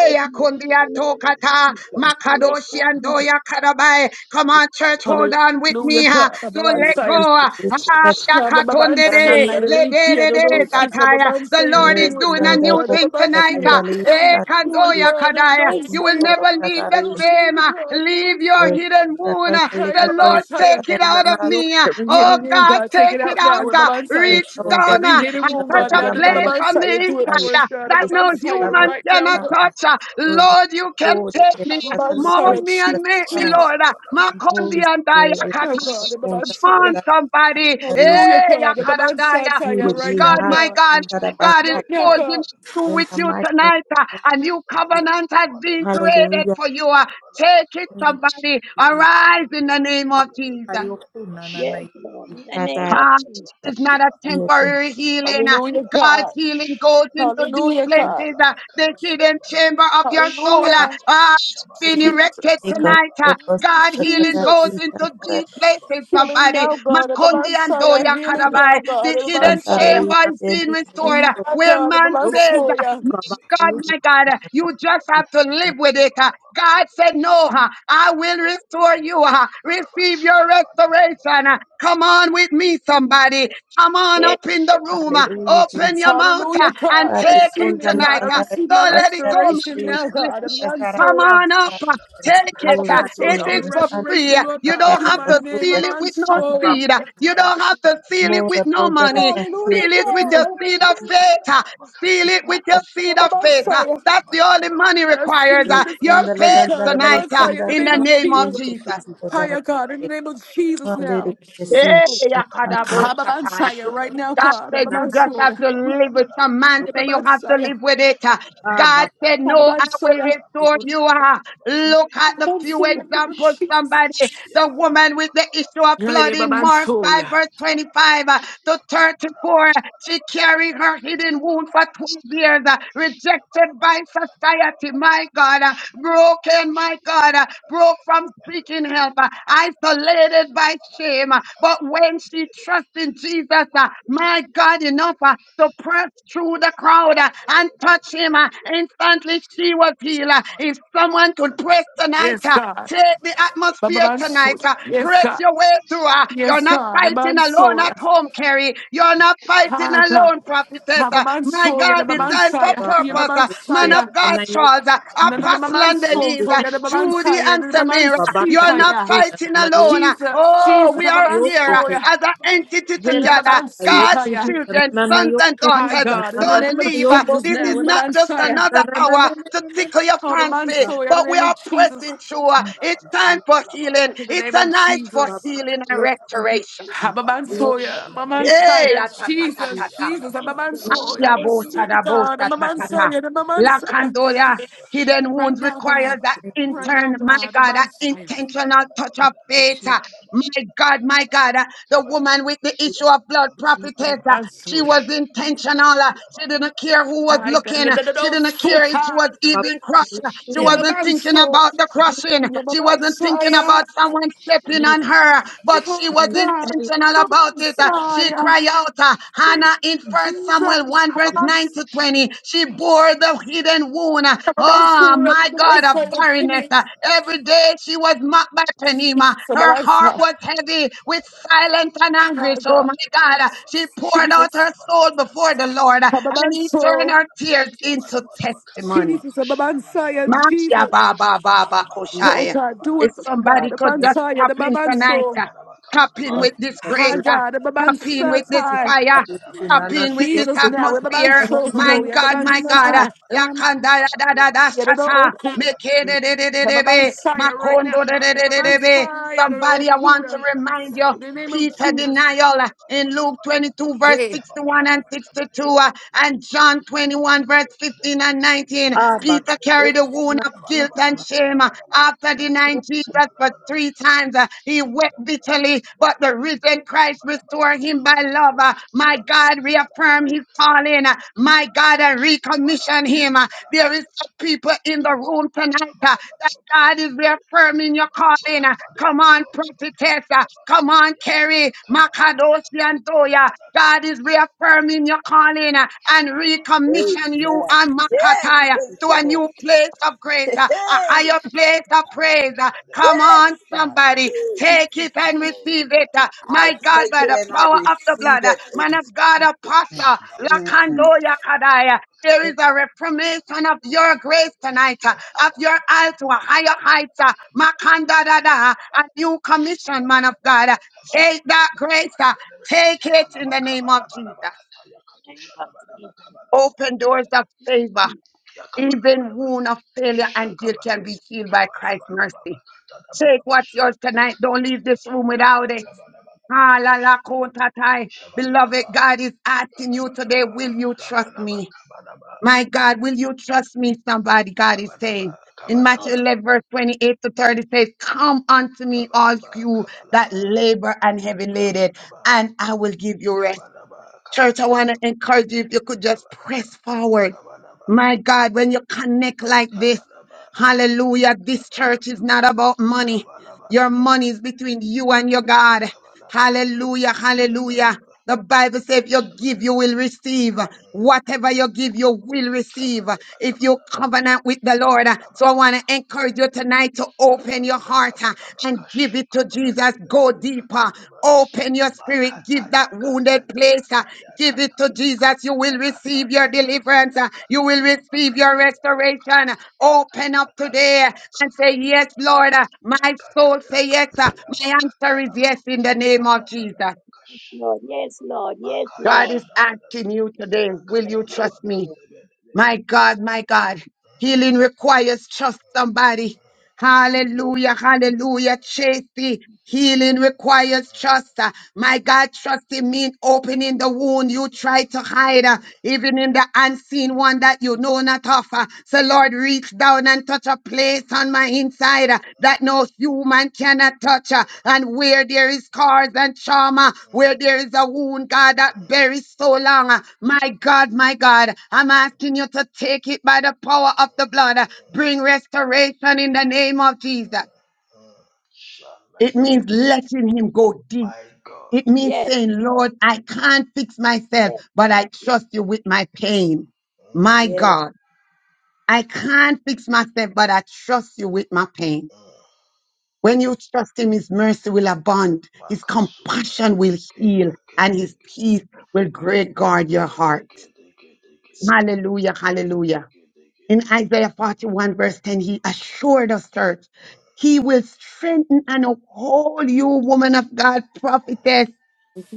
S6: yes, yes, yes, Lord.
S7: yakundia
S6: In the name of
S7: tokata.
S6: Jesus, in the
S7: Makado
S6: name of
S7: shiando
S6: Jesus.
S7: ya karabai. Come on, church, hold
S15: Hallelujah.
S7: on with me. Ha. Don't let go.
S13: This
S15: Babansi.
S7: Ah,
S13: is
S7: yakatonde de.
S15: Babansi.
S7: Le de
S15: Hallelujah.
S7: de
S9: nananayokuyi
S7: de
S13: the
S15: Babansi.
S7: tataya. The
S15: Babansi. You
S7: Lord is
S15: Do it
S7: doing
S9: enku
S7: a
S15: now,
S13: Restando
S7: new
S15: God.
S13: con
S7: thing
S16: Yakada
S13: la
S7: tonight.
S16: bana
S15: Babansi.
S7: ah.
S16: bana
S7: Eh,
S13: candalita,
S15: Do
S7: kando
S15: it,
S13: es
S7: ya
S15: God.
S7: kadaya.
S13: eh, y
S7: You will
S15: Babansi.
S13: por
S7: never leave
S15: Babansi.
S7: the
S13: catarish,
S7: same.
S15: Hallelujah,
S7: ah.
S15: God.
S7: Leave your
S15: Babansi.
S7: hidden
S13: resta
S7: wound. ah.
S15: Hi,
S7: The
S13: candelicando,
S7: Lord, take
S15: Babansi.
S7: it out of
S13: cantaleta,
S7: me.
S9: nanayokuyi
S7: uh,
S15: Every
S7: Oh
S15: hidden wound,
S7: God,
S15: God, take
S7: take
S15: it
S7: it
S15: out now.
S7: out. uh,
S15: Babansi.
S7: Reach
S13: restonda,
S7: down
S15: Every
S7: uh,
S15: hidden
S7: and
S15: wound, God,
S7: touch
S15: now
S7: a
S15: to
S13: candalian
S15: the
S7: place
S13: bala,
S7: from the
S15: Babansi. Do it for
S7: inside
S15: us,
S7: uh,
S15: God.
S7: that
S13: es
S7: no
S15: Babansi.
S13: catalaba,
S7: human
S15: Right now,
S7: cannot
S15: God.
S7: touch. uh. Lord, you can
S13: restando,
S7: take me, uh, mold
S13: catalicos,
S7: me
S15: Babansi.
S7: and make me,
S16: bana
S15: Jesus.
S13: catal,
S7: Lord. uh,
S16: bana bana
S13: holy
S7: Makondi and
S16: Yabala
S13: spirit,
S15: Right now,
S16: bakabada
S13: restando
S15: God,
S7: Dayakata.
S15: in my
S13: con
S15: man's
S16: babada
S7: Come
S16: la
S15: soul, yeah.
S7: on,
S13: la
S16: bekashada
S7: somebody.
S13: candalita,
S15: Hallelujah,
S7: Hey,
S15: God, in my man's soul,
S7: Yakadadaya.
S15: yeah.
S7: My
S15: Right
S13: unity,
S7: God,
S15: now,
S13: hat,
S7: my
S15: God.
S7: God. God is
S15: Right
S13: catabata,
S15: now,
S7: forging
S15: God.
S7: through
S13: in
S7: with
S13: the
S7: you
S13: mighty, name.
S7: tonight, uh, a new covenant has been created
S13: hallelujah,
S7: for you. uh, Take it, somebody. Arise in the name of Jesus.
S9: babakayoku
S6: Yes, Lord, in the name of
S7: God
S6: Jesus.
S7: is not a
S13: Hallelujah,
S7: temporary healing. Uh,
S15: Hallelujah,
S7: God's
S15: God.
S7: healing goes into deep
S15: Hallelujah,
S9: nananayokuhi
S15: God.
S7: places, uh, the hidden chamber of your soul.
S16: da
S7: Uh,
S16: da
S15: Hallelujah.
S16: ba
S7: uh, being
S16: Yabalabalaba
S7: erected
S15: Jesus.
S7: tonight.
S9: kananayokayo
S16: kabalabalaba
S7: uh, God
S16: kabalabaya.
S7: healing goes
S15: Jesus.
S7: into deep
S16: Yabalababadalaba
S7: places,
S15: Healing
S7: somebody.
S15: now,
S16: koshadabadaba.
S15: God. in my
S7: Makondi
S15: man's
S7: and
S15: soul, yeah.
S7: Doya
S16: Yabalabalaba
S15: Healing now,
S7: Karabai.
S15: God.
S7: The
S15: in my
S16: kabalebebelebe
S7: hidden
S15: man's soul, yeah.
S7: chamber is being
S16: kashadabebebelebe.
S7: restored.
S9: nananayokuyi
S7: uh,
S15: My
S7: Where
S15: God, in my
S16: Yabalabalaba
S7: man
S9: yo
S15: man's
S7: says, uh,
S15: soul, yeah.
S9: Baba
S16: kabalebebelebe
S7: God,
S9: Kayo,
S7: my God,
S16: kabalabalaba
S7: uh, you just
S16: kabalabalaba.
S7: have to live with it. uh. God
S16: Kabalababadalebe
S7: said, No, uh,
S16: katelebelebe
S7: I will restore you.
S16: kabalebebelebe
S7: uh.
S16: kabalaba.
S7: Receive your
S16: Yabalabalaba
S7: restoration. uh. Come on
S16: kabalababadalaba
S7: with me, somebody.
S16: kabalabalaba
S7: Come on
S16: katelebe.
S6: Yes,
S7: up in the
S16: Yeah,
S7: room. uh. Open
S13: Jesus.
S7: your mouth uh,
S15: Hallelujah,
S7: and
S15: God. I
S7: take
S13: Father,
S7: it
S15: receive
S13: conta
S15: it,
S13: la
S7: tonight.
S15: God. I
S7: uh.
S13: cantare
S15: receive my
S7: Don't let it go,
S13: cantare
S7: my
S15: restoration
S13: ste
S7: friend.
S15: now, God. I'm
S7: Listen.
S15: on
S13: casara
S7: Come
S15: soya.
S7: on up. uh,
S9: Avengers,
S7: Take
S15: I'm
S7: it.
S6: Lord.
S15: a
S13: Holy
S7: uh,
S15: man
S9: Kayo,
S15: soya.
S7: It
S15: All
S13: Spirit,
S9: ku
S15: the
S7: is
S6: Yes,
S7: for
S13: restante
S7: free.
S6: Lord.
S15: resurrection,
S7: uh,
S15: Lord
S7: You
S15: God.
S7: don't
S15: Do
S13: casara
S7: have
S15: my
S7: to
S15: name.
S13: postura
S7: seal
S15: I'm
S7: it
S15: on
S7: with no
S13: casara
S15: soya.
S9: Baba
S7: seed. uh, You don't have to seal it
S9: Kayo,
S7: with
S13: mora
S7: no
S13: podere
S7: money.
S13: passe
S15: Hallelujah,
S7: Seal
S15: God.
S7: it with your
S9: Nanayo, na
S7: seed of
S15: Hallelujah,
S7: faith. uh,
S15: God.
S7: Seal it
S6: Yes,
S7: with your
S15: Yeah,
S7: seed
S13: casara
S7: of
S15: Baba
S6: Lord.
S7: faith. uh,
S15: Messiah.
S7: That's the only money
S15: And I'm
S7: requires.
S15: standing
S7: uh,
S15: with a seed
S7: Your
S15: of
S13: responda le
S15: faith,
S7: faith
S9: Nanayo, Kudu,
S15: God. And
S13: cantare
S15: Baba
S7: tonight uh,
S15: Messiah, in the
S13: cantare
S7: in
S9: Makayo,
S15: name
S7: the
S9: Nanayo,
S15: of
S7: name of
S15: Jesus.
S13: inte
S9: Baba
S7: Jesus.
S9: Kayo,
S15: Higher, God. In the name of Jesus
S6: Yes,
S15: now.
S13: Hallelujah.
S6: Lord.
S13: See,
S7: Hey,
S13: the
S6: Yes,
S13: Father.
S7: Yakadabo
S15: Ha,
S6: Lord.
S15: Baba
S7: Shatai.
S15: Messiah, right now,
S7: God
S15: God. And
S7: said
S15: Baba
S7: you
S9: Nanayo,
S7: just have
S15: Messiah.
S7: to live with some man
S15: Yeah,
S7: say
S15: Baba
S7: you have to
S15: Messiah.
S7: live with it. Uh,
S9: Baba
S7: God said,
S15: Ha,
S7: No,
S15: Baba
S7: I will
S15: Messiah.
S7: restore
S9: yo na
S7: you. Uh, Look at the
S15: Baba
S7: few
S15: Messiah, in the name of
S7: examples,
S15: Jesus.
S7: somebody. The woman with the issue of
S15: Yeah,
S7: blood
S15: yeah,
S7: in
S15: Baba
S7: Mark 5,
S15: Messiah.
S7: verse 25 uh, to 34. uh, She carried her hidden wound for 12 years, uh, rejected by society, my God, uh, broken, my God, uh, broke from seeking
S16: Yabba
S7: help, uh, isolated by shame him. uh, But when she trusts in Jesus, uh, my God, enough uh, to press through the crowd uh, and touch him, uh, instantly she was healed. uh. If someone could pray tonight,
S15: Yes,
S7: uh,
S15: God.
S7: Take the
S15: Baba
S7: atmosphere tonight.
S15: Messiah.
S7: Uh,
S15: Yes,
S7: press
S15: God.
S7: your way through. Uh, you're
S15: Yes,
S7: not
S15: God. Baba
S7: fighting alone at
S15: Messiah.
S7: home, Carrie. You're not fighting
S15: Ha, God.
S7: alone, prophetess.
S15: Ha,
S7: Uh,
S15: Baba
S7: my God,
S15: Messiah. Baba
S7: designed for
S9: yo
S15: Messiah. Yeah,
S9: baba
S7: purpose.
S15: Baba
S7: Uh,
S9: Kayo,
S7: man of
S15: Messiah.
S7: God,
S9: Nanayo,
S7: Charles, uh, Apostle
S9: Kudu,
S15: Jesus,
S7: Denise, uh,
S16: Yabba
S7: Judy and Samira.
S9: Baba
S7: You are
S9: Kayo,
S7: not fighting
S9: Nanayo,
S7: alone. Oh,
S15: Jesus,
S7: we are
S9: Nanayo,
S7: here
S9: Kudu, Baba
S15: Abamansoya.
S7: as an entity together.
S9: Kayo,
S7: God's
S9: ku
S15: Ababansitaya.
S9: ki
S7: children,
S9: kana na na
S7: sons
S9: yo
S7: and
S9: ku ki
S15: Hi,
S7: daughters,
S9: na
S15: God, in the
S9: na
S7: don't
S9: na
S15: name
S9: na
S15: of
S7: leave.
S9: yo bo
S15: Jesus
S7: This
S9: ku
S15: now.
S7: is
S9: ki
S7: not just
S9: kana
S15: Ababansaya.
S9: na
S7: another
S9: na na
S7: hour
S9: na
S7: to
S9: na
S7: tickle your fancy,
S9: na
S15: Abamansoya, in the
S7: but we
S15: name
S7: are
S15: of Jesus.
S7: pressing through.
S9: na
S7: It's time for healing.
S15: In the
S7: It's
S15: name
S7: a
S15: of
S7: night for
S15: Jesus.
S7: healing and restoration.
S6: Yes,
S16: Yabba
S6: Lord.
S15: Abamansoya,
S6: Lord,
S7: Hey,
S15: Mamansaya,
S7: ah, ta, ta, ta,
S15: Jesus,
S7: ta, ta.
S15: Jesus,
S6: yes, Lord,
S15: Abamansoya. I
S7: Mashia
S6: yes, Lord, yes,
S7: bosa
S6: Lord,
S15: receive it,
S7: da bosa
S15: God.
S7: ta ta ta.
S15: Abamansaya,
S7: La
S15: Abamansaya.
S7: Lakandoya, hidden
S15: Right
S7: wounds
S6: yes,
S15: now,
S7: require
S15: God.
S7: that
S15: Right now,
S7: intern, my
S15: God.
S7: God, that
S15: Abamansoya.
S7: intentional touch of faith. uh, My God, my God, uh, the woman with the issue of blood prophetess, uh, she
S15: Abamansoya.
S7: was intentional. uh, She didn't care who was
S15: Hi,
S7: looking. uh, She
S16: Yabanaba
S7: didn't
S16: yeah,
S7: care if she
S15: God.
S7: was even crushed. uh, She wasn't thinking
S15: Yebabanso,
S7: about the crushing. She wasn't thinking
S15: Yebabansaya,
S7: about someone stepping on her, but she
S15: Hi
S7: was
S15: God,
S7: intentional about it. uh, She
S15: Yebabansaya,
S7: cried out, uh, in First Samuel
S15: Jesus,
S7: 1, verse 9
S15: Yebabans,
S7: to 20. She bore the hidden wound. uh, Oh,
S15: Yebabanso,
S7: my God, of
S15: Yebabansaya,
S7: barrenness.
S15: Jesus,
S7: uh, Every day she was mocked by Penema.
S15: Jesus,
S7: Her
S16: Yabana
S15: Yebabansa,
S7: heart was heavy with silence and
S15: Hi
S7: anguish. Oh,
S15: God,
S7: my God. uh, She poured out
S15: Jesus,
S7: her soul before the Lord, uh, and he turned
S15: Yebabanso,
S7: her tears into testimony.
S15: Jesus, Yebabansaya,
S7: Masha
S15: Jesus,
S7: Baba Baba
S15: Oh
S7: Koshai.
S15: God, do
S7: If
S15: it for me, God,
S7: somebody could just
S15: Yebabansaya,
S7: pop in tonight,
S15: Yebabanso,
S7: uh, tap in with this great,
S15: Hi
S7: uh,
S15: God,
S7: tap in with this
S15: Yebabansatai,
S7: fire, tap in with this
S15: Jesus now,
S7: atmosphere. My
S15: Yebabansoto,
S7: God, my God, uh,
S15: Yebabansai,
S7: la Kanda, da da da da shata, meke de de de de
S15: The
S7: de
S16: Yabala
S7: be,
S15: Messiah right now,
S7: makondo de
S15: God.
S7: de de
S15: The
S7: de de be.
S15: Messiah, the
S7: Somebody, I want to
S15: Okuda.
S7: remind you.
S15: In the name of
S7: Peter
S15: Jesus.
S7: denial uh, in Luke 22, verse
S15: Hey,
S7: 61 and 62, uh, and John 21, verse 15 and 19. Peter carried the wound of guilt and shame uh, after denying Jesus for three times. uh, He wept bitterly, but the risen Christ restored him by love. uh, My God, reaffirm his calling. uh, My God, and recommission him. uh, There is some people in the room
S16: Yabba
S7: tonight. uh, that God is reaffirming your calling. Uh, Come on, prophetess. Uh, Come on, Carrie, Makadoshi and Toya. God is reaffirming your calling uh, and recommission you
S17: Amen.
S7: and
S17: Yes,
S7: Makataya
S17: thank
S7: to
S17: you,
S7: a
S17: Lord.
S7: new place of grace, uh, a
S17: Hey,
S7: higher place of praise. Uh, Come
S17: Yes,
S7: on,
S17: God.
S7: somebody,
S17: Mm.
S7: take it and receive
S6: yes,
S7: it. uh,
S16: Yakabana
S17: I
S7: My God,
S17: take
S7: by
S17: it
S7: the
S17: and I
S7: power of the
S17: receive
S7: blood, uh,
S17: it. in
S7: man of God, apostle,
S17: Jesus.
S7: Lakandoya Kadaya. There is a reformation of your grace tonight, uh, of your eye to a higher height, uh, Makanda da da, a new commission, man of God. Uh, Take that grace, uh, take it in the name of Jesus.
S6: yes, yes, Yes,
S7: Open doors of favor, even wound of failure and guilt can
S16: Shakabanaba,
S7: be healed by Christ's
S16: Kabanabanaba,
S7: mercy. Take
S16: Katanabana
S7: what's
S16: Bashada,
S7: yours tonight. Don't leave this room without
S16: Yakatanabanaba,
S7: it.
S16: Kabanabana,
S7: Ah, la, la, ko, ta, tai. Beloved,
S16: Shabadabada,
S7: God is asking you
S16: Kadabadaba,
S7: today, will you trust
S16: Rabadaba,
S7: me? My God, will you trust me? Somebody, God is
S16: Kabadaba,
S7: saying.
S16: Kabadaba,
S7: In Matthew
S16: Kabadaba,
S7: 11, verse 28 to 30 says, Come unto me, all
S16: Kabadaba,
S7: you that
S16: Kabalaba,
S7: labor and heavy
S16: Kabadaba,
S7: laden,
S16: Kabadaba,
S7: and I will give you rest.
S16: Kabadaba,
S7: Church, I
S16: Kabadaba,
S7: want to encourage you if you could just press forward.
S16: Kabadaba,
S7: My God, when you connect like this,
S16: Kabadaba,
S7: hallelujah, this church
S16: Kabadaba,
S7: is not about money. Your
S16: Kabalabalaba,
S7: money is between you and your God.
S16: Kabalabalaba,
S7: Hallelujah, hallelujah.
S16: Shabadaba,
S7: The Bible says if you give,
S16: Shabada,
S7: you will receive. Whatever you give, you will receive. If you
S16: Kabadabadabadaba,
S7: covenant with the Lord. So I
S16: Kabalababa.
S7: want to encourage you tonight to open your
S16: Kabalaba
S7: heart uh,
S16: kabadaba
S7: and give
S16: kasho
S7: it to
S16: kabarada
S7: Jesus. Go
S16: belebe
S7: deeper.
S16: katadaba
S7: Open your spirit. Give
S16: makataya
S7: that wounded
S16: kataya
S7: place.
S16: kataya
S7: Give it to
S16: kataya
S7: Jesus. You
S16: kataya
S7: will receive your
S16: kataya
S7: deliverance.
S16: kataya
S7: Uh, You will
S16: kataya
S7: receive your
S16: bakataya baka
S7: restoration. Uh, Open
S16: kataya
S7: up today uh,
S16: kataya
S7: and say,
S16: kataya
S7: Yes,
S16: ba
S7: Lord. Uh,
S16: ya
S7: My soul
S16: kataya
S7: say yes. Uh,
S16: kataya
S7: My answer is
S16: bakatalaba
S7: yes in the name of
S16: rada dada
S7: Jesus.
S16: bakasha
S6: Lord, yes, Lord. Yes,
S7: God
S16: bakasha
S6: Lord.
S7: is
S16: dada dada
S7: asking you today,
S16: la
S7: will you
S16: katalaba
S7: trust
S16: da
S7: me?
S16: zebedebe
S7: My God, my God. Healing requires trust
S16: Mm,
S7: somebody.
S16: mm, mm,
S7: Hallelujah, hallelujah,
S16: mm,
S7: Tracy.
S16: mm,
S7: Healing requires
S16: mm,
S7: trust. Uh,
S16: mm,
S7: My God, trusting means opening the wound you
S16: mm.
S7: try to hide. Uh, even in the unseen one that you know not of. Uh, So, Lord, reach down and touch a place on my inside uh, that no human cannot touch. uh, And where there is scars and trauma, where there is a wound, God, that buries so long. uh, My God, my God, I'm asking you to take it by the power of the blood. uh, Bring restoration in the name of Jesus. It means
S16: Shamandele,
S7: letting him go deep
S16: my God,
S7: it means
S6: Yes, Lord.
S7: saying, Lord, I can't fix myself, but I trust you with my pain. My God, I can't fix myself, but I trust you with my pain. When you trust him, his mercy will abound, his
S16: Makasuda,
S7: compassion will
S16: Keba
S7: heal, and his
S16: Kedege,
S7: peace will great guard your
S16: Kede
S7: heart.
S16: Kede Kede Kede
S7: Hallelujah,
S16: Kede
S7: hallelujah.
S16: Kede
S7: In Isaiah 41 verse 10, he assured us, church, he will strengthen and uphold you, woman of God, prophetess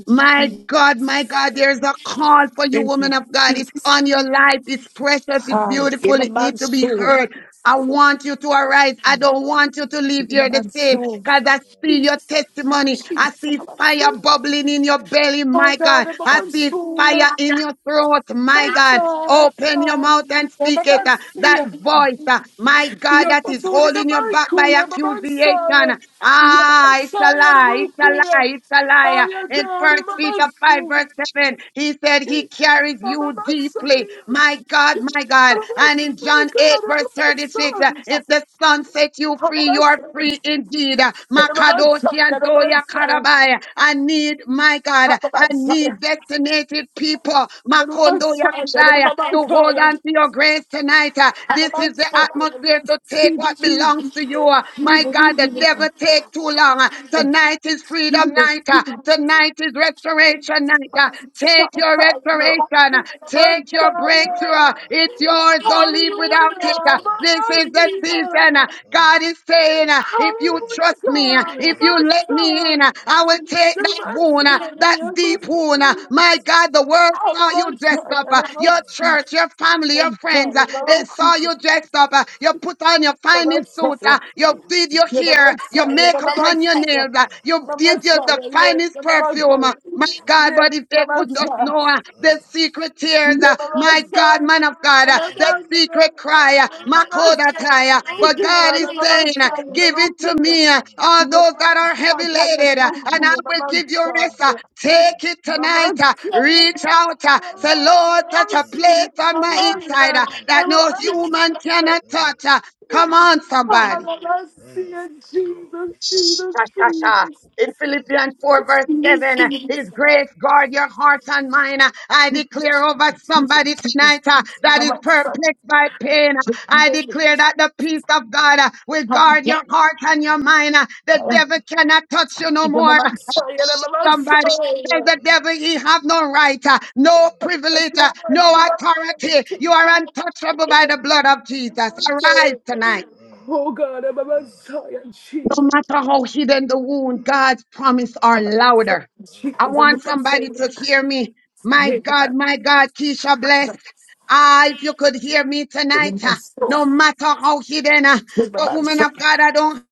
S7: My God, my God, there's a call for you,
S15: thank you,
S7: woman of God. It's
S15: Jesus.
S7: on your life. It's precious. It's
S15: Ah,
S7: beautiful.
S15: give a
S7: It
S15: man
S7: needs to be
S15: soul.
S7: heard. I want you to arise. I don't want you to leave
S15: Give a
S7: here the
S15: man
S7: same
S15: soul.
S7: because I see your
S15: Jesus.
S7: testimony. I
S15: Jesus, give
S7: see
S15: a man
S7: fire
S15: soul.
S7: bubbling in your belly,
S15: Oh,
S7: my
S15: God,
S7: God.
S15: give a
S7: I
S15: man
S7: see
S15: soul. Yeah.
S7: fire in your throat, my
S15: Thanks,
S7: God.
S15: God.
S7: Open your
S15: God.
S7: mouth and
S15: Give
S7: speak
S15: a
S7: it.
S15: man
S7: uh,
S15: soul.
S7: That
S15: Yeah.
S7: voice, uh, my God,
S15: You're
S7: that
S15: for
S7: is
S15: soul in the
S7: holding you back
S15: Michael.
S7: by
S15: Give
S16: Kede.
S15: a man soul.
S7: accusation.
S15: Yeah. Give a man
S7: Ah, it's a
S15: soul. Yeah,
S7: lie,
S15: the
S7: it's a lie,
S15: Okuda.
S7: it's a
S15: Oh,
S7: lie.
S15: yeah,
S7: In
S15: God.
S7: first
S15: Give a
S7: Peter
S15: man
S7: 5,
S15: soul.
S7: verse 7, he said
S15: Give
S7: he carries
S15: a
S7: you
S15: man
S7: deeply.
S15: soul.
S7: My God, my God.
S15: Oh
S7: And in
S15: my
S7: John
S15: God!
S7: 8,
S15: I'm
S7: verse 36, uh,
S15: sorry.
S7: if the Son set you
S15: Have a
S7: free,
S15: nice
S7: you're
S15: day.
S7: free indeed. Uh,
S15: Get a nice
S7: Makadoshi
S15: day.
S7: and
S15: Get a
S7: Doya
S15: nice day.
S7: Karabai. I need, my God,
S15: Have a
S7: I
S15: nice day.
S7: need destinated people,
S15: Get a
S7: Makondo
S15: nice day. Get a nice
S7: Yakshaya, to
S15: day.
S7: hold on to your grace tonight. Uh,
S15: Have a
S7: This is the atmosphere to take what belongs to you. Uh, My my God, the devil take too long. Uh, Tonight is freedom night. Uh, Tonight is restoration night. Uh,
S15: nice
S7: Take your
S15: day.
S7: restoration. Uh, Take your breakthrough. Uh, It's yours. Don't leave without it. Uh, This is the season. Uh, God is saying, uh, if you trust me, uh, if you let me in, uh, I will take that wound, uh, that deep wound. uh,
S15: Hallelujah.
S7: My God, the world saw you dressed up. uh, Your church, your family, your friends, uh, they saw you dressed up. uh, You put on your finest
S15: Mama,
S7: suit suit. uh, You did your hair, your makeup on your nails. uh, You did your the finest perfume. uh, My God, but if they could not know uh, the secret tears, uh, my God, man of God, uh, the secret cry, uh, my Makodataya. But God is saying, uh, give it to me, uh, all those that are heavy laden, uh, and I will give you rest. uh, Take it tonight. uh, Reach out. uh, Say, Lord, touch a place on my inside uh, that no human cannot touch. Uh, Come on, somebody.
S16: Mm,
S15: I see
S16: mm,
S15: it,
S16: Lord.
S15: Jesus,
S16: Mm,
S15: Jesus,
S16: mm, mm,
S7: Shashasha.
S15: Jesus.
S7: In
S16: mm,
S7: Philippians
S15: Oh
S7: 4, verse
S16: mm,
S7: 7, uh, His grace guard your heart and mind. Uh, I declare over somebody tonight uh,
S16: mm, mm, mm, mm, mm, mm, mm, mm, mm, mm, mm, mm, mm,
S7: that is perplexed by pain. Uh,
S16: mm,
S7: I declare that the peace of God uh, will guard your heart and your mind. Uh, The
S16: mm,
S7: devil cannot touch you no more. Uh, Somebody tell the devil he have no
S16: mm,
S7: right, uh,
S16: mm, mm,
S7: no privilege, uh, no
S16: mm.
S7: authority. You are untouchable by the blood of Jesus. Arise tonight.
S15: God, I'm a Messiah,
S7: No
S15: Jesus,
S7: matter how hidden the wound, God's promise are louder. I
S15: Jesus, I'm
S7: want
S15: a
S7: somebody
S15: Messiah.
S7: to hear me. My
S15: Hey,
S7: God,
S15: God, I'm a Messiah, I'm a
S7: my God, Keisha bless. Ah, if you could hear me tonight, ah, no matter how hidden, ah, but woman
S15: Messiah,
S7: of God, I don't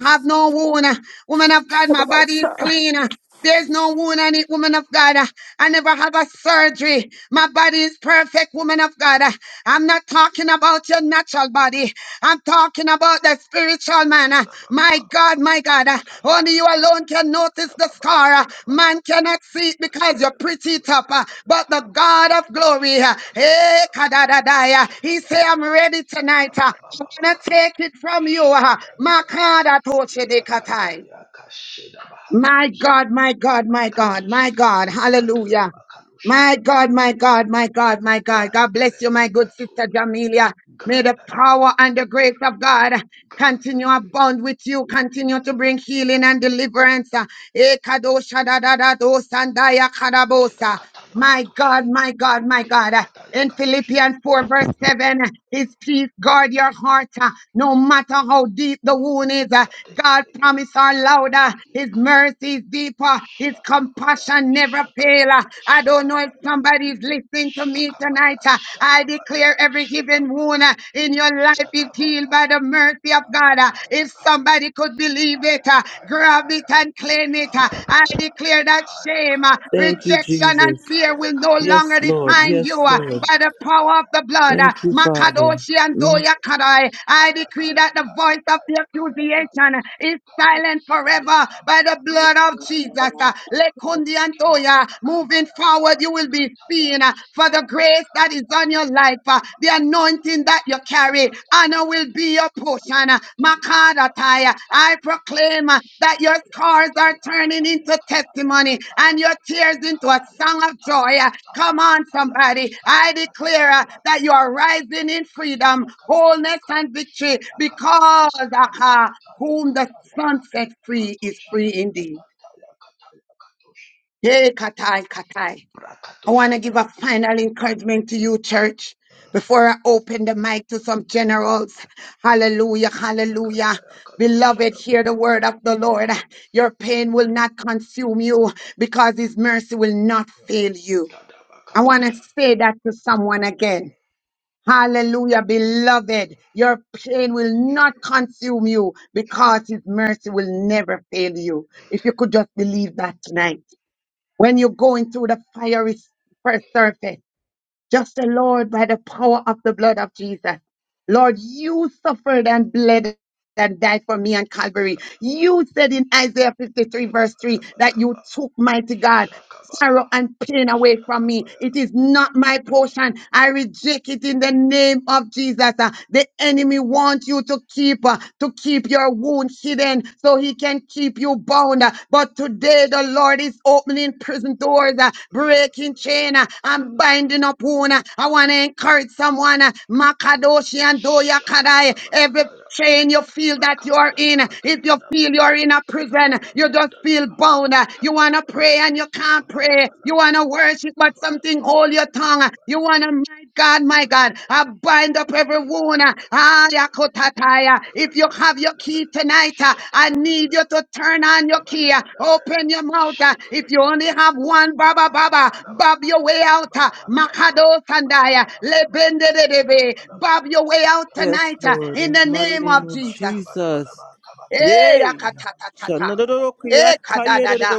S7: have no wound. ah. Woman of God,
S15: I'm
S7: my
S15: a
S7: body is
S15: Messiah.
S7: clean. ah. There's no wound on it, woman of God. ah. I never have a surgery. My body is perfect, woman of God. Uh, I'm not talking about your natural body. I'm talking about the spiritual man. Uh, My
S16: Kabababababa,
S7: God, my God. uh, Only you
S16: kababababa,
S7: alone can notice the scar. Uh,
S16: kabababababa,
S7: Man cannot see it because you
S16: belebelebe,
S7: pretty it up. uh,
S16: kebelebelebe,
S7: But
S16: ka.
S7: the God of glory, uh, eh,
S16: Shakabadabadaba,
S7: kadadadaya, he say, I'm
S16: shababababa,
S7: ready tonight. uh, I'm going
S16: bakababababa.
S7: to take it from you. uh,
S16: Shadadada.
S7: Makada toche de
S16: Yakata
S7: katai.
S16: yakasheda
S7: My
S16: bahakatos.
S7: God, my God, my God, my
S16: Bakatosi
S7: God.
S16: kata yakatola
S7: Hallelujah. My
S16: bakalushaya.
S7: God, my God, my God, my God. God bless
S16: Brandele
S7: you, my good
S16: bekato.
S7: sister Jamelia. May the
S16: Grandaya.
S7: power and the grace of God continue
S16: Grandele.
S7: abound with you, continue
S16: Mm.
S7: to bring healing and deliverance. Eh, kadoshadadadado sandaya
S16: Keda
S7: kadabosa.
S16: kata
S7: My
S16: katusha
S7: God, my God, my
S16: Kiba
S7: God. Uh,
S16: kata
S7: In
S16: katusha
S7: Philippians 4, verse 7, uh, his peace guard your heart. uh, No matter how deep the wound is, uh, God
S16: Kadegedege.
S7: promise are louder.
S16: Kia
S7: His
S16: kata.
S7: mercy is deeper. His
S16: Shakabaya.
S7: compassion never fail. Uh,
S16: Shakabaya.
S7: I don't know if
S16: Shakabaya.
S7: somebody's listening to me
S16: Shakabaya.
S7: tonight. uh, I
S16: Shakabaya.
S7: declare every given
S16: Shakabaya.
S7: wound uh, in your life is healed
S16: Shakabaya.
S7: by the mercy of
S16: Kaya
S7: God. Uh,
S16: kaya
S7: If
S16: kaya.
S7: somebody could believe it.
S16: Kaya,
S7: uh,
S16: kaya,
S7: Grab it
S16: kaya,
S7: and claim it. uh,
S16: kaya, kaya, kaya,
S7: I declare that
S16: kaya,
S7: shame, uh,
S16: kaya, kaya,
S19: Thank you,
S7: rejection, and
S19: Jesus.
S7: fear
S16: kaya,
S7: will no
S16: kaya, kaya, kaya, kaya,
S19: Yes,
S7: longer
S19: Lord.
S7: define
S16: kaya,
S7: you
S19: Yes,
S7: uh,
S19: Lord.
S7: by the
S16: kaya, kaya,
S7: power of the blood. uh,
S19: Thank you,
S16: kaya,
S19: Father.
S16: kaya,
S7: Makadoshi and
S19: Mm,
S7: Doya
S16: kaya.
S7: Kadai. I
S16: Kaya,
S7: decree
S16: kaya,
S7: that the
S16: kaya,
S7: voice of the
S16: kaya, kaya, kaya,
S7: accusation
S16: kaya,
S7: is
S16: kaya.
S7: silent forever by the
S16: Yakabaya,
S7: blood
S16: kaya,
S7: of
S16: kaya,
S7: Jesus. uh,
S16: kaya,
S7: Lekundi and Doya. Moving forward, you will be seen uh, for the grace that is on your life, uh, the anointing that you carry, honor will be your portion. uh, Makadatai, uh, I proclaim uh, that your scars are turning into testimony and your tears into a song of joy. uh, Come on, somebody. I declare uh, that you are rising in freedom, wholeness, and victory because uh, uh, whom the sun set free is free indeed. Hey, Katai, Katai. I want to
S16: Brakatoshada.
S7: give a final encouragement to you, church,
S16: Mm.
S7: before I open the mic to some generals. Hallelujah, hallelujah.
S16: Ibrakataya
S7: Beloved,
S16: katoshada.
S7: hear the word of the Lord. Your pain will not consume you because his mercy will not
S16: Mm.
S7: fail you.
S16: Kadaba
S7: I want to
S16: katosha.
S7: say that to someone again.
S16: Mm.
S7: Hallelujah, beloved.
S16: Mm.
S7: Your pain will not consume you because his mercy will never fail you. If you could just believe that tonight. When you're going through the fiery first surface, just the Lord, by the power of the blood of Jesus. Lord, you suffered and bled and died for me on Calvary. You said in Isaiah 53, verse 3,
S16: Kadabadaba
S7: that you
S16: kaba.
S7: took, mighty God
S16: Shakabaya.
S7: sorrow and pain away from me.
S16: Shakabaya.
S7: It is not my portion. I reject it in the name of Jesus. Uh, The enemy wants you to keep uh, to keep your wound hidden so he can keep you bound. Uh, But today the Lord is opening prison doors, uh,
S16: Mm.
S7: breaking chain,
S16: Mm.
S7: uh, and
S16: Shadaga.
S7: binding up wound. Uh, I want to encourage someone, uh, Makadoshi and Doya Kadai,
S16: Shadadadaba
S7: Every
S16: kataya.
S7: chain you feel that you are in,
S16: Bakabadadaba
S7: if you
S16: katadaba.
S7: feel you're in a prison,
S16: Kabadaba
S7: you just feel
S16: badalaba.
S7: bound. You want to
S16: Kabadaba.
S7: pray and you can't pray. You
S16: Kabadabalaba.
S7: want to worship, but something
S16: Kabadaba
S7: hold your tongue. You want to,
S16: Kabadabalaba.
S7: my God, my God,
S16: Kabadaba.
S7: I bind up every wound.
S16: Kabalaba
S7: Ah,
S16: katadaba.
S7: yakotaya. If you
S16: Kabalaba
S7: have your
S16: badalaba.
S7: key tonight, uh, I need
S16: Shakadadadada.
S7: you to turn on your key. uh,
S16: Kabalabalaba.
S7: Open your mouth. uh, If you only
S16: Shakadadadada.
S7: have one, Baba Baba,
S16: Bakabalabalaba.
S7: bob your way out. uh,
S16: Kabalabalabalaba.
S7: Makado Sandaya,
S16: Bakabalabalaba.
S7: Lebendedebe, bob
S16: Kabalabalabalaba.
S7: your way out
S19: Yes,
S7: tonight uh,
S16: Kabalabalaba.
S19: Lord.
S7: in
S19: In
S7: the
S19: the mighty
S7: name of
S19: name of
S16: Kabalabalaba. Kabalabalaba.
S7: Jesus.
S19: Jesus.
S16: Kabalabalaba. Kabalabalaba.
S7: Eh,
S19: Yay!
S16: Kabalabalaba.
S7: yakatatatata. Eh,
S16: Kabalabalaba.
S7: kadadada.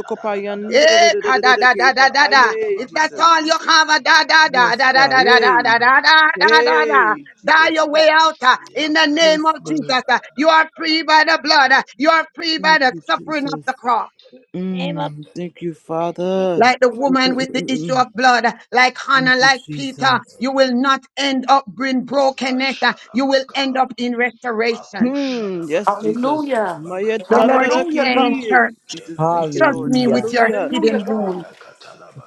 S7: Eh, ka da da da da da da. If that's
S19: Jesus.
S7: all you have, a da da da
S19: Yes,
S7: da da
S19: God.
S7: da da da
S19: Yay.
S7: da da da da da da.
S19: Yay,
S7: Die
S19: Jesus.
S7: your way out uh, in the name
S19: Yes,
S7: of Jesus.
S19: Lord.
S7: uh. You are free by the blood. uh. You are free by
S19: Thank
S7: the
S19: you,
S7: suffering of
S19: Jesus.
S7: the cross.
S6: name of
S19: Mm, thank you,
S6: the name,
S19: Father.
S7: Like the
S19: Mm,
S7: woman
S19: mm, mm,
S7: with the
S19: mm,
S7: issue
S19: mm.
S7: of blood, uh, like Hannah,
S19: Thank you,
S7: like Peter,
S19: Jesus.
S7: you will not end up in brokenness. uh. You will
S16: Mashadabaka,
S7: end up in restoration.
S19: Hmm. Yes,
S16: Makoshadabaya
S19: Jesus.
S15: Hallelujah,
S19: Maya
S7: The
S16: Kazedabakataya,
S7: Lord is
S15: Hallelujah,
S7: saying,
S15: God,
S19: tadadadaki.
S7: church,
S19: Jesus, thank you,
S7: trust
S16: Kebekelebe,
S19: Lord.
S7: me with
S17: Hallelujah.
S7: your
S19: Hallelujah.
S15: Hallelujah,
S7: hidden
S15: God,
S7: wounds.
S16: Kabada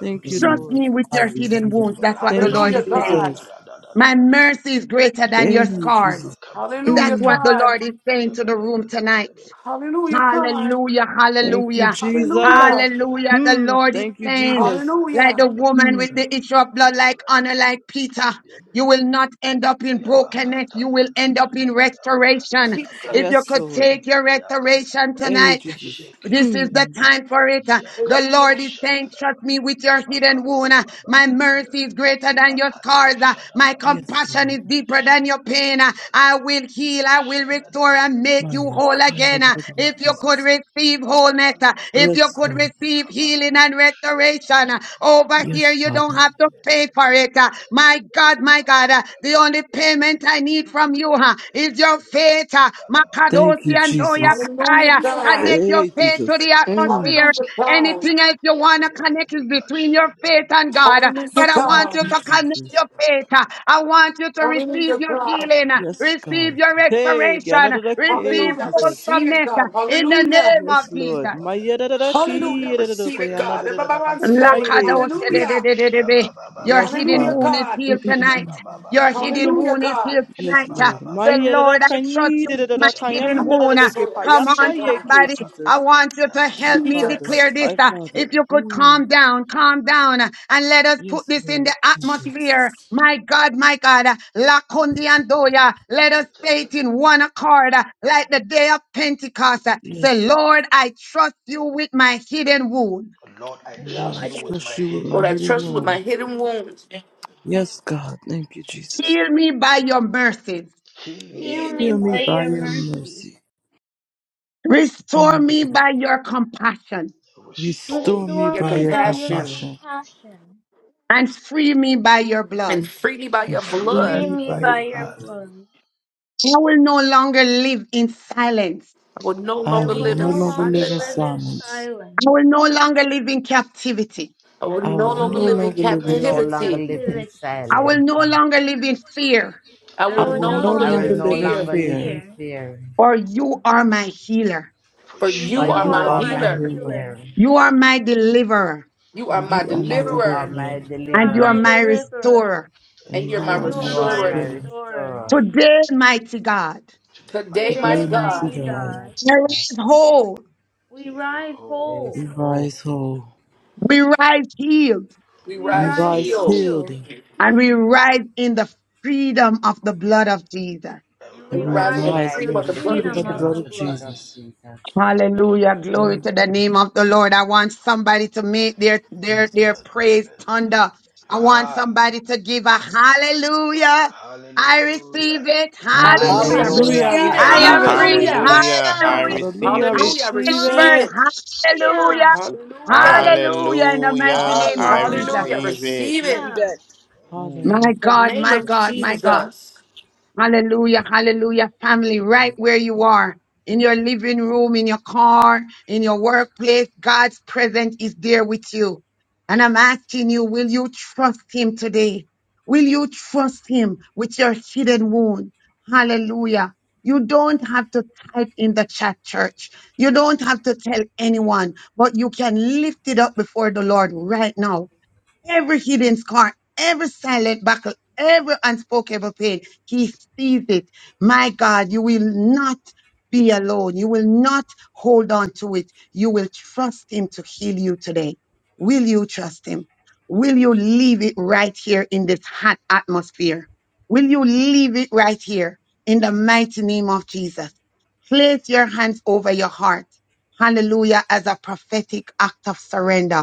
S19: Thank you,
S7: Trust
S17: Mm.
S19: Lord.
S7: me with your hidden wounds.
S17: Hallelujah.
S7: That's what
S16: Rado
S7: the
S19: Thank you,
S7: Lord
S15: Hallelujah,
S7: is
S16: Shada,
S7: saying.
S15: God,
S19: Jesus.
S7: My
S16: Radadadadada,
S7: mercy is greater than your
S19: Thank you,
S7: scars.
S19: Jesus.
S15: Hallelujah,
S7: That's
S16: Radadadabakabalebede.
S7: what the
S15: God.
S7: Lord is saying to the room tonight.
S16: Kabalabalabalabe,
S15: Hallelujah, God.
S16: shabalabe,
S7: Hallelujah,
S19: Thank you,
S7: hallelujah,
S16: yadabalabe,
S15: Hallelujah.
S19: Jesus.
S7: hallelujah. The
S19: Hmm.
S16: kabalabalaba,
S7: Lord is
S19: Thank you,
S7: saying,
S19: Jesus.
S7: like
S15: Hallelujah.
S7: the
S16: shabalabalaba,
S7: woman
S19: Hmm.
S7: with
S16: kabala-
S7: the issue of blood, like honor, like
S16: kabalabalaba,
S7: Peter, you will
S16: yabalabe,
S7: not end up in brokenness.
S16: yabakata,
S7: You will end
S16: yakato,
S7: up in
S16: daba, yabakata,
S7: restoration. If you
S19: Yes,
S16: yakatosha,
S15: Jesus.
S7: could
S19: Lord.
S7: take your restoration
S19: Hey,
S16: yakabalababade,
S7: tonight,
S19: Jesus.
S7: this
S16: shekedebe,
S7: is the
S19: Hmm.
S7: time for it. Uh, The
S16: yakato,
S7: Lord
S15: Hallelujah.
S7: is saying,
S16: shabadaba,
S7: trust me with your hidden wound. Uh, My
S16: makabalababadalebe,
S7: mercy is greater than your
S16: makato,
S7: scars. Uh, My
S16: shadabayaba,
S19: Yes,
S7: compassion is
S19: Lord.
S7: deeper than your pain. Uh, I
S16: shabadabadabadabe,
S7: will heal. I will restore and make you
S16: shabadabadabadabe,
S19: Maya
S7: whole
S19: kaya
S7: again. Uh, If you
S16: shabadabadaba,
S7: could
S19: Jesus.
S7: receive wholeness, uh,
S16: Makabalaba
S7: if you
S19: Yes,
S16: Kabana
S7: could
S19: Lord.
S7: receive healing
S16: Kabalaba
S7: and
S16: Shabanaba
S7: restoration, uh, over
S16: Kabanaba
S7: here
S19: Yes,
S7: you don't
S19: Father.
S7: have to pay for
S16: Badebedebedebe
S7: it. Uh, My
S16: Katadebede
S7: God, my God,
S16: Balaba
S7: uh, the only
S16: Kabadebe
S7: payment I
S16: Kabadebe
S7: need from you uh, is your
S16: Shebedebede
S7: faith. Uh,
S16: Balaba
S19: Thank
S7: Makadosi
S19: you,
S16: Kabalaba
S7: and Doya
S19: Jesus.
S15: Hallelujah,
S7: Kataya.
S16: Kabadebedebe
S15: God.
S7: Connect your
S19: Hey,
S16: Kabalabalaba
S7: faith to
S19: Jesus.
S7: the
S19: Hmm.
S7: atmosphere.
S16: Kabadebedebe
S15: Hallelujah, God.
S16: Katadebede
S7: Anything else you want to connect
S16: Bedebedebe
S7: is between your faith
S16: Kashadebedebe
S7: and God.
S16: Kabada
S15: Hallelujah,
S7: But I want
S19: Thank
S7: you
S19: you,
S15: God.
S7: to
S16: Shebedebede
S7: connect
S19: Jesus.
S7: your
S16: Katadebe
S7: faith.
S16: Kabalaba
S7: I want you
S16: Badebe
S7: to receive
S16: Kabada
S15: Hallelujah,
S7: your
S15: God.
S7: healing,
S16: Badebe
S19: Yes,
S7: receive
S19: God.
S7: your
S16: Kabalaba
S19: Hey,
S16: Badebe
S7: restoration,
S16: Kabadebe
S7: receive
S19: Yanadaki,
S15: Hallelujah.
S16: Bedebe
S19: Jesus.
S15: Receive
S16: Kabada
S15: it,
S7: wholesomeness
S15: God.
S7: in the
S15: Hallelujah.
S7: name of
S19: Yes,
S7: Jesus.
S19: Lord. My Yadadaki,
S15: Hallelujah. Receive
S19: Yadadako,
S15: it, God. Ebababansoya.
S19: Yanadadakaye, Jesus.
S15: Hallelujah.
S7: Lakadotededededebe. Your
S19: Yes,
S6: Lord,
S7: hidden
S15: Hallelujah,
S19: Father.
S7: wound is
S15: God.
S7: healed tonight. Your
S6: Lord,
S7: hidden
S6: yes,
S15: Hallelujah,
S7: wound is
S15: God.
S7: healed
S19: Yes,
S7: tonight. Uh,
S19: Lord. My
S7: Say, Lord, I trust
S19: Yadadakani,
S7: you with my hidden wound. Uh,
S19: Yadadakayanadadake,
S15: Ebababansoya.
S7: Come
S15: Receive
S7: on,
S15: it, God.
S19: Payatayeke,
S7: somebody. I
S19: Jesus.
S7: want you to
S19: My
S7: help me
S19: Father.
S7: declare
S15: Jesus.
S7: this.
S19: My
S7: Uh,
S19: Father.
S7: If you could
S19: Mm.
S7: calm down, calm down, uh, and let us put
S19: Yes,
S7: this in the
S19: Lord, Jesus.
S7: atmosphere.
S15: Jesus.
S7: My God, my God. uh, Lakundi and Doya. Let us say it in one accord, uh, like the day of Pentecost. Uh, Say,
S19: Yes,
S7: Lord, I trust you with my hidden wound.
S16: Lord, I
S6: Lord,
S19: Lord, I
S16: trust
S6: I
S16: you
S6: trust
S16: with my
S19: trust you with
S6: you
S16: hidden
S19: my
S6: with
S15: Lord, I
S6: my
S16: wound.
S19: hidden
S15: trust you with my
S19: wound.
S15: hidden
S6: name.
S15: wounds, and
S19: Yes, God. Thank you, Jesus.
S7: Heal me by your mercies.
S16: Heal
S5: Heal
S6: heal
S16: me
S6: me
S19: Heal
S5: me
S6: by
S19: me
S5: by
S16: by
S6: your
S19: by
S16: your
S5: your
S19: your
S16: mercy.
S5: mercy,
S19: mercy.
S7: Restore
S19: Mm.
S7: me by your compassion
S16: Restore
S6: grace.
S19: Restore me
S5: restore
S16: me
S15: your
S19: by
S16: by
S5: me
S19: your
S16: your
S5: by your
S15: compassion.
S16: compassion.
S19: compassion
S5: compassion,
S7: and
S19: Yes.
S7: free me by your blood.
S15: and freely by your
S19: and
S5: and
S19: free
S16: Free
S5: free
S15: blood
S19: me
S16: me
S5: me
S19: by
S16: by your
S5: by
S19: your
S5: your
S16: blood.
S19: mercy.
S5: blood.
S7: I will no longer live in silence.
S16: I will
S19: I
S5: I
S16: no
S19: will
S5: will
S15: live
S19: no
S15: in
S16: longer
S5: no
S16: live
S19: longer
S16: in
S5: longer
S19: live in
S15: silence.
S5: live in
S16: silence.
S19: silence.
S7: I
S5: silence.
S7: will no longer live in captivity.
S15: I
S16: I
S5: I
S15: will
S19: I
S16: will
S5: will
S19: will
S16: no
S5: no
S19: no
S16: longer
S15: make
S19: longer
S16: live in
S5: longer
S19: live in
S5: live
S8: No
S5: in
S16: captivity.
S8: longer
S19: captivity.
S15: you-
S8: live in
S5: captivity.
S7: I will
S8: silence.
S7: no longer live in fear,
S16: I
S15: I will-
S16: will
S5: I
S19: I
S5: will
S19: will
S5: no
S19: no
S16: no
S8: I
S16: longer
S8: will
S19: longer
S16: live
S5: longer
S8: no
S19: live
S16: in
S5: live
S19: in
S5: in
S8: longer
S16: fear.
S8: live in
S19: fear.
S5: fear,
S8: fear,
S7: for you are my healer.
S16: For
S15: For
S5: for
S16: you
S8: for
S15: you
S19: For
S5: you
S15: are
S16: are
S19: you
S8: you
S15: my
S16: my
S5: are
S19: are
S8: are
S5: my
S19: my
S8: my
S16: healer.
S15: healer.
S19: healer,
S5: healer,
S8: fear.
S7: You are my deliverer
S15: You are
S19: and
S16: You are
S19: you
S16: my
S19: are my
S8: You
S16: deliverer.
S8: are
S15: and
S19: deliverer,
S8: my
S5: you
S7: and
S5: are
S7: you are
S5: my
S8: deliverance.
S7: my
S5: deliverer,
S7: restorer.
S16: And
S15: you
S16: you
S19: and
S16: are
S6: I
S19: you
S5: and
S6: need
S19: are
S5: you
S16: my
S19: my
S8: You
S6: you.
S5: are
S8: are
S5: my
S16: restorer.
S8: my
S15: are
S19: restorer.
S5: restorer.
S8: restorer.
S7: Today, mighty God,
S16: Today,
S15: today,
S16: mighty
S15: mighty
S5: Today,
S19: Today,
S16: God,
S19: mighty
S8: You're
S15: God.
S5: mighty
S8: my
S19: God,
S5: God,
S7: we
S8: mighty God.
S7: rise whole,
S5: we
S16: take you
S5: rise
S16: whole.
S8: There is
S19: we
S5: whole,
S8: hope.
S19: rise whole,
S7: we rise healed,
S15: We
S16: We
S5: we
S19: we
S16: rise
S15: rise
S5: rise
S19: rise
S16: healed
S15: healed.
S19: healed,
S5: healed.
S7: and we rise in the freedom of the blood of Jesus.
S16: and we
S5: and
S15: We
S19: and
S5: we
S19: we
S6: All
S15: rise
S6: right.
S15: in
S8: We
S16: rise
S5: rise
S15: the
S5: in
S19: rise
S8: ride
S19: in
S16: in
S15: freedom
S5: the
S16: the
S19: the
S15: of the
S8: in the
S15: blood
S16: freedom
S15: of
S16: of
S19: freedom
S16: the
S5: freedom
S19: of the
S8: freedom
S15: Jesus.
S5: of
S16: blood
S8: of
S19: blood
S16: of
S5: the
S19: of
S8: the blood
S5: blood.
S8: of
S19: Jesus.
S16: Jesus.
S8: Jesus.
S7: Hallelujah. Glory
S19: Mm,
S7: to the name of the Lord. I want somebody to make their, their, their
S19: Jesus.
S7: praise
S16: Madelele.
S7: thunder. I want
S16: Ah,
S7: somebody to give a hallelujah. I
S16: Hallelujah.
S7: receive it. Hallelujah.
S16: I
S15: Hallelujah. I
S16: receive it.
S19: Hallelujah. I
S8: Hallelujah.
S17: Hallelujah.
S15: receive
S8: I
S15: it.
S17: I
S7: I am
S19: receive it.
S7: free.
S5: Hallelujah!
S8: receive
S17: receive
S15: Hallelujah.
S8: it.
S17: it.
S18: Hallelujah. I
S7: Hallelujah.
S16: Mm,
S19: Hallelujah.
S18: receive
S19: I
S7: I
S18: it.
S15: Hallelujah. I
S7: am
S19: receive
S15: Receive
S7: delivered.
S15: it.
S19: it.
S7: Hallelujah.
S5: Hallelujah!
S19: Thank
S15: Hallelujah.
S7: Hallelujah. In the
S16: mm. I
S7: mighty
S18: Hallelujah.
S7: name
S16: receive
S7: of
S18: I
S16: it.
S19: you. Thank
S17: Hallelujah.
S7: Jesus.
S19: you,
S15: Hallelujah. I
S17: I
S19: Father.
S18: receive it.
S15: Receive
S17: receive
S15: it.
S5: Hallelujah!
S17: it. Mm.
S7: My
S15: In the
S19: Hallelujah.
S7: God,
S15: name
S7: my
S15: of
S7: God, my God.
S17: Lord.
S15: Jesus.
S7: Hallelujah, hallelujah, family, right where you are, in your living room, in your car, in your workplace, God's presence is there with you. And I'm asking you, will you trust Him today? Will you trust Him with your hidden wound? Hallelujah. You don't have to type in the chat, church. You don't have to tell anyone, but you can lift it up before the Lord right now every hidden scar, every silent battle, every unspoken pain. He sees it. My God, you will not be alone. You will not hold on to it. You will trust Him to heal you today. Will you trust Him? Will you leave it right here in this hot atmosphere? Will you leave it right here in the mighty name of Jesus? Place your hands over your heart. Hallelujah, as a prophetic act of surrender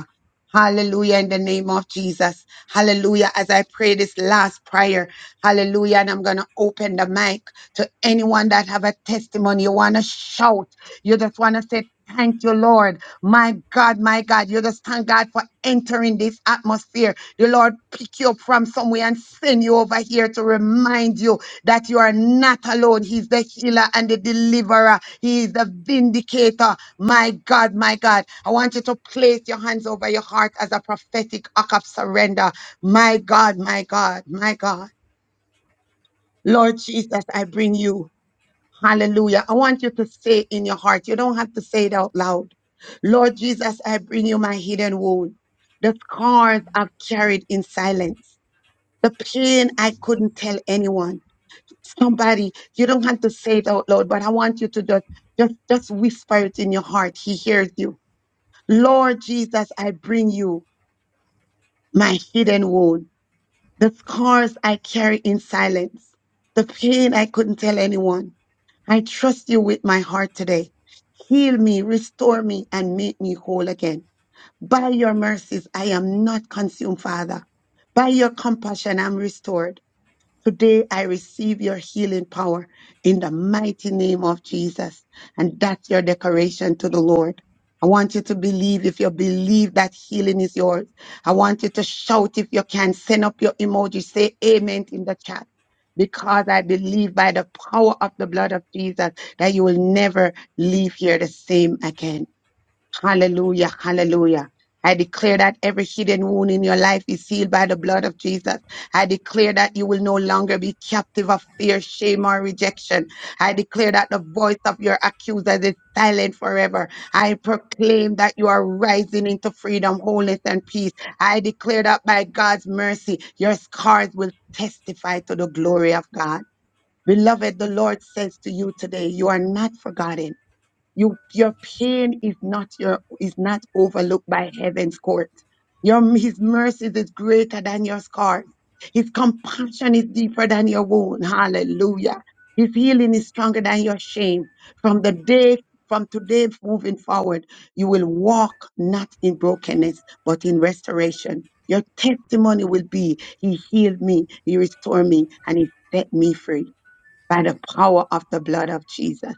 S7: Hallelujah, in the name of Jesus. Hallelujah. As I pray this last prayer, hallelujah. And I'm going to open the mic to anyone that have a testimony. You want to shout. You just want to say, thank you, Lord. My God, my God. You just thank God for entering this atmosphere. The Lord pick you up from somewhere and send you over here to remind you that you are not alone. He's the healer and the deliverer. He is the vindicator. My God, my God. I want you to place your hands over your heart as a prophetic act of surrender. My God, my God, my God. Lord Jesus, I bring you. Hallelujah. I want you to say in your heart. You don't have to say it out loud. Lord Jesus, I bring you my hidden wound. The scars I've carried in silence. The pain I couldn't tell anyone somebody you don't have to say it out loud but i want you to just just just whisper it in your heart he hears you lord jesus i bring you my hidden wound the scars i carry in silence the pain i couldn't tell anyone i trust you with my heart today heal me restore me and make me whole again by your mercies i am not consumed father by your compassion i'm restored Today I receive your healing power in the mighty name of Jesus. And that's your declaration to the Lord. I want you to believe if you believe that healing is yours. I want you to shout if you can. Send up your emoji. Say amen in the chat. Because I believe by the power of the blood of Jesus that you will never leave here the same again. Hallelujah. Hallelujah. I declare that every hidden wound in your life is healed by the blood of Jesus. I declare that you will no longer be captive of fear, shame, or rejection. I declare that the voice of your accusers is silent forever. I proclaim that you are rising into freedom, wholeness, and peace. I declare that by God's mercy, your scars will testify to the glory of God. Beloved, the Lord says to you today, you are not forgotten. You, your pain is not your, is not overlooked by heaven's court. Your, his mercy is greater than your scars. His compassion is deeper than your wound. Hallelujah. His healing is stronger than your shame. From the day, from today moving forward, you will walk not in brokenness, but in restoration. Your testimony will be, he healed me, he restored me, and he set me free by the power of the blood of Jesus.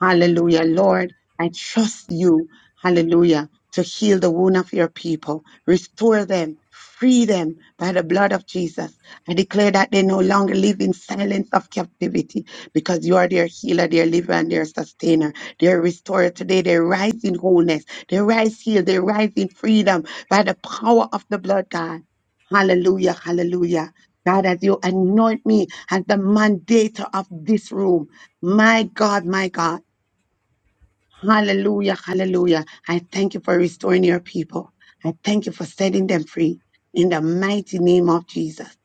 S7: Hallelujah. Lord, I trust you. Hallelujah. To heal the wound of your people, restore them, free them by the blood of Jesus. I declare that they no longer live in silence of captivity because you are their healer, their liver, and their sustainer, their restorer. Today they rise in wholeness, they rise healed, they rise in freedom by the power of the blood, God. Hallelujah. Hallelujah. God, as you anoint me as the mandator of this room, my God, my God. Hallelujah, hallelujah. I thank you for restoring your people. I thank you for setting them free in the mighty name of Jesus.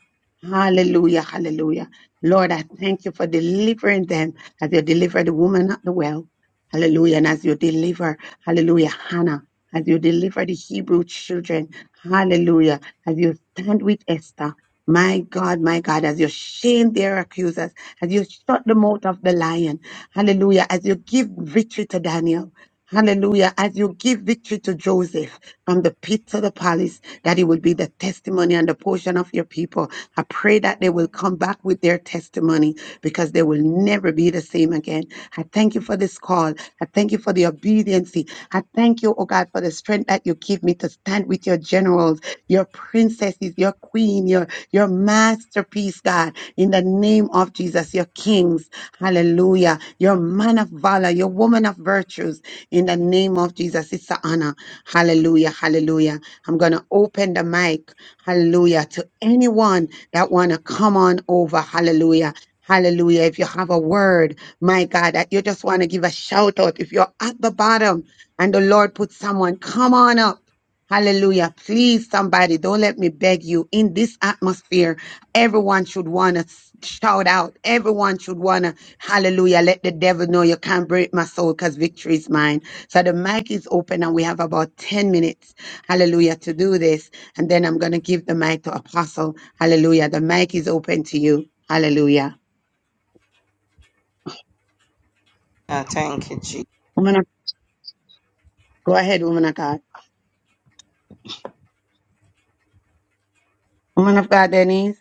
S7: Hallelujah, hallelujah. Lord, I thank you for delivering them as you delivered the woman at the well. Hallelujah. And as you deliver, hallelujah, Hannah, as you deliver the Hebrew children. Hallelujah. As you stand with Esther. My God, my God, as you shame their accusers, as you shut the mouth of the lion. Hallelujah. As you give victory to Daniel. Hallelujah. As you give victory to Joseph from the pit to the palace, that it will be the testimony and the portion of your people. I pray that they will come back with their testimony because they will never be the same again. I thank you for this call. I thank you for the obedience. I thank you, oh God, for the strength that you give me to stand with your generals, your princesses, your queen, your, your masterpiece, God in the name of Jesus, your kings, hallelujah, your man of valor, your woman of virtues, in the name of Jesus. It's an honor, hallelujah, hallelujah. I'm going to open the mic, hallelujah, to anyone that want to come on over, hallelujah. Hallelujah. If you have a word, my God, that you just want to give a shout out. If you're at the bottom and the Lord put someone, come on up. Hallelujah. Please, somebody, don't let me beg you in this atmosphere. Everyone should want to shout out. Everyone should want to, hallelujah, let the devil know you can't break my soul because victory is mine. So the mic is open and we have about 10 minutes, hallelujah, to do this. And then I'm going to give the mic to Apostle. Hallelujah. The mic is open to you. Hallelujah.
S11: Ah, Thank you, Jesus.
S7: Woman of, go ahead, woman of God. Woman of God, Denise.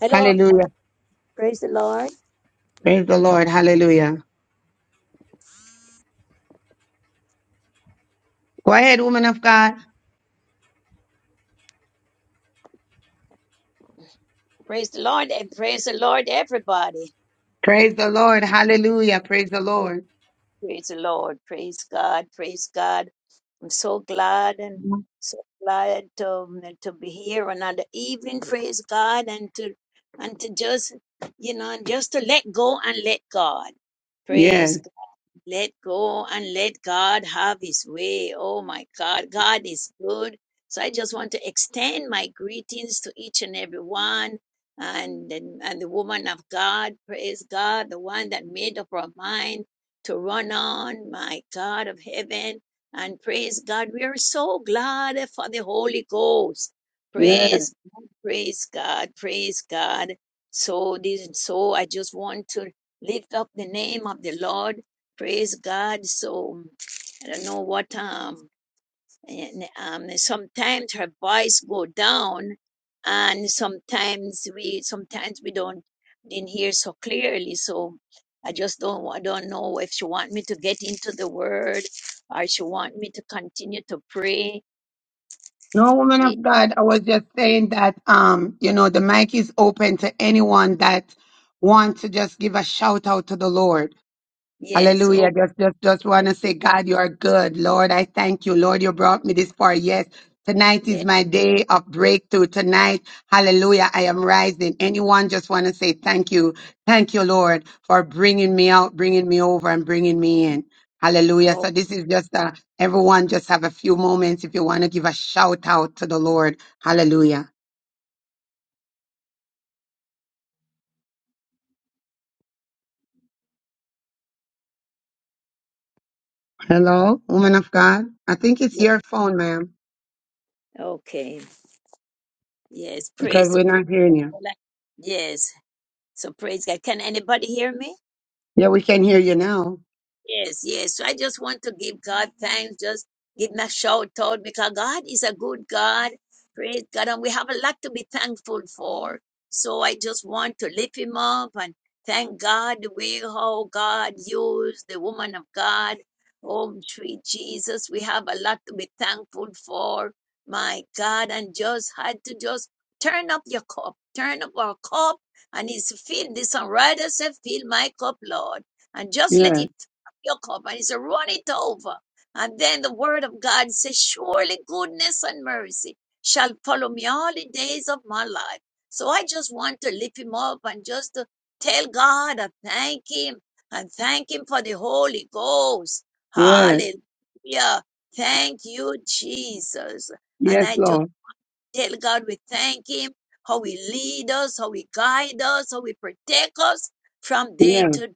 S6: Hello,
S7: Hallelujah.
S6: praise the Lord.
S7: Praise the Lord. Hallelujah. Go ahead, woman of God.
S6: Praise the Lord and praise the Lord, everybody.
S7: Praise the Lord. Hallelujah. Praise the Lord.
S6: Praise the Lord. Praise God. Praise God. I'm so glad and so glad to, to be here another evening. Praise God and to and to just you know just to let go and let God.
S7: Yes.
S6: Praise Let go and let God have His way. Oh my God, God is good. So I just want to extend my greetings to each and every one and, and, and the woman of God. Praise God, the one that made up her mind to run on, my God of heaven. And praise God, we are so glad for the Holy Ghost.
S7: Yes.
S6: Praise God, praise God, praise God. So this so I just want to lift up the name of the Lord praise God. So I don't know what um and um sometimes her voice go down and sometimes we sometimes we don't didn't hear so clearly. So I just don't wa- don't know if she want me to get into the word or she want me to continue to pray.
S7: No, woman
S6: Eh,
S7: of God, I was just saying that um, you know, the mic is open to anyone that wants to just give a shout out to the Lord.
S6: Yes,
S7: Hallelujah.
S6: okay.
S7: Just, just, just want to say, God, you are good. Lord, I thank you. Lord, you brought me this far. Yes. Tonight is
S6: Yeah.
S7: my day of breakthrough. Tonight, hallelujah, I am rising. Anyone just want to say thank you. Thank you, Lord, for bringing me out, bringing me over, and bringing me in. Hallelujah. So
S6: Oh,
S7: this is just a, everyone just have a few moments if you want to give a shout out to the Lord. Hallelujah. Hello, woman of God. I think it's
S6: yeah.
S7: your phone, ma'am,
S6: Okay. Yes,
S7: because
S6: praise,
S7: we're
S6: praise
S7: not hearing
S6: God.
S7: you.
S6: Well, I- Yes. So praise God. Can anybody hear me?
S7: Yeah, we can hear you now.
S6: Yes, yes. So I just want to give God thanks. Just give him a shout out because God is a good God. Praise God. And we have a lot to be thankful for. So I just want to lift him up and thank God the way how God used the woman of God. Oh, sweet Jesus, we have a lot to be thankful for. My God, and just had to just turn up your cup, turn up our cup, and it's filled. This songwriter said, Fill my cup, Lord and just let it Jacob cup and it's run it over. And then the word of God says, Surely goodness and mercy shall follow me all the days of my life. So I just want to lift him up and just to tell God I thank him and thank him for the Holy Ghost.
S7: Yes.
S6: Hallelujah. Thank you, Jesus. And
S7: Yes,
S6: I just
S7: Lord.
S6: tell God we thank him, how he lead us, how he guide us, how he protect us from day
S7: Yes.
S6: to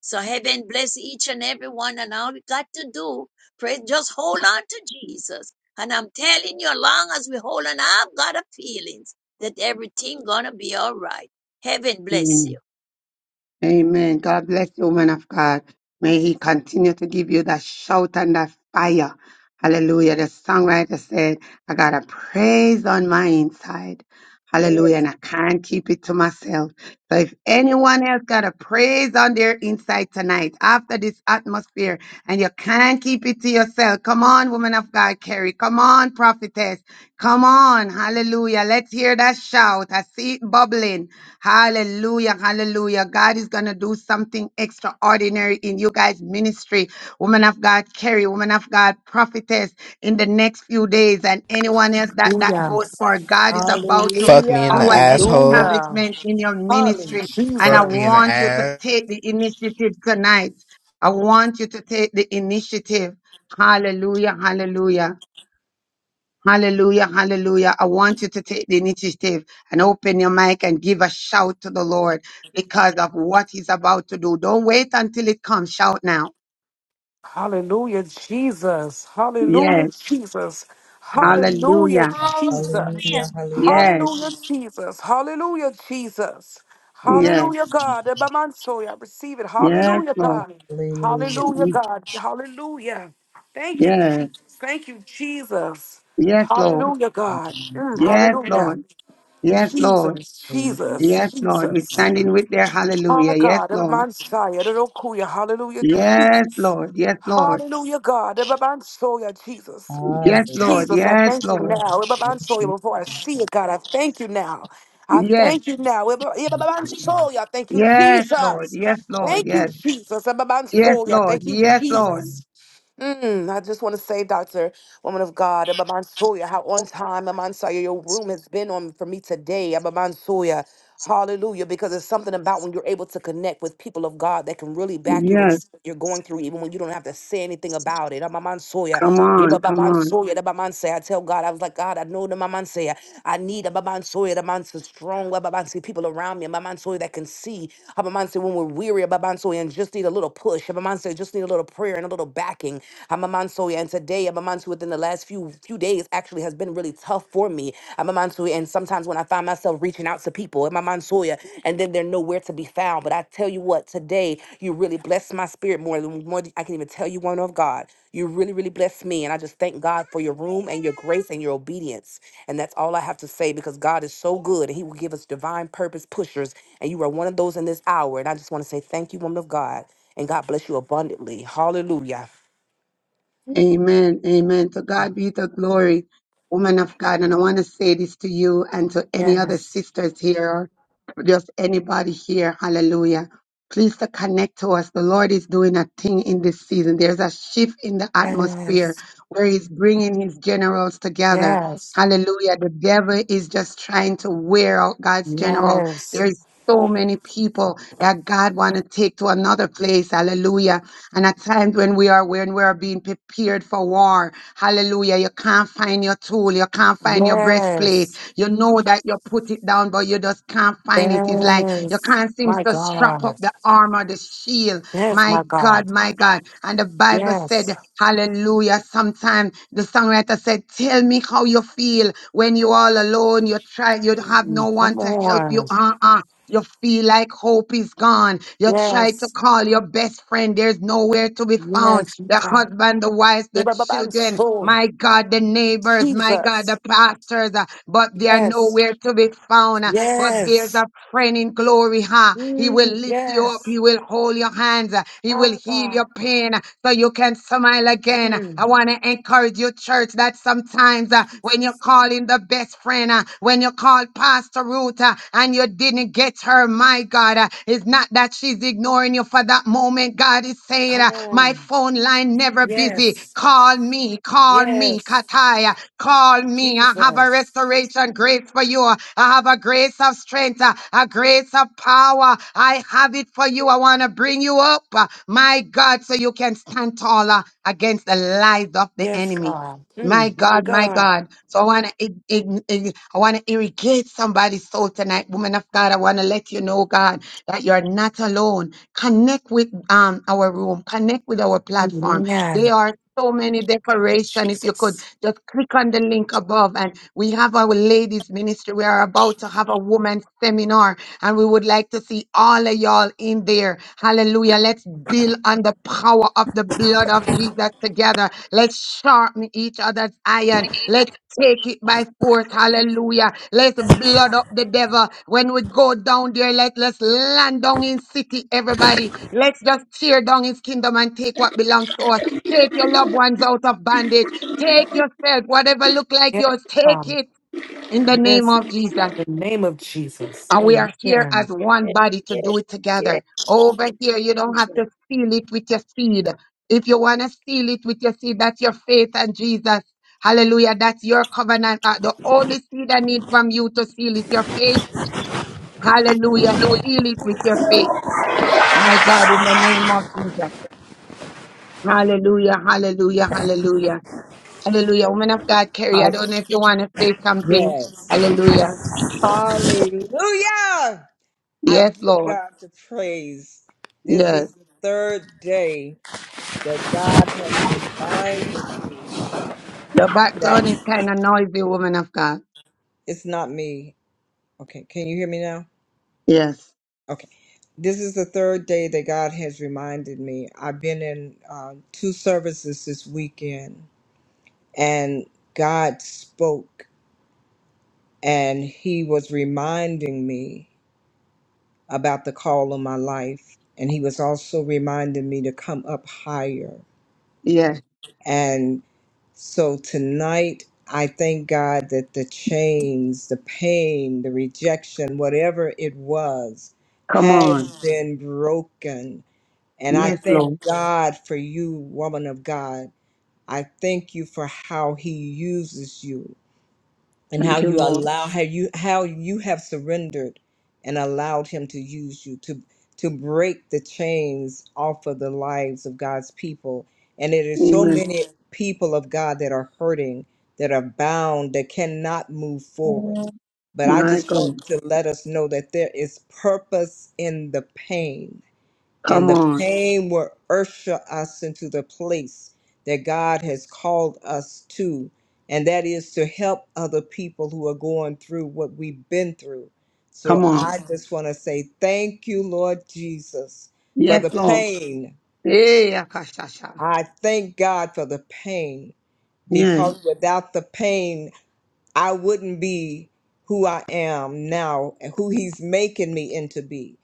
S6: so heaven bless each and every one. And all we got to do, pray, just hold on to Jesus. And I'm telling you, as long as we hold on, I've got a feeling that everything gonna be all right. Heaven bless
S7: Mm.
S6: you.
S7: Amen. God bless you, man of God. May He continue to give you that shout and that fire. Hallelujah. The songwriter said, I got a praise on my inside. Hallelujah.
S6: Yes,
S7: And I can't keep it to myself. So if
S6: yes,
S7: anyone else got a praise on their inside tonight after this atmosphere and you can't keep it to yourself, come on, woman of God, Carrie. Come on, prophetess. Come on. Hallelujah. Let's hear that shout. I see it bubbling. Hallelujah. Hallelujah. God is going to do something extraordinary in you guys' ministry. Woman of God, Carrie, woman of God, prophetess, in the next few days, and anyone else that that
S15: Hallelujah.
S7: goes for, God is about to
S20: Fuck me in the
S7: do
S17: Hallelujah.
S7: an
S20: asshole.
S15: Hallelujah.
S7: establishment in your
S17: Hallelujah.
S7: ministry. And I
S20: Fuck me
S15: Jesus.
S20: in the
S7: want you to
S20: ass.
S7: take the initiative tonight. I want you to take the initiative. Hallelujah. Hallelujah. Hallelujah, hallelujah. I want you to take the initiative and open your mic and give a shout to the Lord because of what he's about to do. Don't wait until it comes. Shout now.
S15: Hallelujah, Jesus. Hallelujah,
S7: Yes,
S15: Jesus.
S17: Hallelujah.
S15: Hallelujah,
S7: hallelujah.
S15: Jesus.
S17: Hallelujah.
S5: Hallelujah!
S17: Hallelujah.
S7: Yes,
S15: Hallelujah, Jesus. Hallelujah, Jesus.
S17: Hallelujah.
S7: yes,
S15: Hallelujah, God. Ebamansoy, I receive it.
S7: yes,
S15: Hallelujah,
S7: Lord.
S15: God. Hallelujah, God. Hallelujah. Thank you,
S7: Yes,
S15: Jesus. Thank you, Jesus.
S7: yes, Lord.
S15: Hallelujah, God. Mm,
S7: Yes,
S15: hallelujah.
S7: Lord. Yes, Lord.
S15: Jesus, Jesus,
S7: Yes, Lord. We're
S15: Jesus.
S7: standing with their hallelujah.
S15: Ah,
S7: Yes,
S15: God, the
S7: Lord.
S15: Messiah, the Rokuya, hallelujah,
S7: Yes,
S15: Jesus.
S7: Lord. Yes, Lord.
S15: Hallelujah, God, the Babansoya, Jesus.
S7: Yes,
S17: Hallelujah.
S7: Lord.
S15: Jesus, I
S7: Yes,
S15: thank you
S7: Lord.
S15: now. the
S17: Thank
S15: Babansoya,
S17: you,
S15: Before I see
S17: sir.
S15: it, God, I thank you now. I
S7: Yes.
S15: thank you now. the Bab- the
S17: Thank you, God.
S15: Babansoya, Thank you,
S7: Yes, Lord.
S15: Jesus.
S7: Yes, Lord.
S15: Thank you,
S7: Yes.
S15: Jesus. the
S7: Yes,
S15: Babansoya,
S7: Lord.
S15: Thank you,
S7: Yes, Lord.
S15: Jesus. Mm, I just want to say, Doctor, woman of God, Abba Mansoya, how on time, Abba Mansoya, your room has been on for me today, Abba Mansoya. Hallelujah, because it's something about when you're able to connect with people of God that can really back you when
S7: Yes.
S15: you're going through, even when you don't have to say anything about it. Abba Mansoya,
S7: Come
S15: Abba
S7: on.
S15: Abba
S7: Come on.
S15: Mansoya, Abba Mansoya. I tell God, I was like, God, I know the Abba Mansoya. I need Abba Mansoya, Abba Mansoya, strong Abba Mansoya, people around me, Abba Mansoya that can see, Abba Mansoya, when we're weary, Abba Mansoya, and just need a little push, Abba Mansoya, just need a little prayer and a little backing. I'm a Mansui, and today I'm a Mansui within the last few few days actually has been really tough for me. I'm a Mansui, and sometimes when I find myself reaching out to people, I'm a Mansuya, and then they're nowhere to be found. But I tell you what, today you really blessed my spirit more than more than I can even tell you one of God. You really, really blessed me, and I just thank God for your room and your grace and your obedience. And that's all I have to say because God is so good, and He will give us divine purpose pushers, and you are one of those in this hour. And I just want to say thank you, woman of God, and God bless you abundantly. Hallelujah.
S7: Amen. Amen. To God be the glory, woman of God. And I want to say this to you and to any other
S15: Yes.
S7: sisters here or just anybody here. Hallelujah. Please to connect to us. The Lord is doing a thing in this season. There's a shift in the atmosphere
S15: Yes.
S7: where He's bringing His generals together.
S15: Yes.
S7: Hallelujah. The devil is just trying to wear out God's general.
S15: Yes.
S7: There's so many people that God want to take to another place. Hallelujah and at times when we are when we are being prepared for war, hallelujah, you can't find your tool, you can't find your breastplate.
S15: Yes.
S7: You know that you put it down, but you just can't find it. It's like you
S15: Yes.
S7: can't seem
S15: My
S7: to strap up
S15: God.
S7: the armor, the shield.
S15: Yes,
S7: My
S15: my
S7: God,
S15: God.
S7: my God. And the Bible said,
S15: Yes.
S7: Hallelujah. Sometimes the songwriter said, Tell me how you feel when you're all alone. You try, you have
S15: Mm,
S7: no one
S15: Come
S7: to help
S15: on.
S7: you. Uh-uh. You feel like hope is gone. You try to
S15: Yes.
S7: call your best friend. There's nowhere to be found.
S15: Yes, my
S7: The
S15: God.
S7: husband, the wives, the
S15: Abraham
S7: children,
S15: soul.
S7: my God, the neighbors, my God, the
S15: Jesus.
S7: pastors, uh, but they are
S15: Yes.
S7: nowhere to be found but there's a
S15: Yes.
S7: friend in glory, huh? He will
S15: Mm,
S7: lift you up,
S15: yes.
S7: he will hold your hands, uh, he will
S15: Our
S7: heal your
S15: God.
S7: pain uh, so you can smile again.
S15: Mm,
S7: I want to encourage you, church, that sometimes uh, when you
S15: Jesus.
S7: call in the best friend, uh, when you call Pastor Ruth uh, and you didn't get her, my God, uh, it's not that she's ignoring you for that moment. God is saying,
S15: Come
S7: uh, My
S15: on.
S7: phone line never busy.
S15: Yes.
S7: Call me, call me,
S15: Yes.
S7: Kataya. Call me. I have a
S15: Jesus.
S7: restoration grace for you. I have a grace of strength, uh, a grace of power. I have it for you. I want to bring you up, uh, my God, so you can stand taller against the lies of the
S15: Yes,
S7: enemy.
S15: God.
S7: My
S15: Mm, my
S7: God, my
S15: God.
S7: God. So I want to I want to irrigate somebody's soul tonight, woman of God. I want to let you know, God, that you're not alone. Connect with um our room. Connect with our platform there
S15: Amen.
S7: are so many decoration. If you could
S15: Jesus.
S7: just click on the link above, and we have our ladies ministry. We are about to have a woman seminar and we would like to see all of y'all in there. Hallelujah. Let's build on the power of the blood of Jesus together. Let's sharpen each other's iron. Let's take it by force. Hallelujah. Let's blood up the devil. When we go down there, let, let's land down in city, everybody. Let's just tear down his kingdom and take what belongs to us. Take your loved ones out of bondage. Take yourself, whatever look like
S15: Yes,
S7: yours, take
S15: God.
S7: it in the name
S15: Yes, God.
S7: of Jesus.
S15: In the name of Jesus.
S7: And we are here as
S15: Amen.
S7: one
S6: yes,
S7: body to
S6: yes,
S7: do it
S6: yes.
S7: together.
S6: yes,
S7: Over here, you don't have
S6: yes.
S7: to seal it with your seed. If you want to seal it with your seed, that's your faith and Jesus. Hallelujah. That's your covenant. Uh, The only seed I need from you to seal is your faith. Hallelujah. Seal it with your faith. My God, in the name of Jesus. Hallelujah. Hallelujah. Hallelujah. Hallelujah. Woman of God, Carrie, I
S17: Oh,
S7: don't know if you want to say something.
S17: yes.
S7: Hallelujah.
S17: Hallelujah. I
S7: Yes,
S17: give
S7: Lord.
S17: God the praise. This
S7: Yes.
S17: is the third day that God has reminded me
S7: Your background
S17: that
S7: is kind of noisy, woman of God.
S17: it's not me. Okay, can you hear me now?
S7: Yes.
S17: Okay. This is the third day that God has reminded me. I've been in uh, two services this weekend, and God spoke, and He was reminding me about the call on my life. And He was also reminding me to come up higher
S7: Yes.
S17: And so tonight, I thank God that the chains, the pain, the rejection, whatever it was,
S7: Come
S17: has
S7: on.
S17: Mm. been broken. And I
S7: Yes,
S17: thank Mhm.
S7: Lord.
S17: God for you, woman of God. I thank you for how He uses you and how
S7: Thank you,
S17: you
S7: Lord.
S17: allow how you how you have surrendered and allowed him to use you to to break the chains off of the lives of God's people and it is so
S7: Amen.
S17: many people of God that are hurting that are bound that cannot move forward but I
S7: My
S17: just want
S7: God.
S17: to let us know that there is purpose in the pain and
S7: Come
S17: the
S7: on.
S17: pain will usher us into the place that God has called us to, and that is to help other people who are going through what we've been through.
S7: Come
S17: So
S7: on.
S17: I Mhm. just want to say thank you, Lord Jesus, for
S7: Yes,
S17: the
S7: Lord.
S17: pain.
S7: Hey, Akashasha.
S17: I thank God for the pain
S7: Yes.
S17: because Mhm. without the pain, I wouldn't be who I am now and who he's making me into be.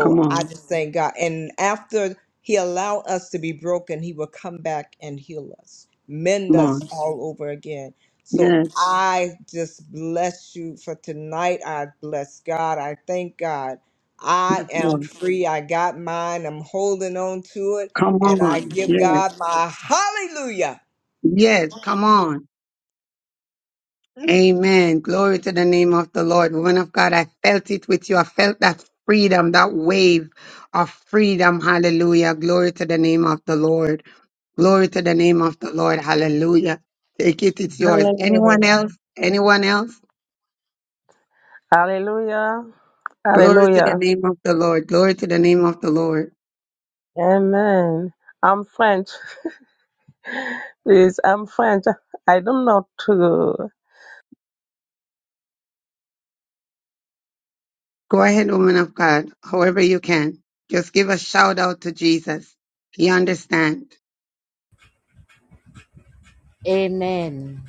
S7: Come
S17: I
S7: on.
S17: just thank God. And after he allow us to be broken, he will come back and heal us, mend
S7: Come
S17: us
S7: on.
S17: all over again. So
S7: Yes.
S17: I just bless you for tonight. I bless God. I thank God. I
S7: Yes,
S17: am
S7: Lord.
S17: free. I got mine. I'm holding on to it.
S7: Come
S17: And I
S7: on.
S17: give
S7: Yes.
S17: God my hallelujah.
S7: Yes. Come on. Amen. Glory to the name of the Lord. Woman of God, I felt it with you. I felt that freedom, that wave of freedom. Hallelujah. Glory to the name of the Lord. Glory to the name of the Lord. Hallelujah. Take it. It's yours. Anyone
S21: Hallelujah.
S7: else? Anyone else?
S21: Hallelujah.
S7: Glory to the
S21: Hallelujah.
S7: name of the Lord. Glory to the name of the Lord.
S21: Amen. I'm French. Please, I'm French. I don't know to.
S7: Go ahead, woman of God, however you can. Just give a shout out to Jesus. He understands.
S8: Amen.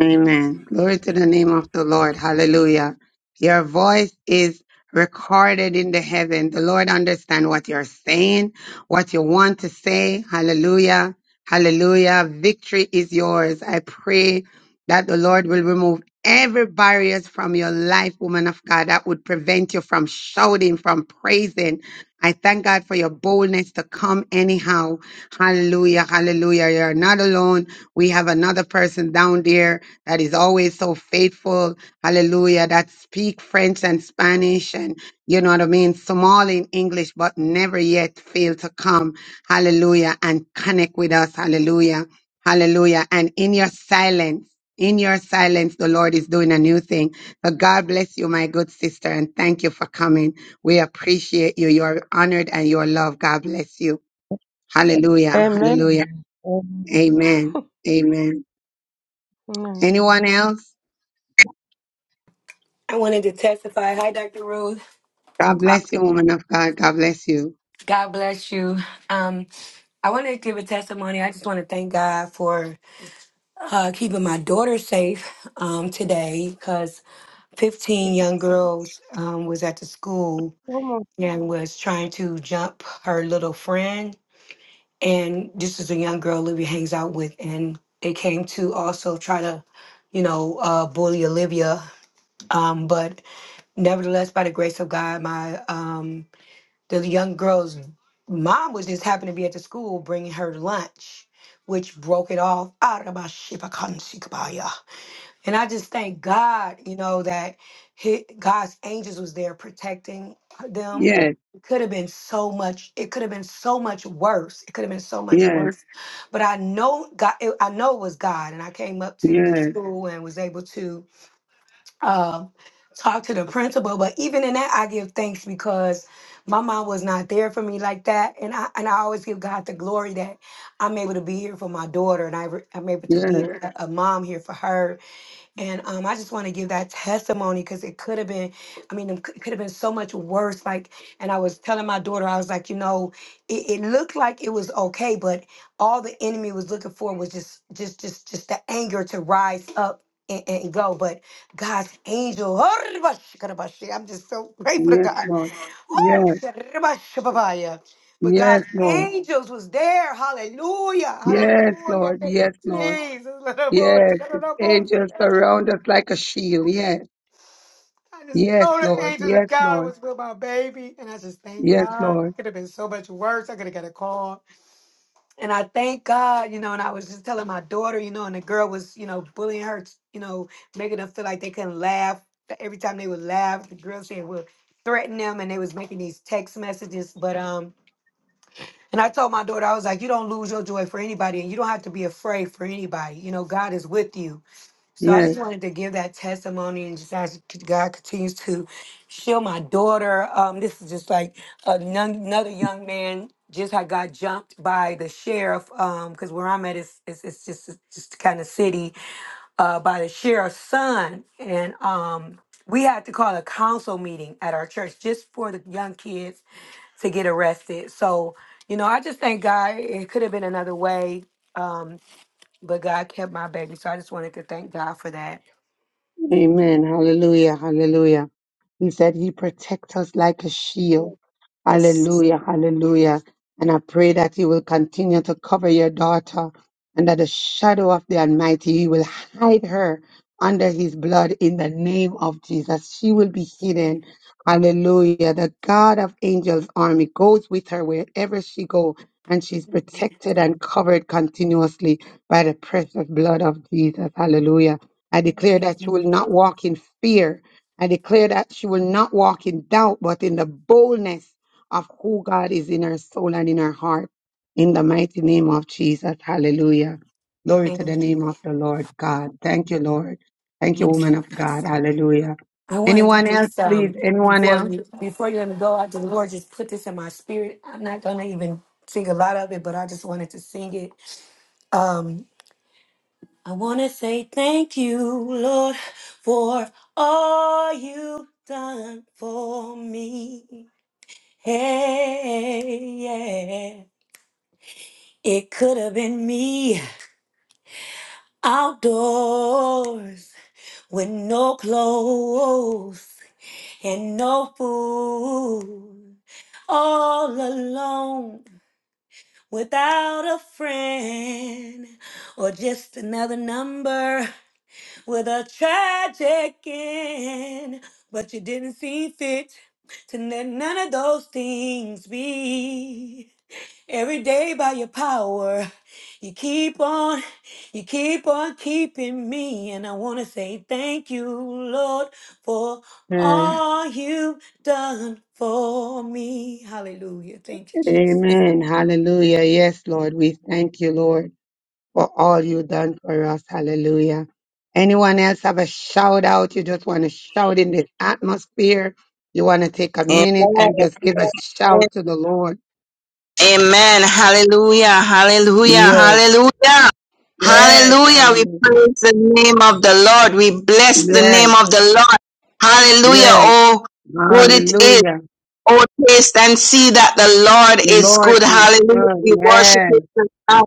S7: Amen. Glory to the name of the Lord. Hallelujah. Your voice is recorded in the heaven. The Lord understand what you're saying, what you want to say. Hallelujah. Hallelujah. Victory is yours. I pray that the Lord will remove every barriers from your life, woman of God, that would prevent you from shouting, from praising, I thank God for your boldness to come anyhow. Hallelujah, hallelujah. You're not alone. We have another person down there that is always so faithful. Hallelujah, that speak French and Spanish and you know what I mean, small in English, but never yet fail to come. Hallelujah, and connect with us. Hallelujah, hallelujah. And in your silence, in your silence, the Lord is doing a new thing. So God bless you, my good sister, and thank you for coming. We appreciate you. You are honored and you are loved. God bless you. Hallelujah. Hallelujah.
S21: Amen. Amen.
S7: Amen. Amen.
S21: Amen.
S7: Anyone else?
S22: I wanted to testify. Hi, Dr. Rose.
S7: God bless you, woman of God. God bless you.
S22: God bless you. Um, I wanted to give a testimony. I just want to thank God for uh, keeping my daughter safe um, today because 15 young girls um, was at the school and was trying to jump her little friend. And this is a young girl Olivia hangs out with. And they came to also try to, you know, uh, bully Olivia. Um, but nevertheless, by the grace of God, my um, the young girl's mom was just happened to be at the school bringing her lunch, which broke it off. Arabashibakansikabaya. And I just thank God, you know, that he, God's angels was there protecting them.
S7: Yes,
S22: It could have been so much. It could have been so much worse. It could have been so much
S7: yes,
S22: worse. But I know God. It, I know it was God, and I came up to the
S7: yes,
S22: school and was able to uh, talk to the principal. But even in that, I give thanks because my mom was not there for me like that, and I and I always give God the glory that I'm able to be here for my daughter, and I re- I'm able to be
S7: yes,
S22: a, a mom here for her and um, I just want to give that testimony because it could have been, I mean, it could have been so much worse. Like, and I was telling my daughter, I was like, you know, it, it looked like it was okay, but all the enemy was looking for was just, just, just, just the anger to rise up and, and go. But God's angel, I'm just so grateful to
S7: yes,
S22: God.
S7: Lord. Yes,
S22: Woo! But God's
S7: yes, Lord.
S22: angels was there. Hallelujah.
S7: Yes,
S22: Hallelujah.
S7: Lord.
S22: Thank you,
S7: Yes, Lord.
S22: Jesus.
S7: Yes. Angels surround us like a shield. Yes.
S22: I just
S7: Yes,
S22: know the
S7: Lord.
S22: angels of
S7: Yes,
S22: God
S7: Lord.
S22: was with my baby, and I just thank
S7: Yes,
S22: God. It
S7: Lord.
S22: could have been so much worse. I could have got a call, and I thank God, you know. And I was just telling my daughter, you know, and the girl was, you know, bullying her, you know, making them feel like they couldn't laugh. That Every time they would laugh, the girl said would threaten them, and they was making these text messages. But um, and I told my daughter, I was like, you don't lose your joy for anybody, and you don't have to be afraid for anybody. You know, God is with you so I
S7: Yes.
S22: just wanted to give that testimony and just ask c- God continues to shield my daughter. Um, this is just like a nun- another young man just had got jumped by the sheriff because where I'm at is it's, it's just it's just kind of city uh, by the sheriff's son, and um, we had to call a council meeting at our church just for the young kids to get arrested. So you know, I just thank God. It could have been another way. Um, but God kept my baby, so I just wanted to thank God for that.
S7: Amen. Hallelujah. Hallelujah. He said he protects us like a shield. Hallelujah. Hallelujah. And I pray that he will continue to cover your daughter under the shadow of the Almighty. He will hide her under his blood in the name of Jesus. She will be hidden. Hallelujah. The God of angels army goes with her wherever she go and she's protected and covered continuously by the precious blood of Jesus. Hallelujah. I declare that she will
S22: Amen.
S7: not walk in fear. I declare that she will not walk in doubt, but in the boldness of who God is in her soul and in her heart. In the mighty name of Jesus. Hallelujah. Glory to the
S22: Amen.
S7: name of the Lord God. Thank you, Lord. Thank you,
S22: Yes.
S7: woman of God. Hallelujah.
S22: I wanted to
S7: Anyone else,
S22: just
S7: please?
S22: um
S7: Anyone
S22: before
S7: else?
S22: you before you let me go, I the Lord just put this in my spirit. I'm not gonna even sing a lot of it, but I just wanted to sing it. Um I wanna say thank you, Lord, for all you've done for me. Hey, yeah. It could have been me outdoors with no clothes. and no food, all alone without a friend or just another number with a tragic end. But you didn't see fit to let none of those things be. Every day by your power, you keep on, you keep on keeping me. And I want to say thank you, Lord, for
S7: Yes.
S22: all you've done for me. Hallelujah. Thank you, Jesus.
S7: Amen. Hallelujah. Yes, Lord. We thank you, Lord. for all
S6: Amen.
S7: you done for us. Hallelujah. Anyone else have a shout out? You just want to shout in the atmosphere. You want to take a minute and just give a
S11: Amen.
S7: shout to the Lord.
S11: Amen. Hallelujah. Hallelujah.
S7: Yes,
S11: Hallelujah.
S7: yes,
S11: Hallelujah. We
S7: hallelujah.
S11: praise the name of the Lord. We bless the
S7: Yes,
S11: name of the Lord. Hallelujah.
S7: yes,
S11: Oh, good it is.
S7: hallelujah.
S11: Oh, taste and see that the Lord
S7: The
S11: is
S7: Lord
S11: good.
S7: is
S11: Hallelujah.
S7: good.
S11: We worship
S7: Yes,
S11: Him.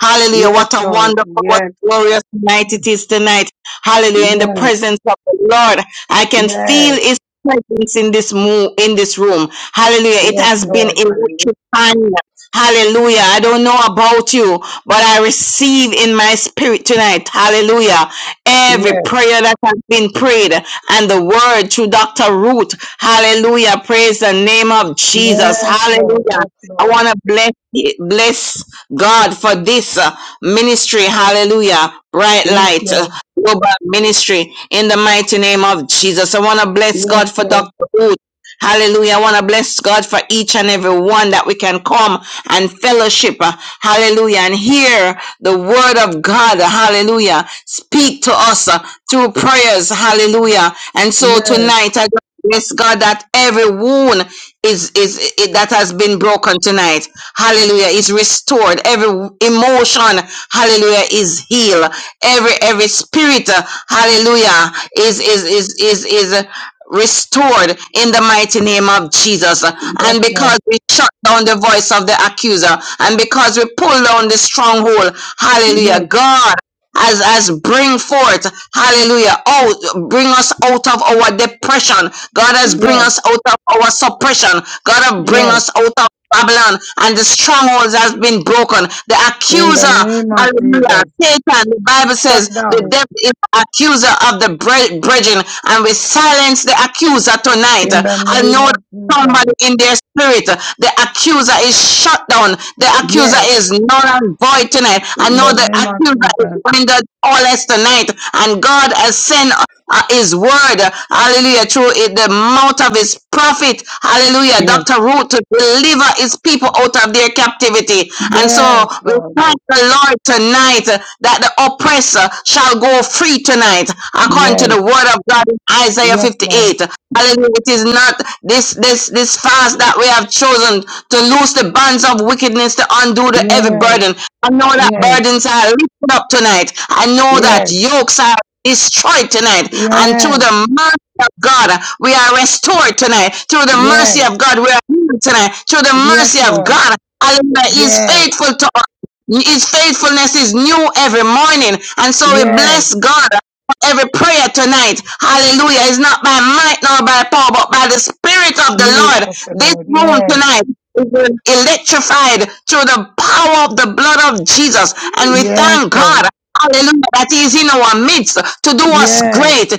S11: Hallelujah.
S7: yes,
S11: What a
S7: Lord.
S11: wonderful, what
S7: Yes,
S11: a glorious night it is tonight. Hallelujah. In the
S7: yes,
S11: presence of the Lord, I can feel
S7: yes,
S11: his presence in this mo- in this room. Hallelujah. It
S7: yes,
S11: has been
S7: Lord. Hallelujah.
S11: electrifying. Hallelujah. I don't know about you, but I receive in my spirit tonight. Hallelujah. Every
S7: Yes,
S11: prayer that has been prayed and the word through Dr. Ruth. Hallelujah. Praise the name of Jesus.
S7: yes, Lord.
S11: Hallelujah.
S7: Yes,
S11: I
S7: Lord.
S11: want to bless bless God, for this uh, ministry. Hallelujah. Bright
S7: Yes,
S11: light. uh,
S7: Lord.
S11: Global ministry in the mighty name of Jesus. I want to bless
S7: Yes,
S11: God for
S7: Lord.
S11: Dr. Ruth. Hallelujah. I want to bless God for each and every one that we can come and fellowship. uh, Hallelujah. And hear the word of God. Hallelujah. Speak to us uh, through prayers. Hallelujah. And so
S7: Yes,
S11: tonight, I bless God that every wound is, is, is that has been broken tonight hallelujah is restored every emotion hallelujah is healed every every spirit uh, hallelujah is is is is is uh, restored in the mighty name of Jesus
S7: yes,
S11: and
S7: Lord.
S11: because we shut down the voice of the accuser and because we pull down the stronghold hallelujah
S7: Yes,
S11: God as as bring forth hallelujah out bring us out of our depression god has bring
S7: yes,
S11: us out of our suppression god has bring
S7: yes.
S11: us out of Babylon and the strongholds has been broken. The
S7: In the
S11: accuser,
S7: name of
S11: hallelujah,
S7: Jesus.
S11: Satan, the Bible
S7: Shut
S11: says the
S7: down.
S11: devil is the accuser of the bre- brethren, and we silence the accuser tonight.
S7: In the
S11: I
S7: name
S11: know that
S7: of Jesus.
S11: somebody in their spirit. The accuser is shut down. The accuser
S7: Yes,
S11: is null and void tonight. I
S7: in
S11: know
S7: the
S11: the
S7: name of
S11: accuser is
S7: Jesus.
S11: rendered all less tonight. And God has sent uh, his word, hallelujah, through it, the mouth of his prophet, hallelujah,
S7: Yes,
S11: Dr. Ruth, to deliver his people out of their captivity. And so
S7: yes,
S11: we
S7: Lord.
S11: thank the Lord tonight uh, that the oppressor shall go free tonight, according to
S7: Yes,
S11: the word of God in Isaiah
S7: yes, Lord.
S11: 58. Hallelujah. It is not this this this fast that we have chosen to loose the bands of wickedness to undo the heavy
S7: Yes,
S11: burden. I know that
S7: yes,
S11: burdens are lifted up tonight. I know that
S7: yes,
S11: yokes are destroyed tonight. And through
S7: yes,
S11: the mercy of God, we are restored tonight. Through the
S7: yes,
S11: mercy of God, we are healed tonight. Through the
S7: yes,
S11: mercy of
S7: Lord.
S11: God, Hallelujah, He is
S7: Yes,
S11: faithful to us. His faithfulness is new every morning. And so we
S7: yes.
S11: bless God for every prayer tonight. Hallelujah. It's not by might nor by power, but by the Spirit of the
S7: Please,
S11: Lord.
S7: Pastor
S11: This
S7: Lord.
S11: room
S7: Yes,
S11: tonight is electrified through the power of the blood of Jesus. And we
S7: yes,
S11: thank God.
S7: Lord.
S11: Hallelujah. That is in our midst to do us
S7: Yes,
S11: great.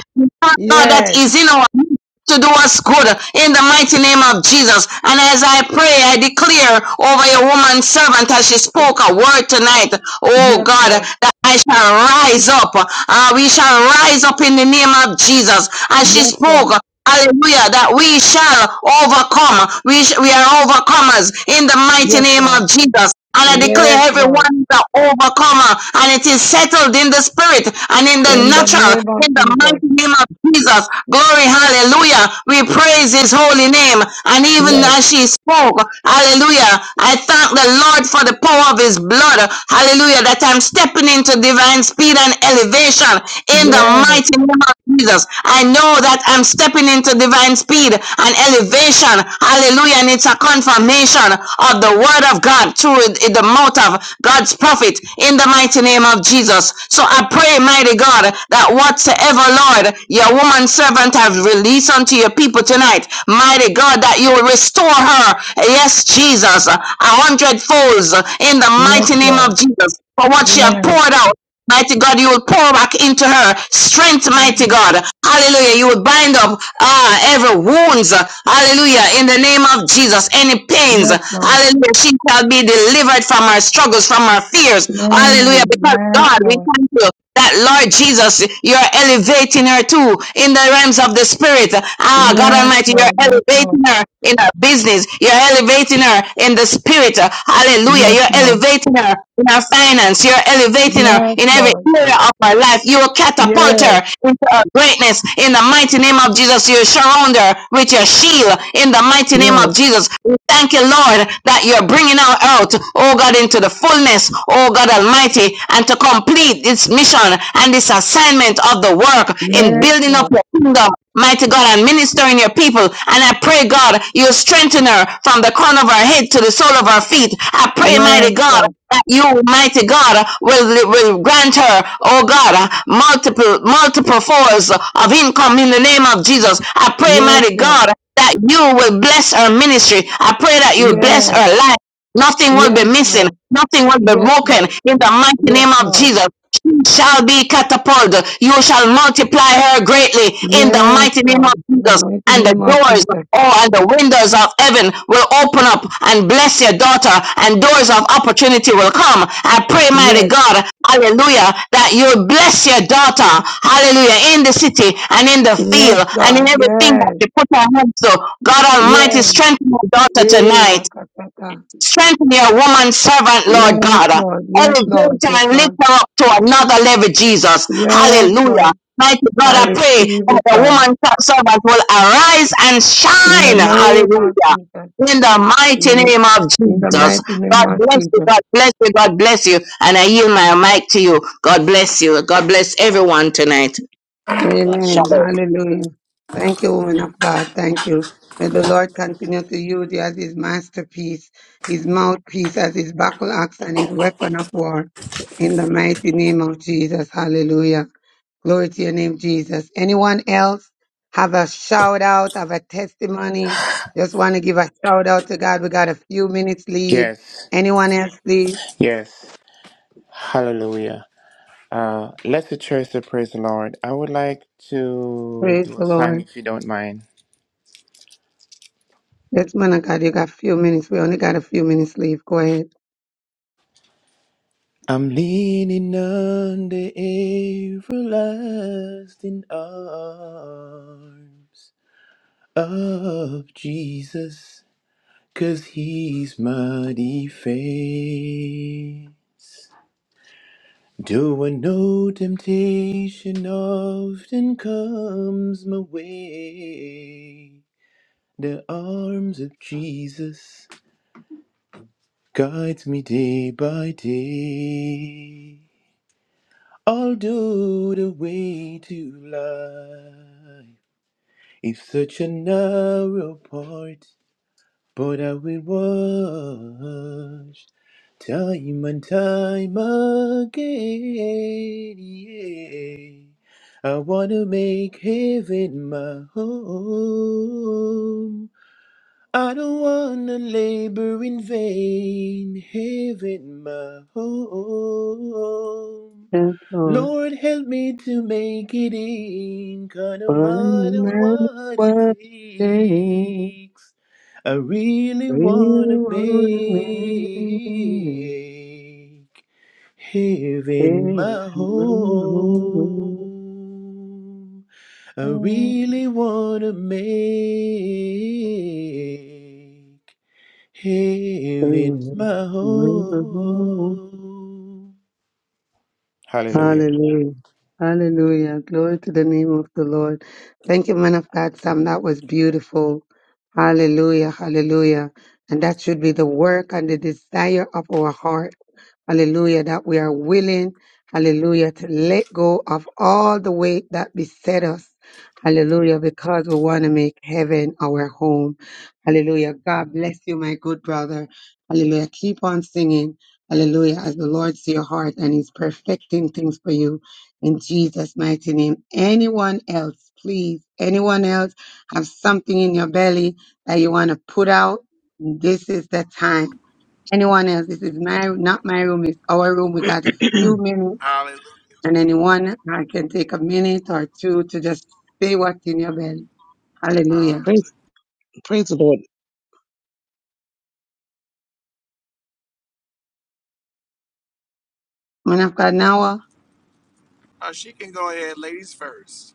S11: God that
S7: yes,
S11: is in our midst to do us good in the mighty name of Jesus. And as I pray, I declare over your woman servant as she spoke a word tonight. Oh
S7: yes,
S11: God,
S7: Lord.
S11: that I shall rise up. Uh, we shall rise up in the name of Jesus. As she
S7: Yes, Lord.
S11: spoke, Hallelujah, that we shall overcome. We, sh- we are overcomers in the mighty
S7: Yes,
S11: name
S7: Lord.
S11: of Jesus. And I
S7: Yes,
S11: declare
S7: Lord.
S11: everyone is an overcomer, and it is settled in the spirit and in the
S7: In the
S11: natural,
S7: name of
S11: in the
S7: Jesus.
S11: mighty name of Jesus. Glory, hallelujah. We praise his holy name. And even
S7: Yes,
S11: as she spoke, hallelujah, I thank the Lord for the power of his blood. Hallelujah, that I'm stepping into divine speed and elevation in the
S7: yes,
S11: mighty name of Jesus. I know that I'm stepping into divine speed and elevation. Hallelujah. And it's a confirmation of the word of God through the mouth of God's prophet in the mighty name of Jesus. So I pray, mighty God, that whatsoever, Lord, your woman servant has released unto your people tonight, mighty God, that you will restore her. Yes, Jesus, a hundredfolds in the
S7: yes,
S11: mighty name
S7: Lord.
S11: of Jesus for what she have
S7: Yes,
S11: poured out Mighty God, you will pour back into her strength, mighty God. Hallelujah. You will bind up uh, every wounds. Hallelujah. In the name of Jesus, any pains.
S7: yes, Lord.
S11: Hallelujah. She shall be delivered from her struggles, from her fears. Hallelujah.
S7: Amen.
S11: Because
S7: Yes,
S11: God, we
S7: Lord.
S11: thank you that Lord Jesus, you're elevating her too in the realms of the spirit. Ah, God
S7: Yes,
S11: Almighty, you're
S7: Lord. Yes, Lord.
S11: elevating her in her business. You're elevating her in the spirit. Hallelujah.
S7: Yes,
S11: You're
S7: Lord.
S11: elevating her in her finance. You're elevating her
S7: Yes,
S11: in every
S7: Lord.
S11: area of her life. You will catapult her
S7: Yes,
S11: into her greatness in the mighty name of Jesus. You surround her with your your shield in the mighty name
S7: yes,
S11: of Jesus. We thank you, Lord, that you're bringing her out, oh God, into the fullness, oh God Almighty, and to complete this mission and this assignment of the work in
S7: yes,
S11: building up
S7: Lord.
S11: your kingdom. Mighty God, and ministering your people. And I pray, God, you strengthen her from the crown of her head to the sole of her feet. I pray, mighty
S7: Yes,
S11: God,
S7: God.
S11: that you, mighty God, will, will grant her, oh God, multiple, multiple forms of income in the name of Jesus. I pray,
S7: Yes,
S11: mighty
S7: Lord.
S11: God, that you will bless her ministry. I pray that you bless
S7: Yes,
S11: her life. Nothing will be
S7: yes,
S11: missing.
S7: Lord.
S11: Nothing will be
S7: Yes,
S11: broken
S7: Lord.
S11: in the mighty
S7: Yes,
S11: name of
S7: Lord.
S11: Jesus. She shall be catapulted. You shall multiply her greatly in the
S7: Yes,
S11: mighty name
S7: Lord.
S11: of
S7: In the
S11: Jesus
S7: mighty
S11: and the
S7: name of
S11: doors of
S7: Jesus.
S11: all and the windows of heaven will open up and bless your daughter and doors of opportunity will come i pray mighty
S7: Yes,
S11: god hallelujah that you will bless your daughter hallelujah in the city and in the
S7: yes,
S11: field and in
S7: God.
S11: everything that
S7: Yes,
S11: you put her hands to god almighty
S7: yes.
S11: strengthen your daughter
S7: Hey,
S11: tonight
S7: Akataka.
S6: Amen.
S11: Strengthen your woman servant, Lord
S7: Yes,
S11: God.
S7: Lord. Yes, Lord.
S11: Elevate
S7: Yes,
S11: her and lift
S7: Lord.
S11: her up to another level, Jesus.
S7: Yes,
S11: Hallelujah.
S7: Lord.
S11: Mighty God,
S7: I
S11: I pray
S7: receive
S11: that
S7: it,
S11: the
S7: God.
S11: woman servant will arise and
S7: In the
S11: shine.
S7: name of
S11: Hallelujah.
S7: Jesus.
S11: In
S6: Amen.
S11: the
S7: In
S11: mighty
S7: the,
S11: name of
S7: in the
S11: Jesus.
S7: mighty name
S11: God
S7: of
S11: bless you.
S7: Jesus.
S11: God bless you. God bless you. And I yield my mic to you. God bless you. God bless everyone tonight.
S6: God,
S7: Amen.
S11: Shalom.
S7: Hallelujah. Thank you, woman of God. Thank you. May the Lord continue to use you as his masterpiece, his mouthpiece, as his battle axe and his weapon of war. In the mighty name of Jesus. Hallelujah. Glory to your name, Jesus. Anyone else have a shout out, have a testimony? Just want to give a shout out to God. We got a few minutes leave.
S18: Yes.
S7: Anyone else, please?
S18: Yes. Hallelujah. Uh, let's the church to praise the Lord. I would like to
S7: Praise
S18: do a
S7: the
S18: song
S7: Lord.
S18: if you don't mind.
S7: Yes, man of God, you got a few minutes. We only got a few minutes leave. Go ahead.
S18: I'm leaning on the everlasting arms of Jesus. Cause he's my defense. Do I know temptation often comes my way? The arms of Jesus guides me day by day. Although the way to life is such a narrow part, But I will watch time and time again. Yeah. I want to make heaven my home. I don't want to labor in vain. Heaven my home.
S7: Yes, Lord.
S18: Lord, help me to make it Inca, no
S7: One
S18: matter
S7: man
S18: what it
S7: was saying,
S18: takes. I really
S7: We
S18: wanna make
S7: want men, we
S18: heaven
S7: want
S18: my
S7: men,
S18: home. I really wanna make heaven my
S7: we want men.
S18: home. Hallelujah.
S7: Hallelujah. Hallelujah. Glory to the name of the Lord. Thank you, man of God, Sam. That was beautiful. Hallelujah. Hallelujah. And that should be the work and the desire of our heart Hallelujah. That we are willing, hallelujah, to let go of all the weight that beset us. Hallelujah. Because we want to make heaven our home. Hallelujah. God bless you, my good brother. Hallelujah. Keep on singing. Hallelujah. As the Lord sees your heart and he's perfecting things for you in Jesus' mighty name. Anyone else, please, anyone else have something in your belly that you want to put out? This is the time anyone else. This is my not my room, it's our room. We got a few minutes
S23: Hallelujah.
S7: and anyone I can take a minute or two to just say what's in your belly. Hallelujah.
S24: Praise, praise the Lord.
S7: Man of God now. uh,
S23: She can go ahead, ladies first.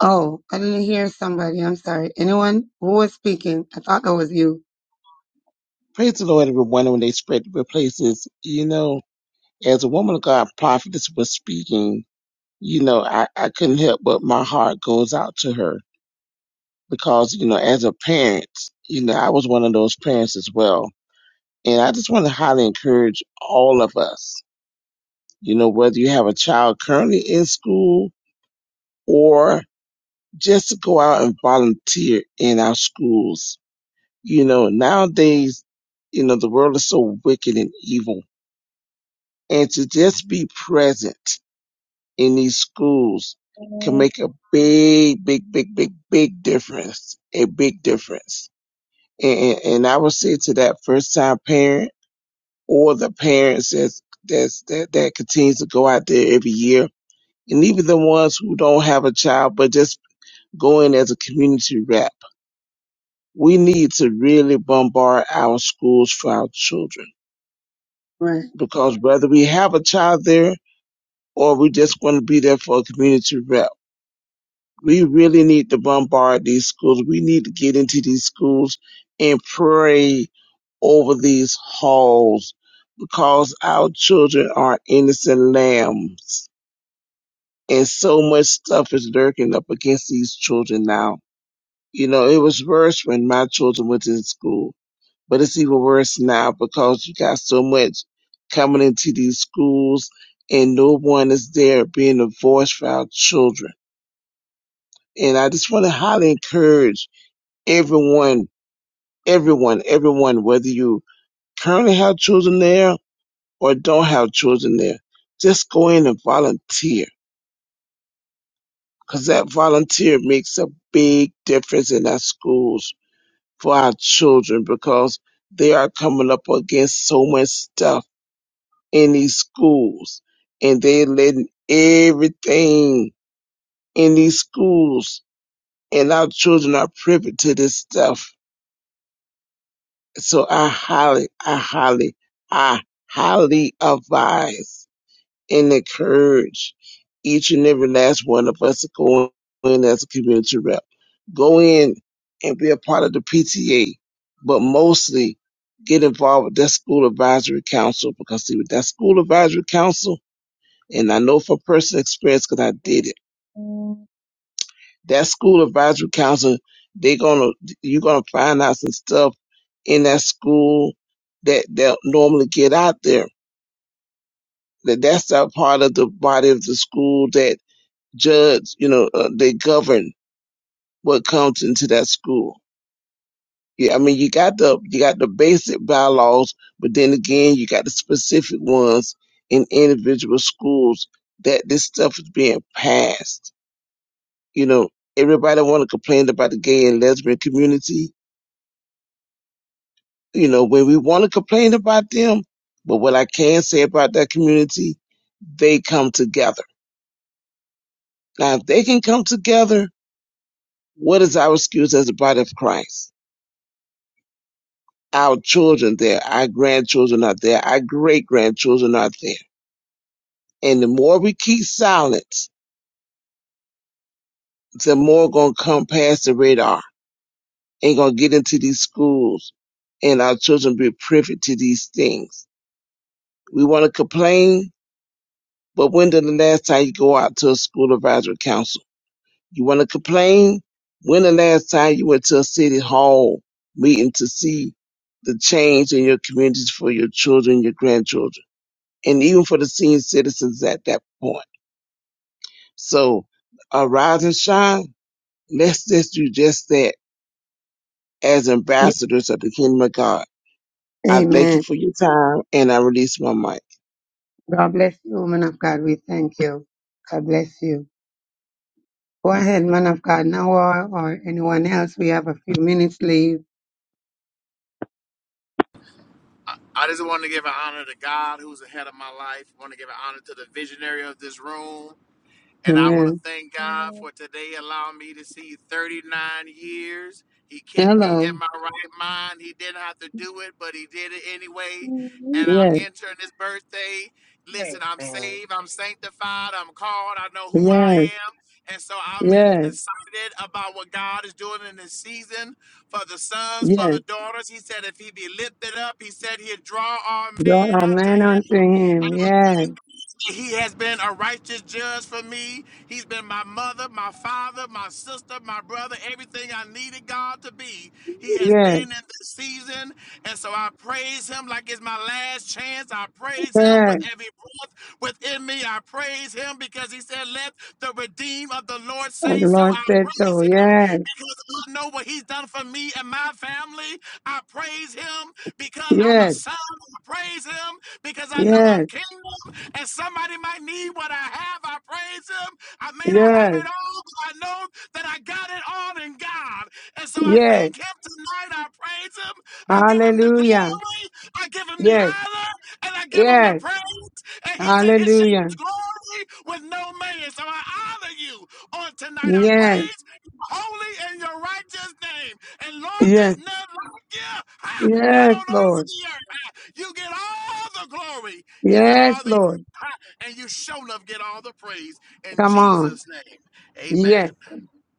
S7: Oh, I didn't hear somebody. I'm sorry. Anyone who was speaking? I thought that was you.
S24: Praise the Lord, everyone, when they spread to places. You know, as a woman of God prophetess was speaking, you know, I, I couldn't help but my heart goes out to her because, you know, as a parent, you know, I was one of those parents as well. And I just want to highly encourage all of us, you know, whether you have a child currently in school or just to go out and volunteer in our schools. You know, nowadays, you know, the world is so wicked and evil and to just be present in these schools can make a big, big, big, big, big difference. A big difference. And, and I would say to that first time parent or the parents that's, that's, that, that continues to go out there every year and even the ones who don't have a child but just go in as a community rep. We need to really bombard our schools for our children
S7: Right.
S24: because whether we have a child there or we just want to be there for a community rep. we really need to bombard these schools. We need to get into these schools and pray over these halls because our children are innocent lambs and so much stuff is lurking up against these children now. You know, it was worse when my children went to school, but it's even worse now because you got so much coming into these schools and no one is there being a voice for our children. And I just want to highly encourage everyone, everyone, everyone, whether you currently have children there or don't have children there, just go in and volunteer because that volunteer makes a big difference in our schools for our children because they are coming up against so much stuff in these schools and they're letting everything in these schools and our children are privy to this stuff So I highly, I highly, I highly advise and encourage each and every last one of us to go in as a community rep. Go in and be a part of the PTA, but mostly get involved with that school advisory council because see with that school advisory council, and I know from personal experience because I did it that school advisory council, they're gonna you're gonna find out some stuff in that school that they'll normally get out there. That that's that part of the body of the school that judge, you know, uh, they govern what comes into that school. Yeah, I mean, you got the you got the basic bylaws, but then again, you got the specific ones in individual schools that this stuff is being passed. You know, everybody want to complain about the gay and lesbian community, you know, when we want to complain about them, but what I can say about that community, they come together. Now, if they can come together, what is our excuse as the body of Christ? Our children there, our grandchildren are there, our great grandchildren are there. And the more we keep silence, the more gonna come past the radar and gonna get into these schools and our children be privy to these things. We want to complain, but when did the last time you go out to a school advisory council? You want to complain? When the last time you went to a city hall meeting to see the change in your communities for your children, your grandchildren, and even for the senior citizens at that point? So, arise and shine. Let's just do just that as
S7: Y-
S24: ambassadors of the kingdom of God. I thank you
S7: Amen.
S24: for your time, and I release my mic.
S7: God bless you, man of God. We thank you. God bless you. Go ahead, man of God now or, or anyone else. We have a few minutes leave.
S23: I just want to give an honor to God, who's ahead of my life. want to give an honor to the visionary of this room. And I want to
S7: Amen.
S23: thank God for today allowing me to see 39 years. He kept me
S7: Hello.
S23: in my right mind. He didn't have to do it, but he did it anyway. And I'm
S7: Yes.
S23: entering this birthday. Listen, I'm
S25: Amen.
S23: saved, I'm sanctified, I'm called, I know who I
S7: Yes,
S23: am. And so I'm in,
S7: yes,
S23: excited about what God is doing in this season for the sons, for
S7: yes.
S23: the daughters. He said, if he be lifted up, he said he'd draw our
S7: Draw
S23: man
S7: a
S23: unto him.
S7: unto him. Yes,
S23: He has been a righteous judge for me. He's been my mother, my father, my sister, my brother, everything I needed God to be. He has been
S7: yes,
S23: in this season. And so I praise him like it's my last chance. I praise him with
S7: yes.
S23: every breath within me. I praise him because he said, Let the redeemed of the Lord
S7: And
S23: say
S7: the
S23: so.
S7: Lord
S23: I
S7: said
S23: praise
S7: so.
S23: him
S7: Yes,
S23: don't know what he's done for me and my family. I praise him because I'm a
S7: yes,
S23: son. I praise him because I know I'm
S7: yes,
S23: kingdom and somebody might need what I have. I praise him. I may not have
S7: yes,
S23: it all, but I know that I got it all in God. And so I
S7: yes.
S23: thank him tonight. I praise him. I give him the
S7: Hallelujah.
S23: glory. I give him the
S7: Yes,
S23: honor. And I give him the
S7: yes.
S23: praise. And he said his shame
S7: Hallelujah.
S23: is glory with no man. So I honor you on tonight. I
S7: Yes,
S23: praise your holy and your righteous name. And Lord,
S7: yes,
S23: there's none like you. Ha! Not on
S7: yes,
S23: all of
S7: Lord.
S23: the earth. Ha! You get all the glory. You get
S7: Yes,
S23: all the
S7: Lord.
S23: ha! and you show love get all the praise in
S7: Come on.
S23: Jesus' name. Amen.
S7: Yes.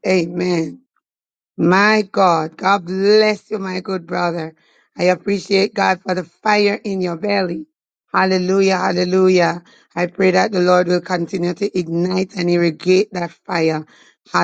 S7: Amen. My God, God bless you, my good brother. I appreciate God for the fire in your belly. Hallelujah, hallelujah. I pray that the Lord will continue to ignite and irrigate that fire.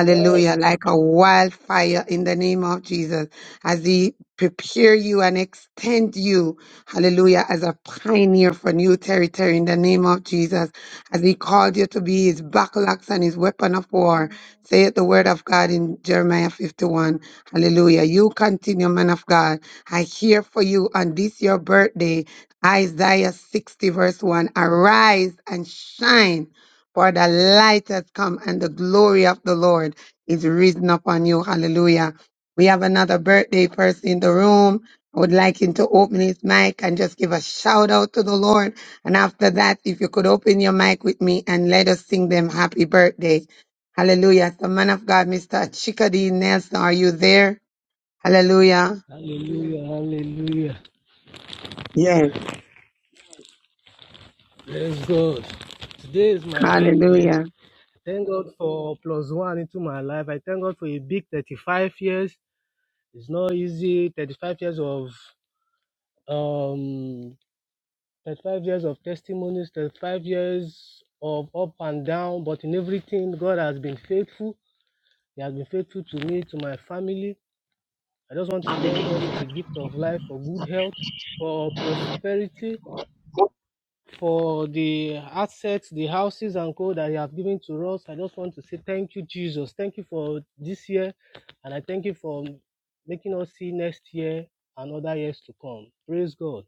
S6: yes.
S7: like a wildfire in the name of Jesus, as He prepare you and extend you, hallelujah, as a pioneer for new territory in the name of Jesus, as He called you to be His backlash and His weapon of war. Saith the word of God in Jeremiah 51. Hallelujah. You continue, man of God. I hear for you on this your birthday, Isaiah 60, verse 1. Arise and shine, for the light has come, and the glory of the Lord is risen upon you. Hallelujah. We have another birthday person in the room. I would like him to open his mic and just give a shout out to the Lord. And after that, if you could open your mic with me and let us sing them happy birthday. Hallelujah. The man of God, Mr. Chikadi Nelson, are you there? Hallelujah.
S4: Amen. Hallelujah. Hallelujah.
S7: Yes.
S4: Praise God. Today is my birthday.
S7: Hallelujah.
S4: Thank God for plus one into my life. I thank God for a big 35 years. It's not easy. 35 years of um 35 years of testimonies, 35 years of up and down, but in everything, God has been faithful. He has been faithful to me, to my family. I just want to thank God for the gift of life, for good health, for prosperity, for the assets, the houses and co that He has given to us. I just want to say thank you, Jesus. Thank you for this year, and I thank you for making us see next year and other years to come. Praise God.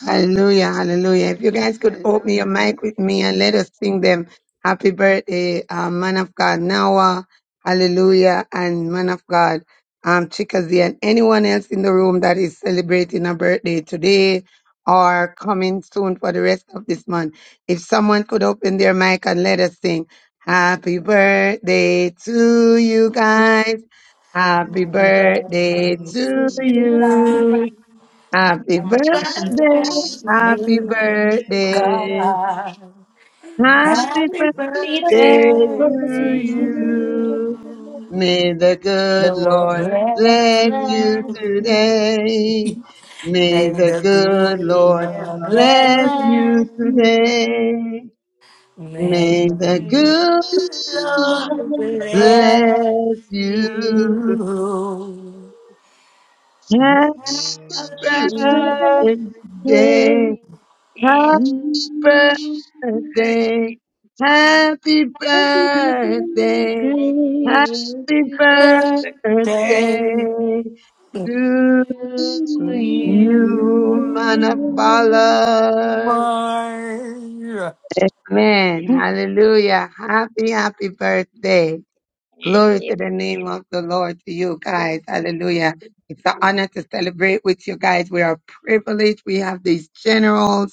S7: Hallelujah, hallelujah. If you guys could open your
S4: Hallelujah.
S7: mic
S4: Hallelujah.
S7: with me and let us sing them happy birthday, uh, man of God, Nawa, hallelujah, and man of God, um, Chikazi, and anyone else in the room that is celebrating a birthday today or coming soon for the rest of this month. If someone could open their mic and let us sing happy birthday to you guys. Happy
S16: Mm, mm.
S7: birthday to
S16: Mm. mm,
S7: you.
S5: Hallelujah!
S16: mm.
S7: Happy
S5: Happy
S16: Mm-hmm.
S7: birthday,
S5: birthday!
S7: happy
S5: dear
S7: birthday,
S22: God,
S5: man.
S7: happy
S22: happy
S7: birthday
S5: Happy
S7: to
S22: birthday to
S5: birthday to
S7: you.
S5: you.
S22: you.
S7: May the
S5: May
S7: good
S5: the
S22: Lord
S6: yes.
S7: Lord
S5: dear Lord
S22: bless
S7: bless you
S5: bless
S22: you.
S5: you.
S7: today. May
S22: May
S7: the
S22: the good
S5: May
S7: good
S5: the
S7: Lord
S5: dear
S22: Lord
S5: Lord
S7: bless
S22: bless you.
S7: you
S5: bless
S7: today.
S5: you.
S22: May
S6: yes.
S7: May
S22: the
S7: the
S5: May
S7: good
S22: good
S5: Lord
S6: Oh,
S22: Lord bless
S5: bless
S7: bless you.
S5: you.
S22: you. May
S7: Happy
S6: I'll
S22: the
S7: birthday
S6: keep
S5: Happy
S6: your
S22: good
S5: birthday
S7: today.
S6: hand,
S5: to birthday. Happy
S6: hurt,
S7: birthday,
S6: and hurt,
S7: happy birthday,
S6: and
S7: happy
S5: birthday Happy
S6: I'll keep
S5: birthday
S22: Lord
S6: your
S22: bless
S7: birthday
S6: hand.
S22: you.
S7: to
S5: to you.
S7: you, man of valor.
S22: Lord.
S7: Amen. Hallelujah. Happy, happy birthday.
S6: Yes,
S7: Glory to the name of the Lord to you guys. Hallelujah. It's an honor to celebrate with you guys. We are privileged. We have these generals.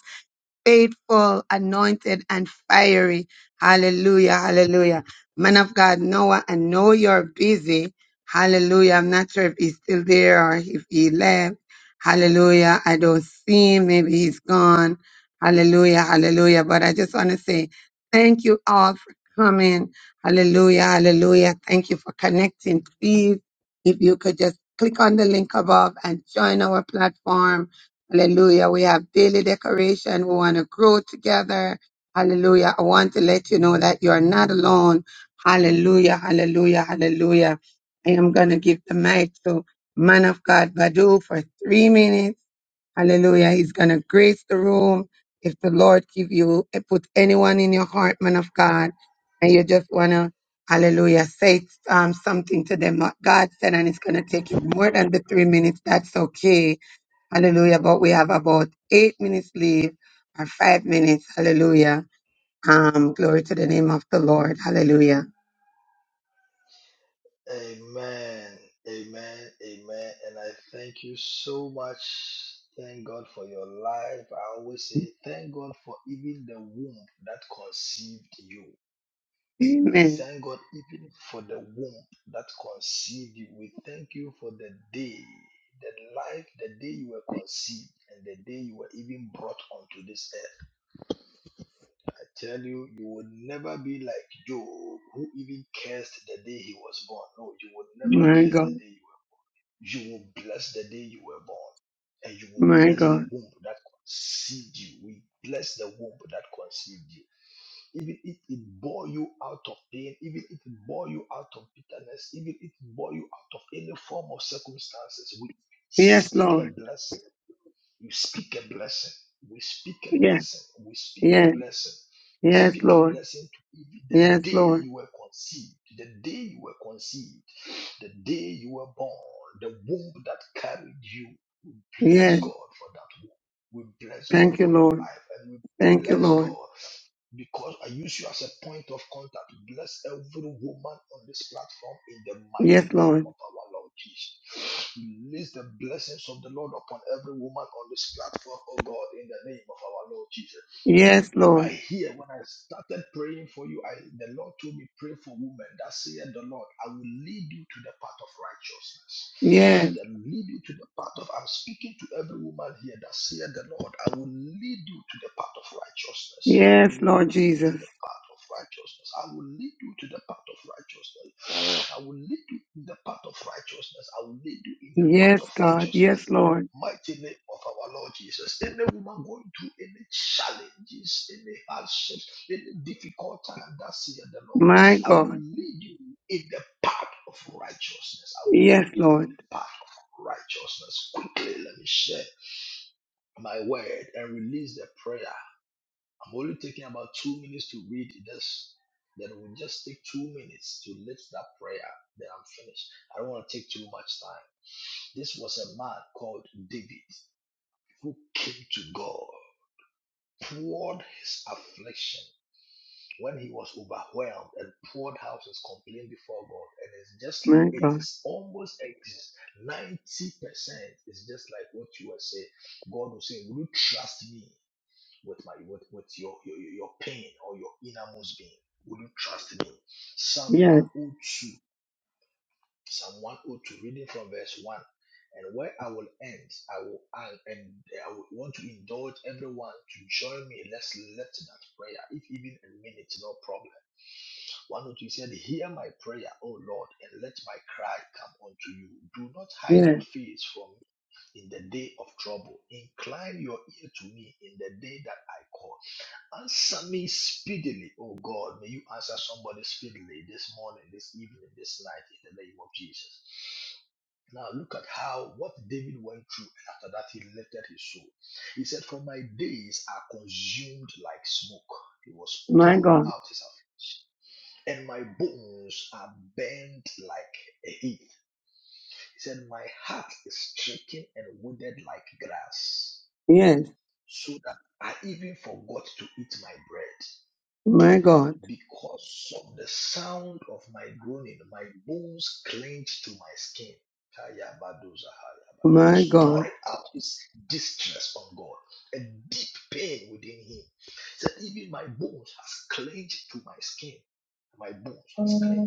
S7: faithful, anointed, and fiery. Hallelujah, hallelujah. Man of God, Noah, I know you're busy. Hallelujah. I'm not sure if he's still there or if he left. Hallelujah. I don't see him. Maybe he's gone. Hallelujah, hallelujah. But I just want to say thank you all for coming. Hallelujah, hallelujah. Thank you for connecting. Please, if you could just click on the link above and join our platform. Hallelujah. We have daily decoration. We want to grow together. Hallelujah. I want to let you know that you are not alone. Hallelujah. Hallelujah. Hallelujah. I am going to give the mic to man of God Badu for three minutes. Hallelujah. He's going to grace the room. If the Lord give you, put anyone in your heart, man of God, and you just want to, hallelujah, say um, something to them, what God said, and it's going to take you more than the three minutes. That's okay Hallelujah. But we have about eight minutes left or five minutes. Hallelujah. Um, glory to the name of the Lord. Hallelujah.
S16: Amen. Amen. Amen. And I thank you so much. Thank God for your life. I always say, thank God for even the womb that conceived you. We
S7: Amen.
S16: thank God even for the womb that conceived you. We thank you for the day, the life, the day you were conceived, and the day you were even brought onto this earth. I tell you, you will never be like Job, who even cursed the day he was born. No, you will never
S7: My
S16: curse the
S7: God.
S16: day you were you will bless the day you were born, and you will
S7: My
S16: bless
S7: God.
S16: the womb that conceived you. We bless the womb that conceived you. Even if it bore you out of pain, even if it bore you out of bitterness, even if it bore you out of any form of circumstances, we
S7: Yes,
S16: speak a
S7: Lord.
S16: blessing you speak a blessing. We speak a
S7: Yes.
S16: blessing. We speak
S7: Yes.
S16: a blessing. We
S7: Yes,
S16: speak a
S7: Lord.
S16: blessing to even the
S7: Yes,
S16: day
S7: Lord.
S16: you were conceived, the day you were conceived, the day you were born, the womb that carried you. We bless
S7: Yes.
S16: God for that womb. We bless God
S7: Thank you,
S16: for your
S7: Lord.
S16: life and we
S7: Thank you,
S16: bless
S7: Lord.
S16: God. Because I use you as a point of contact, bless every woman on this platform in the
S7: Yes,
S16: mighty name
S7: Lord.
S16: of our Lord Jesus. Release the blessings of the Lord upon every woman on this platform, oh God, in the name of our Lord Jesus.
S7: Yes,
S16: What I
S7: Lord.
S16: hear, when I started praying for you, I, the Lord told me, pray for women. That said, the Lord, I will lead you to the path of righteousness.
S7: Yes.
S16: That lead you to the path of, I'm speaking to every woman here. That said, the Lord, I will lead you to the path of righteousness. I will
S7: Yes,
S16: lead
S7: Lord
S16: you to
S7: Jesus.
S16: the path of righteousness. I will lead you to the path of righteousness. I will lead you in the path of righteousness. I will lead you in the path
S7: Yes,
S16: of
S7: God. Yes,
S16: righteousness in the
S7: Lord.
S16: mighty name of our Lord Jesus. Any woman going through any challenges, any hardships, any difficult time, that's here the Lord.
S7: My
S16: I will
S7: God.
S16: lead you in the path of righteousness. I will
S7: Yes,
S16: lead you in
S7: Lord.
S16: the path of righteousness. Quickly, let me share my word and release the prayer. I'm only taking about two minutes to read this. Then we'll just take two minutes to lift that prayer. Then I'm finished. I don't want to take too much time. This was a man called David who came to God, poured his affliction when he was overwhelmed, and poured out his complaint before God. And it's just like
S7: My
S16: it
S7: God.
S16: is almost ex- 90%. is just like what you were saying. God will say, Will you trust me? with my with, with your, your your pain or your innermost being? Will you trust me? Psalm
S7: Yes.
S16: 102, Psalm 102, reading from verse 1. And where I will end, I will end, and I would want to indulge everyone to join me. Let's lift that prayer, if even a minute, no problem. One or two said, Hear my prayer, O Lord, and let my cry come unto you. Do not hide
S7: Yes.
S16: your face from me in the day of trouble. Incline your ear to me in the day that I call. Answer me speedily, oh God. May you answer somebody speedily this morning, this evening, this night, in the name of Jesus. Now look at how what David went through, and after that he lifted his soul. He said, For my days are consumed like smoke. He was
S7: My
S16: pouring
S7: God.
S16: out his affliction, and my bones are bent like a heath. He said, My heart is stricken and withered like grass,
S7: Yes.
S16: so that I even forgot to eat my bread.
S7: My God,
S16: Because of the sound of my groaning, my bones clenched to my skin. Kayabadozahayaba. He
S7: my
S16: has poured
S7: God,
S16: out his distress on God, a deep pain within him. Said, even my bones has clenched to my skin. My bones has clenched.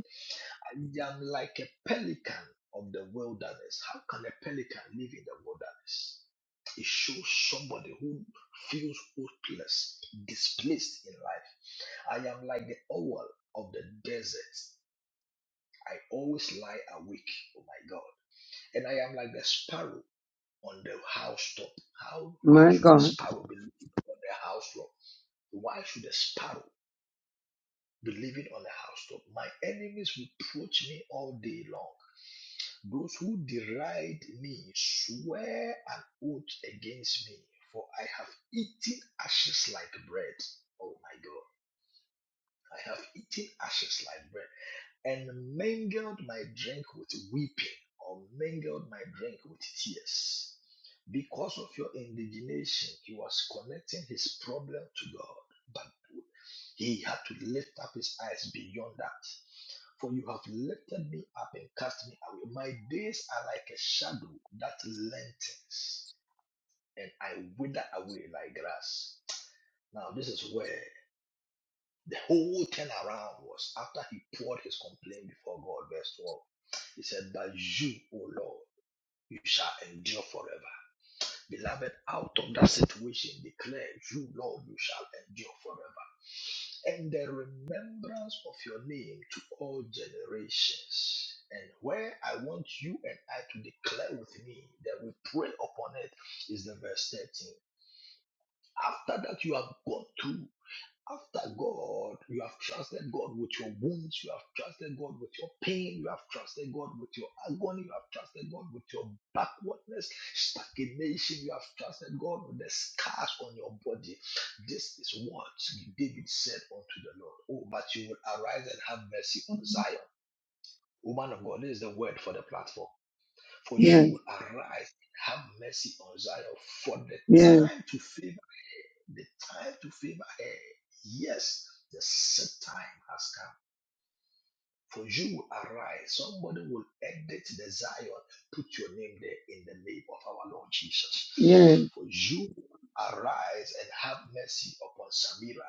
S16: I am like a pelican of the wilderness. How can a pelican live in the wilderness? It shows somebody who feels hopeless, displaced in life I am like the owl of the desert. I always lie awake, oh my God. And I am like the sparrow on the housetop. How why
S7: my
S16: should the
S7: God.
S16: sparrow be living on the housetop? Why should the sparrow be living on the housetop? My enemies reproach me all day long. Those who deride me swear an oath against me, for I have eaten ashes like bread. Oh my God. I have eaten ashes like bread. and mingled my drink with weeping or mingled my drink with tears. Because of your indignation, he was connecting his problem to God, but he had to lift up his eyes beyond that. For you have lifted me up and cast me away. My days are like a shadow that lengthens, and I wither away like grass. Now, this is where the whole turnaround was after he poured his complaint before God, verse 12. He said, But you, O Lord, you shall endure forever. Beloved, out of that situation, declare, You, Lord, you shall endure forever. And the remembrance of your name to all generations. And where I want you and I to declare with me that we pray upon it is the verse 13. After that, you have gone through after God, you have trusted God with your wounds, you have trusted God with your pain, you have trusted God with your agony, you have trusted God with your backwardness, stagnation, you have trusted God with the scars on your body. This is what David said unto the Lord. Oh, but you will arise and have mercy on Zion. Woman of God, this is the word for the platform. For you
S7: Yes,
S16: will arise and have mercy on Zion, for the
S7: yes,
S16: time to favor the time to favor her. Yes, the set time has come. For you arise. Somebody will edit the Zion. Put your name there in the name of our Lord Jesus.
S7: yes,
S16: For you arise and have mercy upon Samira.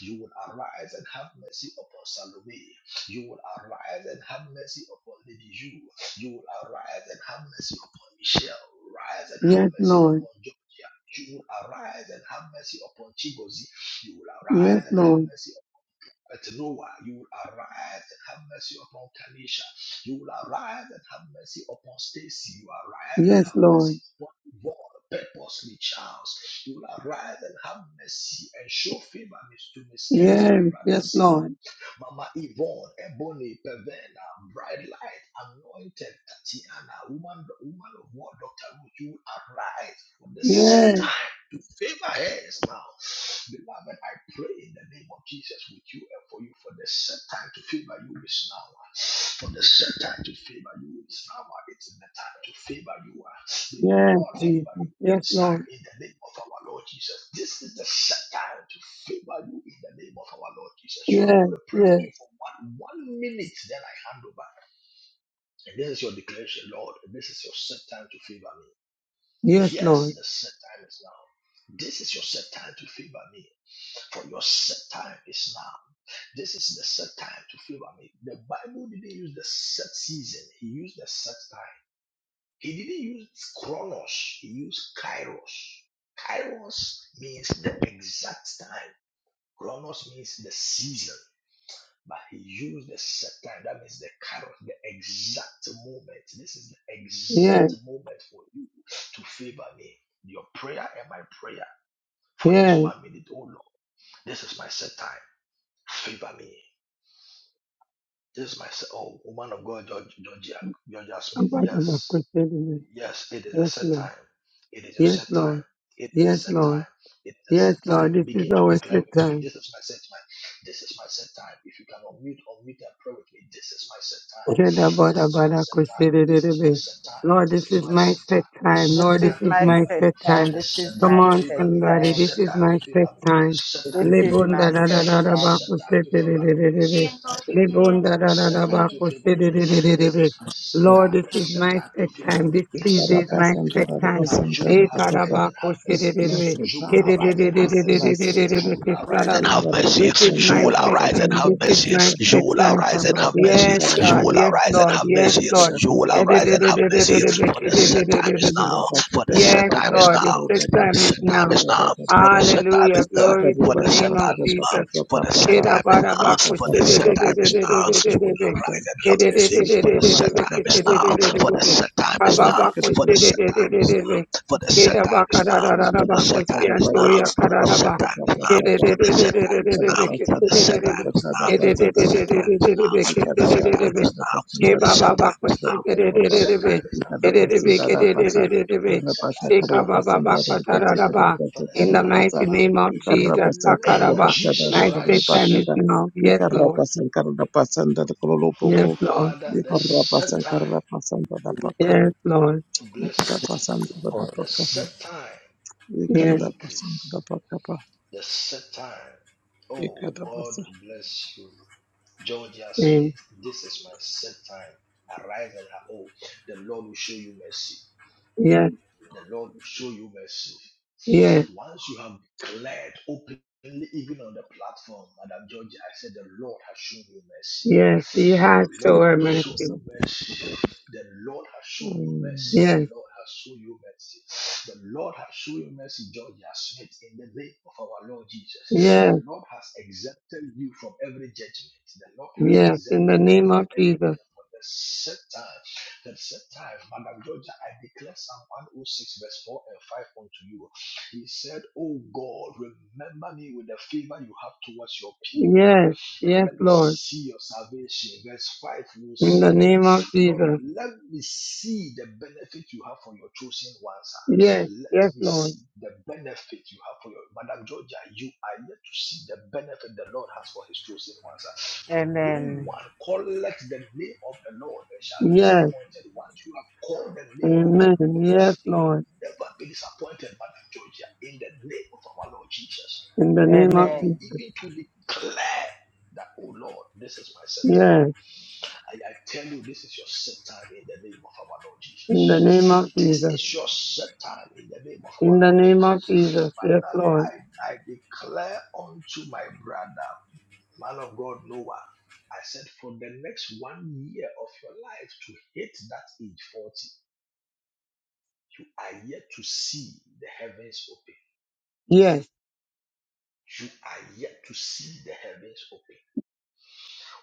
S16: You will arise and have mercy upon Salome. You will arise and have mercy upon Lady You. You will arise and have mercy upon Michelle. Rise and have
S7: yes,
S16: mercy
S7: Lord.
S16: upon Georgia. You will arise and have mercy upon Chigozi. You will
S7: Yes,
S16: arise and have
S7: Lord.
S16: mercy but Noah, you will arise and have mercy upon Kanisha. You will arise and have mercy upon Stacy. You will arise and
S7: Yes,
S16: have mercy
S7: Lord.
S16: upon Yvonne, purposely, Charles. You will arise and have mercy and show favor to Miss Kelly,
S7: Yes,
S16: my brother's
S7: yes,
S16: son.
S7: Lord.
S16: Mama Yvonne, Ebony, Pevena, Bright Light, Anointed, Tatiana, woman, woman of war, Dr. Ruth, you arise for the set
S7: Yes,
S16: time to favor us now. Beloved, I pray in the name of Jesus with you and for you for the set time to favor you is now. For the set time to favor you is now. It's the time to favor you. May the
S7: yes,
S16: Lord favor you.
S7: Jesus. Yes,
S16: Stand
S7: Lord.
S16: in the name of our Lord Jesus. This is the set time to favor you in the name of our Lord Jesus. You are
S7: Yes,
S16: going to pray with
S7: yes,
S16: me for one, one minute, then I hand over. And this is your declaration, Lord. This is your set time to favor me.
S7: yes,
S16: Yes,
S7: Lord.
S16: the set time is now. This is your set time to favor me. For your set time is now. This is the set time to favor me. The Bible didn't use the set season, He used the set time. He didn't use chronos, he used kairos. Kairos means the exact time. Chronos means the season. But he used the set time. That means the kairos, the exact moment. This is the
S7: Yes,
S16: exact moment for you to favor me. Your prayer and my prayer for this
S7: yes.
S16: one minute, oh Lord. This is my set time. Favor me. This my oh woman of God, George- Georgia, Georgia Smith.
S7: I'm part of a
S16: Yes,
S7: Christian. in
S16: yes, it is a
S7: Yes,
S16: set
S7: Lord.
S16: time. It is your
S7: Yes,
S16: set time.
S7: Lord.
S16: It is a
S7: Yes,
S16: set time.
S7: Lord.
S16: It is a
S7: Yes,
S16: set
S7: Lord.
S16: time.
S7: This is
S16: Begin to
S7: our
S16: declare
S7: set
S16: with me.
S7: time.
S16: This is my set time. This is my set time. If you can unmute, unmute and pray with me. This is my set time.
S7: Lord,
S16: This is my set time. This is my set time. This
S7: this
S16: is
S7: is
S16: my
S7: my
S16: set
S7: set
S16: time. The
S7: time.
S16: set
S8: This
S7: Lord, this
S16: time
S8: is
S16: to
S7: is
S8: my
S7: my
S16: favor
S8: set
S16: me.
S7: set
S8: time.
S7: time.
S16: The
S8: This
S16: set
S8: is
S16: time
S7: Come
S8: my
S16: to
S7: on,
S16: favor
S8: set
S16: me. The
S7: somebody,
S8: time.
S7: this
S16: set
S7: is
S16: time to
S7: my set
S16: favor me. The
S7: time.
S16: set time
S8: This
S16: to
S8: is
S7: Lord,
S16: favor
S7: this is
S8: my
S16: me.
S8: set
S16: The
S8: time.
S16: set
S7: my
S16: time
S7: set
S16: to
S7: time.
S16: favor me. The set
S5: Hallelujah,
S16: time to favor me.
S5: hallelujah,
S16: The serpent
S5: hallelujah.
S16: to favor me. This is my scepter. The scepter to favor me.
S7: This
S16: The scepter to favor me. For you will arise and have mercy. You will arise and have mercy. You will arise and have mercy. You will arise and have
S7: is his
S16: mercy.
S7: my
S16: You
S7: set
S16: will
S7: time.
S16: arise and have mercy.
S7: Yes,
S16: You
S7: God.
S16: will
S7: Yes,
S16: arise and
S7: Lord.
S16: have
S7: Yes,
S16: mercy.
S7: Lord.
S16: You will
S7: Yes,
S16: arise and have mercy. For the set time is now. For the set
S7: Yes,
S16: time is
S7: Lord,
S16: now.
S7: your set
S16: For the
S7: time is
S16: set time
S7: now.
S16: is now. For the set time
S7: Hallelujah.
S16: is now.
S7: Glory to
S16: For
S7: the
S16: the set
S7: name of
S16: time is now
S7: Jesus.
S16: for the set time is now,
S7: Kedabarabaku
S16: for the set time is now, you will
S7: shededededededededede.
S16: arise and have mercy, for the set time
S7: Kedededededededede.
S16: is now, for the
S7: Kededededededede.
S16: set time is now, for the set time is for the set time is now, for the set time is now, for the set time is now, for the set time is now,
S7: Kedededededededede.
S16: for the set time
S7: Kededededededede.
S16: is now, for the set time is
S7: Kedededededededede.
S16: now, for the set time
S7: Kededededededede.
S16: is now, for the set time is now, for the set time
S7: Kebababaku
S16: is now, for the set time
S7: shedededededede.
S16: is now, for the set time is now, for
S7: Kededededededede.
S16: the set time is now, for the set
S7: Shekababakatarabba. In the
S16: time is
S7: mighty
S16: now,
S7: name of
S16: in the
S7: Jesus,
S16: name of
S7: Sakaraba,
S16: Jesus
S7: my faith time is
S16: Christ,
S7: now. Yes, Lord. Yes, Lord.
S16: Father, the set time
S7: Yes, Lord.
S16: to bless, the set time to
S7: Yes,
S16: increase the set time. Oh, God bless you. Georgia
S7: and
S16: Smith, this is my set time. Arise and ha- oh, the Lord will show you mercy.
S7: yes,
S16: The Lord will show you mercy.
S7: yes,
S16: Once you have declared openly, even on the platform, Madam Georgia, I said, The Lord has shown you mercy.
S7: yes. He has
S16: The Lord
S7: shown her
S16: has shown
S7: mercy.
S16: you mercy. The Lord has shown you mercy. The
S7: Yes,
S16: Lord has shown you mercy. The Lord has shown you mercy, Georgia Smith, in the name of our Lord Jesus. The
S7: yes,
S16: Lord has exempted you from every judgment. The Lord has
S7: yes. In the
S16: exempted you
S7: name
S16: from
S7: of
S16: every
S7: Jesus.
S16: for the set time. The set time, Madam Georgia, I declare Psalm 106, verse 4 and 5 unto you. He said, Oh God, remember me with the favor you have towards your people, ah,
S7: Yes,
S16: and
S7: yes,
S16: let me
S7: Lord.
S16: see your salvation. Verse 5 will
S7: In the
S16: say, uh,
S7: name of
S16: Lord,
S7: Jesus.
S16: let me see the benefit you have for your chosen ones. ah.
S7: Yes,
S16: Let
S7: yes,
S16: me
S7: Lord.
S16: see the benefit you have for your Madam Georgia. You are yet to see the benefit the Lord has for his chosen ones. ah." For no
S8: Amen.
S16: one calleth the name of the Lord and shall be
S7: Yes,
S16: disappointed. Once you have called the name of the
S7: amen.
S16: Lord,
S7: Yes,
S16: you will
S7: Lord.
S16: never be disappointed, Mother Georgia, in the name of our Lord Jesus.
S7: In the name of
S16: For
S8: Amen.
S16: you
S7: Jesus.
S16: even to declare that, oh Lord, this is my set time.
S7: Yes,
S16: I, I tell you, this is your set time in the name of our Lord
S7: in the name of
S16: Jesus. This
S7: Jesus.
S16: is your set time in the name of
S7: In
S16: our
S7: the
S16: Lord
S7: name
S16: Jesus.
S7: of Jesus. Yes,
S16: Finally,
S7: Lord.
S16: I, I declare unto my brother man of God, Noah, I said, for the next one year of your life to hit that age 40, you are yet to see the heavens open.
S7: Yes.
S16: You are yet to see the heavens open.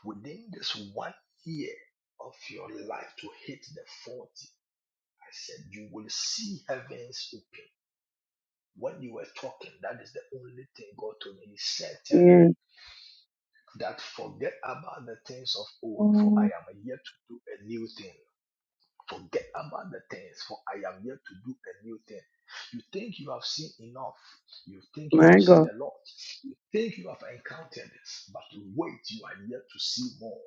S16: Within this one year of your life to hit the 40, I said, you will see heavens open. When you were talking, that is the only thing God told me. He said, Tell him
S7: Yes.
S16: that forget about the things of old, for I am yet to do a new thing. Forget about the things, for I am yet to do a new thing. You think you have seen enough. You think you have
S7: My
S16: seen
S7: God.
S16: a lot. You think you have encountered this, but wait, you are yet to see more.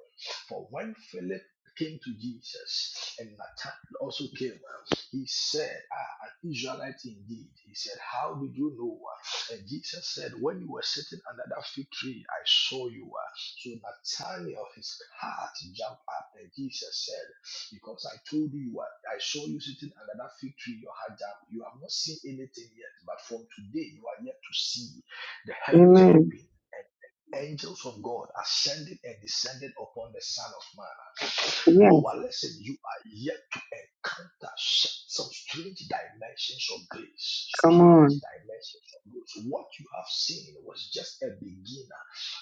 S16: For when Philip came to Jesus and Nathanael also came, he said, Ah, an Israelite indeed. He said, How did you know? And Jesus said, When you were sitting under that fig tree, I saw you. So Nathanael, his heart jumped up, and Jesus said, because I told you what I saw you sitting under that fig tree, your heart jam. You have not seen anything yet, but from today you are yet to see the heavens
S7: Amen.
S16: open and the angels of God ascending and descending upon the Son of Man.
S7: Yes.
S16: Noah, listen, you are yet to encounter some strange dimensions of grace.
S7: Come
S16: Strange
S7: on.
S16: dimensions of grace. What you have seen was just a beginning.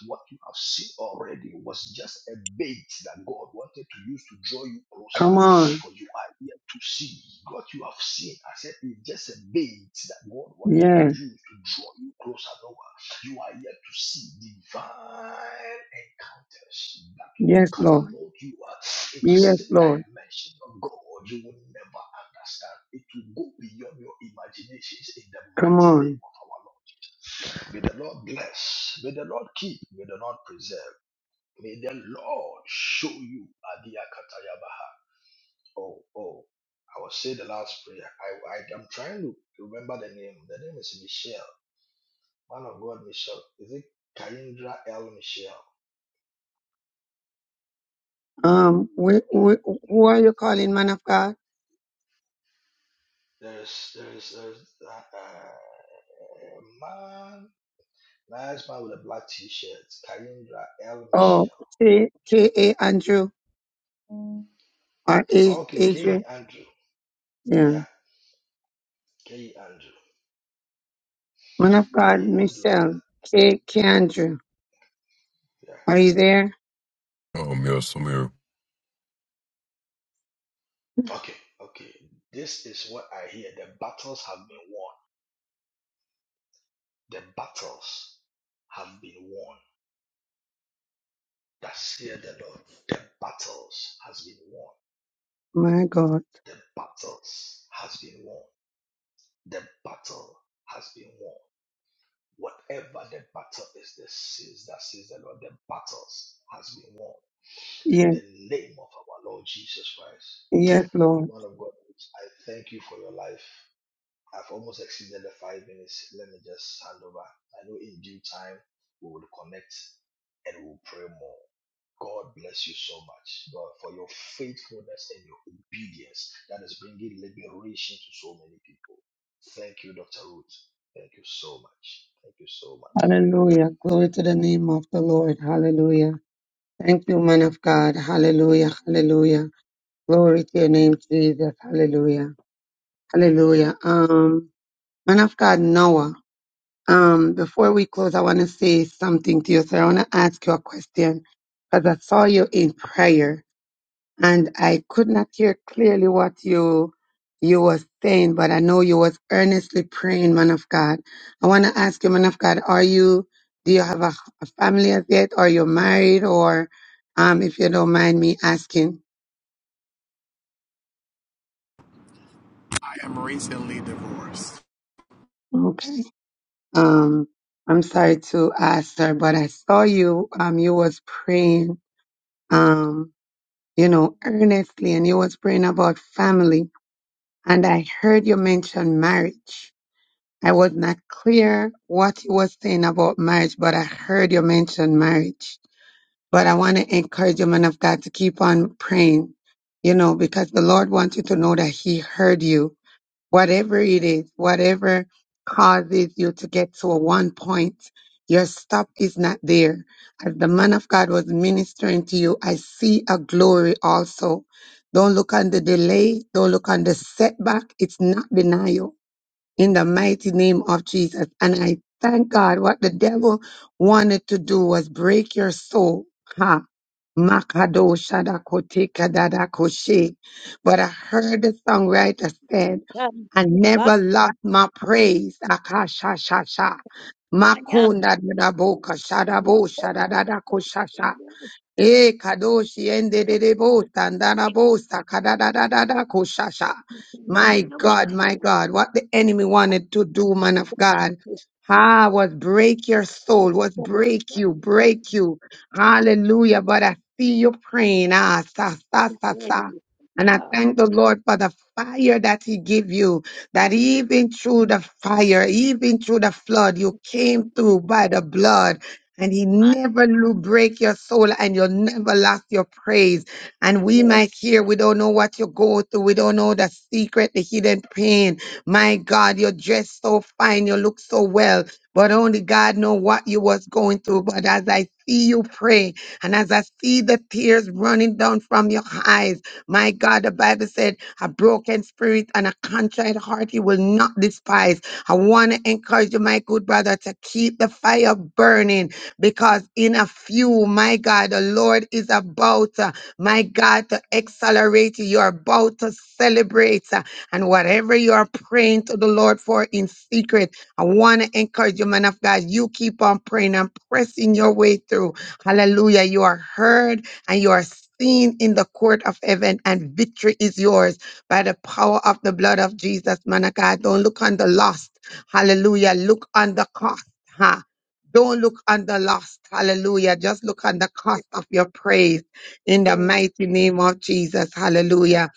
S16: What you have seen already was just a bait that God wanted to use to draw you closer.
S7: Come on.
S16: For you are here to see what you have seen. I said it's just a bait that God wanted to
S7: Yes.
S16: use to draw you closer, Noah. You are here to see divine encounters that will
S7: Yes, Lord.
S16: catapult you uh, into
S7: Yes,
S16: certain
S7: Lord.
S16: dimension of God you will never understand. It will go beyond your imaginations in the
S7: Come
S16: mighty
S7: on.
S16: name of our Lord. May the Lord bless. May the Lord keep. May the Lord preserve. May the Lord show you Adiakatayabaha. Oh, oh. I will say the last prayer. I, I am trying to remember the name. The name is Michelle. Man of God, Michelle. Is it Kaindra L. Michelle?
S7: Um, wh-
S16: Kain-
S7: wh- who are you calling, man of God?
S16: There's there's there's uh, uh, man, nice man with a black t-shirt. Kaindra L.
S7: Oh,
S16: Michelle.
S7: K A Andrew or A
S16: Okay, it's K. E.
S7: Adrian?
S16: Andrew.
S7: Yeah.
S16: Yeah, K. E. Andrew.
S7: Man of
S16: K.
S7: God,
S16: E. Andrew. That's
S7: Michelle K K Andrew.
S16: yeah.
S7: Are you there?
S26: Um, yes, Amir.
S16: Okay, okay. This is what I hear. The battles have been won. The battles have been won. That's here the Lord. The battles has been won.
S7: My God.
S16: The battles has been won. The battle has been won. Whatever the battle is, this says that says the Lord, the battles has been won. In
S7: Yes.
S16: the name of our Lord Jesus Christ.
S7: Yes, Lord.
S16: Woman of God, I thank you for your life. I've almost exceeded the five minutes. Let me just hand over. I know in due time we will connect and we'll pray more. God bless you so much, God, for your faithfulness and your obedience that is bringing liberation to so many people. Thank you, Dr. Ruth. Thank you so much. Thank you so much.
S7: Hallelujah. Glory to the name of the Lord. Hallelujah. Thank you, man of God. Hallelujah. Hallelujah. Glory to your name, Jesus. Hallelujah. Hallelujah. Um, man of God, Noah. Um, before we close, I want to say something to you. So I want to ask you a question because I saw you in prayer and I could not hear clearly what you you was saying, but I know you was earnestly praying, man of God. I want to ask you, man of God, are you do you have a, a family as yet? Are you married or um if you don't mind me asking?
S23: I am recently divorced.
S7: Okay. Um I'm sorry to ask sir, but I saw you um you was praying um you know earnestly and you was praying about family and I heard you mention marriage. I was not clear what you were saying about marriage, but I heard you mention marriage. But I want to encourage you, man of God, to keep on praying, you know, because the Lord wants you to know that He heard you. Whatever it is, whatever causes you to get to a one point, your stop is not there. As the man of God was ministering to you, I see a glory also. Don't look on the delay. Don't look on the setback. It's not denial in the mighty name of Jesus. And I thank God what the devil wanted to do was break your soul. Ha. Makado shadakote kadadakoshe. But I heard the songwriter said, I never lost my praise. Akasha shasha. Makunda dadaboka shadabo shadadadako Eh, kadoshi ende de de bo, sandana bo, sakada da da da da, koshasha. My God, my God, what the enemy wanted to do, man of God. Ah, was break your soul, was break you, break you. Hallelujah. But I see you praying. Ah, sa, sa, sa, sa. And I thank the Lord for the fire that He gave you. That even through the fire, even through the flood, you came through by the blood and he never will break your soul and you'll never lost your praise. And we might hear, we don't know what you go through. We don't know the secret, the hidden pain. My God, you're dressed so fine. You look so well, but only God know what you was going through. But as I see you pray and as I see the tears running down from your eyes, my God, the Bible said a broken spirit and a contrite heart He will not despise. I want to encourage you, my good brother, to keep the fire burning because in a few, my God, the Lord is about, uh, my God, to accelerate you. You're about to celebrate. uh, and whatever you are praying to the Lord for in secret, I want to encourage you, man of God. You keep on praying and pressing your way through. Hallelujah. You are heard and you are seen in the court of heaven, and victory is yours by the power of the blood of Jesus, man of God. Don't look on the lost. Hallelujah. Look on the cost. ha. Don't look on the lost. Hallelujah. Just look on the cost of your praise in the mighty name of Jesus. Hallelujah.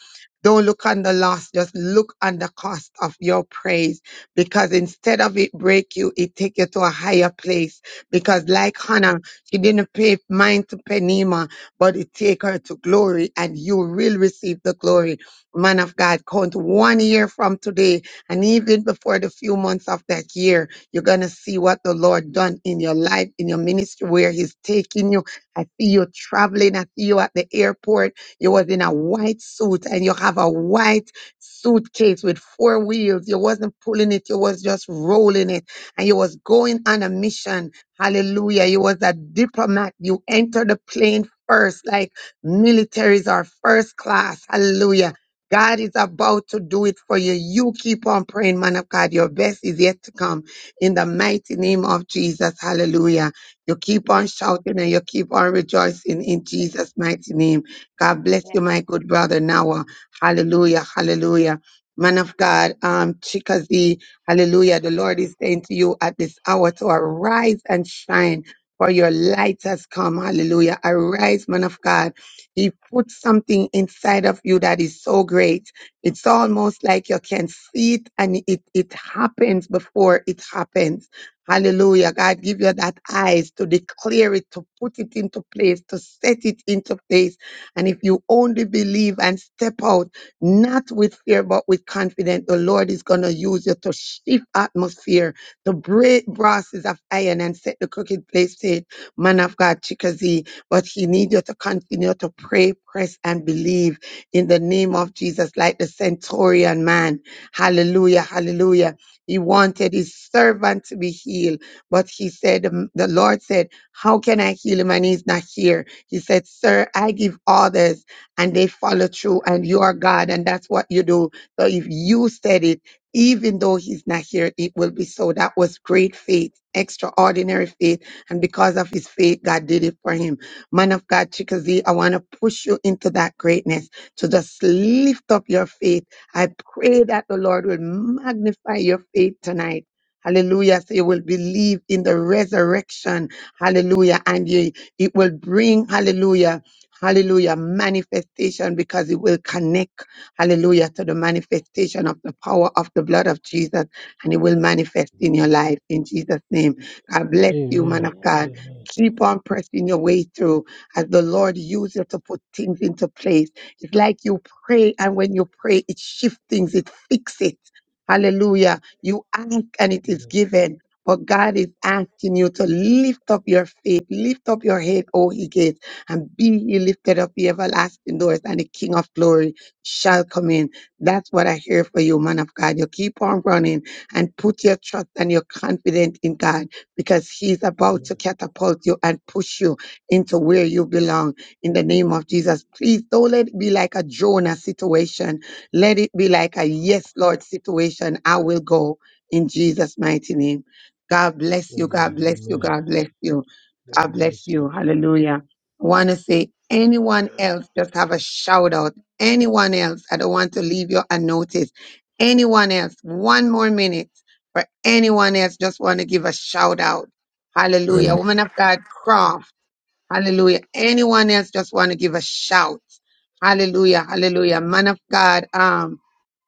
S7: Don't look on the loss. Just look on the cost of your praise because instead of it break you, it take you to a higher place because like Hannah, she didn't pay mind to Penema, but it take her to glory and you will receive the glory. Man of God, count one year from today and even before the few months of that year you're going to see what the Lord done in your life, in your ministry, where he's taking you. I see you traveling. I see you at the airport. You was in a white suit and you have a white suitcase with four wheels. You wasn't pulling it. You was just rolling it and you was going on a mission. Hallelujah. You was a diplomat. You entered the plane first, like militaries are first class. Hallelujah. God is about to do it for you. You keep on praying, man of God. Your best is yet to come in the mighty name of Jesus. Hallelujah. You keep on shouting and you keep on rejoicing in Jesus' mighty name. God bless you, my good brother Noah. Hallelujah. Hallelujah. Man of God, um, Chikazi, hallelujah. The Lord is saying to you at this hour to arise and shine, for your light has come. Hallelujah. Arise, man of God. He put something inside of you that is so great. It's almost like you can see it and it, it happens before it happens. Hallelujah. God give you that eyes to declare it, to put it into place, to set it into place. And if you only believe and step out, not with fear, but with confidence, the Lord is going to use you to shift atmosphere, to break brasses of iron and set the crooked place straight. Man of God, Chickasee. But he needs you to continue to pray, press, and believe in the name of Jesus, like the centurion man. Hallelujah, hallelujah. He wanted his servant to be healed, but he said, um, The Lord said, How can I heal him and he's not here? He said, Sir, I give orders and they follow through, and you are God, and that's what you do. So if you said it, even though he's not here, it will be so. That was great faith, extraordinary faith. And because of his faith, God did it for him. Man of God, Chickasee, I want to push you into that greatness to just lift up your faith. I pray that the Lord will magnify your faith tonight. Hallelujah. So you will believe in the resurrection. Hallelujah. And you, it will bring, hallelujah, hallelujah, manifestation because it will connect, hallelujah, to the manifestation of the power of the blood of Jesus and it will manifest in your life in Jesus' name. God bless
S4: Amen.
S7: you, man of God.
S4: Amen.
S7: Keep on pressing your way through as the Lord uses you to put things into place. It's like you pray, and when you pray, it shifts things, it fixes it. Hallelujah. You ask and it is
S4: Amen.
S7: given. But God is asking you to lift up your faith, lift up your head, O ye gates, and be ye lifted up, the everlasting doors, and the King of glory shall come in. That's what I hear for you, man of God. You keep on running and put your trust and your confidence in God because He's about to
S4: Amen.
S7: catapult you and push you into where you belong in the name of Jesus. Please don't let it be like a Jonah situation. Let it be like a yes, Lord situation. I will go in Jesus' mighty name. God bless you. God
S4: Amen.
S7: bless you.
S4: Amen.
S7: God bless you.
S4: God
S7: God bless
S4: bless you
S7: you.
S4: too.
S7: Hallelujah. I want to say, anyone
S16: Uh,
S7: else, just have a shout out. Anyone else, I don't want to leave you unnoticed. Anyone else, one more minute for anyone else, just want to give a shout out. Hallelujah.
S26: Amen.
S7: Woman of God, Croft. Hallelujah. Anyone else just want to give a shout? Hallelujah. Hallelujah. Man of God, um,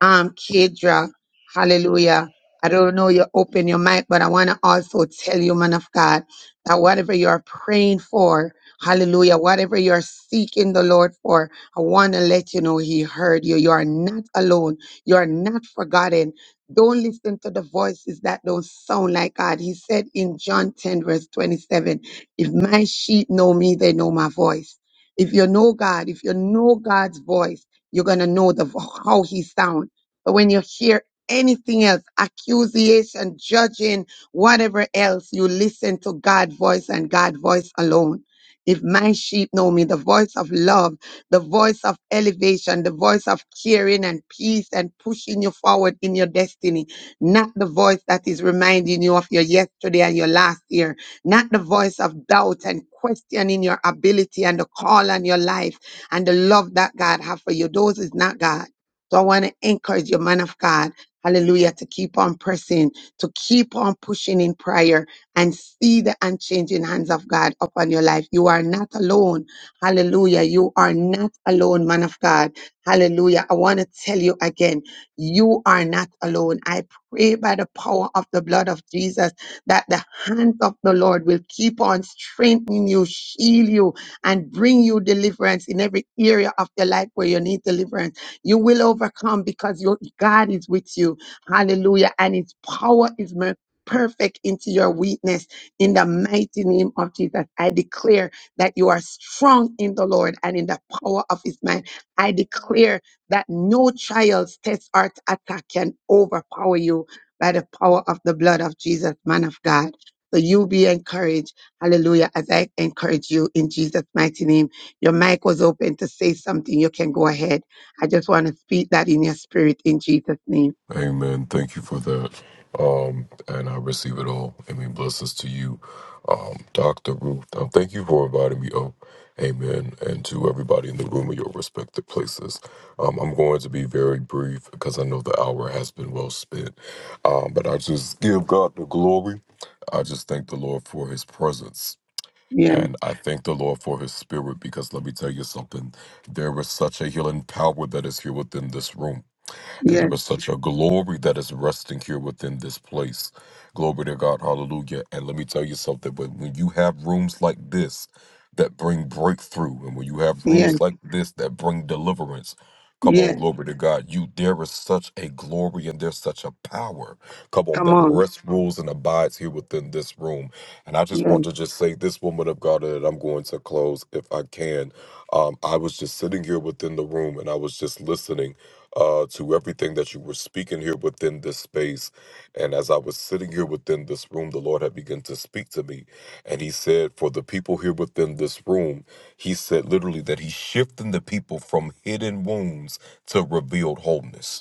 S7: um, Kedra. Hallelujah. I don't know you open your mic, but I want to also tell you, man of God, that whatever you are praying for, hallelujah, whatever you are seeking the Lord for, I want to let you know He heard you. You are not alone. You are not forgotten. Don't listen to the voices that don't sound like God. He said in John 10, verse 27. If my sheep know me, they know my voice. If you know God, if you know God's voice, you're gonna know the vo- how He sounds. But when you hear anything else, accusation, judging, whatever else, you listen to God's voice and God's voice alone. If my sheep know me, the voice of love, the voice of elevation, the voice of caring and peace and pushing you forward in your destiny, not the voice that is reminding you of your yesterday and your last year, not the voice of doubt and questioning your ability and the call on your life and the love that God have for you. Those is not God. So I want to encourage you, man of God, hallelujah, to keep on pressing, to keep on pushing in prayer and see the unchanging hands of God upon your life. You are not alone. Hallelujah. You are not alone, man of God. Hallelujah. I want to tell you again, you are not alone. I pray by the power of the blood of Jesus that the hand of the Lord will keep on strengthening you, heal you, and bring you deliverance in every area of your life where you need deliverance. You will overcome because your God is with you. Hallelujah. And his power is made perfect into your weakness in the mighty name of Jesus. I declare that you are strong in the Lord and in the power of his might. I declare that no trials, tests, or attack can overpower you by the power of the blood of Jesus, man of God. So you be encouraged. Hallelujah. As I encourage you in Jesus' mighty name. Your mic was open to say something. You can go ahead. I just want to speak that in your spirit in Jesus' name.
S26: Amen. Thank you for that. Um, and I receive it all. I mean, blessings to you, um, Dr. Ruth. Um, thank you for inviting me up. Amen. And to everybody in the room in your respective places. Um, I'm going to be very brief because I know the hour has been well spent. Um, but I just give God the glory. I just thank the Lord for his presence.
S7: Yes,
S26: And I thank the Lord for his spirit because let me tell you something. There is such a healing power that is here within this room And there
S7: yes,
S26: is such a glory that is resting here within this place. Glory to God. Hallelujah. And let me tell you something. But when when you have rooms like this that bring breakthrough, and when you have
S7: yes,
S26: rooms like this that bring deliverance, Come on,
S7: yes.
S26: glory to God. You there is such a glory and there's such a power. Come on,
S7: Come
S26: that
S7: on.
S26: rest rules and abides here within this room. And I just
S7: Yes.
S26: want to just say this woman of God, and I'm going to close if I can. Um, I was just sitting here within the room and I was just listening uh, to everything that you were speaking here within this space. And as I was sitting here within this room, the Lord had begun to speak to me. And He said, For the people here within this room, He said literally that He's shifting the people from hidden wounds to revealed wholeness.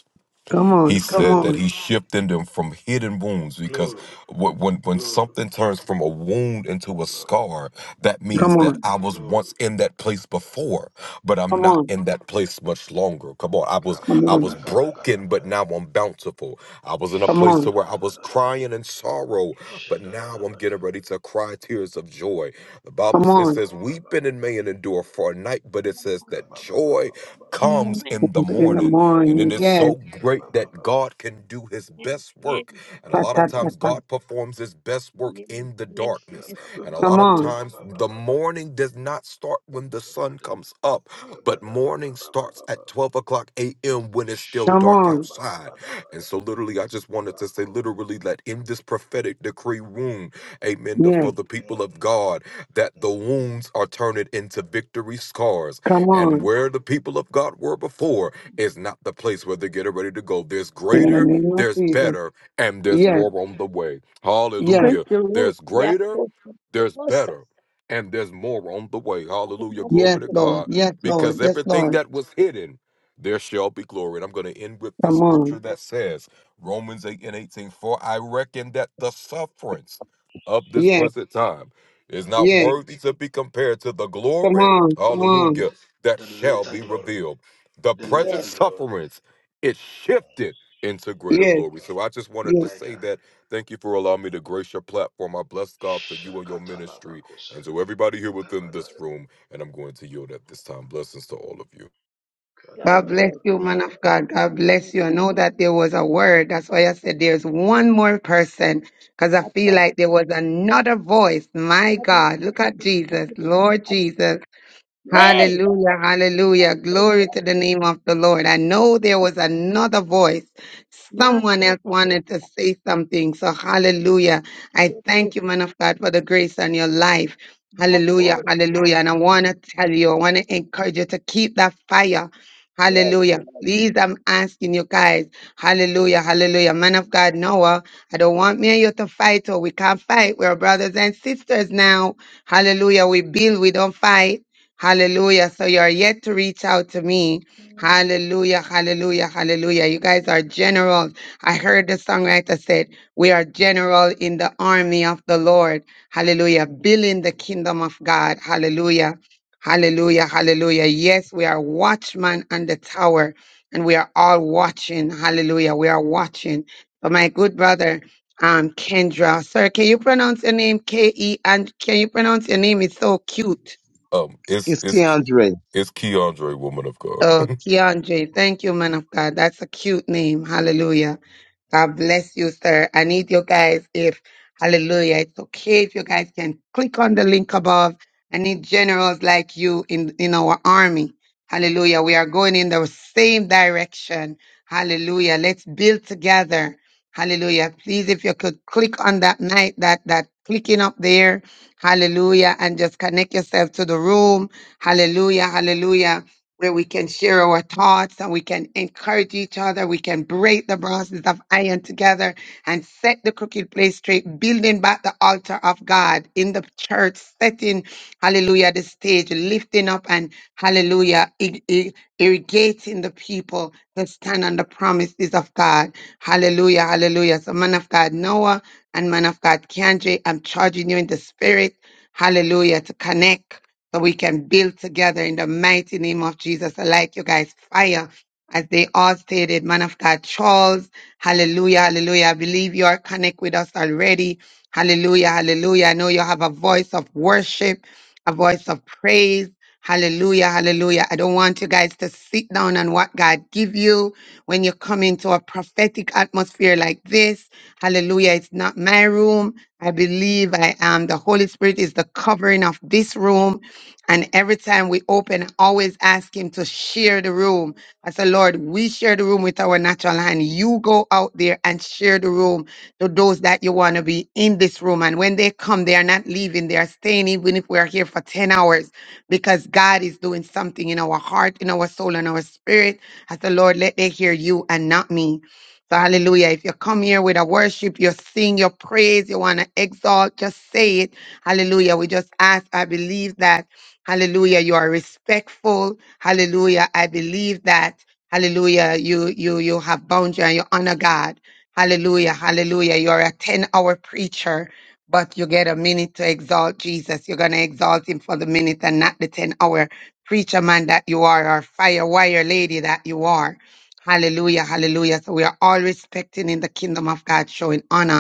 S7: Come
S26: He
S7: on. Come
S26: said that
S7: on.
S16: glory,
S26: he's shifting them from hidden wounds because
S16: glory,
S26: wh- when when
S16: glory.
S26: something turns from a wound into a
S16: Glory,
S26: scar, that
S7: Come
S26: means that
S7: on.
S26: I was once
S16: glory.
S26: in that place before, but I'm
S7: Come
S26: not
S7: on.
S26: in that place much longer. Come on, I was
S7: Come
S26: I was
S7: on.
S26: broken, but
S16: Kabagadagadagadabai.
S26: now I'm bountiful. I was in a
S7: Come
S26: place to
S7: on.
S26: where I was
S16: Shadadadadadadada.
S26: crying in sorrow, but now I'm getting
S16: Shadadadabakaba.
S26: ready to cry tears of joy. The Bible
S7: Come
S26: says, it
S7: on.
S26: says weeping and
S16: Kabababababa.
S26: may endure for a night, but it says that joy
S16: Kababababababa.
S26: comes in the
S7: In the
S26: morning.
S16: Kabababa.
S26: And it
S7: morning.
S26: is
S7: Yes.
S26: so great that
S16: Kabababa.
S26: God can do his best work. And a
S7: Ta,
S26: lot
S16: Kabababa.
S26: of
S7: ta, ta,
S26: times,
S7: ta.
S26: God performs his best work in the darkness. And a
S7: Come
S26: lot
S16: Kabababa.
S26: of
S7: on.
S26: times, the
S16: Kabababa.
S26: morning does not start when the sun
S16: Kabada-
S26: comes up, but morning starts
S16: kabadabababababa.
S26: at 12 o'clock a.m. when it's still
S7: Come
S26: dark
S7: on.
S26: outside.
S16: Shakadabakabadabai.
S26: And so, literally, I just wanted to say,
S16: Bako.
S26: literally, that in this prophetic decree wound, amen, the- for
S7: Yes.
S26: the people
S16: Mm,
S26: of God, that the
S16: mm,
S26: wounds are turning into victory scars
S7: Come on.
S26: and where the people of God were before is not the place where they're getting ready to go. There's
S7: In the
S26: greater,
S7: name of
S26: there's
S7: Jesus.
S26: better, and there's
S7: Yes,
S26: more on the way.
S7: yes,
S25: Thank
S26: Hallelujah.
S25: you, Lord.
S26: There's greater, there's better, and there's more on the way. Hallelujah.
S7: yes,
S26: Glory to
S7: Lord.
S26: God.
S7: Yes, Lord.
S26: Because
S7: Yes,
S26: everything
S7: Lord.
S26: that was hidden, there shall be glory. And I'm going to end with this
S7: Come
S26: scripture
S7: on.
S26: that says, Romans 8 and 18, for I reckon that the sufferings of this
S7: Yes,
S26: present time is
S16: mm,
S26: not
S7: yes.
S26: worthy to be compared to the
S7: Come
S26: glory.
S7: on. Come
S16: mm.
S26: Hallelujah
S7: on.
S16: The
S26: that
S16: the
S26: shall
S16: latter
S26: be
S16: glory,
S26: revealed. The
S16: the
S26: present
S16: latter glory,
S26: sufferings, it
S16: Mm,
S26: shifted into greater
S7: Yes,
S26: glory.
S16: mm.
S26: So I just wanted
S7: yes.
S26: to
S16: my
S26: say
S16: God.
S26: that. Thank you for allowing me to grace your platform. I bless God for you and your ministry. And
S16: Shakatalabakosaya.
S26: so everybody here within this
S16: Kabadaya.
S26: room, and I'm going to yield at this time. Blessings to all of you.
S6: God
S7: God bless you, man
S16: Kadabadabadoshaya.
S7: of God. God bless you. I know that there was a word. That's why I said there's one more person because I feel
S6: bless.
S7: like there was another voice. My
S6: My bless
S7: God. Look
S6: you,
S7: at
S6: my
S7: Jesus.
S6: bless
S7: Lord
S6: you.
S7: Jesus.
S6: Nay,
S7: Hallelujah, hallelujah.
S6: yes,
S7: Glory
S6: yes,
S7: to the
S6: yes.
S7: name of the Lord. I know there was another voice.
S6: my
S7: Someone
S6: course,
S7: else
S6: yes,
S7: wanted to say something. So, hallelujah. I
S6: yes, yes.
S7: thank you, man of God, for the grace on your life.
S6: my
S7: Hallelujah,
S6: course, yes,
S7: hallelujah. And I want to tell you, I want to encourage you to keep that fire.
S6: yes, yes, yes. yes, yes,
S7: Hallelujah.
S6: yes,
S7: Please, I'm asking you guys. Hallelujah, hallelujah. Man of God, Noah, I don't want me and you to fight, or we can't fight. We're brothers and sisters now. Hallelujah. We build, we don't fight. Hallelujah. So you are yet to reach out to me. Hallelujah. Hallelujah. Hallelujah. You guys are generals. I heard the songwriter said, We are general in the army of the Lord. Hallelujah. Building the kingdom of God. Hallelujah. Hallelujah. Hallelujah. Yes, we are watchmen on the tower and we are all watching. Hallelujah. We are watching. But my good brother, um, Kendra, sir, can you pronounce your name K E? And can you pronounce your name? It's so cute.
S26: Um, it's
S24: It's
S26: it's
S24: Keandre.
S26: it's Keandre, woman of God.
S7: Oh, Keandre, thank you, man of God. That's a cute name. Hallelujah. God bless you, sir. I need you guys if, hallelujah, it's okay if you guys can click on the link above. I need generals like you in, in our army. Hallelujah. We are going in the same direction. Hallelujah. Let's build together. Hallelujah. Please, if you could click on that night, that, that clicking up there. Hallelujah. And just connect yourself to the room. Hallelujah. Hallelujah where we can share our thoughts and we can encourage each other. We can break the bronzes of iron together and set the crooked place straight, building back the altar of God in the church, setting, hallelujah, the stage, lifting up and, hallelujah, ir- ir- irrigating the people to stand on the promises of God. Hallelujah, hallelujah. So, man of God, Noah and man of God, Kendra, I'm charging you in the spirit, hallelujah, to connect so we can build together in the mighty name of Jesus. I like you guys' fire. As they all stated, man of God, Charles, hallelujah, hallelujah. I believe you are connect with us already. Hallelujah, hallelujah. I know you have a voice of worship, a voice of praise. Hallelujah, hallelujah. I don't want you guys to sit down on what God give you when you come into a prophetic atmosphere like this. Hallelujah. It's not my room. I believe I am. The Holy Spirit is the covering of this room. And every time we open, I always ask him to share the room. I said, Lord, we share the room with our natural hand. You go out there and share the room to those that you want to be in this room. And when they come, they are not leaving. They are staying, even if we are here for 10 hours, because God is doing something in our heart, in our soul, and our spirit. I said, Lord, let they hear you and not me. So hallelujah. If you come here with a worship, you sing, you praise, you want to exalt, just say it. Hallelujah. We just ask, I believe that. Hallelujah. You are respectful. Hallelujah. I believe that. Hallelujah. You, you, you have boundary and you honor God. Hallelujah. Hallelujah. You're a 10 hour preacher, but you get a minute to exalt Jesus. You're going to exalt him for the minute and not the 10 hour preacher man that you are or fire wire lady that you are. Hallelujah. Hallelujah. So we are all respecting in the kingdom of God, showing honor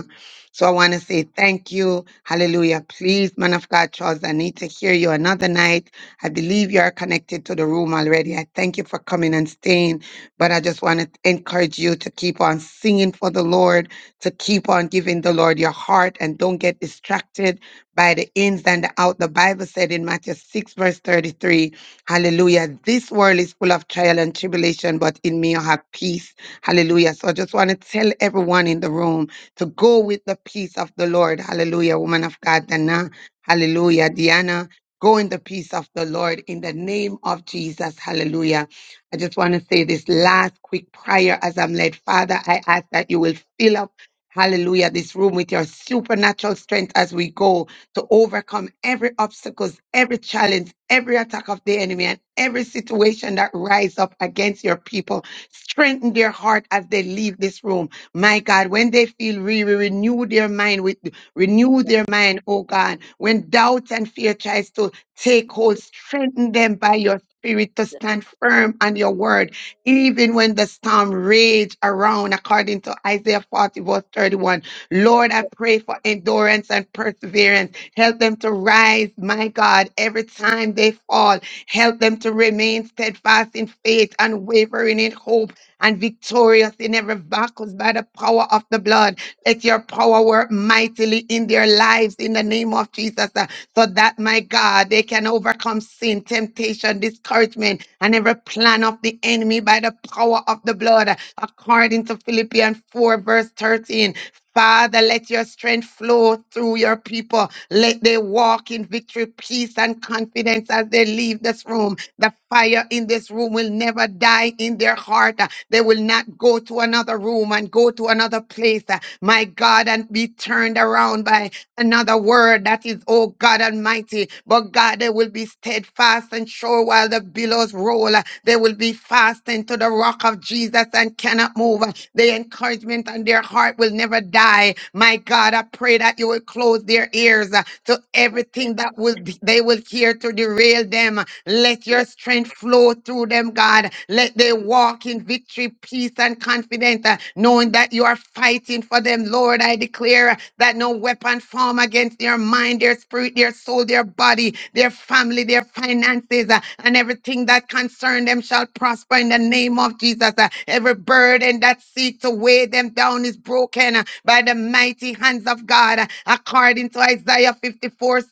S7: so I want to say thank you. Hallelujah. Please, man of God, Charles, I need to hear you another night. I believe you are connected to the room already. I thank you for coming and staying. But I just want to encourage you to keep on singing for the Lord, to keep on giving the Lord your heart, and don't get distracted by the ins and the out. The Bible said in Matthew 6, verse 33, Hallelujah. This world is full of trial and tribulation, but in me you have peace. Hallelujah. So I just want to tell everyone in the room to go with the peace of the Lord. Hallelujah. Woman of God, Dana. Hallelujah. Diana, go in the peace of the Lord in the name of Jesus. Hallelujah. I just want to say this last quick prayer as I'm led. Father, I ask that you will fill up. Hallelujah, this room with your supernatural strength as we go to overcome every obstacles, every challenge, every attack of the enemy and every situation that rise up against your people. Strengthen their heart as they leave this room my God, when they feel weary, renew their mind with renew their mind, oh God. When doubt and fear tries to take hold, strengthen them by your spirit to
S6: yes,
S7: stand firm on your word, even when the storm rage around, according to Isaiah 40, verse 31. Lord, I pray for endurance and perseverance. Help them to rise, my God, every time they fall. Help them to remain steadfast in faith and wavering in hope and victorious in every battles by the power of the blood. Let your power work mightily in their lives in the name of Jesus, uh, so that, my God, they can overcome sin, temptation, discouragement, and every plan of the enemy by the power of the blood, uh, according to Philippians 4, verse 13. Father, let your strength flow through your people. Let they walk in victory, peace, and confidence as they leave this room. The fire in this room will never die in their heart. They will not go to another room and go to another place, uh, my God, and be turned around by another word that is, oh God Almighty. But God, they will be steadfast and sure while the billows roll. They will be fastened to the rock of Jesus and cannot move. The encouragement on their heart will never die. My God, I pray that you will close their ears uh, to everything that will be- they will hear to derail them. Let your
S6: yes, yes, yes,
S7: strength flow through them, God. Let they walk in victory, peace, and confidence, uh, knowing that you are fighting for them, Lord. Lord, I declare that no weapon formed against their mind, their spirit, their soul, their body, their family, their finances, uh, and everything that concern them shall prosper in the name of Jesus. Uh, Every burden that seeks to weigh them down is broken uh, by the mighty hands of God, uh, according to Isaiah 54:17.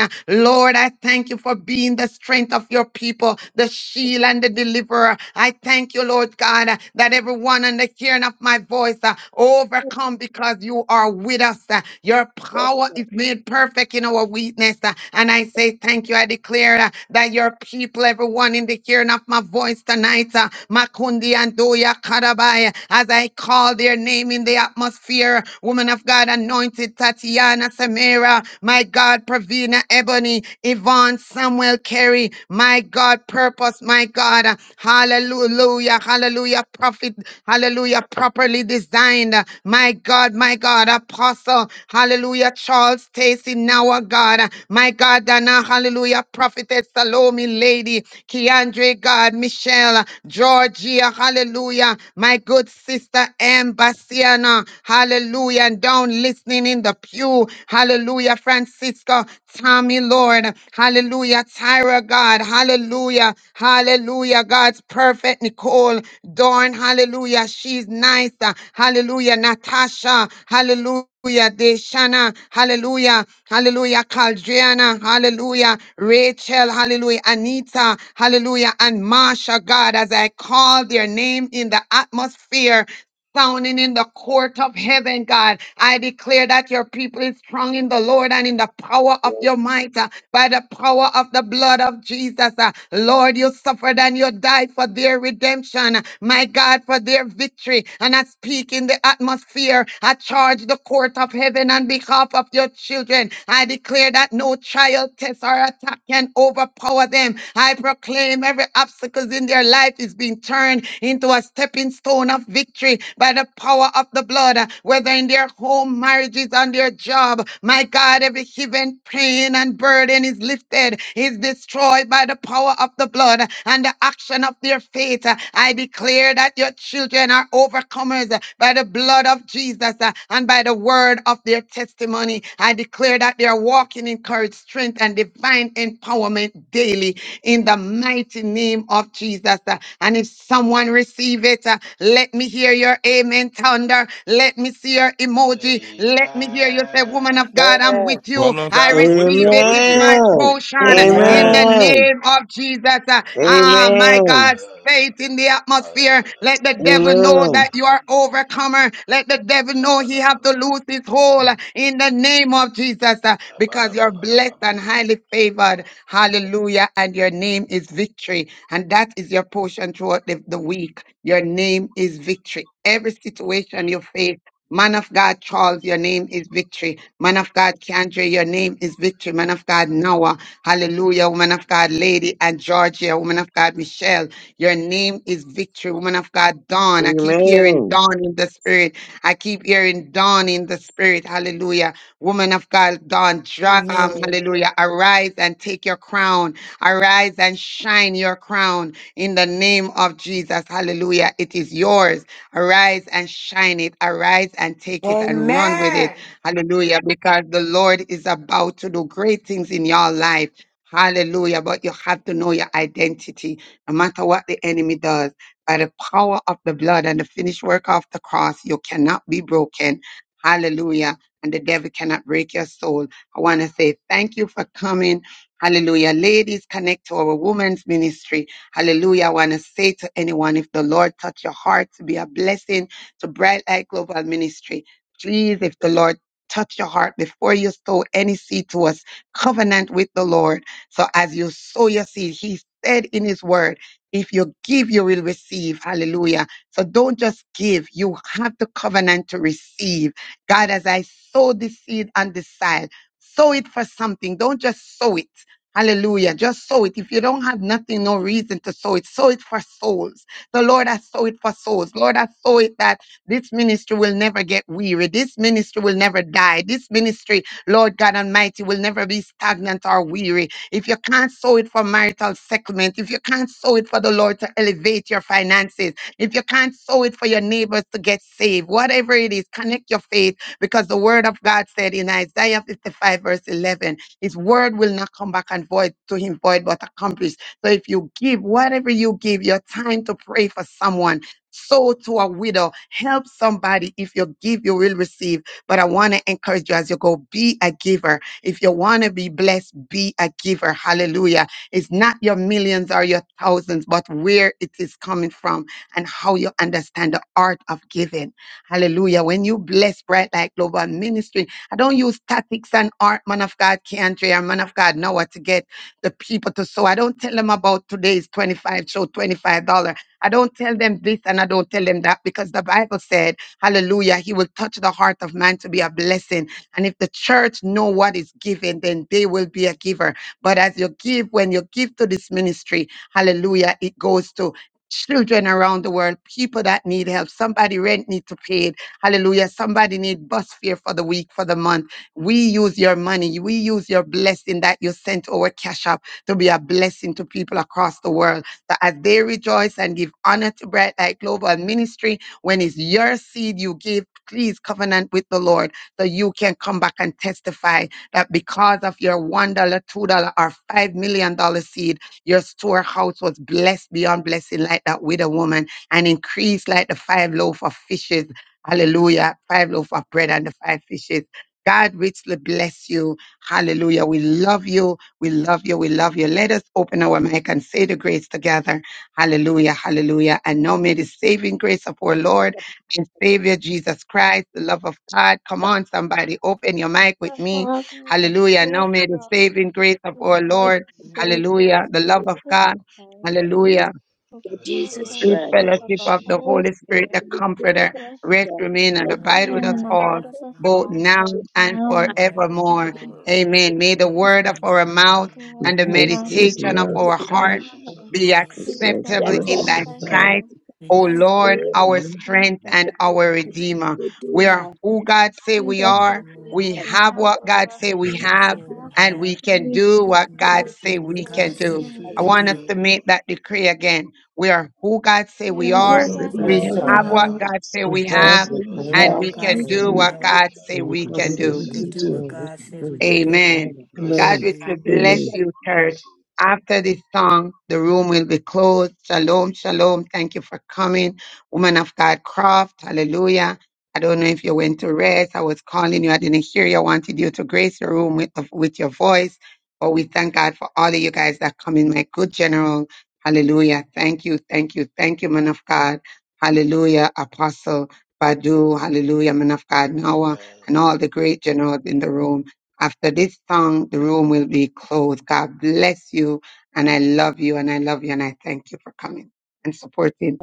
S7: uh, Lord, I thank you for being the strength of your people, the shield and the deliverer. I thank you, Lord God, uh, that everyone on the here sound of my voice, uh, overcome because you are with us. uh, Your power is made perfect in our weakness. uh, And I say thank you. I declare uh, that your people, everyone in the hearing of my voice tonight, uh, Makundi and Doya Karabai, as I call their name in the atmosphere, woman of God, anointed Tatiana Samira, my God, Pravina Ebony, Yvonne Samuel Carey, my God, purpose, my God, uh, hallelujah hallelujah, hallelujah, prophet, hallelujah, properly designed. My God, my God, apostle, hallelujah, Charles Stacy, now our God, my God, Dana, hallelujah, prophetess Salome, lady, Keandre, God, Michelle, Georgia, hallelujah, my good sister M. Bassiana, hallelujah, and down listening in the pew, hallelujah, Francisco, Tommy, Lord, hallelujah, Tyra, God, hallelujah, Hallelujah. God's perfect Nicole Dawn. Hallelujah. She's nice. Uh, Hallelujah. Natasha. Hallelujah. Deshana, hallelujah, hallelujah, Caldriana, hallelujah, Rachel, hallelujah, Anita, hallelujah, and Marsha, God, as I call their name in the atmosphere, sounding in the court of heaven, God. I declare that your people is strong in the Lord and in the power of
S6: yes.
S7: your might, uh, by the power of the blood of Jesus. uh, Lord, you suffered and you died for their redemption, uh, my God, for their victory. And I speak in the atmosphere. I charge the court of heaven on behalf of your children. I declare that no child test or attack not can overpower them. I proclaim every obstacle in their life is being turned into a stepping stone of victory by the power of the blood, uh, whether in their home, marriages, on their job. My God, every heaven, pain, and burden is lifted, is destroyed by the power of the blood uh, and the action of their faith. Uh, I declare that your children are overcomers uh, by the by the blood of Jesus uh, and by the word of their testimony. I declare that they are walking in courage, strength, and divine empowerment daily in the mighty name of Jesus. uh, And if someone receive it, uh, let me hear your amen thunder. Let me see your emoji. Let me hear you say, woman
S16: Amen.
S7: of God, I'm with you.
S27: Woman of
S7: I
S27: God, I'm with you.
S7: receive
S27: I'm
S7: it.
S27: with
S7: It's
S27: you.
S16: Yeah.
S7: my
S24: Amen.
S7: portion in the
S27: Amen.
S25: Amen.
S24: Amen.
S7: name of Jesus. uh, Ah, my
S16: Yeah,
S24: Amen.
S7: God,
S16: yeah, yeah.
S7: faith in the
S16: Ah, yeah,
S7: atmosphere.
S16: yeah,
S7: Let
S16: yeah.
S7: the devil know
S24: Amen.
S7: that you
S16: Shadadadadada.
S7: are overcomer. Let the devil know he have to
S16: Kabadababa.
S7: lose his hold in the name of Jesus uh, because you're blessed
S16: Kabadabababa.
S7: and highly favored. Hallelujah. And your name is victory. And that is your portion throughout the, the week. Your name is victory. Every situation you face, Man of God, Charles, your name is victory. Man of God, Kendra, your name is victory. Man of God, Noah, hallelujah. Woman of God, Lady and Georgia. Woman of God, Michelle. Your name is victory, woman of God. Dawn. I keep hearing
S24: Amen.
S7: dawn in the spirit. I keep hearing dawn in the spirit. Hallelujah. Woman of God, dawn. Dra- um,
S22: Amen.
S7: hallelujah. Arise and take your crown. Arise and shine your crown in the name of Jesus. Hallelujah. It is yours. Arise and shine it. Arise and take it and run with it.
S22: Amen.
S7: Hallelujah. Because the Lord is about to do great things in your life. Hallelujah. But you have to know your identity. No matter what the enemy does, by the power of the blood and the finished work of the cross, you cannot be broken. Hallelujah. And the devil cannot break your soul. I want to say thank you for coming. Hallelujah. Ladies, connect to our women's ministry. Hallelujah. I want to say to anyone, if the Lord touch your heart to be a blessing to Bright Light Global Ministry, please, if the Lord touch your heart before you sow any seed to us, covenant with the Lord. So as you sow your seed, He said in His word, if you give, you will receive. Hallelujah. So don't just give. You have the covenant to receive. God, as I sow the seed on the side, sow it for something. Don't just sow it. Hallelujah. Just sow it. If you don't have nothing, no reason to sow it, sow it for souls. The Lord, I sow it for souls. Lord, I sow it that this ministry will never get weary. This ministry will never die. This ministry, Lord God Almighty, will never be stagnant or weary if you can't sow it for marital settlement, if you can't sow it for the Lord to elevate your finances, if you can't sow it for your neighbors to get saved, whatever it is, connect your faith because the word of God said in Isaiah 55, verse 11, his word will not come back and void to him void, but accomplished. So if you give, whatever you give, your time to pray for someone, sow to a widow, help somebody. If you give, you will receive. But I want to encourage you as you go, be a giver if you want to be blessed, be a giver. Hallelujah. It's not your millions or your thousands, but where it is coming from and how you understand the art of giving. Hallelujah. When you bless Bright Light Global Ministry, I don't use tactics and art, man of God, country, and man of God know what to get the people to sow. I don't tell them about today's 25 show, $25. dollars. I don't tell them this and I don't tell them that because the Bible said, hallelujah, he will touch the heart of man to be a blessing and if the church know what is given, then they will be a giver. But as you give, when you give to this ministry, hallelujah, it goes to children around the world, people that need help. Somebody rent need to pay it. Hallelujah. Somebody need bus fare for the week, for the month. We use your money. We use your blessing that you sent over Cash App to be a blessing to people across the world. That as they rejoice and give honor to Bright Light Global Ministry, when it's your seed you give, please covenant with the Lord so you can come back and testify that because of your $1, dollar, $2, dollar, or $5 million dollar seed, your storehouse was blessed beyond blessing like that widow woman and increased like the five loaf of fishes. Hallelujah. Five loaf of bread and the five fishes. God richly bless you. Hallelujah. We love you. We love you. We love you. Let us open our mic and say the grace together. Hallelujah. Hallelujah. And now may the saving grace of our Lord and Savior Jesus Christ, the love of God. Come
S6: God,
S7: on, somebody, open your mic with
S5: The
S7: me.
S5: Father, the
S7: Hallelujah.
S5: Holy
S7: Now may the
S5: Father,
S7: saving grace of
S5: the
S7: our
S5: Lord
S7: Lord,
S5: and Savior,
S7: hallelujah, the love
S6: yes,
S7: of
S5: Jesus
S7: God,
S5: Christ.
S6: yes.
S7: hallelujah
S5: The
S6: For
S16: And this
S5: full
S6: Jesus
S16: fellowship
S7: sweet
S16: of the
S5: fellowship
S6: Christ,
S5: of
S16: Holy
S7: fellowship
S5: the
S7: of the
S16: Spirit
S5: Holy
S7: Holy Spirit,
S5: Spirit
S7: the
S6: Holy Spirit,
S7: Comforter,
S5: rest,
S7: rest,
S6: God,
S7: remain, and
S6: thank
S5: rest
S6: you
S7: abide
S6: for the
S7: with
S5: remain
S7: us
S5: in the
S7: all,
S5: abide of
S6: Bible.
S5: the
S7: both
S6: I
S5: all,
S7: now
S5: both
S6: thank you
S7: and
S6: for the
S5: now and forevermore.
S7: forevermore.
S6: accident.
S7: Amen.
S6: Thank
S7: May
S16: forevermore.
S6: you
S7: the word of
S5: The
S7: our mouth
S16: Amen.
S5: word
S7: and
S5: of
S7: the
S5: our mouth and the
S7: meditation of
S6: for
S16: The
S6: the
S7: our
S5: meditation of
S7: heart
S5: our
S16: meditations of
S5: heart
S7: be
S16: our
S5: be
S16: hearts
S6: accident.
S16: be
S6: Tap,
S7: acceptable
S5: acceptable
S25: Thank
S7: in
S6: tap,
S25: you
S7: thy
S25: for
S5: in thy
S16: acceptable.
S6: tap,
S7: sight.
S5: sight,
S7: O
S16: to
S5: O
S16: our
S5: Lord,
S7: Lord,
S6: tap.
S5: our
S7: our
S5: strength
S7: strength
S5: and
S7: and
S6: God
S5: our
S7: our
S16: Spirit and
S5: redeemer.
S7: redeemer.
S16: our
S7: We are who
S16: Redeemer.
S7: God say
S5: And
S7: we are.
S5: blessed we
S7: We
S5: are, we
S7: have
S5: have
S7: what
S5: the
S7: God
S5: blessed
S7: say we
S5: we
S7: have,
S5: have,
S7: and we
S5: and
S7: can
S5: we
S7: do
S5: can
S7: what
S5: do
S7: God
S5: the
S7: say
S5: best
S7: we
S5: as
S16: That's
S7: can
S5: we
S7: do.
S16: the
S5: can
S7: I
S16: things
S5: do.
S16: we
S7: want us
S16: can
S7: to
S16: do.
S7: make that decree again. We are who God say we
S5: Yeah,
S16: The
S7: are.
S5: hold us
S16: Bible
S5: as
S7: We
S16: says we
S5: we
S7: have what
S16: are
S5: are.
S7: God say
S25: We
S7: we
S5: Help us
S25: have
S7: have,
S25: the
S16: What
S5: as
S16: God
S5: we
S16: says
S7: and
S5: have,
S16: we
S7: we
S5: and
S16: have,
S7: can
S5: we
S25: service.
S7: do
S5: can
S7: what
S16: and
S5: do what
S16: we
S7: God
S16: can
S7: say
S16: do
S25: You
S7: we
S25: can
S16: what
S25: do
S7: can
S5: you
S16: God
S25: it.
S7: do.
S25: There
S5: can
S25: is
S16: says
S5: do.
S25: there
S16: we can
S25: we
S16: do.
S25: can do. All
S7: Amen.
S25: the
S16: Bless
S7: God
S16: you,
S7: will
S16: bless
S7: bless
S16: you,
S7: you, church.
S16: bless you.
S7: After this song, the room will be closed. Shalom, shalom. Thank you for coming. Woman of God Croft, hallelujah. I don't know if you went to rest. I was calling you. I didn't hear you. I wanted you to grace the room with, with your voice. But we thank God for all of you guys that come in, my good general. Hallelujah. Thank you, thank you, thank you, man of God. Hallelujah, Apostle Badu. Hallelujah, man of God Noah,
S16: Amen.
S7: and all the great generals in the room. After this song, the room will be closed. God bless you. And I love you. And I love you. And I thank you for coming and supporting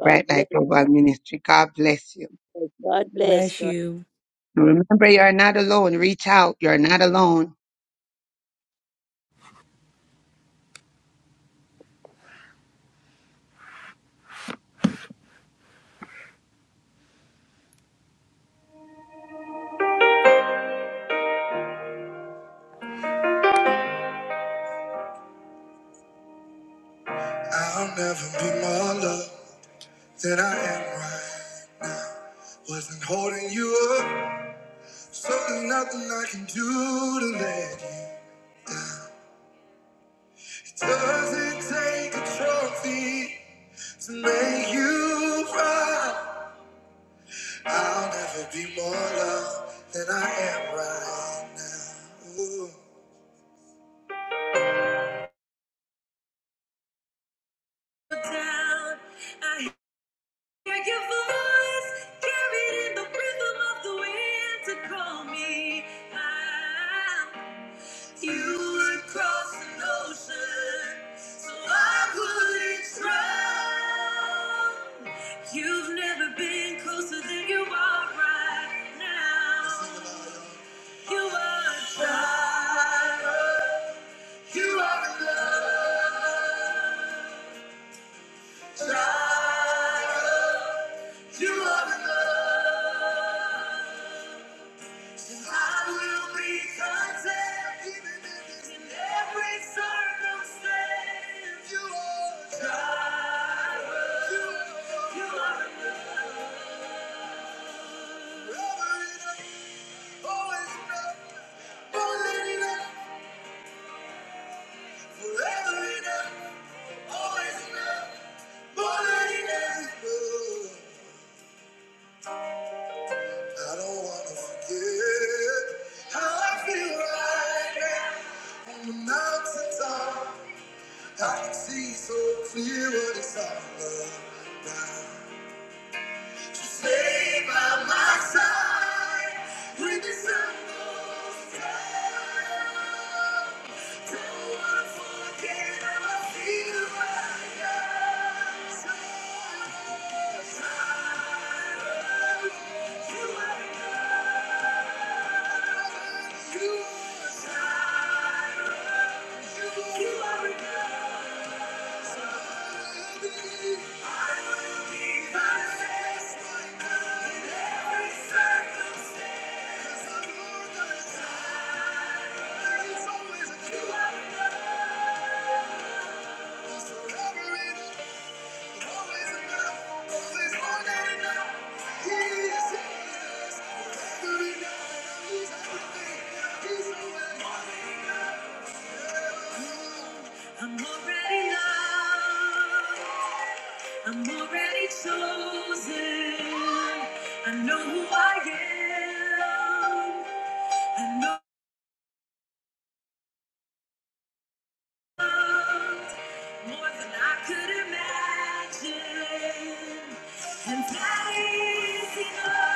S6: bless. God
S7: Bright
S6: bless.
S7: Light Global Ministry. God bless you.
S6: God
S22: Bless you.
S7: Remember, you're not alone. Reach out. You're not alone.
S1: I'll never be more loved than I am right. Wasn't holding you up, so there's nothing I can do to let you. It doesn't take a trophy to make you cry. I'll never be more loved than I am right now. Ooh. Down, I hear your voice carried in the rhythm of the wind to call me. I'm You would cross an ocean so I wouldn't drown. You've never been closer than you are right now. You are a child. You are a love child. You are a love. I will be content even if in every circumstance you are God. You, you are forever enough, always enough, more than enough, forever enough, always enough, more than enough. I don't wanna forget how I feel right now on the mountaintop. I can see so clear what it's all about. Now to save I'm already chosen. I know who I am. More than I could imagine. And that is enough.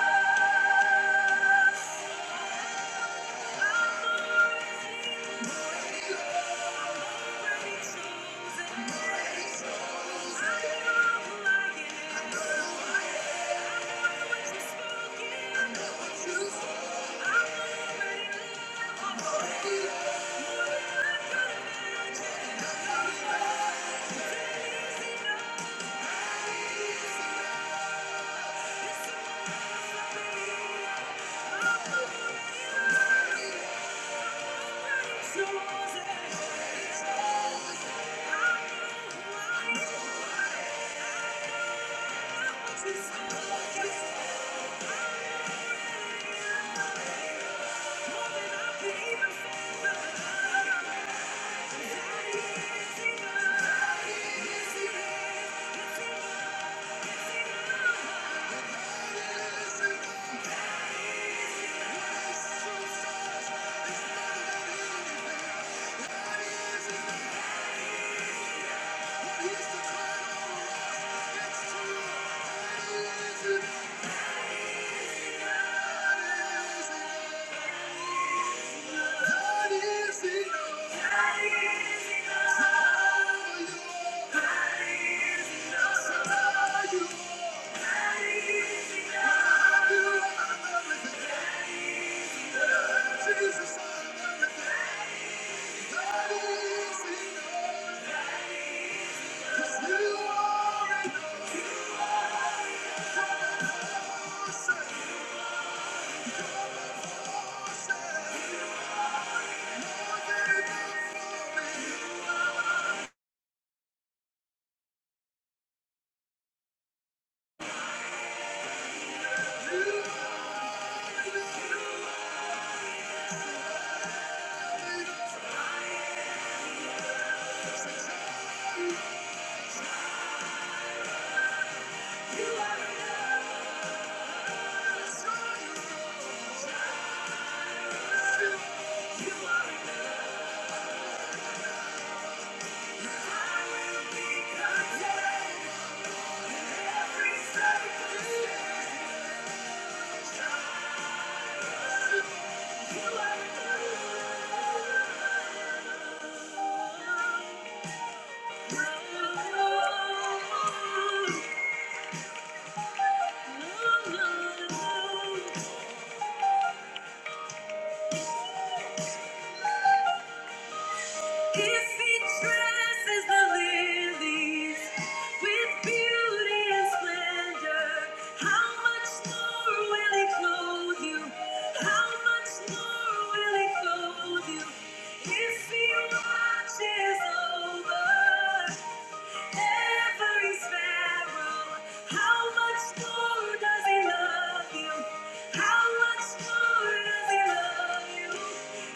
S1: Chosen. Thank you. If he dresses the lilies with beauty and splendor, how much more will he clothe you? How much more will he clothe you? If he watches over every sparrow. How much more does he love you? How much more does he love you?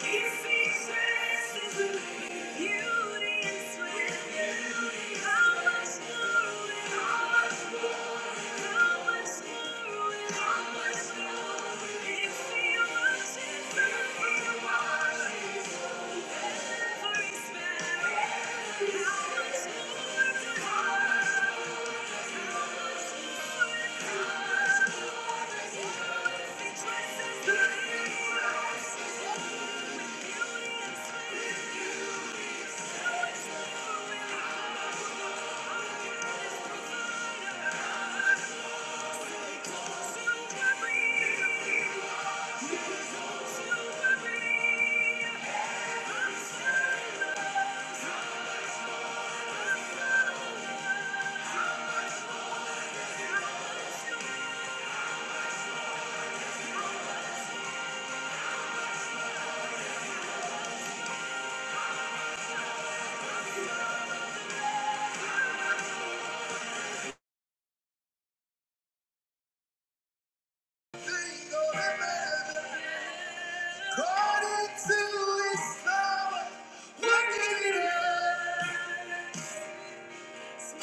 S1: If he dresses you in beauty and splendor, how much more will he? How much more? How much more? Thank you.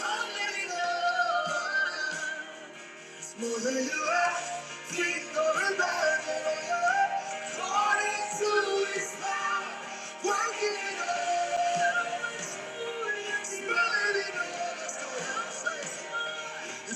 S1: Oh, let me go. more than you ask, think or imagine. According to His power, it's working in us. You are enough.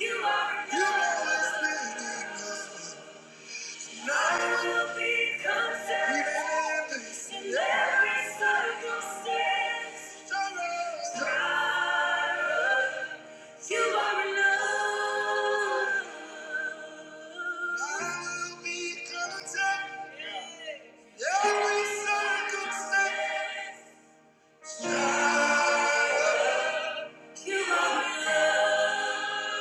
S1: You are enough. You are enough. I will be content every circumstance. You are enough.